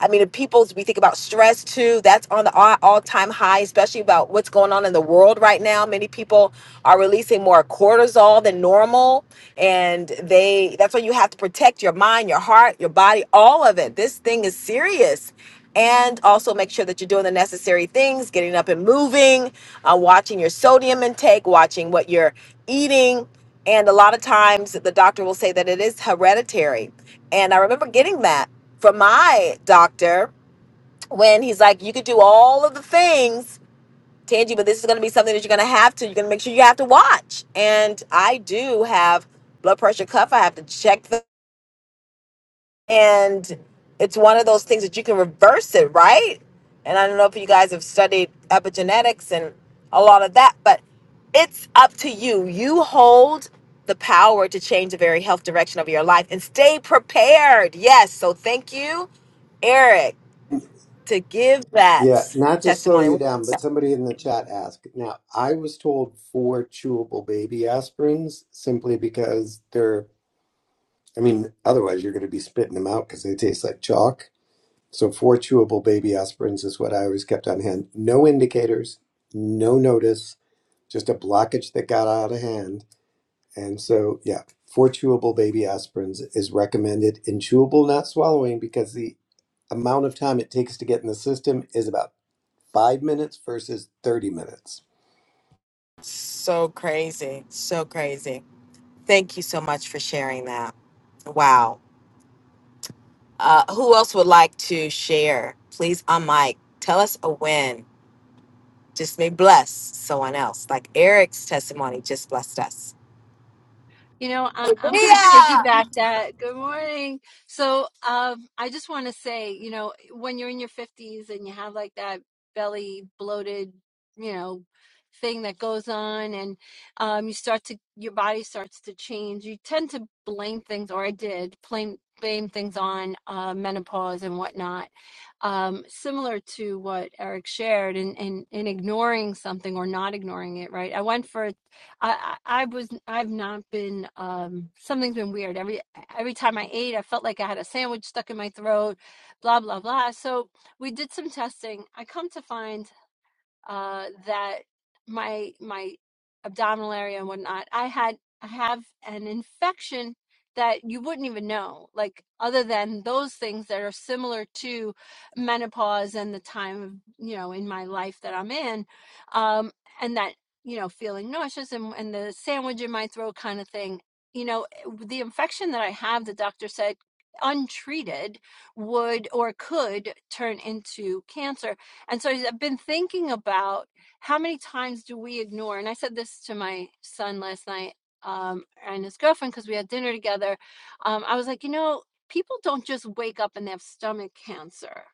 I mean, the people's, we think about stress too. That's on the all- all-time high, especially about what's going on in the world right now. Many people are releasing more cortisol than normal, and they that's why you have to protect your mind, your heart, your body, all of it. This thing is serious. And also make sure that you're doing the necessary things, getting up and moving, uh, watching your sodium intake, watching what you're eating and a lot of times the doctor will say that it is hereditary. And I remember getting that from my doctor when he's like, you could do all of the things, Tangi, but this is going to be something that you're going to have to, you're going to make sure you have to watch. And I do have blood pressure cuff. I have to check and it's one of those things that you can reverse it, right? And I don't know if you guys have studied epigenetics and a lot of that, but it's up to you. You hold the power to change the very health direction of your life and stay prepared. Yes. So thank you, Eric, to give Yeah, that not to slow testimony. you down, but somebody in the chat asked. Now, I was told four chewable baby aspirins simply because they're, I mean, otherwise you're going to be spitting them out because they taste like chalk. So, four chewable baby aspirins is what I always kept on hand. No indicators, no notice, just a blockage that got out of hand. And so, yeah, four chewable baby aspirins is recommended in chewable, not swallowing, because the amount of time it takes to get in the system is about five minutes versus 30 minutes. So crazy. So crazy. Thank you so much for sharing that. Wow. Uh, who else would like to share? Please, on mic, tell us a win. Just may bless someone else. Like Eric's testimony just blessed us. You know, I, I'm going to Maria! piggyback that. Good morning. So, um, I just want to say, you know, when you're in your 50s and you have like that belly bloated, you know, thing that goes on and um, you start to, your body starts to change, you tend to blame things, or I did blame, blame things on uh, menopause and whatnot. Um, similar to what Eric shared and, and, and ignoring something or not ignoring it, right? I went for I, I was I've not been um something's been weird. Every every time I ate, I felt like I had a sandwich stuck in my throat, blah blah blah. So we did some testing. I come to find uh, that my my abdominal area and whatnot. I had I have an infection that you wouldn't even know, like other than those things that are similar to menopause and the time of you know in my life that I'm in, um, and that you know feeling nauseous and, and the sandwich in my throat kind of thing. You know, the infection that I have, the doctor said untreated would or could turn into cancer and so I've been thinking about how many times do we ignore? And I said this to my son last night um, and his girlfriend because we had dinner together. Um, I was like, you know, people don't just wake up and have stomach cancer.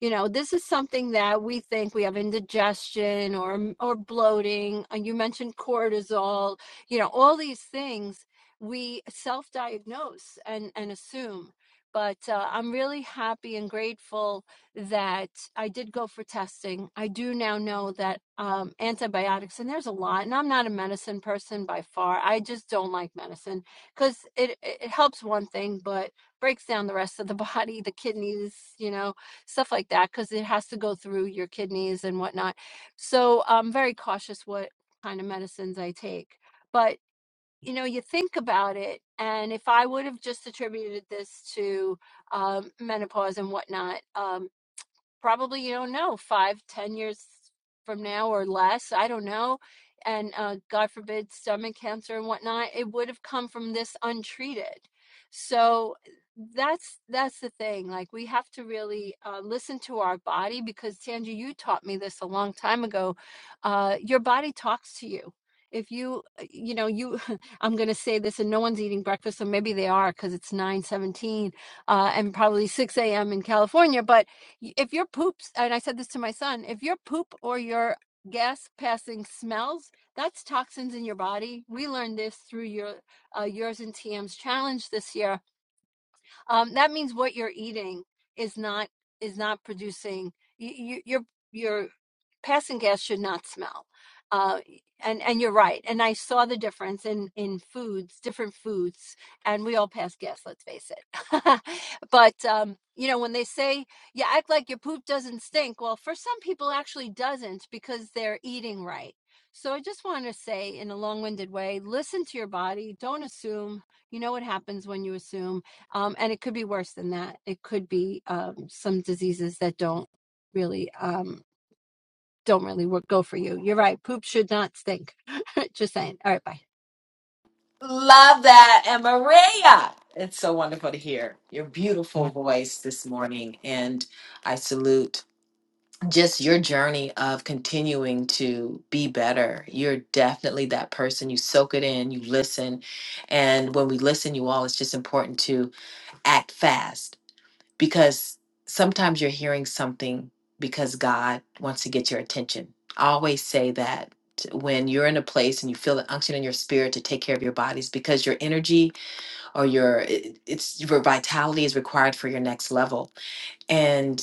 You know, this is something that we think we have indigestion or or bloating. And you mentioned cortisol. You know, all these things we self-diagnose and and assume. But uh, I'm really happy and grateful that I did go for testing. I do now know that um, antibiotics, and there's a lot, and I'm not a medicine person by far. I just don't like medicine because it, it helps one thing, but breaks down the rest of the body, the kidneys, you know, stuff like that, because it has to go through your kidneys and whatnot. So I'm very cautious what kind of medicines I take. But, you know, you think about it, and if I would have just attributed this to um, menopause and whatnot. Um, probably you don't know five ten years from now or less i don't know and uh, god forbid stomach cancer and whatnot it would have come from this untreated so that's that's the thing like we have to really uh, listen to our body because Tanji, you taught me this a long time ago uh, your body talks to you if you uh, you know you i'm going to say this and no one's eating breakfast so maybe they are because it's nine seventeen uh, and probably 6 a.m in california but y- if your poops, and I said this to my son, if your poop or your gas passing smells, that's toxins in your body. We learned this through your uh, yours and T M's challenge this year um, that means what you're eating is not is not producing you, you, your your passing gas should not smell. Uh, and and you're right. And I saw the difference in in foods, different foods, and we all pass gas. Let's face it. but um, you know when they say you act like your poop doesn't stink, well, for some people it actually doesn't because they're eating right. So I just want to say in a long-winded way, listen to your body. Don't assume. You know what happens when you assume um, and it could be worse than that. It could be um, some diseases that don't really um, don't really work, go for you. You're right. Poop should not stink. Just saying. All right, bye. Maria, it's good to hear your beautiful voice this morning, and I salute just your journey of continuing to be better. You're definitely that person. You soak it in, you listen, and when we listen, you all, it's just important to act fast because sometimes you're hearing something because God wants to get your attention. I always say that when you're in a place and you feel the unction in your spirit to take care of your bodies because your energy or your it- it's your vitality is required for your next level. And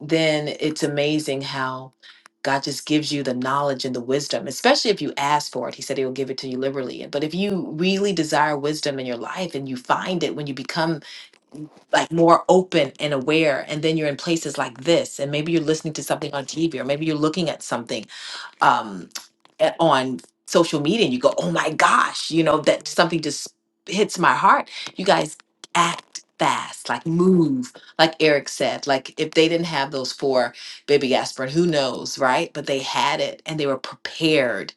then it's amazing how God just gives you the knowledge and the wisdom, especially if you ask for it. He said he will give it to you liberally. But if you really desire wisdom in your life and you find it when you become like more open and aware and then you're in places like this and maybe you're listening to something on tv or maybe you're looking at something um, a- on social media and you go, oh my gosh, you know, that something just hits my heart. You guys act fast, like move, like Eric said. Like if they didn't have those four baby aspirin, who knows, right? But they had it and they were prepared.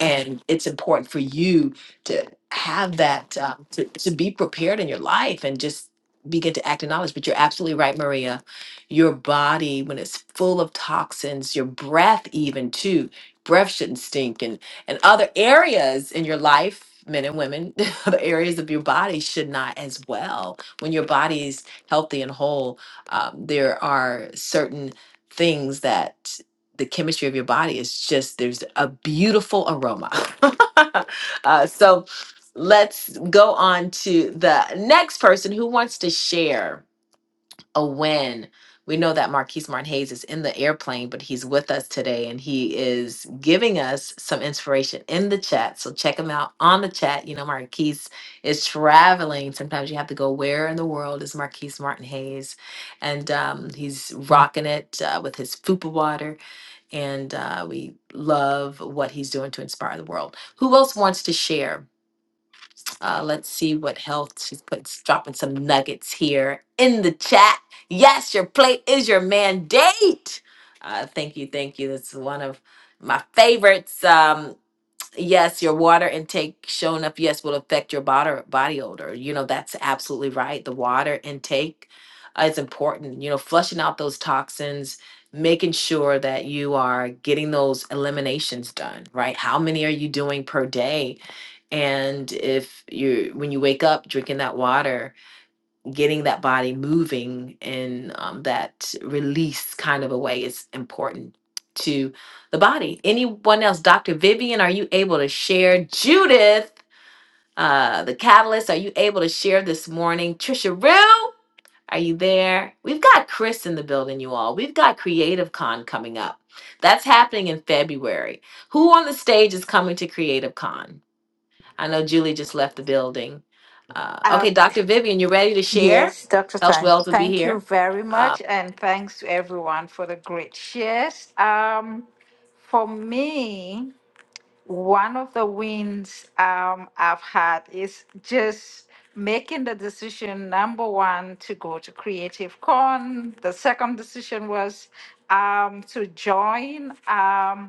And it's important for you to have that, um, to, to be prepared in your life and just begin to act in knowledge. But you're absolutely right, Maria. Your body, when it's full of toxins, your breath, even too breath shouldn't stink and and other areas in your life men and women other areas of your body should not as well when your body is healthy and whole um, there are certain things that the chemistry of your body is just there's a beautiful aroma uh, so let's go on to the next person who wants to share a win. We know that Marquise Martin Hayes is in the airplane, but he's with us today and he is giving us some inspiration in the chat. So check him out on the chat. You know, Marquise is traveling. Sometimes you have to go, where in the world is Marquise Martin Hayes? And um, he's rocking it uh, with his Fupa water. And uh, we love what he's doing to inspire the world. Who else wants to share? Uh, let's see what health she's put, here in the chat. Yes, your plate is your mandate. Uh, thank you, thank you. That's one of my favorites. Um, yes, your water intake showing up, yes, will affect your body, body odor. You know, that's absolutely right. The water intake uh, is important. You know, flushing out those toxins, making sure that you are getting those eliminations done, right? How many are you doing per day? and if you when you wake up drinking that water body moving in um, that release kind of a way is important to the body. Anyone else? Davian, are you able to share? Judith, uh, the catalyst, are you able to share this morning? Trisha Rue, are you there? We've got Chris in the building, you all. We've got Creative Con coming up. That's happening in February. Who on the stage is coming to Creative Con? I know Julie just left the building. Uh, Uh, okay, Dr. Vivian, you ready to share? yes, Dr. Health San. Wells will be Thank you here. very Uh, much, and thanks to everyone for the great shares. Um, for me, one of the wins um, I've had is just making the decision number one to go to Creative Con. The second decision was um, to join. Um,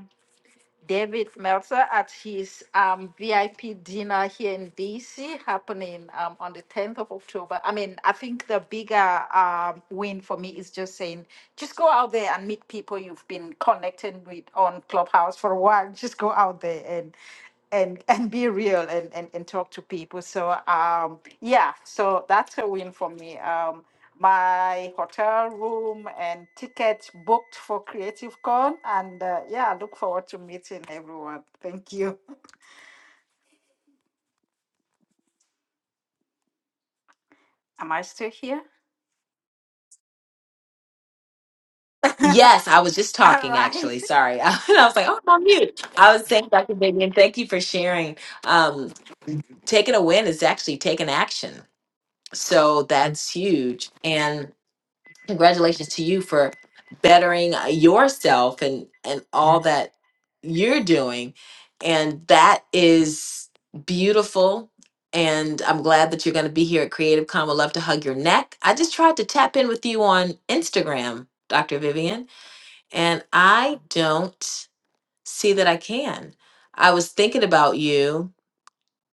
David Meltzer at his um, VIP dinner here in DC happening um, on the 10th of October. I mean, I think the bigger um, win for me is just saying, just go out there and meet people you've been connecting with on Clubhouse for a while. Just go out there and and and be real and, and and talk to people so um yeah so that's a win for me um my hotel room and tickets booked for creative con and uh, yeah I look forward to meeting everyone thank you am i still here Yes, I was just all talking right actually. Sorry. I was like, oh, I'm on mute. I was saying, Dr. Vivian, thank you for sharing. Um, taking a win is actually taking action. So that's huge. And congratulations to you for bettering uh, yourself and, and all that you're doing. And that is beautiful. And I'm glad that you're going to be here at Creative Con. Would love to hug your neck. I just tried to tap in with you on Instagram, Dr. Vivian. And I don't see that I can. I was thinking about you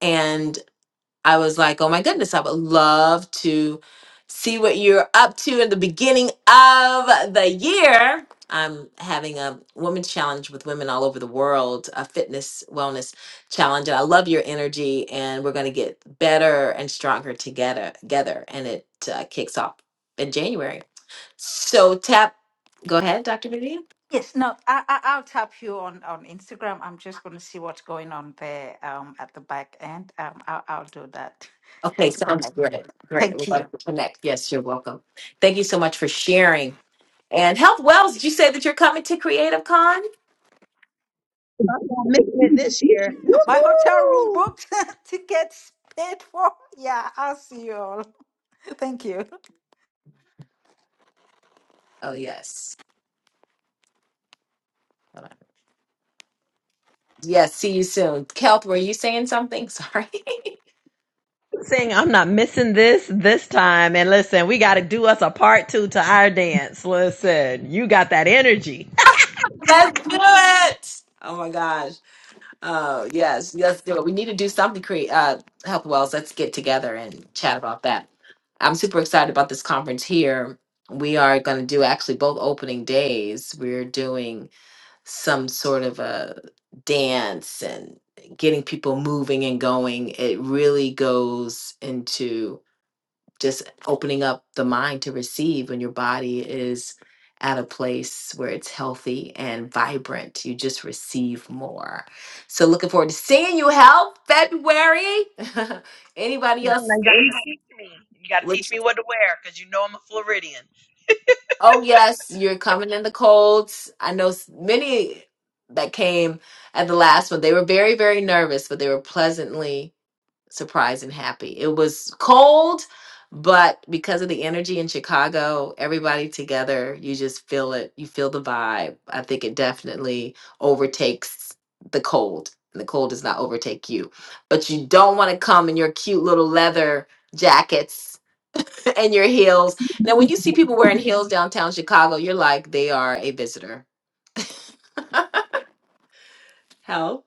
and I was like, oh my goodness, I would love to see what you're up to in the beginning of the year. I'm having a women's challenge with women all over the world, a fitness wellness challenge. And I love your energy, and we're going to get better and stronger together. together and it uh, kicks off in January. So, tap, go ahead, Dr. Vivian. yes no i, I i'll tap you on on instagram i'm just going to see what's going on there um at the back end um i'll, I'll do that Okay, let's sounds connect great. Great. thank We'd you love to connect. Yes, you're welcome. Thank you so much for sharing. And Health Wells, did you say that you're coming to Creative Con? missing it this year. My hotel room booked, tickets paid for. Yeah, I'll see you all. Thank you. Oh, yes. Hold on. Yes, see you soon. Health, were you saying something? Sorry. saying I'm not missing this this time. And listen, we got to do us a part two to our dance. Listen, you got that energy. Let's do it. Oh my gosh. Oh, yes. Let's do it. We need to do something, create uh, Health Wells. Let's get together and chat about that. I'm super excited about this conference here. We are going to do actually both opening days. We're doing some sort of a dance and getting people moving and going, it really goes into just opening up the mind to receive when your body is at a place where it's healthy and vibrant. You just receive more. So looking forward to seeing you help February. Anybody I'm else? like, you got to teach me. You got to teach me what to wear because you know I'm a Floridian. Oh yes, you're coming in the colds. I know s- many that came at the last one. They were very, very nervous, but they were pleasantly surprised and happy. It was cold, but because of the energy in Chicago, everybody together, you just feel it. You feel the vibe. I think it definitely overtakes the cold, and the cold does not overtake you. But you don't want to come in your cute little leather jackets and your heels. Now, when you see people wearing heels downtown Chicago, you're like, they are a visitor. How?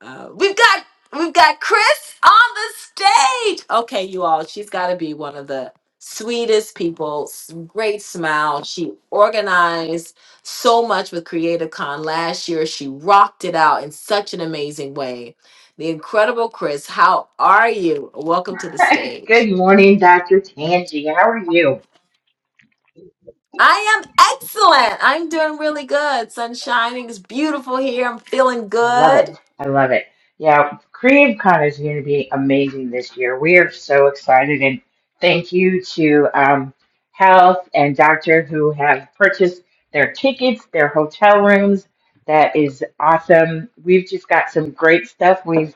Uh, we've got we've got Chris on the stage. Okay, you all, she's got to be one of the sweetest people. s- Great smile. She organized so much with Creative Con last year. She rocked it out in such an amazing way. The incredible Chris, how are you? Welcome to the stage. Good morning, Dr. Tangi. How are you? I am excellent. I'm doing really good. Sun shining. It's beautiful here. I'm feeling I love good. it. I love it. Yeah, CreativeCon is going to be amazing this year. We are so excited, and thank you to um, Health and Doctor who have purchased their tickets, their hotel rooms. That is awesome. We've just got some great stuff. We've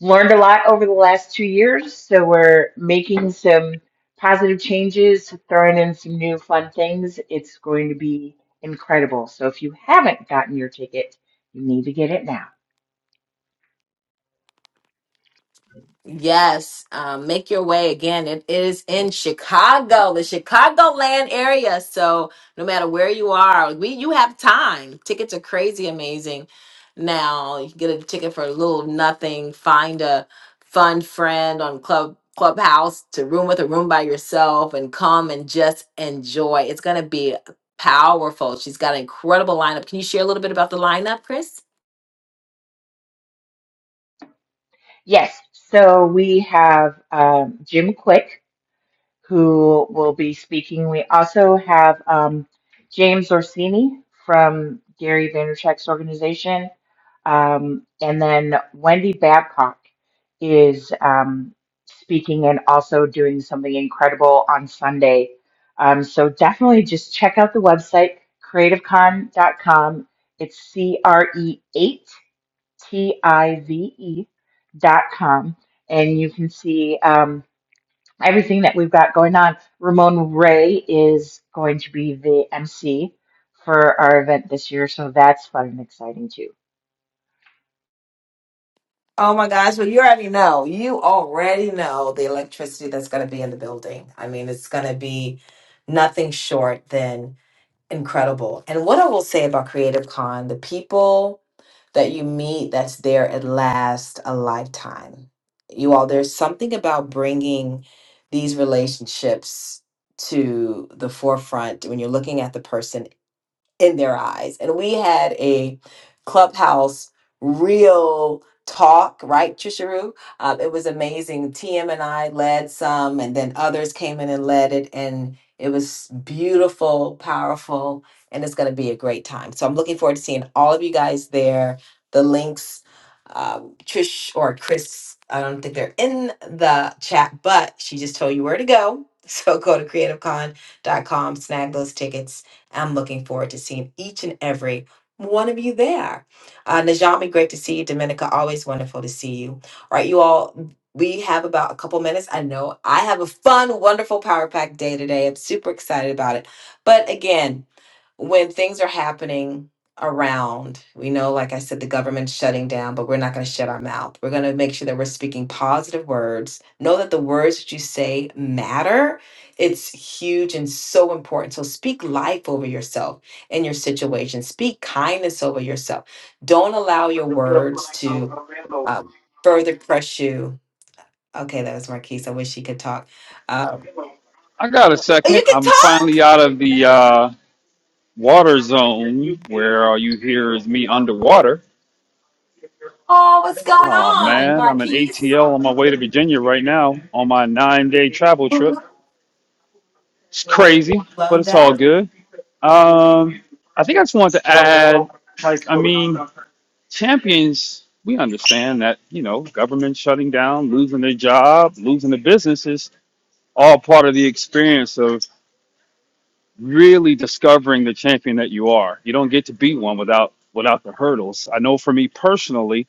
learned a lot over the last two years, so we're making some positive changes, throwing in some new fun things. It's going to be incredible. So if you haven't gotten your ticket, you need to get it now. Yes, um, make your way again. It is in Chicago, the Chicagoland area. So no matter where you are, we you have time. Tickets are crazy amazing. Now you can get a ticket for a little nothing. Find a fun friend on Club Clubhouse to room with a room by yourself and come and just enjoy. It's gonna be powerful. She's got an incredible lineup. Can you share a little bit about the lineup, Chris? Yes. So we have um, Jim Quick, who will be speaking. We also have um, James Orsini from Gary Vaynerchuk's organization. Um, and then Wendy Babcock is um, speaking and also doing something incredible on Sunday. Um, so definitely just check out the website, creativecon.com. It's C R E 8 T I V E dot com, and you can see um, everything that we've got going on. Ramon Ray is going to be the MC for our event this year, so that's fun and exciting too. Oh my gosh, well, you already know. You already know the electricity that's going to be in the building. I mean, it's going to be nothing short than incredible. And what I will say about Creative Con, the people that you meet that's there at last a lifetime. You all, there's something about bringing these relationships to the forefront when you're looking at the person in their eyes. And we had a clubhouse real talk, right, Trisharu? Um, it was amazing. TM and I led some, and then others came in and led it. And it was beautiful, powerful, and it's going to be a great time. So I'm looking forward to seeing all of you guys there. The links, um, Trish or Chris, I don't think they're in the chat, but she just told you where to go. So go to creativecon.com, snag those tickets I'm looking forward to seeing each and every one of you there. Uh, Najami, great to see you. Dominica, always wonderful to see you. All right, you all, we have about a couple minutes. I know I have a fun, wonderful Power Pack day today. I'm super excited about it. But again, when things are happening around, we know, like I said, the government's shutting down, but we're not going to shut our mouth. We're going to make sure that we're speaking positive words. Know that the words that you say matter it's huge and so important. So speak life over yourself and your situation. Speak kindness over yourself. Don't allow your words to um, further crush you. Okay, that was Marquise. I wish she could talk. Um, I got a oh, second. you can I'm talk. finally out of the uh, water zone where all you hear is me underwater. Oh, what's going Oh on, man, I'm in Marquise? ATL on my way to Virginia right now on my nine day travel trip. It's crazy, but Love it's all that. good. Um, I think I just wanted to add like, I mean, champions, we understand that, you know, government shutting down, losing their job, losing their business is all part of the experience of really discovering the champion that you are. You don't get to be one without without the hurdles. I know for me personally,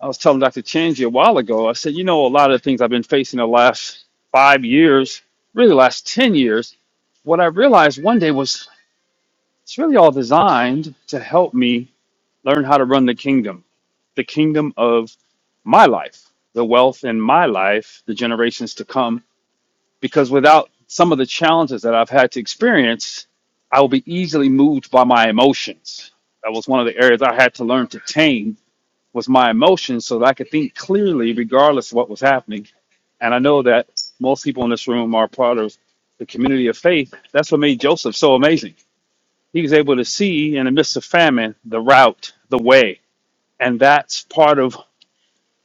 I was telling Dr. Chanji a while ago, I said, you know, a lot of the things I've been facing the last five years, really the last 10 years, what I realized one day was it's really all designed to help me learn how to run the kingdom, the kingdom of my life, the wealth in my life, the generations to come because without some of the challenges that I've had to experience, I will be easily moved by my emotions. That was one of the areas I had to learn to tame was my emotions so that I could think clearly regardless of what was happening. And I know that most people in this room are part of the community of faith. That's what made Joseph so amazing. He was able to see in the midst of famine the route, the way. And that's part of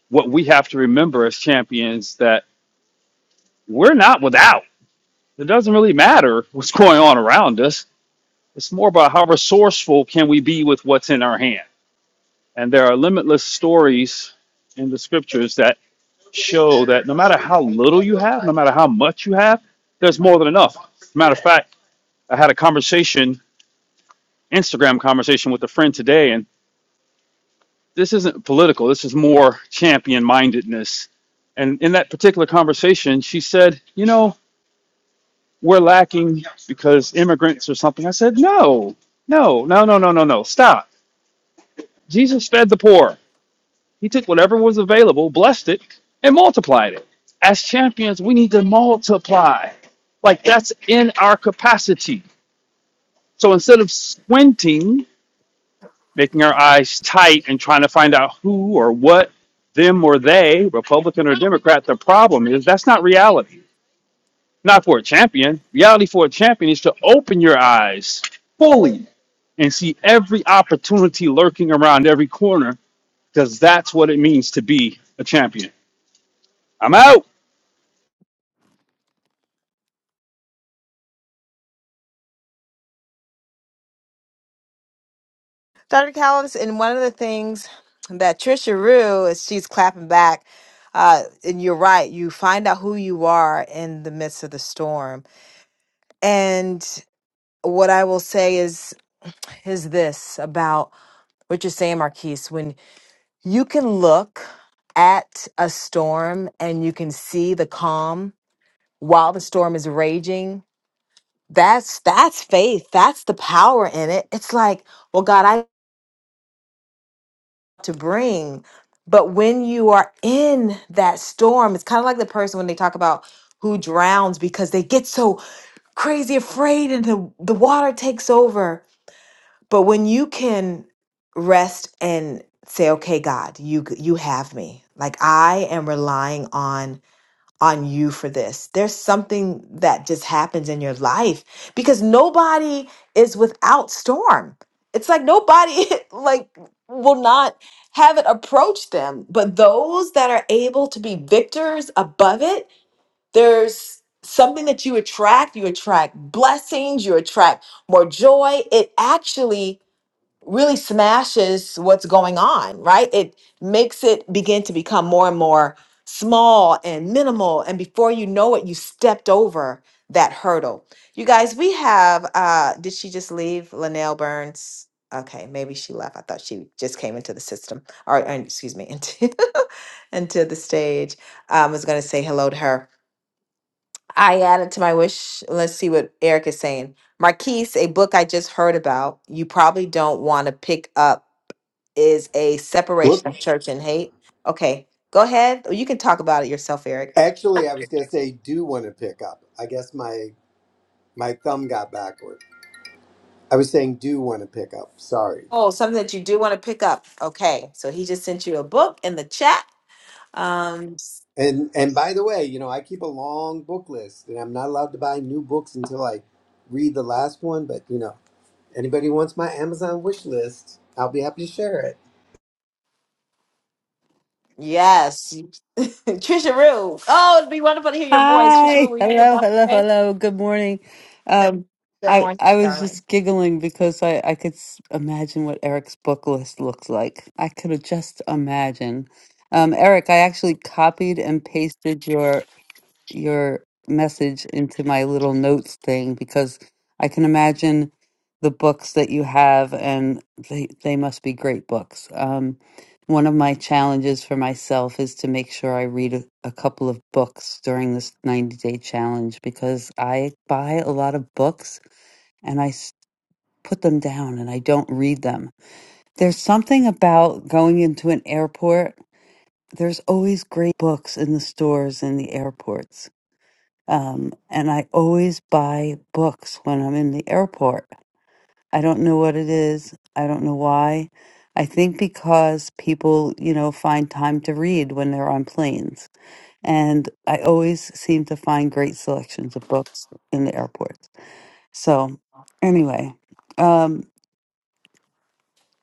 what we have to remember as champions that we're not without It doesn't really matter what's going on around us. It's more about how resourceful can we be with what's in our hand. And there are limitless stories in the scriptures that show that no matter how little you have, no matter how much you have, there's more than enough. Matter of fact, I had a conversation, Instagram conversation with a friend today, and this isn't political. This is more champion mindedness. And in that particular conversation, she said, you know, we're lacking because immigrants or something. I said, no, no, no, no, no, no, no. Stop. Jesus fed the poor. He took whatever was available, blessed it, and multiplied it. As champions, we need to multiply. Like that's in our capacity. So instead of squinting, making our eyes tight and trying to find out who or what, them or they, Republican or Democrat, the problem is that's not reality. Not for a champion. Reality for a champion is to open your eyes fully and see every opportunity lurking around every corner because that's what it means to be a champion. I'm out. Dr. Callis, and one of the things that Trisha Rue is she's clapping back. Uh, and you're right, you find out who you are in the midst of the storm. And what I will say is is this about what you're saying, Marquise. When you can look at a storm and you can see the calm while the storm is raging, that's that's faith. That's the power in it. It's like, well, God, I have to bring. But when you are in that storm, it's kind of like the person when they talk about who drowns because they get so crazy afraid and the, the water takes over But when you can rest and say, "Okay, God, you you have me. Like I am relying on on you for this." There's something that just happens in your life because nobody is without storm. It's like nobody like will not have it approach them, but those that are able to be victors above it, there's something that you attract, you attract blessings, you attract more joy. It actually really smashes what's going on, right? It makes it begin to become more and more small and minimal. And before you know it, you stepped over that hurdle. You guys, we have, uh, did she just leave Linnell Burns? Okay, maybe she left. I thought she just came into the system, or, uh, excuse me, into, into the stage. Um, I was going to say hello to her. I added to my wish. Let's see what Eric is saying. Marquise, a book I just heard about. You probably don't want to pick up is a Whoop. separation of church and hate. Okay, go ahead. Or You can talk about it yourself, Eric. Actually, I was going to say do want to pick up. I guess my my thumb got backward. I was saying do want to pick up. Sorry. Oh, something that you do want to pick up. Okay, so he just sent you a book in the chat. Um, And and by the way, you know, I keep a long book list and I'm not allowed to buy new books until I read the last one, but you know, anybody who wants my Amazon wish list, I'll be happy to share it. yes, Trisha Rue. Oh, it'd be wonderful to hear your voice, Trisha Rue. Hi. Will you give Hello, up? hello, Okay, hello. Good morning. Um, good I morning, I was darling. just giggling because I I could s- imagine what Eric's book list looks like. I could just imagine. Um, Eric, I actually copied and pasted your your message into my little notes thing because I can imagine the books that you have, and they they must be great books. Um, one of my challenges for myself is to make sure I read a, a couple of books during this 90 day challenge because I buy a lot of books and I s- put them down and I don't read them. There's something about going into an airport. There's always great books in the stores and the airports um, and I always buy books when I'm in the airport. I don't know what it is. I don't know why. I think because people, you know, find time to read when they're on planes. And I always seem to find great selections of books in the airports. So, anyway, um,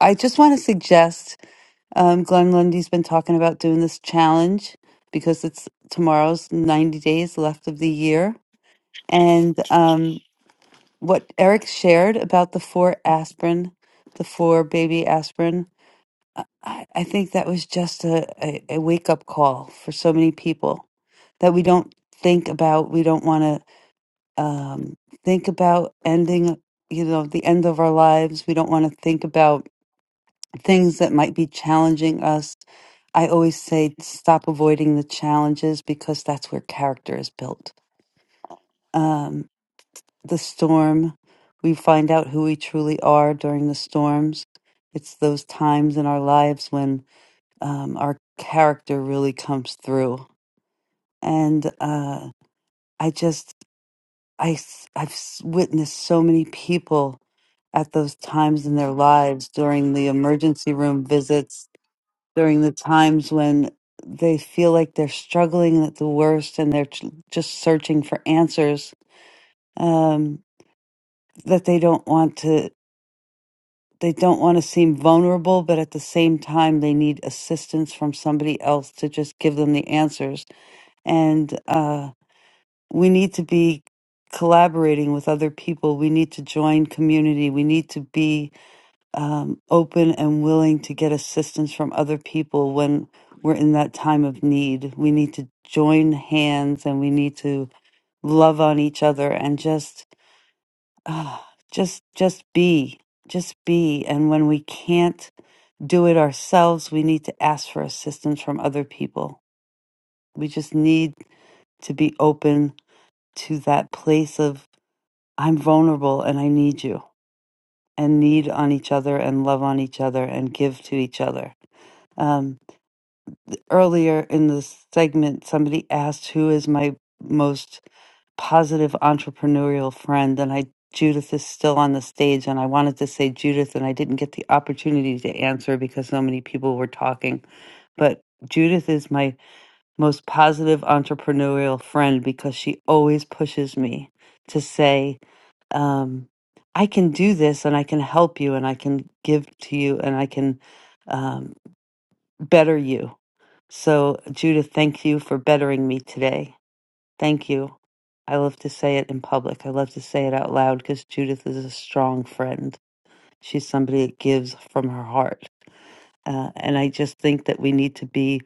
I just want to suggest um, Glenn Lundy's been talking about doing this challenge because it's tomorrow's 90 days left of the year. And um, what Eric shared about the four aspirin, the four baby aspirin, I, I I think that was just a, a, a wake up call for so many people that we don't think about. We don't want to um, think about ending, you know, the end of our lives. We don't want to think about things that might be challenging us. I always say stop avoiding the challenges because that's where character is built. Um, the storm. We find out who we truly are during the storms. It's those times in our lives when um, our character really comes through. And uh, I just, I, s- I've s- witnessed so many people at those times in their lives during the emergency room visits, during the times when they feel like they're struggling at the worst and they're tr- just searching for answers um, that they don't want to. they don't want to seem vulnerable, but at the same time, they need assistance from somebody else to just give them the answers. And uh, we need to be collaborating with other people. We need to join community. We need to be um, open and willing to get assistance from other people when we're in that time of need. We need to join hands and we need to love on each other and just Ah, just just be just be and when we can't do it ourselves we need to ask for assistance from other people we just need to be open to that place of i'm vulnerable and i need you and need on each other and love on each other and give to each other Um, earlier in the segment, somebody asked who is my most positive entrepreneurial friend, and I Judith is still on the stage, and I wanted to say Judith, and I didn't get the opportunity to answer because so many people were talking. But Judith is my most positive entrepreneurial friend because she always pushes me to say, um, I can do this and I can help you and I can give to you and I can um, better you so, Judith, thank you for bettering me today. Thank you. I love to say it in public. I love to say it out loud because Judith is a strong friend. She's somebody that gives from her heart. Uh, and I just think that we need to be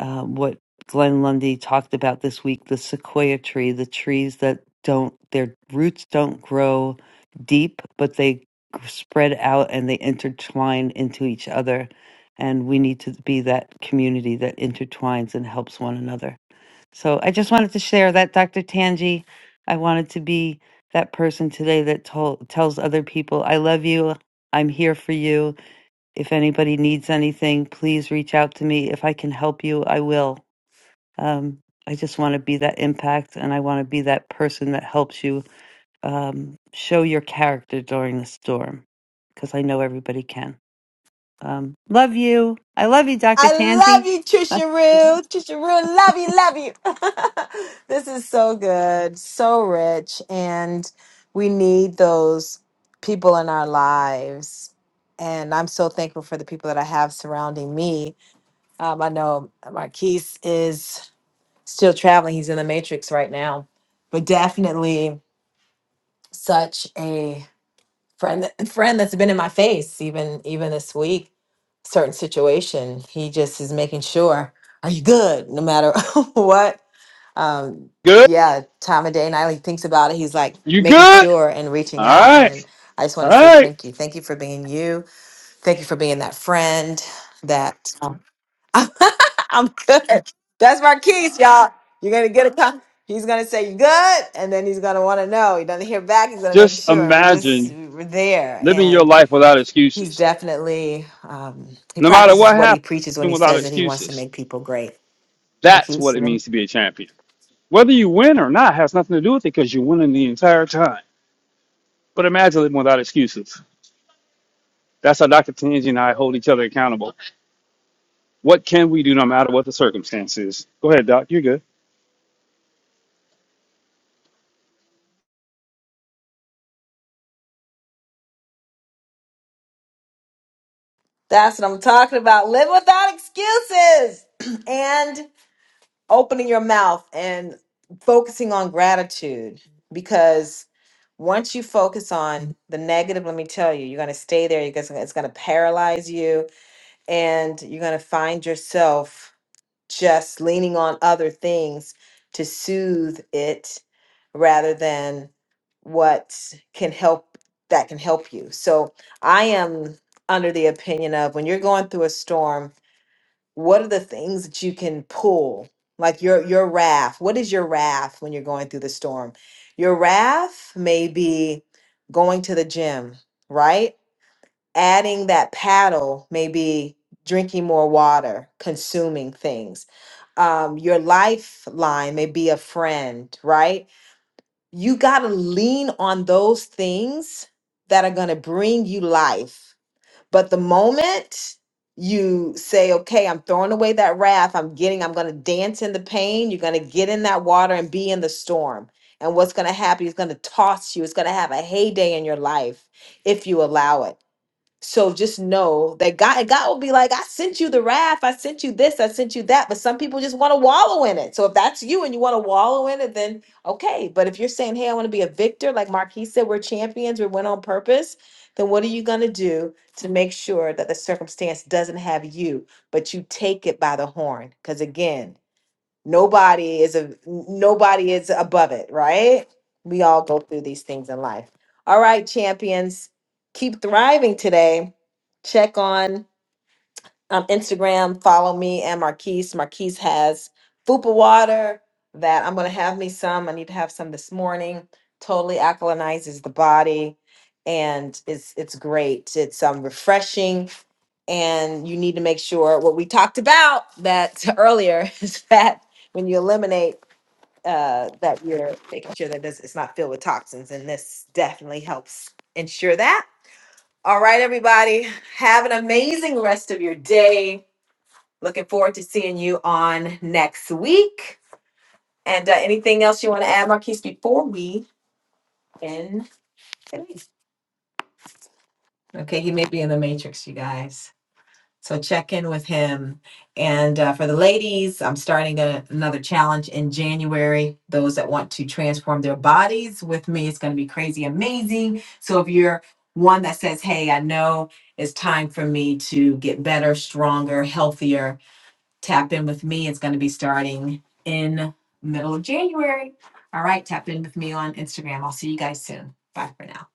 uh, what Glenn Lundy talked about this week the sequoia tree, the trees that don't, their roots don't grow deep, but they spread out and they intertwine into each other. And we need to be that community that intertwines and helps one another. So I just wanted to share that, Dr. Tanji. I wanted to be that person today that told, tells other people, I love you. I'm here for you. If anybody needs anything, please reach out to me. If I can help you, I will. Um, I just want to be that impact and I want to be that person that helps you um, show your character during the storm because I know everybody can. Um, love you. I love you, Dr. I love Tangi. you, Trisha Rue. Trisha Rue, love you, love you. this is so good, so rich, and we need those people in our lives. And I'm so thankful for the people that I have surrounding me. Um, I know Marquise is still traveling; he's in the Matrix right now, but definitely such a friend friend that's been in my face even even this week certain situation he just is making sure are you good no matter what um Good. yeah time of day night. he thinks about it he's like You making good? sure and All reaching out and right. i just want All to say right. thank you thank you for being you thank you for being that friend that I'm good. That's Marquise, y'all. You're gonna get a con- He's gonna say you good, and then he's gonna want to know. He doesn't hear back. He's gonna make Just sure we just imagine we're there. living your And life without he's excuses. definitely um, he No matter practices what what he happens, preaches when he without says that he wants to excuses. make people great. That's Marquise, what you it know? means to be a champion. Whether you win or not has nothing to do with it because you're winning the entire time. But imagine living without excuses. That's how Dr. Tanji and I hold each other accountable. What can we do no matter what the circumstances? Go ahead, Doc. You're good. that's what I'm talking about. Live without excuses, and opening your mouth and focusing on gratitude because once you focus on the negative let me tell you you're going to stay there you're gonna, it's going to paralyze you and you're going to find yourself just leaning on other things to soothe it rather than what can help that can help you so i am under the opinion of when you're going through a storm what are the things that you can pull like your your raft what is your raft when you're going through the storm your raft may be going to the gym right adding that paddle may be drinking more water consuming things um, your lifeline may be a friend right you got to lean on those things that are going to bring you life but the moment you say, okay, I'm throwing away that wrath, I'm getting, I'm going to dance in the pain, you're going to get in that water and be in the storm. And what's going to happen is going to toss you. It's going to have a heyday in your life if you allow it. So just know that God, and God will be like, I sent you the wrath, I sent you this, I sent you that. But some people just want to wallow in it. So if that's you and you want to wallow in it, then okay. But if you're saying, Hey, I want to be a victor, like Marquis said, we're champions, we went on purpose, then what are you gonna do to make sure that the circumstance doesn't have you, but you take it by the horn? Because again, Nobody is a nobody is above it, right? We all go through these things in life. All right, champions, keep thriving today. Check on um, Instagram, follow me and Marquise. Marquise has Fupa water that I'm going to have me some. I need to have some this morning. Totally alkalinizes the body and it's it's great. It's um refreshing and you need to make sure what we talked about that earlier is that when you eliminate uh that you're making sure that this it's not filled with toxins and this definitely helps ensure that. All right everybody, have an amazing rest of your day Looking forward to seeing you on next week. And uh, anything else you want to add, Marquise, before we end today? Okay, he may be in the matrix, you guys. So check in with him. And uh, for the ladies, I'm starting a, another challenge in January. Those that want to transform their bodies with me, it's going to be crazy amazing. So if you're one that says, hey, I know it's time for me to get better, stronger, healthier, Tap in with me. It's going to be starting in middle of January. All right, tap in with me on Instagram. I'll see you guys soon. Bye for now.